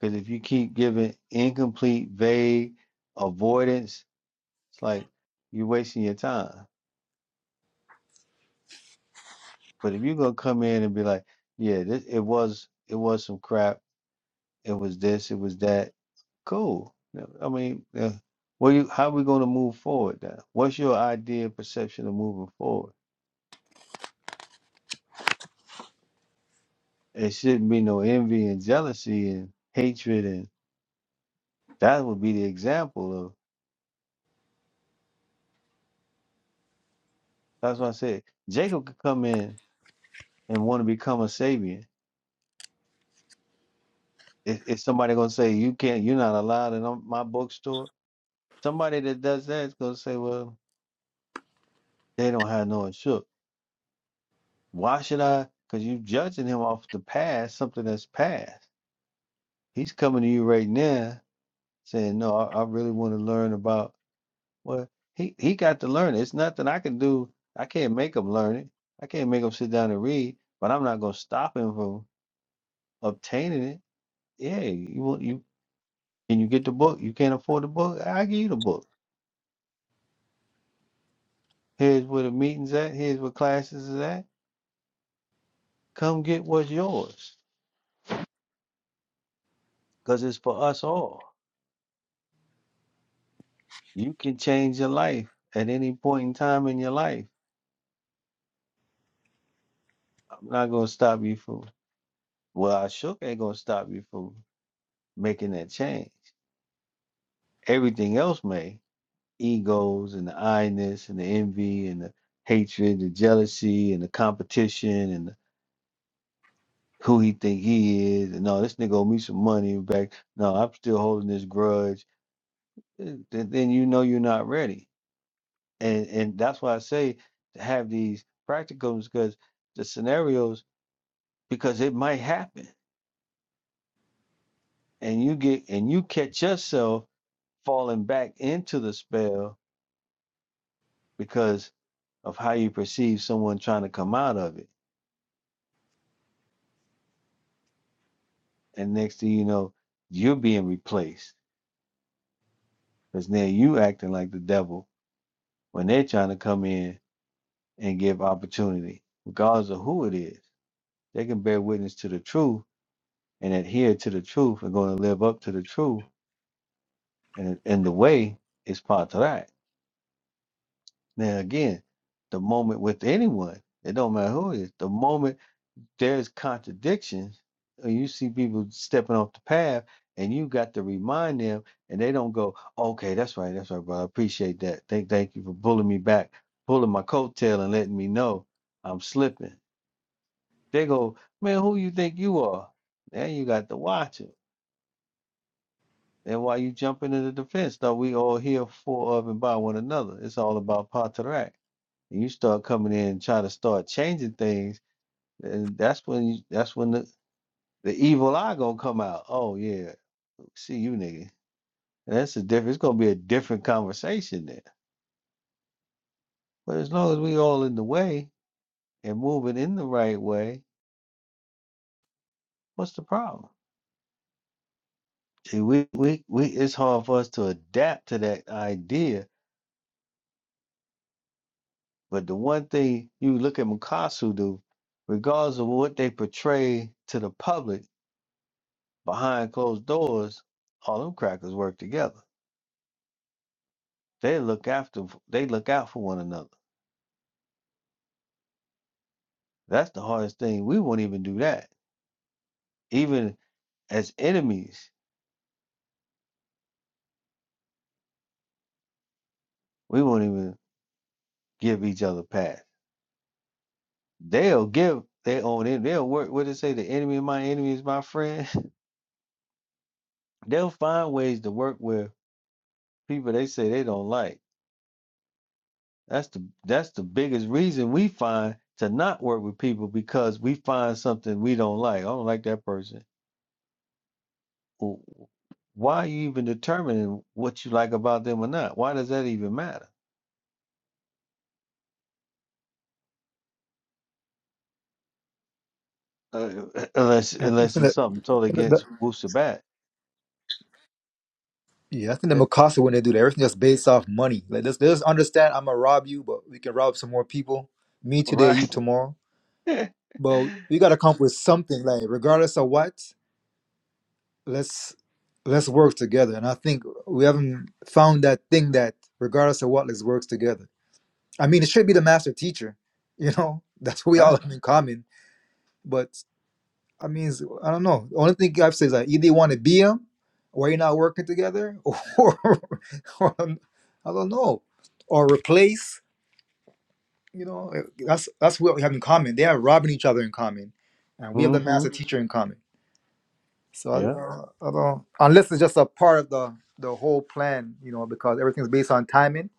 B: Because if you keep giving incomplete, vague avoidance, it's like you're wasting your time. But if you're gonna come in and be like, yeah, this, it was it was some crap, it was this, it was that, cool. No, I mean, uh, well, you how we gonna move forward now? What's your idea, and perception of moving forward? It shouldn't be no envy and jealousy and hatred and That would be the example of. That's why I said Jacob could come in and want to become a Sabian. Is, is somebody gonna say you can't? You're not allowed in on my bookstore. Somebody that does that is gonna say, well, they don't have no insurance. Why should I? Because you judging him off the past, something that's past. He's coming to you right now saying, no, I, I really want to learn about. Well, he he got to learn. It. It's nothing I can do. I can't make him learn it. I can't make him sit down and read. But I'm not gonna stop him from obtaining it Yeah, you want you can you get the book? You can't afford the book? I give you the book. Here's where the meetings at. Here's where classes is at. Come get what's yours, cause it's for us all. You can change your life at any point in time in your life. I'm not gonna stop you from. Well, I sure ain't gonna stop you from making that change. Everything else may egos and the I-ness and the envy and the hatred, the jealousy and the competition and who he think he is. No, this nigga owe me some money back. No, I'm still holding this grudge. eh, th- Then you know you're not ready, and and that's why I say to have these practicums because the scenarios because it might happen, and you get and you catch yourself falling back into the spell because of how you perceive someone trying to come out of it, and next thing you know, you're being replaced because now you acting like the devil when they're trying to come in and give opportunity, regardless of who it is. They can bear witness to the truth and adhere to the truth and going to live up to the truth. And, and the way is part of that. Now, again, the moment with anyone, it don't matter who it is, the moment there's contradictions, or you see people stepping off the path, and you got to remind them, and they don't go, okay, that's right, that's right, bro. I appreciate that. Thank, thank you for pulling me back, pulling my coattail and letting me know I'm slipping They go, man, who you think you are? Now you got to watch it. And while you jump into the defense, though, we all here for of and by one another. It's all about Patarak. And you start coming in and try to start changing things, and that's when you, that's when the, the evil eye gonna come out. Oh yeah, see you nigga. And that's a different. It's gonna be a different conversation there. But as long as we all in the way and moving in the right way, what's the problem? See, we we we. It's hard for us to adapt to that idea But the one thing you look at Mukasu do, regardless of what they portray to the public behind closed doors, all them crackers work together. They look after they look out for one another. That's the hardest thing. We won't even do that. Even as enemies, we won't even give each other pass. They'll give their own en- they'll work what they say, the enemy of my enemy is my friend. They'll find ways to work with people they say they don't like That's the that's the biggest reason we find to not work with people because we find something we don't like. I don't like that person. W- Why are you even determining what you like about them or not? Why does that even matter? Uh, unless
J: I think
B: unless it's
J: that-
B: something totally
J: that-
B: against Wooster Bat.
J: yeah, I think the Mikasa when they do that, everything just based off money. Like, let's, let's understand I'm gonna rob you, but we can rob some more people. Me today,
B: Right.
J: you tomorrow. But we gotta come up with something, like regardless of what. let's let's work together. And I think we haven't found that thing that, regardless of what, let's work together. I mean, it should be the master teacher. You know, that's what we all
B: right.
J: have in common. But I mean, it's- I don't know. The only thing I've said is that either you want to be him, or you're not working together, or, or um, I don't know, or replace. You know, that's that's what we have in common. They are robbing each other in common, and we have the
B: Mm-hmm.
J: master teacher in common. So I,
B: Yeah.
J: uh, I don't, unless it's just a part of the the whole plan, you know, because everything's based on timing,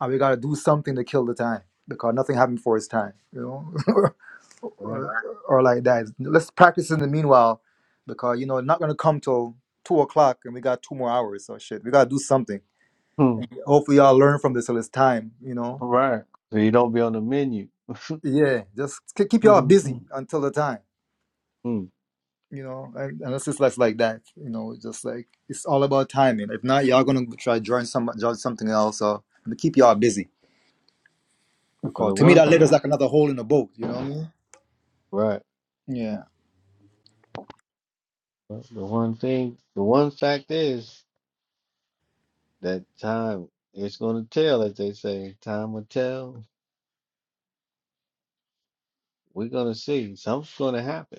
J: and we gotta do something to kill the time because nothing happened for its time, you know,
B: Right.
J: or, or like that. Let's practice in the meanwhile, because you know, it's not gonna come till two o'clock, and we got two more hours. So shit, we gotta do something.
B: Hmm.
J: Hopefully, y'all learn from this till it's time, you know.
B: Right. So you don't be on the menu.
J: Yeah, just k- keep y'all busy
B: Mm-hmm.
J: until the time. you know and, and it's just less like that you know it's just like it's all about timing if not y'all gonna try join some join something else or to keep y'all busy
B: But
J: because
B: the
J: to me
B: one
J: that letter's like another hole in the boat you know what i mean
B: right.
J: yeah
B: But The one thing the one fact is that time it's going to tell, as they say. Time will tell. We're going to see. Something's going to happen.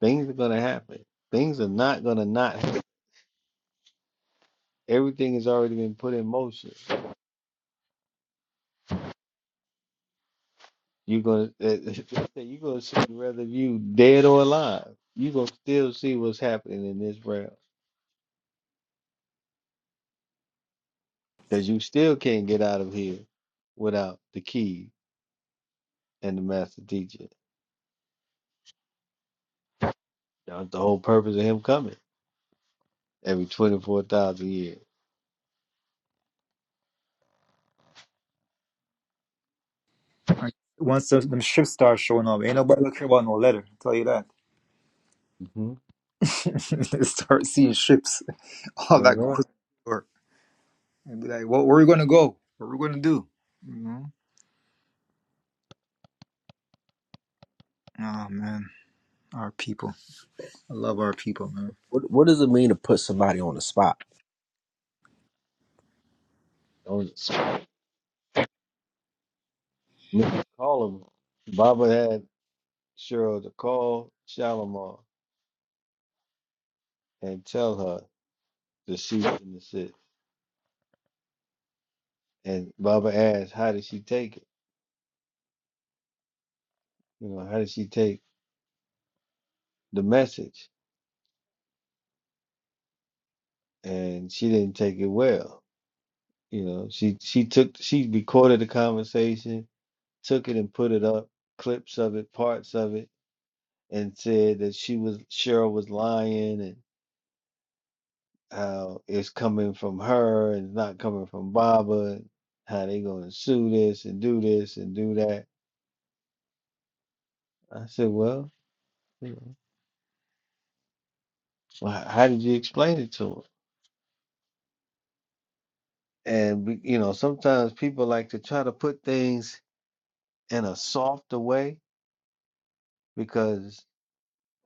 B: Things are going to happen. Things are not going to not happen. Everything has already been put in motion. You're going to you're going to see whether you dead or alive. You're going to still see what's happening in this realm because you still can't get out of here without the key and the master teacher. That's the whole purpose of him coming every 24,000 years.
J: And once those, them ships start showing up ain't nobody gonna care about no letter I'll tell you that
B: Mm-hmm.
J: They start seeing ships all that
B: All
J: goes over and be like what where are we gonna go what are we gonna do you know oh man our people i love our people man
G: What What does it mean to put somebody on the spot?
B: right. You can call him. Baba had Cheryl to call Shalimar and tell her the sheep and the sit. And Baba asked, how did she take it? You know, how did she take the message? And she didn't take it well. You know, she she took she recorded the conversation, took it and put it up, clips of it, parts of it, and said that she was Cheryl was lying and. how it's coming from her and not coming from Baba, how they gonna sue this and do this and do that. I said, well, you know, well, h- how did you explain it to him? And we- you know, sometimes people like to try to put things in a softer way because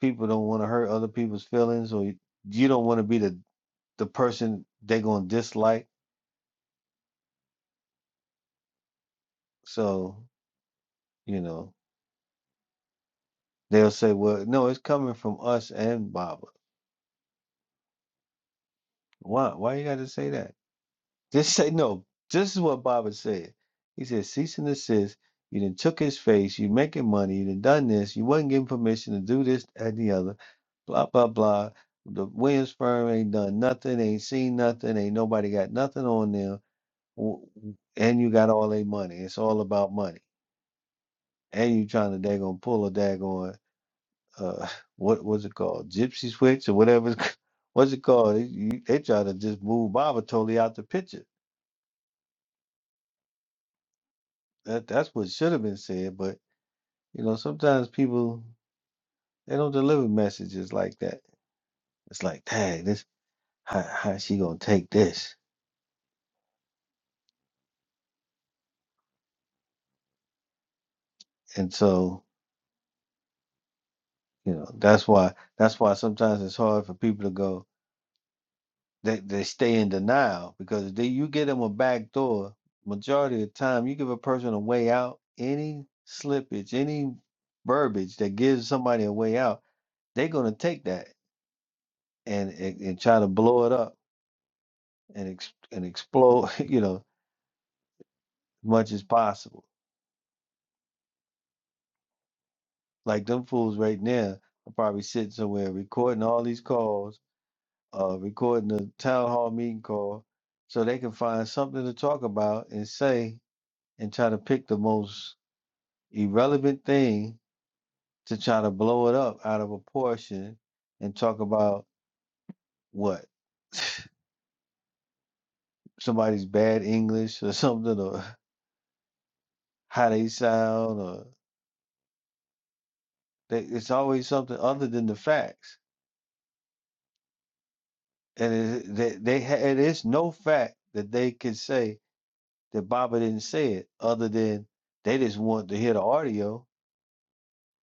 B: people don't want to hurt other people's feelings, or you you don't want to be the the person they gonna dislike. So you know, they'll say, well, no, it's coming from us and Baba. Why? Why you got to say that? Just say no. This is what Baba said. He said, cease and desist. You done took his face. You making money. You done done this. You wasn't given permission to do this that, and the other. Blah blah blah. The Williams firm ain't done nothing. Ain't seen nothing. Ain't nobody got nothing on them. w- w- And you got all their money. It's all about money. And you trying to daggone pull a daggone uh what was it called? Gypsy switch or whatever. it's c- What's it called? You- you- They try to just move Baba totally out the picture. That that's what should have been said, but you know, sometimes people they don't deliver messages like that. It's like, dang, this how how she gonna take this? And so, you know, that's why that's why sometimes it's hard for people to go. They they stay in denial because if they, you give them a back door. Majority of the time, you give a person a way out. Any slippage, any verbiage that gives somebody a way out, they're gonna take that and and, and try to blow it up and ex, and explode. You know, much as possible. Like them fools right now are probably sitting somewhere recording all these calls, uh, recording the town hall meeting call, so they can find something to talk about and say and try to pick the most irrelevant thing to try to blow it up out of proportion and talk about what somebody's bad English or something or how they sound or they, it's always something other than the facts It is they, they ha- it is no fact that they can say that Baba didn't say it, other than they just want to hear the audio.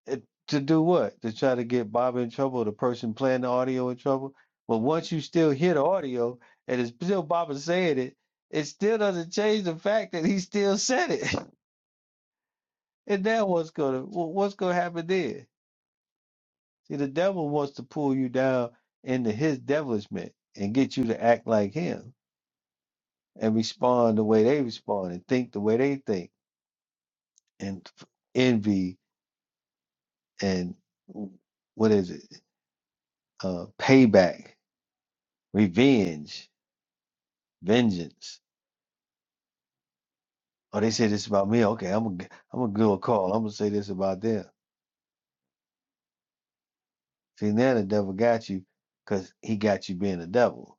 B: It, to do what? To try to get Baba in trouble, or the person playing the audio in trouble. But once you still hear the audio and it's still Baba saying it, it still doesn't change the fact that he still said it. And now what's gonna wh- what's gonna happen there? See, the devil wants to pull you down into his devilishment and get you to act like him and respond the way they respond and think the way they think and f- envy and w- what is it uh payback revenge vengeance oh they say this about me okay i'm gonna g- i'm gonna do a call i'm gonna say this about them see now the devil got you because he got you being a devil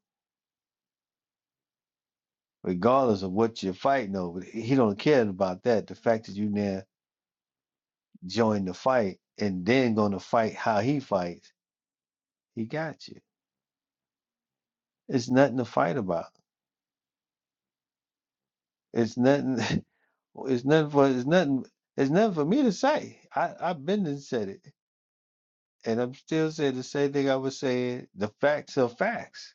B: regardless of what you're fighting over he he don't care about that the fact that you now join the fight and then gonna fight how he fights he got you it's nothing to fight about It's nothing. It's nothing for. It's nothing. It's nothing for me to say. I I've been and said it, and I'm still saying the same thing I was saying. The facts are facts.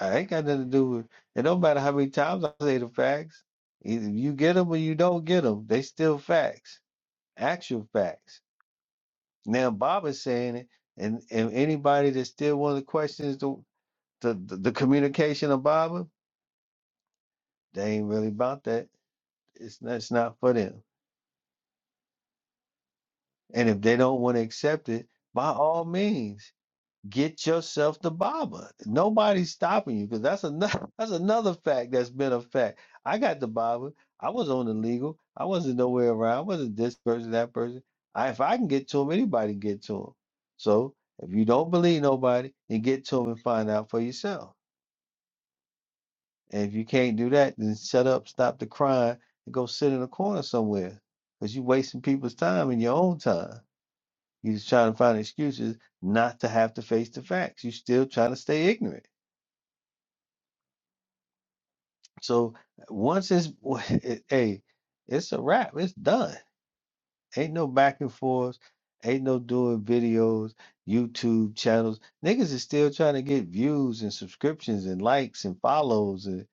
B: I ain't got nothing to do with. It don't matter how many times I say the facts. Either you get them or you don't get them. They still facts. Actual facts. Now Bob is saying it, and and anybody that still one of the questions the the the communication of Bob, they ain't really about that. It's not, it's not for them. And if they don't want to accept it, by all means, get yourself the Baba. Nobody's stopping you because that's another that's another fact that's been a fact. I got the Baba. I was on the legal. I wasn't nowhere around. I wasn't this person, that person. I, if I can get to him, anybody can get to him. So if you don't believe nobody, then get to him and find out for yourself. And if you can't do that, then shut up, stop the crying, and go sit in a corner somewhere because you're wasting people's time and your own time. You're trying to find excuses not to have to face the facts. You're still trying to stay ignorant. So once it's, it, hey, it's a wrap. It's done. Ain't no back and forth. Ain't no doing videos, YouTube channels. Niggas is still trying to get views and subscriptions and likes and follows. And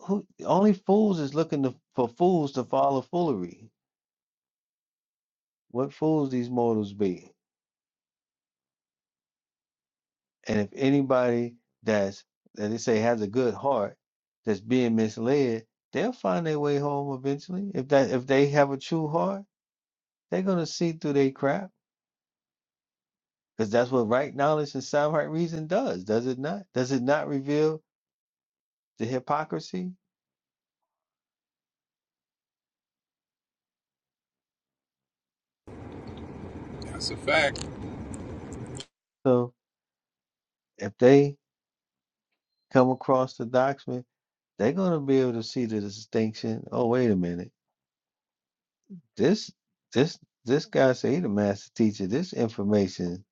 B: who only fools is looking to, for fools to follow foolery. What fools these mortals be? And if anybody that's that they say has a good heart that's being misled, they'll find their way home eventually. If that if they have a true heart, they're gonna see through their crap. Because that's what right knowledge and sound right reason does, does it not? Does it not reveal the hypocrisy?
I: That's a fact.
B: So if they come across the doctrine, they're gonna be able to see the distinction. Oh, wait a minute This this this guy say he the master teacher. This information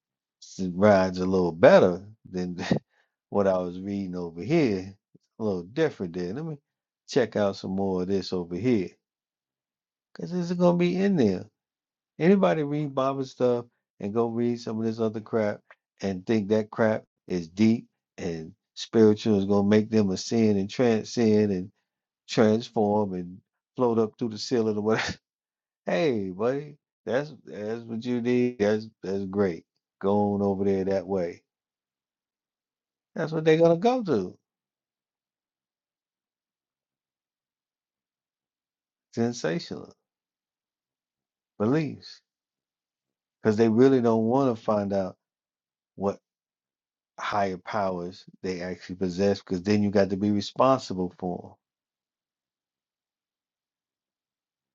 B: s- rides a little better than what I was reading over here. A little different there. Let me check out some more of this over here. Cause this is gonna be in there. Anybody read Bible stuff and go read some of this other crap and think that crap is deep and spiritual is gonna make them ascend and transcend and transform and float up through the ceiling or whatever. Hey, buddy, that's that's what you need. That's that's great. Going over there that way. That's what they're gonna go to. Sensational beliefs, because they really don't want to find out what higher powers they actually possess. Because then you got to be responsible for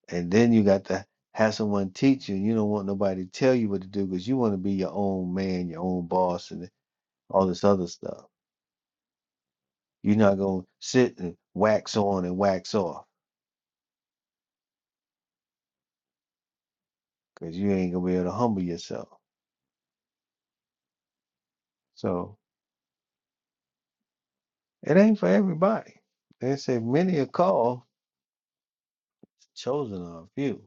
B: 'em. and then you got to have someone teach you. You don't want nobody to tell you what to do because you want to be your own man, your own boss, and all this other stuff. You're not gonna sit and wax on and wax off because you ain't gonna be able to humble yourself. So it ain't for everybody. They say many are called, chosen are a few.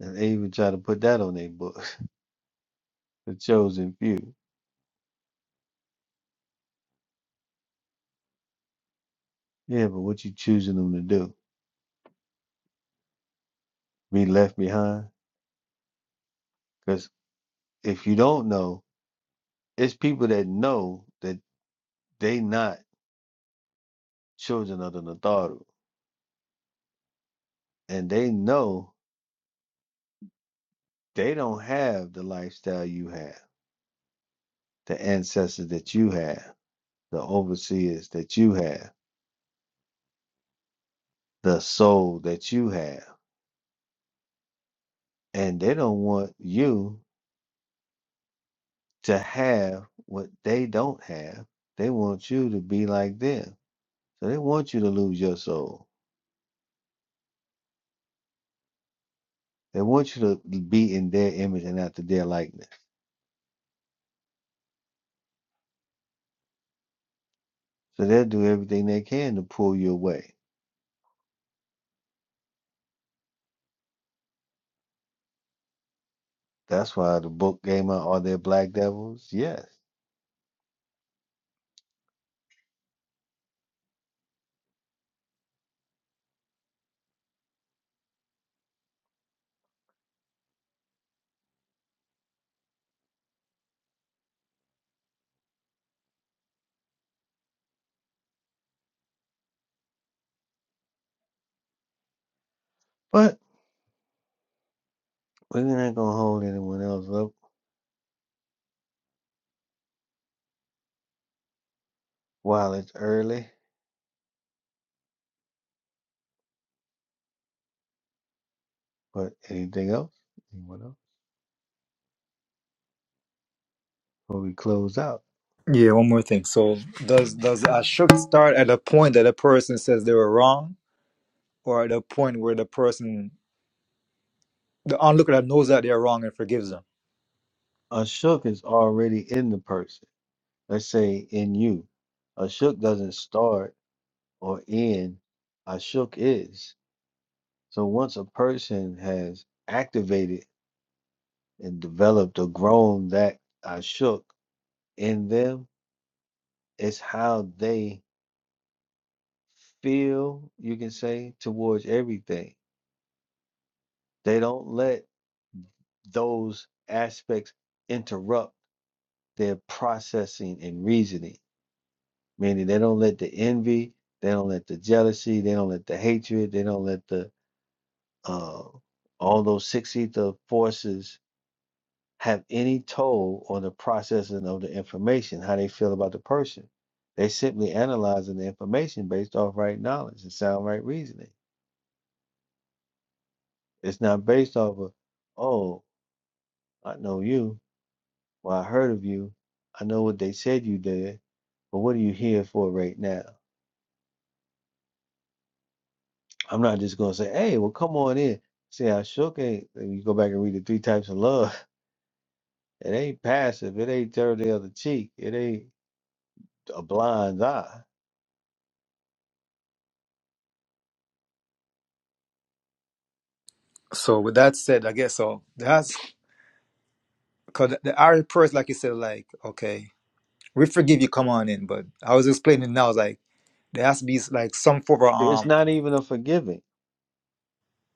B: And they even try to put that on their book, the chosen few. Yeah, but what you choosing them to do? Be left behind? Because if you don't know, it's people that know that they not children of the Natharu. And they know they don't have the lifestyle you have, the ancestors that you have, the overseers that you have, the soul that you have and they don't want you to have what they don't have. They want you to be like them. So they want you to lose your soul. They want you to be in their image and after their likeness. So they'll do everything they can to pull you away. That's why the book came out. Are there black devils? Yes. But we're not going to hold anyone else up while it's early. But anything else? Anyone else? Before we close out,
J: Yeah, one more thing. So does does Ashok start at a point that a person says they were wrong, or at a point where the person the onlooker knows that they're wrong and forgives them?
B: Ashok is already in the person. Let's say in you, Ashuk doesn't start or end. Ashuk is. So once a person has activated and developed or grown that Ashuk in them, it's how they feel, you can say, towards everything. They don't let those aspects interrupt their processing and reasoning, meaning they don't let the envy, they don't let the jealousy, they don't let the hatred, they don't let the Uh, although six ether forces have any toll on the processing of the information, how they feel about the person, they simply analyzing the information based off right knowledge and sound right reasoning. It's not based off of, oh, I know you, well, I heard of you, I know what they said you did, but what are you here for right now? I'm not just gonna say, hey, well, come on in. See, I sure can't. You go back and read the three types of love. It ain't passive. It ain't third the other cheek. It ain't a blind eye.
J: So with that said, I guess so. That's because the Irish person, like you said, like okay, we forgive you, come on in. But I was explaining now, like there has to be like some form of
B: It's
J: um,
B: not even a forgiving.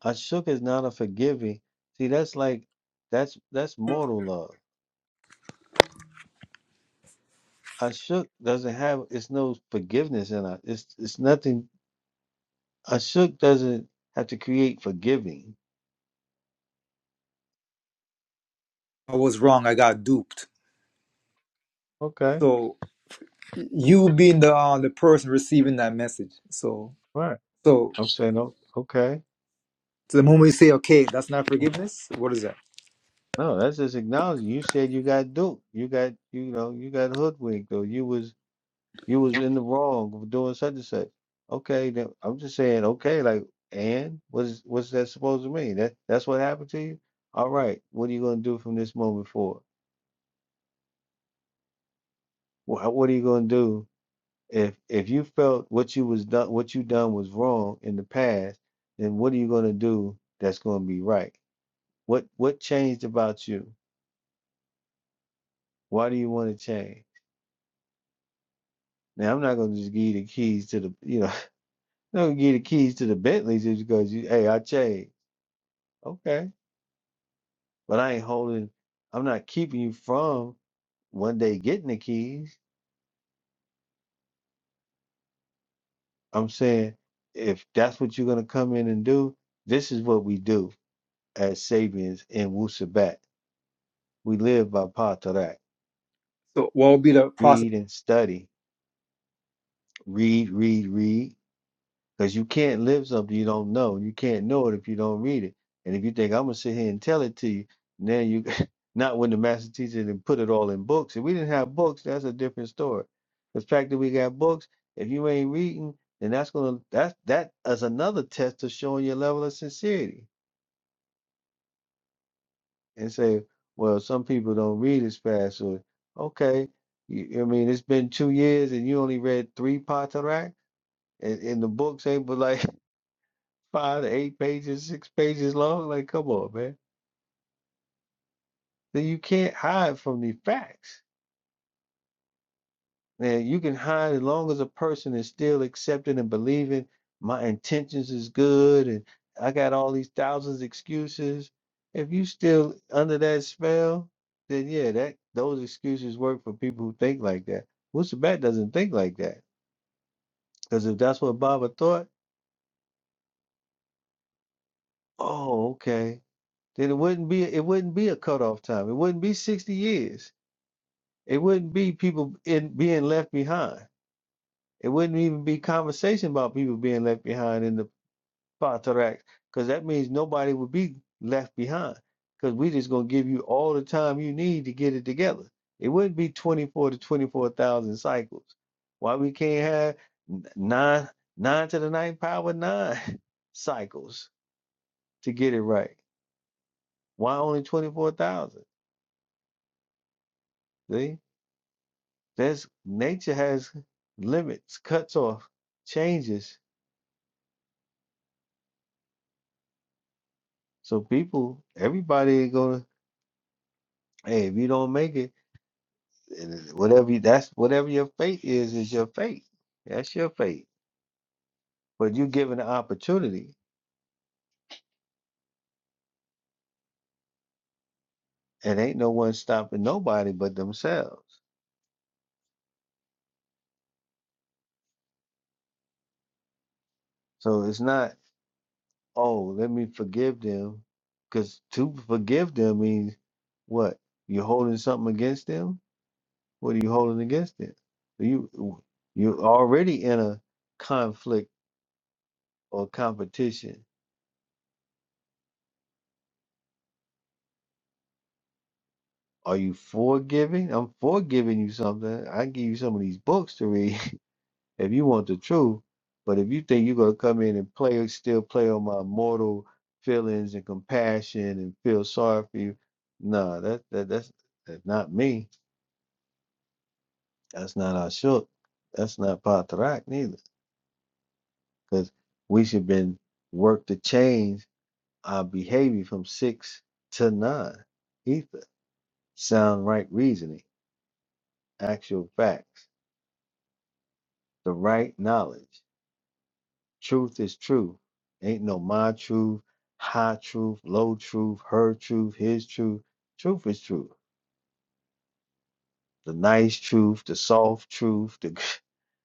B: Ashuk is not a forgiving. See, that's like that's that's mortal love. Ashuk doesn't have it's no forgiveness in it. It's it's nothing. Ashuk doesn't have to create forgiving.
J: I was wrong, I got duped.
B: Okay,
J: So you being the uh, the person receiving that message, so
B: right.
J: so
B: I'm saying o- okay.
J: to the moment you say okay, that's not forgiveness. What is that?
B: No, that's just acknowledging. You said you got duped. You got you know you got hoodwinked or you was You was in the wrong for doing such and such. Okay, then I'm just saying, okay, like, and what's what's that supposed to mean? That that's what happened to you? All right, what are you gonna do from this moment forward? What what are you gonna do if if you felt what you was done what you done was wrong in the past, then what are you gonna do that's gonna be right? What what changed about you? Why do you want to change? Now I'm not gonna just give you the keys to the you know, I'm not gonna give you the keys to the Bentleys just because you hey, I changed. Okay But I ain't holding, I'm not keeping you from one day getting the keys. I'm saying if that's what you're gonna come in and do, this is what we do as Sabians in Wusabat. We live by Patarak.
J: So what would be the process?
B: Read and study. Read, read, read. Because you can't live something you don't know. You can't know it if you don't read it. And if you think I'm gonna sit here and tell it to you, now you not when the master teacher didn't put it all in books. If we didn't have books, that's a different story. The fact that we got books, if you ain't reading, then that's gonna that's that is another test of showing your level of sincerity. And say, well, some people don't read as fast, or okay, you, I mean, it's been two years and you only read three parts of that, and, and the books ain't but like five to eight pages, six pages long. Like, come on, man. Then you can't hide from the facts. And you can hide as long as a person is still accepting and believing my intentions is good and I got all these thousands excuses. If you still under that spell, then yeah, that those excuses work for people who think like that. Wusabat doesn't think like that. Because if that's what Baba thought, oh, okay. Then it wouldn't be it wouldn't be a cutoff time. It wouldn't be 60 years It wouldn't be people in being left behind. It wouldn't even be conversation about people being left behind in the Patarak, because that means nobody would be left behind. Because we just gonna give you all the time you need to get it together. It wouldn't be 24 to 24,000 cycles. Why we can't have nine nine to the ninth power nine cycles to get it right? Why only 24,000? See, that's nature has limits, cuts off, changes So people, everybody ain't gonna. Hey, if you don't make it, and it- whatever you, that's whatever your fate is, is your fate. That's your fate. But you given the opportunity, and ain't no one stopping nobody but themselves. So it's not. Oh, let me forgive them, because to forgive them means what? you holding something against them. What are you holding against them? You you're already in a conflict or competition Are you forgiving? I'm forgiving you something. I give you some of these books to read if you want the truth. But if you think you're gonna come in and play, still play on my mortal feelings and compassion and feel sorry for you, nah, that, that that's that's not me. That's not our shook. That's not Patrak neither, because we should been work to change our behavior from six to nine. Ether, sound right reasoning, actual facts, the right knowledge. Truth is true. Ain't no my truth, high truth, low truth, her truth, his truth. Truth is truth. The nice truth, the soft truth, the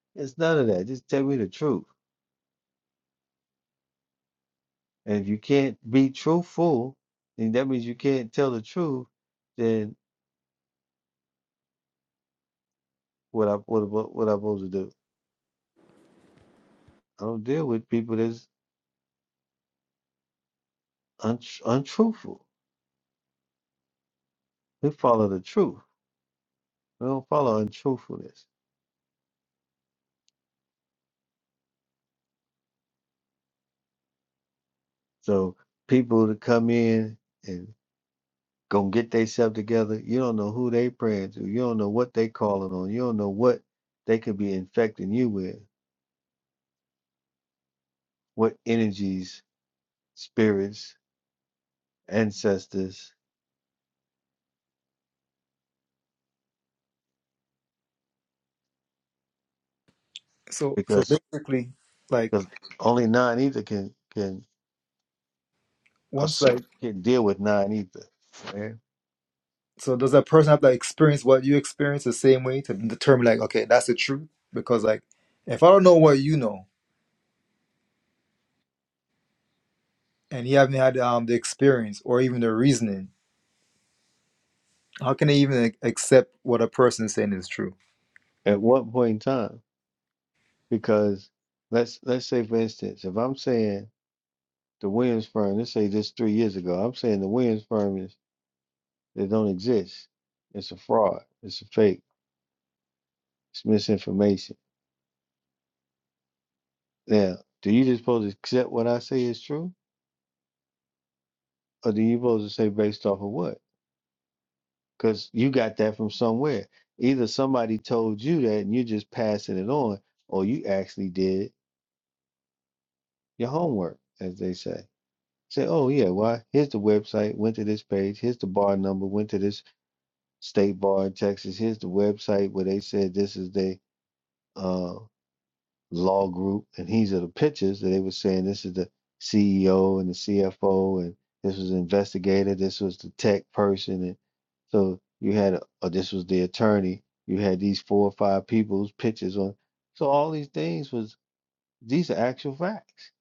B: it's none of that. Just tell me the truth. And if you can't be truthful, then that means you can't tell the truth. Then what I what what, what I supposed to do? I don't deal with people that's un, untruthful. We follow the truth. We don't follow untruthfulness. So people to come in and. gonna get themselves together. You don't know who they praying to. You don't know what they calling on. You don't know what they could be infecting you with. What energies, spirits, ancestors,
J: So so
B: because
J: basically, like
B: because only non ether can can
J: once
B: assert,
J: like
B: can deal with non ether. Right?
J: so does that person have to like, experience what you experience the same way to determine like okay that's the truth? Because like if I don't know what you know and you haven't had um the experience or even the reasoning, how can I even ac- accept what a person is saying is true?
B: At what point in time? Because let's let's say for instance, if I'm saying the Williams firm, let's say this three years ago, I'm saying the Williams firm is they don't exist. It's a fraud. It's a fake. It's misinformation Now, do you just supposed to accept what I say is true, or do you supposed to say based off of what? Because you got that from somewhere. Either somebody told you that and you're just passing it on, or you actually did your homework, as they say. Say, oh yeah, why? Here's the website. Went to this page. Here's the bar number. Went to this state bar in Texas. Here's the website where they said this is the uh, law group, and these are the pictures that they were saying this is the CEO and the CFO, and this was the investigator, this was the tech person, and so you had a, or this was the attorney. You had these four or five people's pictures on. So all these things was these are actual facts.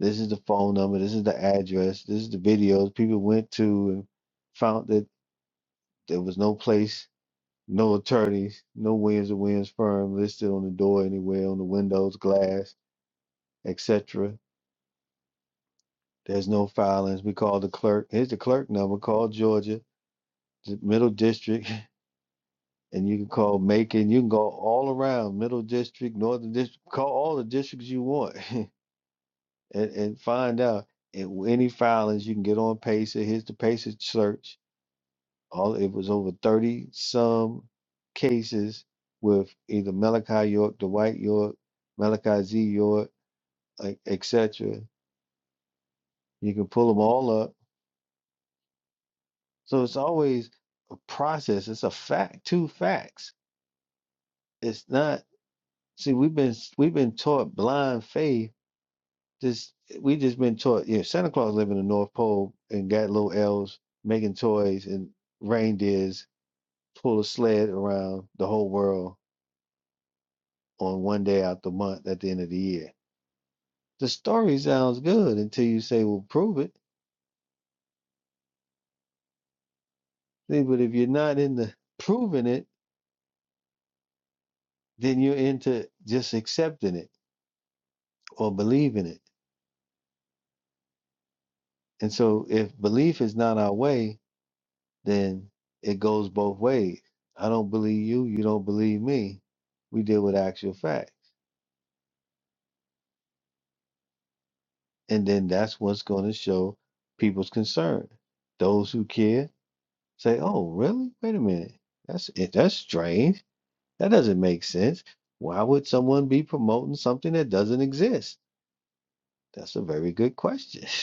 B: This is the phone number. This is the address. This is the videos people went to and found that there was no place, no attorneys, no Williams and Williams firm listed on the door anywhere, on the windows, glass, etc. There's no filings. We call the clerk. Here's the clerk number. Call Georgia, the Middle District, and you can call Macon. You can go all around Middle District, Northern District. Call all the districts you want, and, and find out if any filings you can get on PACER. Here's the PACER search. All it was over thirty some cases with either Malachi York, Dwight York, Malachi Z York, etc. You can pull them all up So it's always a process. It's a fact, two facts. It's not, see, we've been s- we've been taught blind faith. Just we just been taught, Yeah, Santa Claus lived in the North Pole and got little elves making toys and reindeers pull a sled around the whole world on one day out the month at the end of the year. The story sounds good until you say, well, prove it. See, but if you're not into proving it, then you're into just accepting it or believing it And so if belief is not our way, then it goes both ways. I don't believe you, you don't believe me. We deal with actual facts. And then that's what's going to show people's concern. Those who care say, "Oh, really? Wait a minute. That's it. That's strange. That doesn't make sense. Why would someone be promoting something that doesn't exist?" That's a very good question.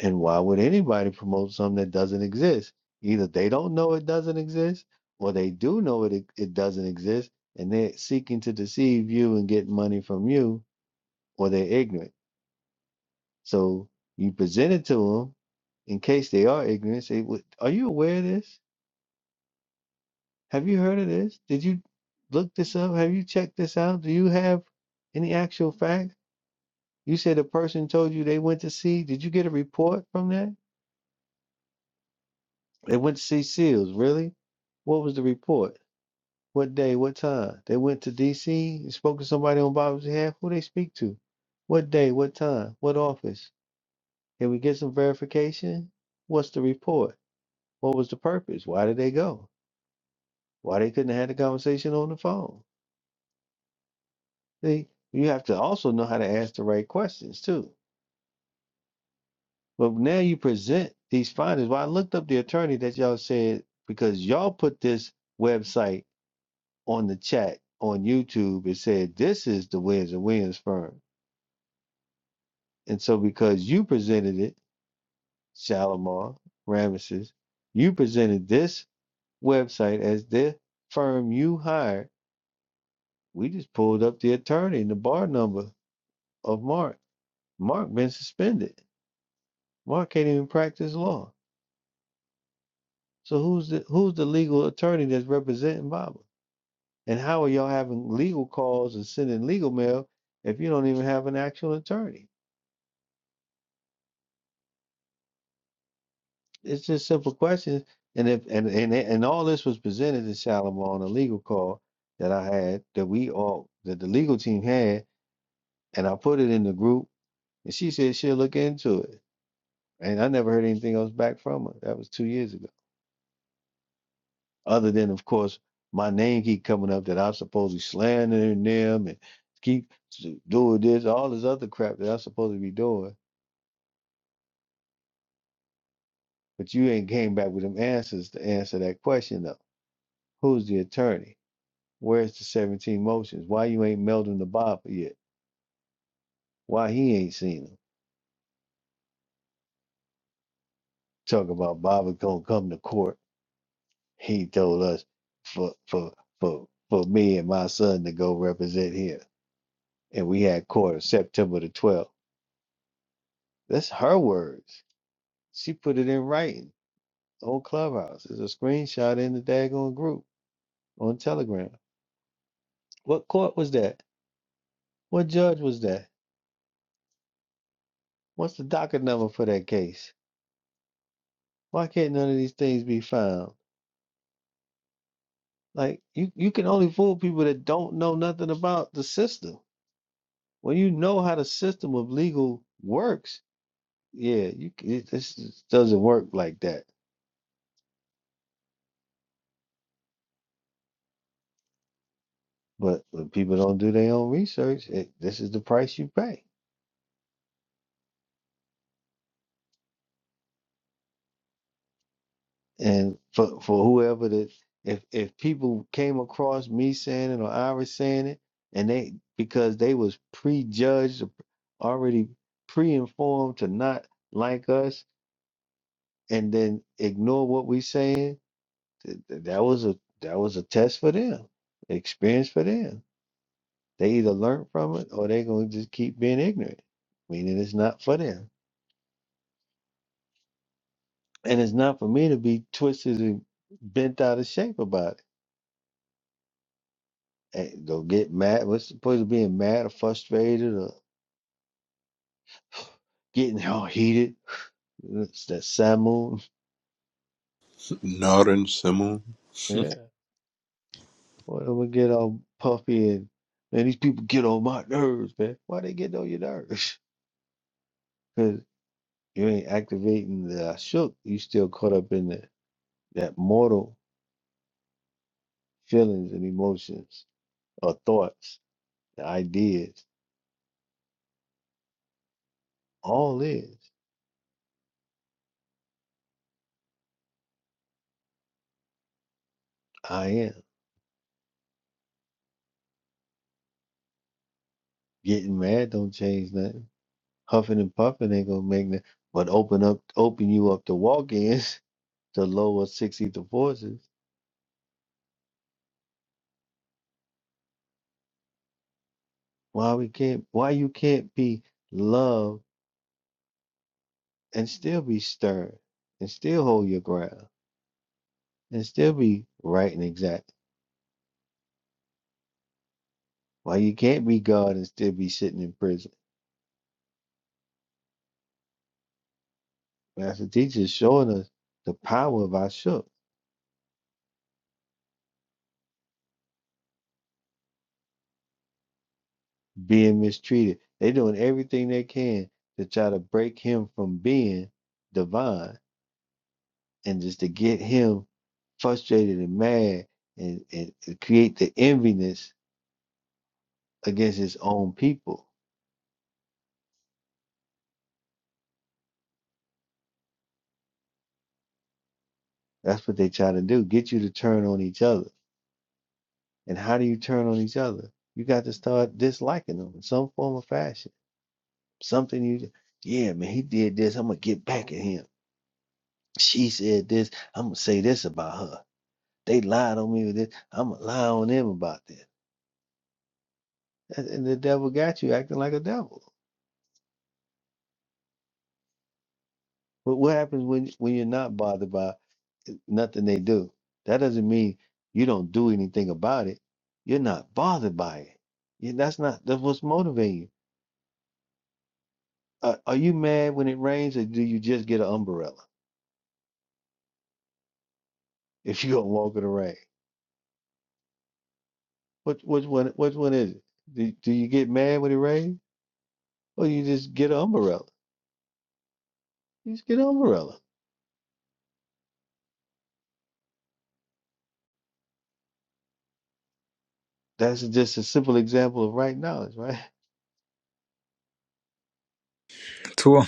B: And why would anybody promote something that doesn't exist? Either they don't know it doesn't exist, or they do know it it doesn't exist, and they're seeking to deceive you and get money from you, or they're ignorant. So you present it to them in case they are ignorant. Say, "What- "Are you aware of this? Have you heard of this? Did you look this up? Have you checked this out? Do you have any actual facts? You said a person told you they went to see. Did you get a report from that? They went to see SEALs. Really? What was the report? What day? What time? They went to D.C. and spoke to somebody on Bob's behalf. Who they speak to? What day? What time? What office? Can we get some verification? What's the report? What was the purpose? Why did they go? Why they couldn't have had the conversation on the phone? See, you have to also know how to ask the right questions too. But now you present these findings. Well, I looked up the attorney that y'all said because y'all put this website on the chat on YouTube, it said, This is the Williams and Williams firm. And so because you presented it, Shalimar, Ramesses, you presented this website as the firm you hired. We just pulled up the attorney and the bar number of Mark. Mark been suspended. Mark can't even practice law. So who's the who's the legal attorney that's representing Baba? And how are y'all having legal calls and sending legal mail if you don't even have an actual attorney? it's just simple questions. And if and and and all this was presented to Shalimar on a legal call that I had that we all that the legal team had, and I put it in the group, and she said she'll look into it. And I never heard anything else back from her. That was two years ago. Other than, of course, my name keep coming up that I'm supposedly slandering them and keep doing this, all this other crap that I'm supposed to be doing. But you ain't came back with them answers to answer that question though. Who's the attorney? Where's the 17 motions? Why you ain't melding the Baba yet? Why he ain't seen them? Talk about Baba gonna come to court. He told us for for for for me and my son to go represent here. And we had court on September the 12th. That's her words. She put it in writing on Clubhouse. There's a screenshot in the daggone group on Telegram. What court was that? What judge was that? What's the docket number for that case? Why can't none of these things be found? Like you, you can only fool people that don't know nothing about the system. When you know how the system of legal works, yeah, you c- it, this is- doesn't work like that. But when people don't do their own research, it, this is the price you pay. And for for whoever that if if people came across me saying it or Iris saying it, and they because they was prejudged, already pre-informed to not like us, and then ignore what we saying Th- th- That was a that was a test for them, experience for them. They either learn from it or they're gonna just keep being ignorant, meaning it's not for them. And it's not for me to be twisted and bent out of shape about it. And go get mad. What's the point of being mad or frustrated or getting all heated? That's that sad mood.
I: Northern Semmel.
B: Yeah. What I'm gonna get all puffy and man, these people get on my nerves, man. Why they get on your nerves? You ain't activating the shook. You still caught up in the, that mortal feelings and emotions or thoughts, the ideas. All is I am. Getting mad don't change nothing. Huffing and puffing ain't gonna make nothing. But open up, open you up to walk-ins to lower six ether forces. Why we can't? Why you can't be loved and still be stern and still hold your ground and still be right and exact? Why you can't be God and still be sitting in prison? Master teacher is showing us the power of our shook being mistreated. They doing everything they can to try to break him from being divine and just to get him frustrated and mad and, and, and create the enviness against his own people. That's what they try to do. Get you to turn on each other. And how do you turn on each other? You got to start disliking them in some form or fashion. Something you yeah, man, he did this. I'm gonna get back at him. she said this. I'm gonna say this about her. They lied on me with this. I'm gonna lie on them about this. And and the devil got you acting like a devil. But what happens when when you're not bothered by eh, nothing they do? That doesn't mean you don't do anything about it. You're not bothered by it. You- that's not that's what's motivating you. Are are you mad when it rains, or do you just get an umbrella if you don't walk in the rain? Which which one which one is it? Do, do you get mad when it rains, or you just get an umbrella? You just get an umbrella That's just a simple example of right knowledge, right?
J: True,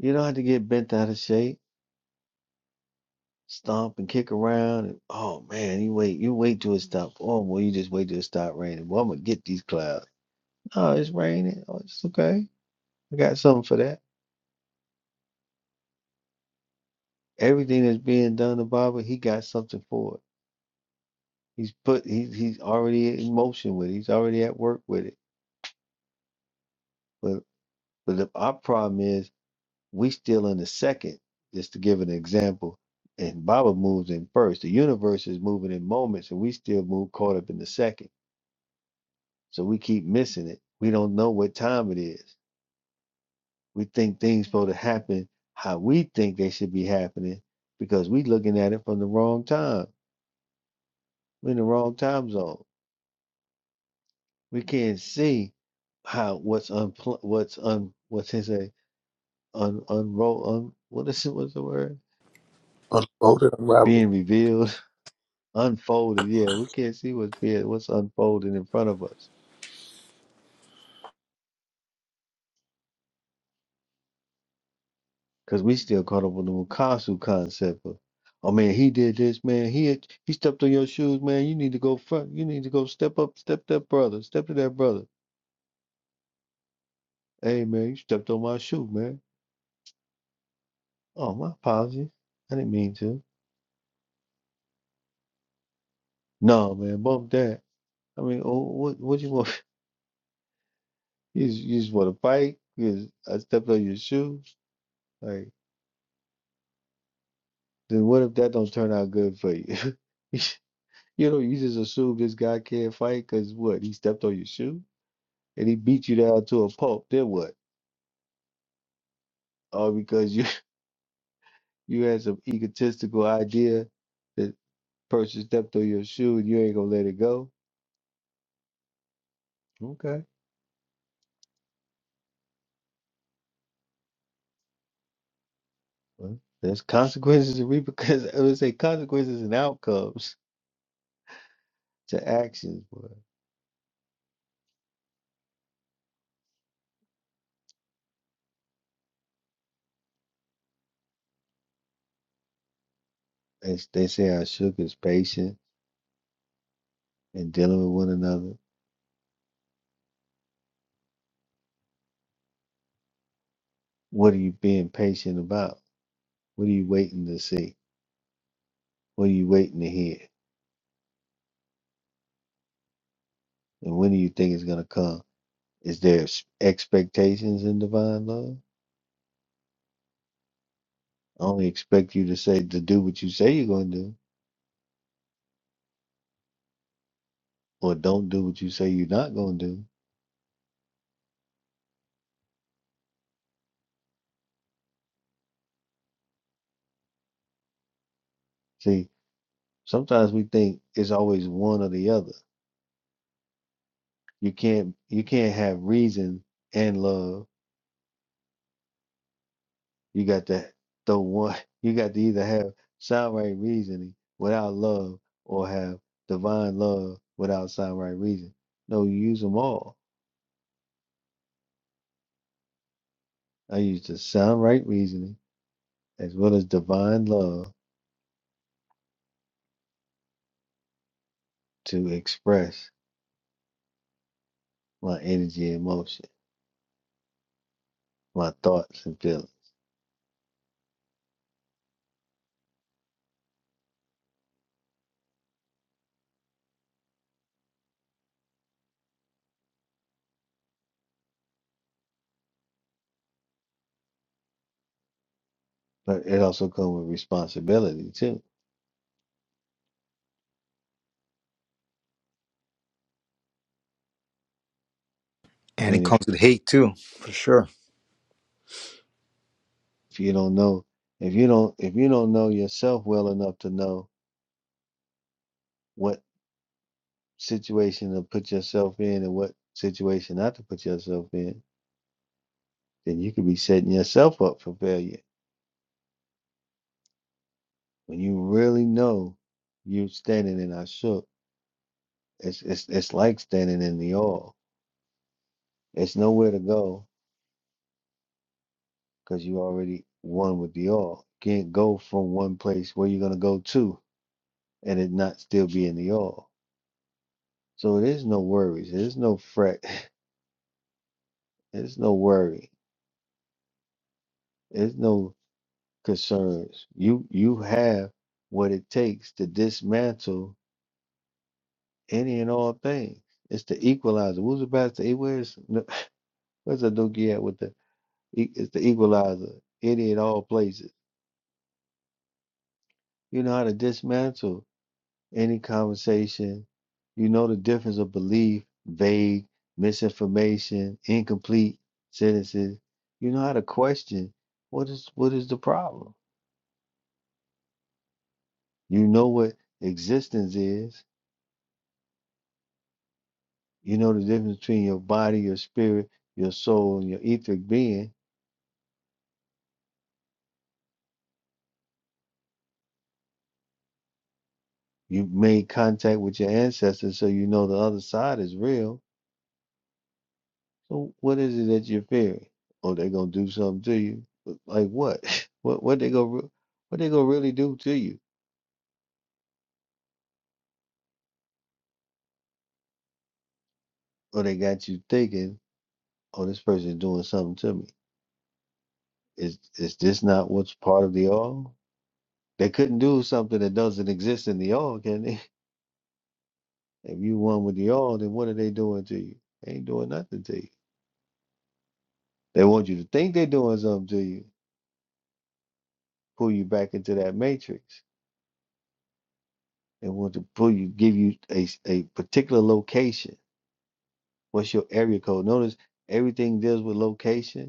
B: You don't have to get bent out of shape, stomp and kick around. And, oh man, you wait, you wait till it stops. Oh well, you just wait till it stop raining. Well, I'm gonna get these clouds. Oh, it's raining. Oh, it's okay. I got something for that. Everything that's being done to Baba, he got something for it. He's put he's he's already in motion with it. He's already at work with it. But but the, our problem is We still in the second, just to give an example. And Baba moves in first. The universe is moving in moments, and we still move caught up in the second. So we keep missing it. We don't know what time it is. We think things supposed to happen how we think they should be happening because we looking at it from the wrong time. We're in the wrong time zone. We can't see how what's unpl- what's un what's his say un unroll un what is it what's the word being revealed unfolded. Yeah, we can't see what's being what's unfolding in front of us because we still caught up on the Mukasu concept of, oh man, he did this, man. He had, he stepped on your shoes, man. You need to go front. You need to go step up, step that brother, step to that brother. Hey man, you stepped on my shoe, man. Oh my apologies, I didn't mean to. No man, bump that. I mean, oh, what what you want? You just, you just want to fight? Because I stepped on your shoes? Like, then what if that don't turn out good for you? You know, you just assume this guy can't fight because what? He stepped on your shoe and he beat you down to a pulp. Then what? All because you you had some egotistical idea that person stepped on your shoe and you ain't gonna let it go. Okay. Well, there's consequences and repercussions. I would say consequences and outcomes to actions. But they, they say our shook is patient and dealing with one another. What are you being patient about? What are you waiting to see? What are you waiting to hear? And when do you think it's gonna come? Is there s- expectations in divine love? I only expect you to say to do what you say you're going to do, or don't do what you say you're not going to do. See, sometimes we think it's always one or the other. You can't you can't have reason and love. You got to the one. You got to either have sound right reasoning without love, or have divine love without sound right reason. No, you use them all. I use the sound right reasoning as well as divine love to express my energy, emotion, my thoughts and feelings. But it also comes with responsibility too.
J: and it
B: Meaning,
J: comes with hate too, for sure.
B: if you don't know, if you don't, if you don't know yourself well enough to know what situation to put yourself in and what situation not to put yourself in, then you could be setting yourself up for failure. When you really know you're standing in our shook, it's it's it's like standing in the oil. It's nowhere to go because you already one with the all. Can't go from one place where you're gonna go to and it not still be in the all. So there's no worries. There's no fret. There's no worry. There's no concerns. You you have what it takes to dismantle any and all things. It's the equalizer. Who's about to where's where's the dookie at with the e- it's the equalizer. Any and all places. You know how to dismantle any conversation. You know the difference of belief, vague, misinformation, incomplete sentences. You know how to question what is what is the problem. You know what existence is. You know the difference between your body, your spirit, your soul, and your etheric being. You made contact with your ancestors, so you know the other side is real. So what is it that you're fearing? Oh, they're gonna do something to you. Like what? What what they gonna re- what they gonna really do to you? or they got you thinking, oh, this person's doing something to me. Is is this not what's part of the all? They couldn't do something that doesn't exist in the all, can they? If you one with the all, then what are they doing to you? They ain't doing nothing to you. They want you to think they're doing something to you, pull you back into that matrix. They want to pull you, give you a, s- a particular location. What's your area code? Notice everything deals with location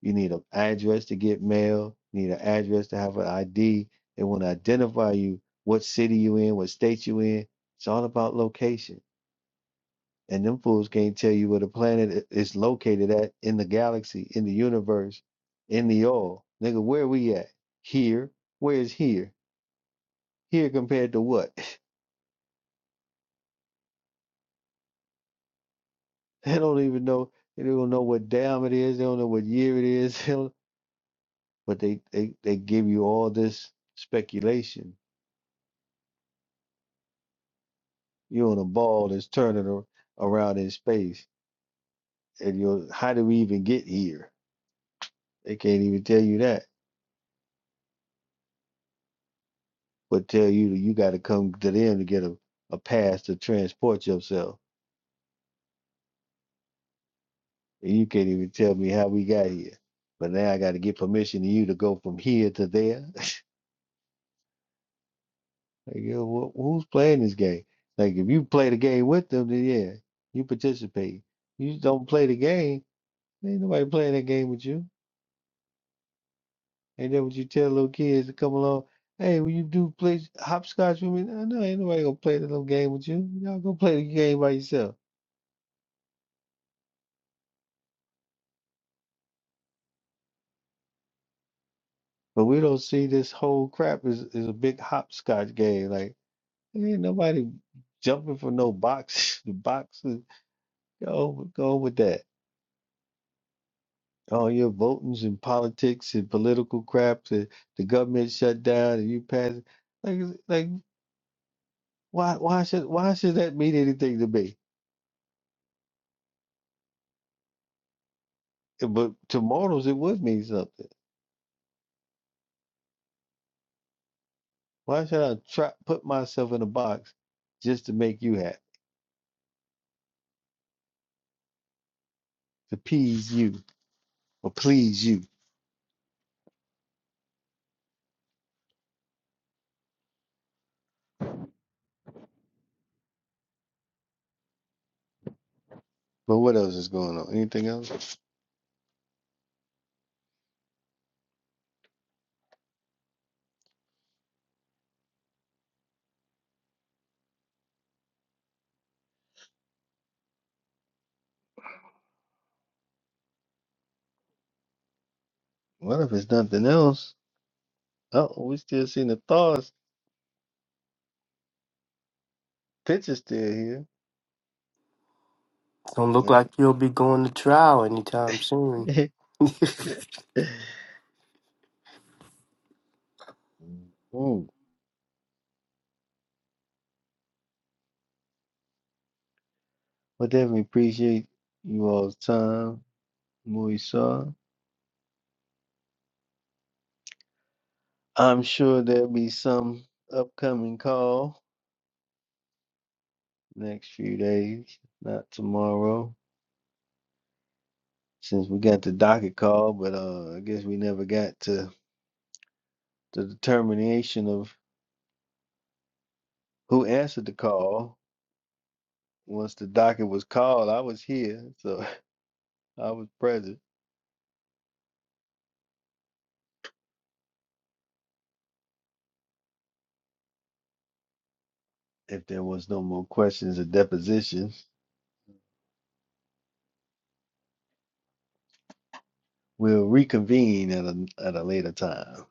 B: You need an address to get mail. You need an address to have an ID. They want to identify you, what city you in, what state you in. It's all about location. And them fools can't tell you where the planet i- is located at in the galaxy, in the universe, in the all. Nigga, where we at? Here. Where is here? Here compared to what? they don't even know. They don't know what damn it is. They don't know what year it is. they don't- But they, they, they give you all this speculation You're on a ball that's turning ar- around in space, and you're how do we even get here? They can't even tell you that, but tell you that you got to come to them to get a, a pass to transport yourself, and you can't even tell me how we got here. But now I got to get permission to you to go from here to there. Like, yo, wh- who's playing this game? Like, if you play the game with them, then yeah, you participate. You don't play the game, ain't nobody playing that game with you. And then what you tell little kids to come along? Hey, will you do play hopscotch with me? No, no, ain't nobody gonna play that little game with you. Y'all go play the game by yourself. But we don't see this whole crap is is a big hopscotch game. Like ain't nobody jumping for no box. The boxes go go with that. All your votings and politics and political crap. The the government shut down and you pass it. like like why why should why should that mean anything to me? But to mortals it would mean something. Why should I try put myself in a box just to make you happy, to appease you or please you? But what else is going on? Anything else? What if it's nothing else? Oh, we still seeing the thoughts. Pictures still
H: Don't look like you'll be going to trial anytime
B: here.
H: soon.
B: Ooh. Well, definitely appreciate you all's time, Moisa. I'm sure there'll be some upcoming call next few days, not tomorrow, since we got the docket call. But uh, I guess we never got to. the determination of who answered the call. Once the docket was called, I was here, so I was present. If there was no more questions or depositions, we'll reconvene at a at a later time.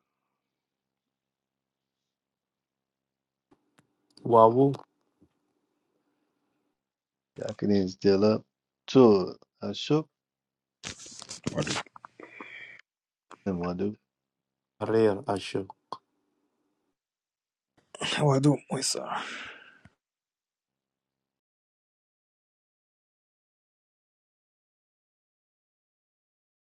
H: Wawu.
B: Y'all can end still up. To Ashok
G: Or
B: and Wadu.
J: What I do, Wait, sir.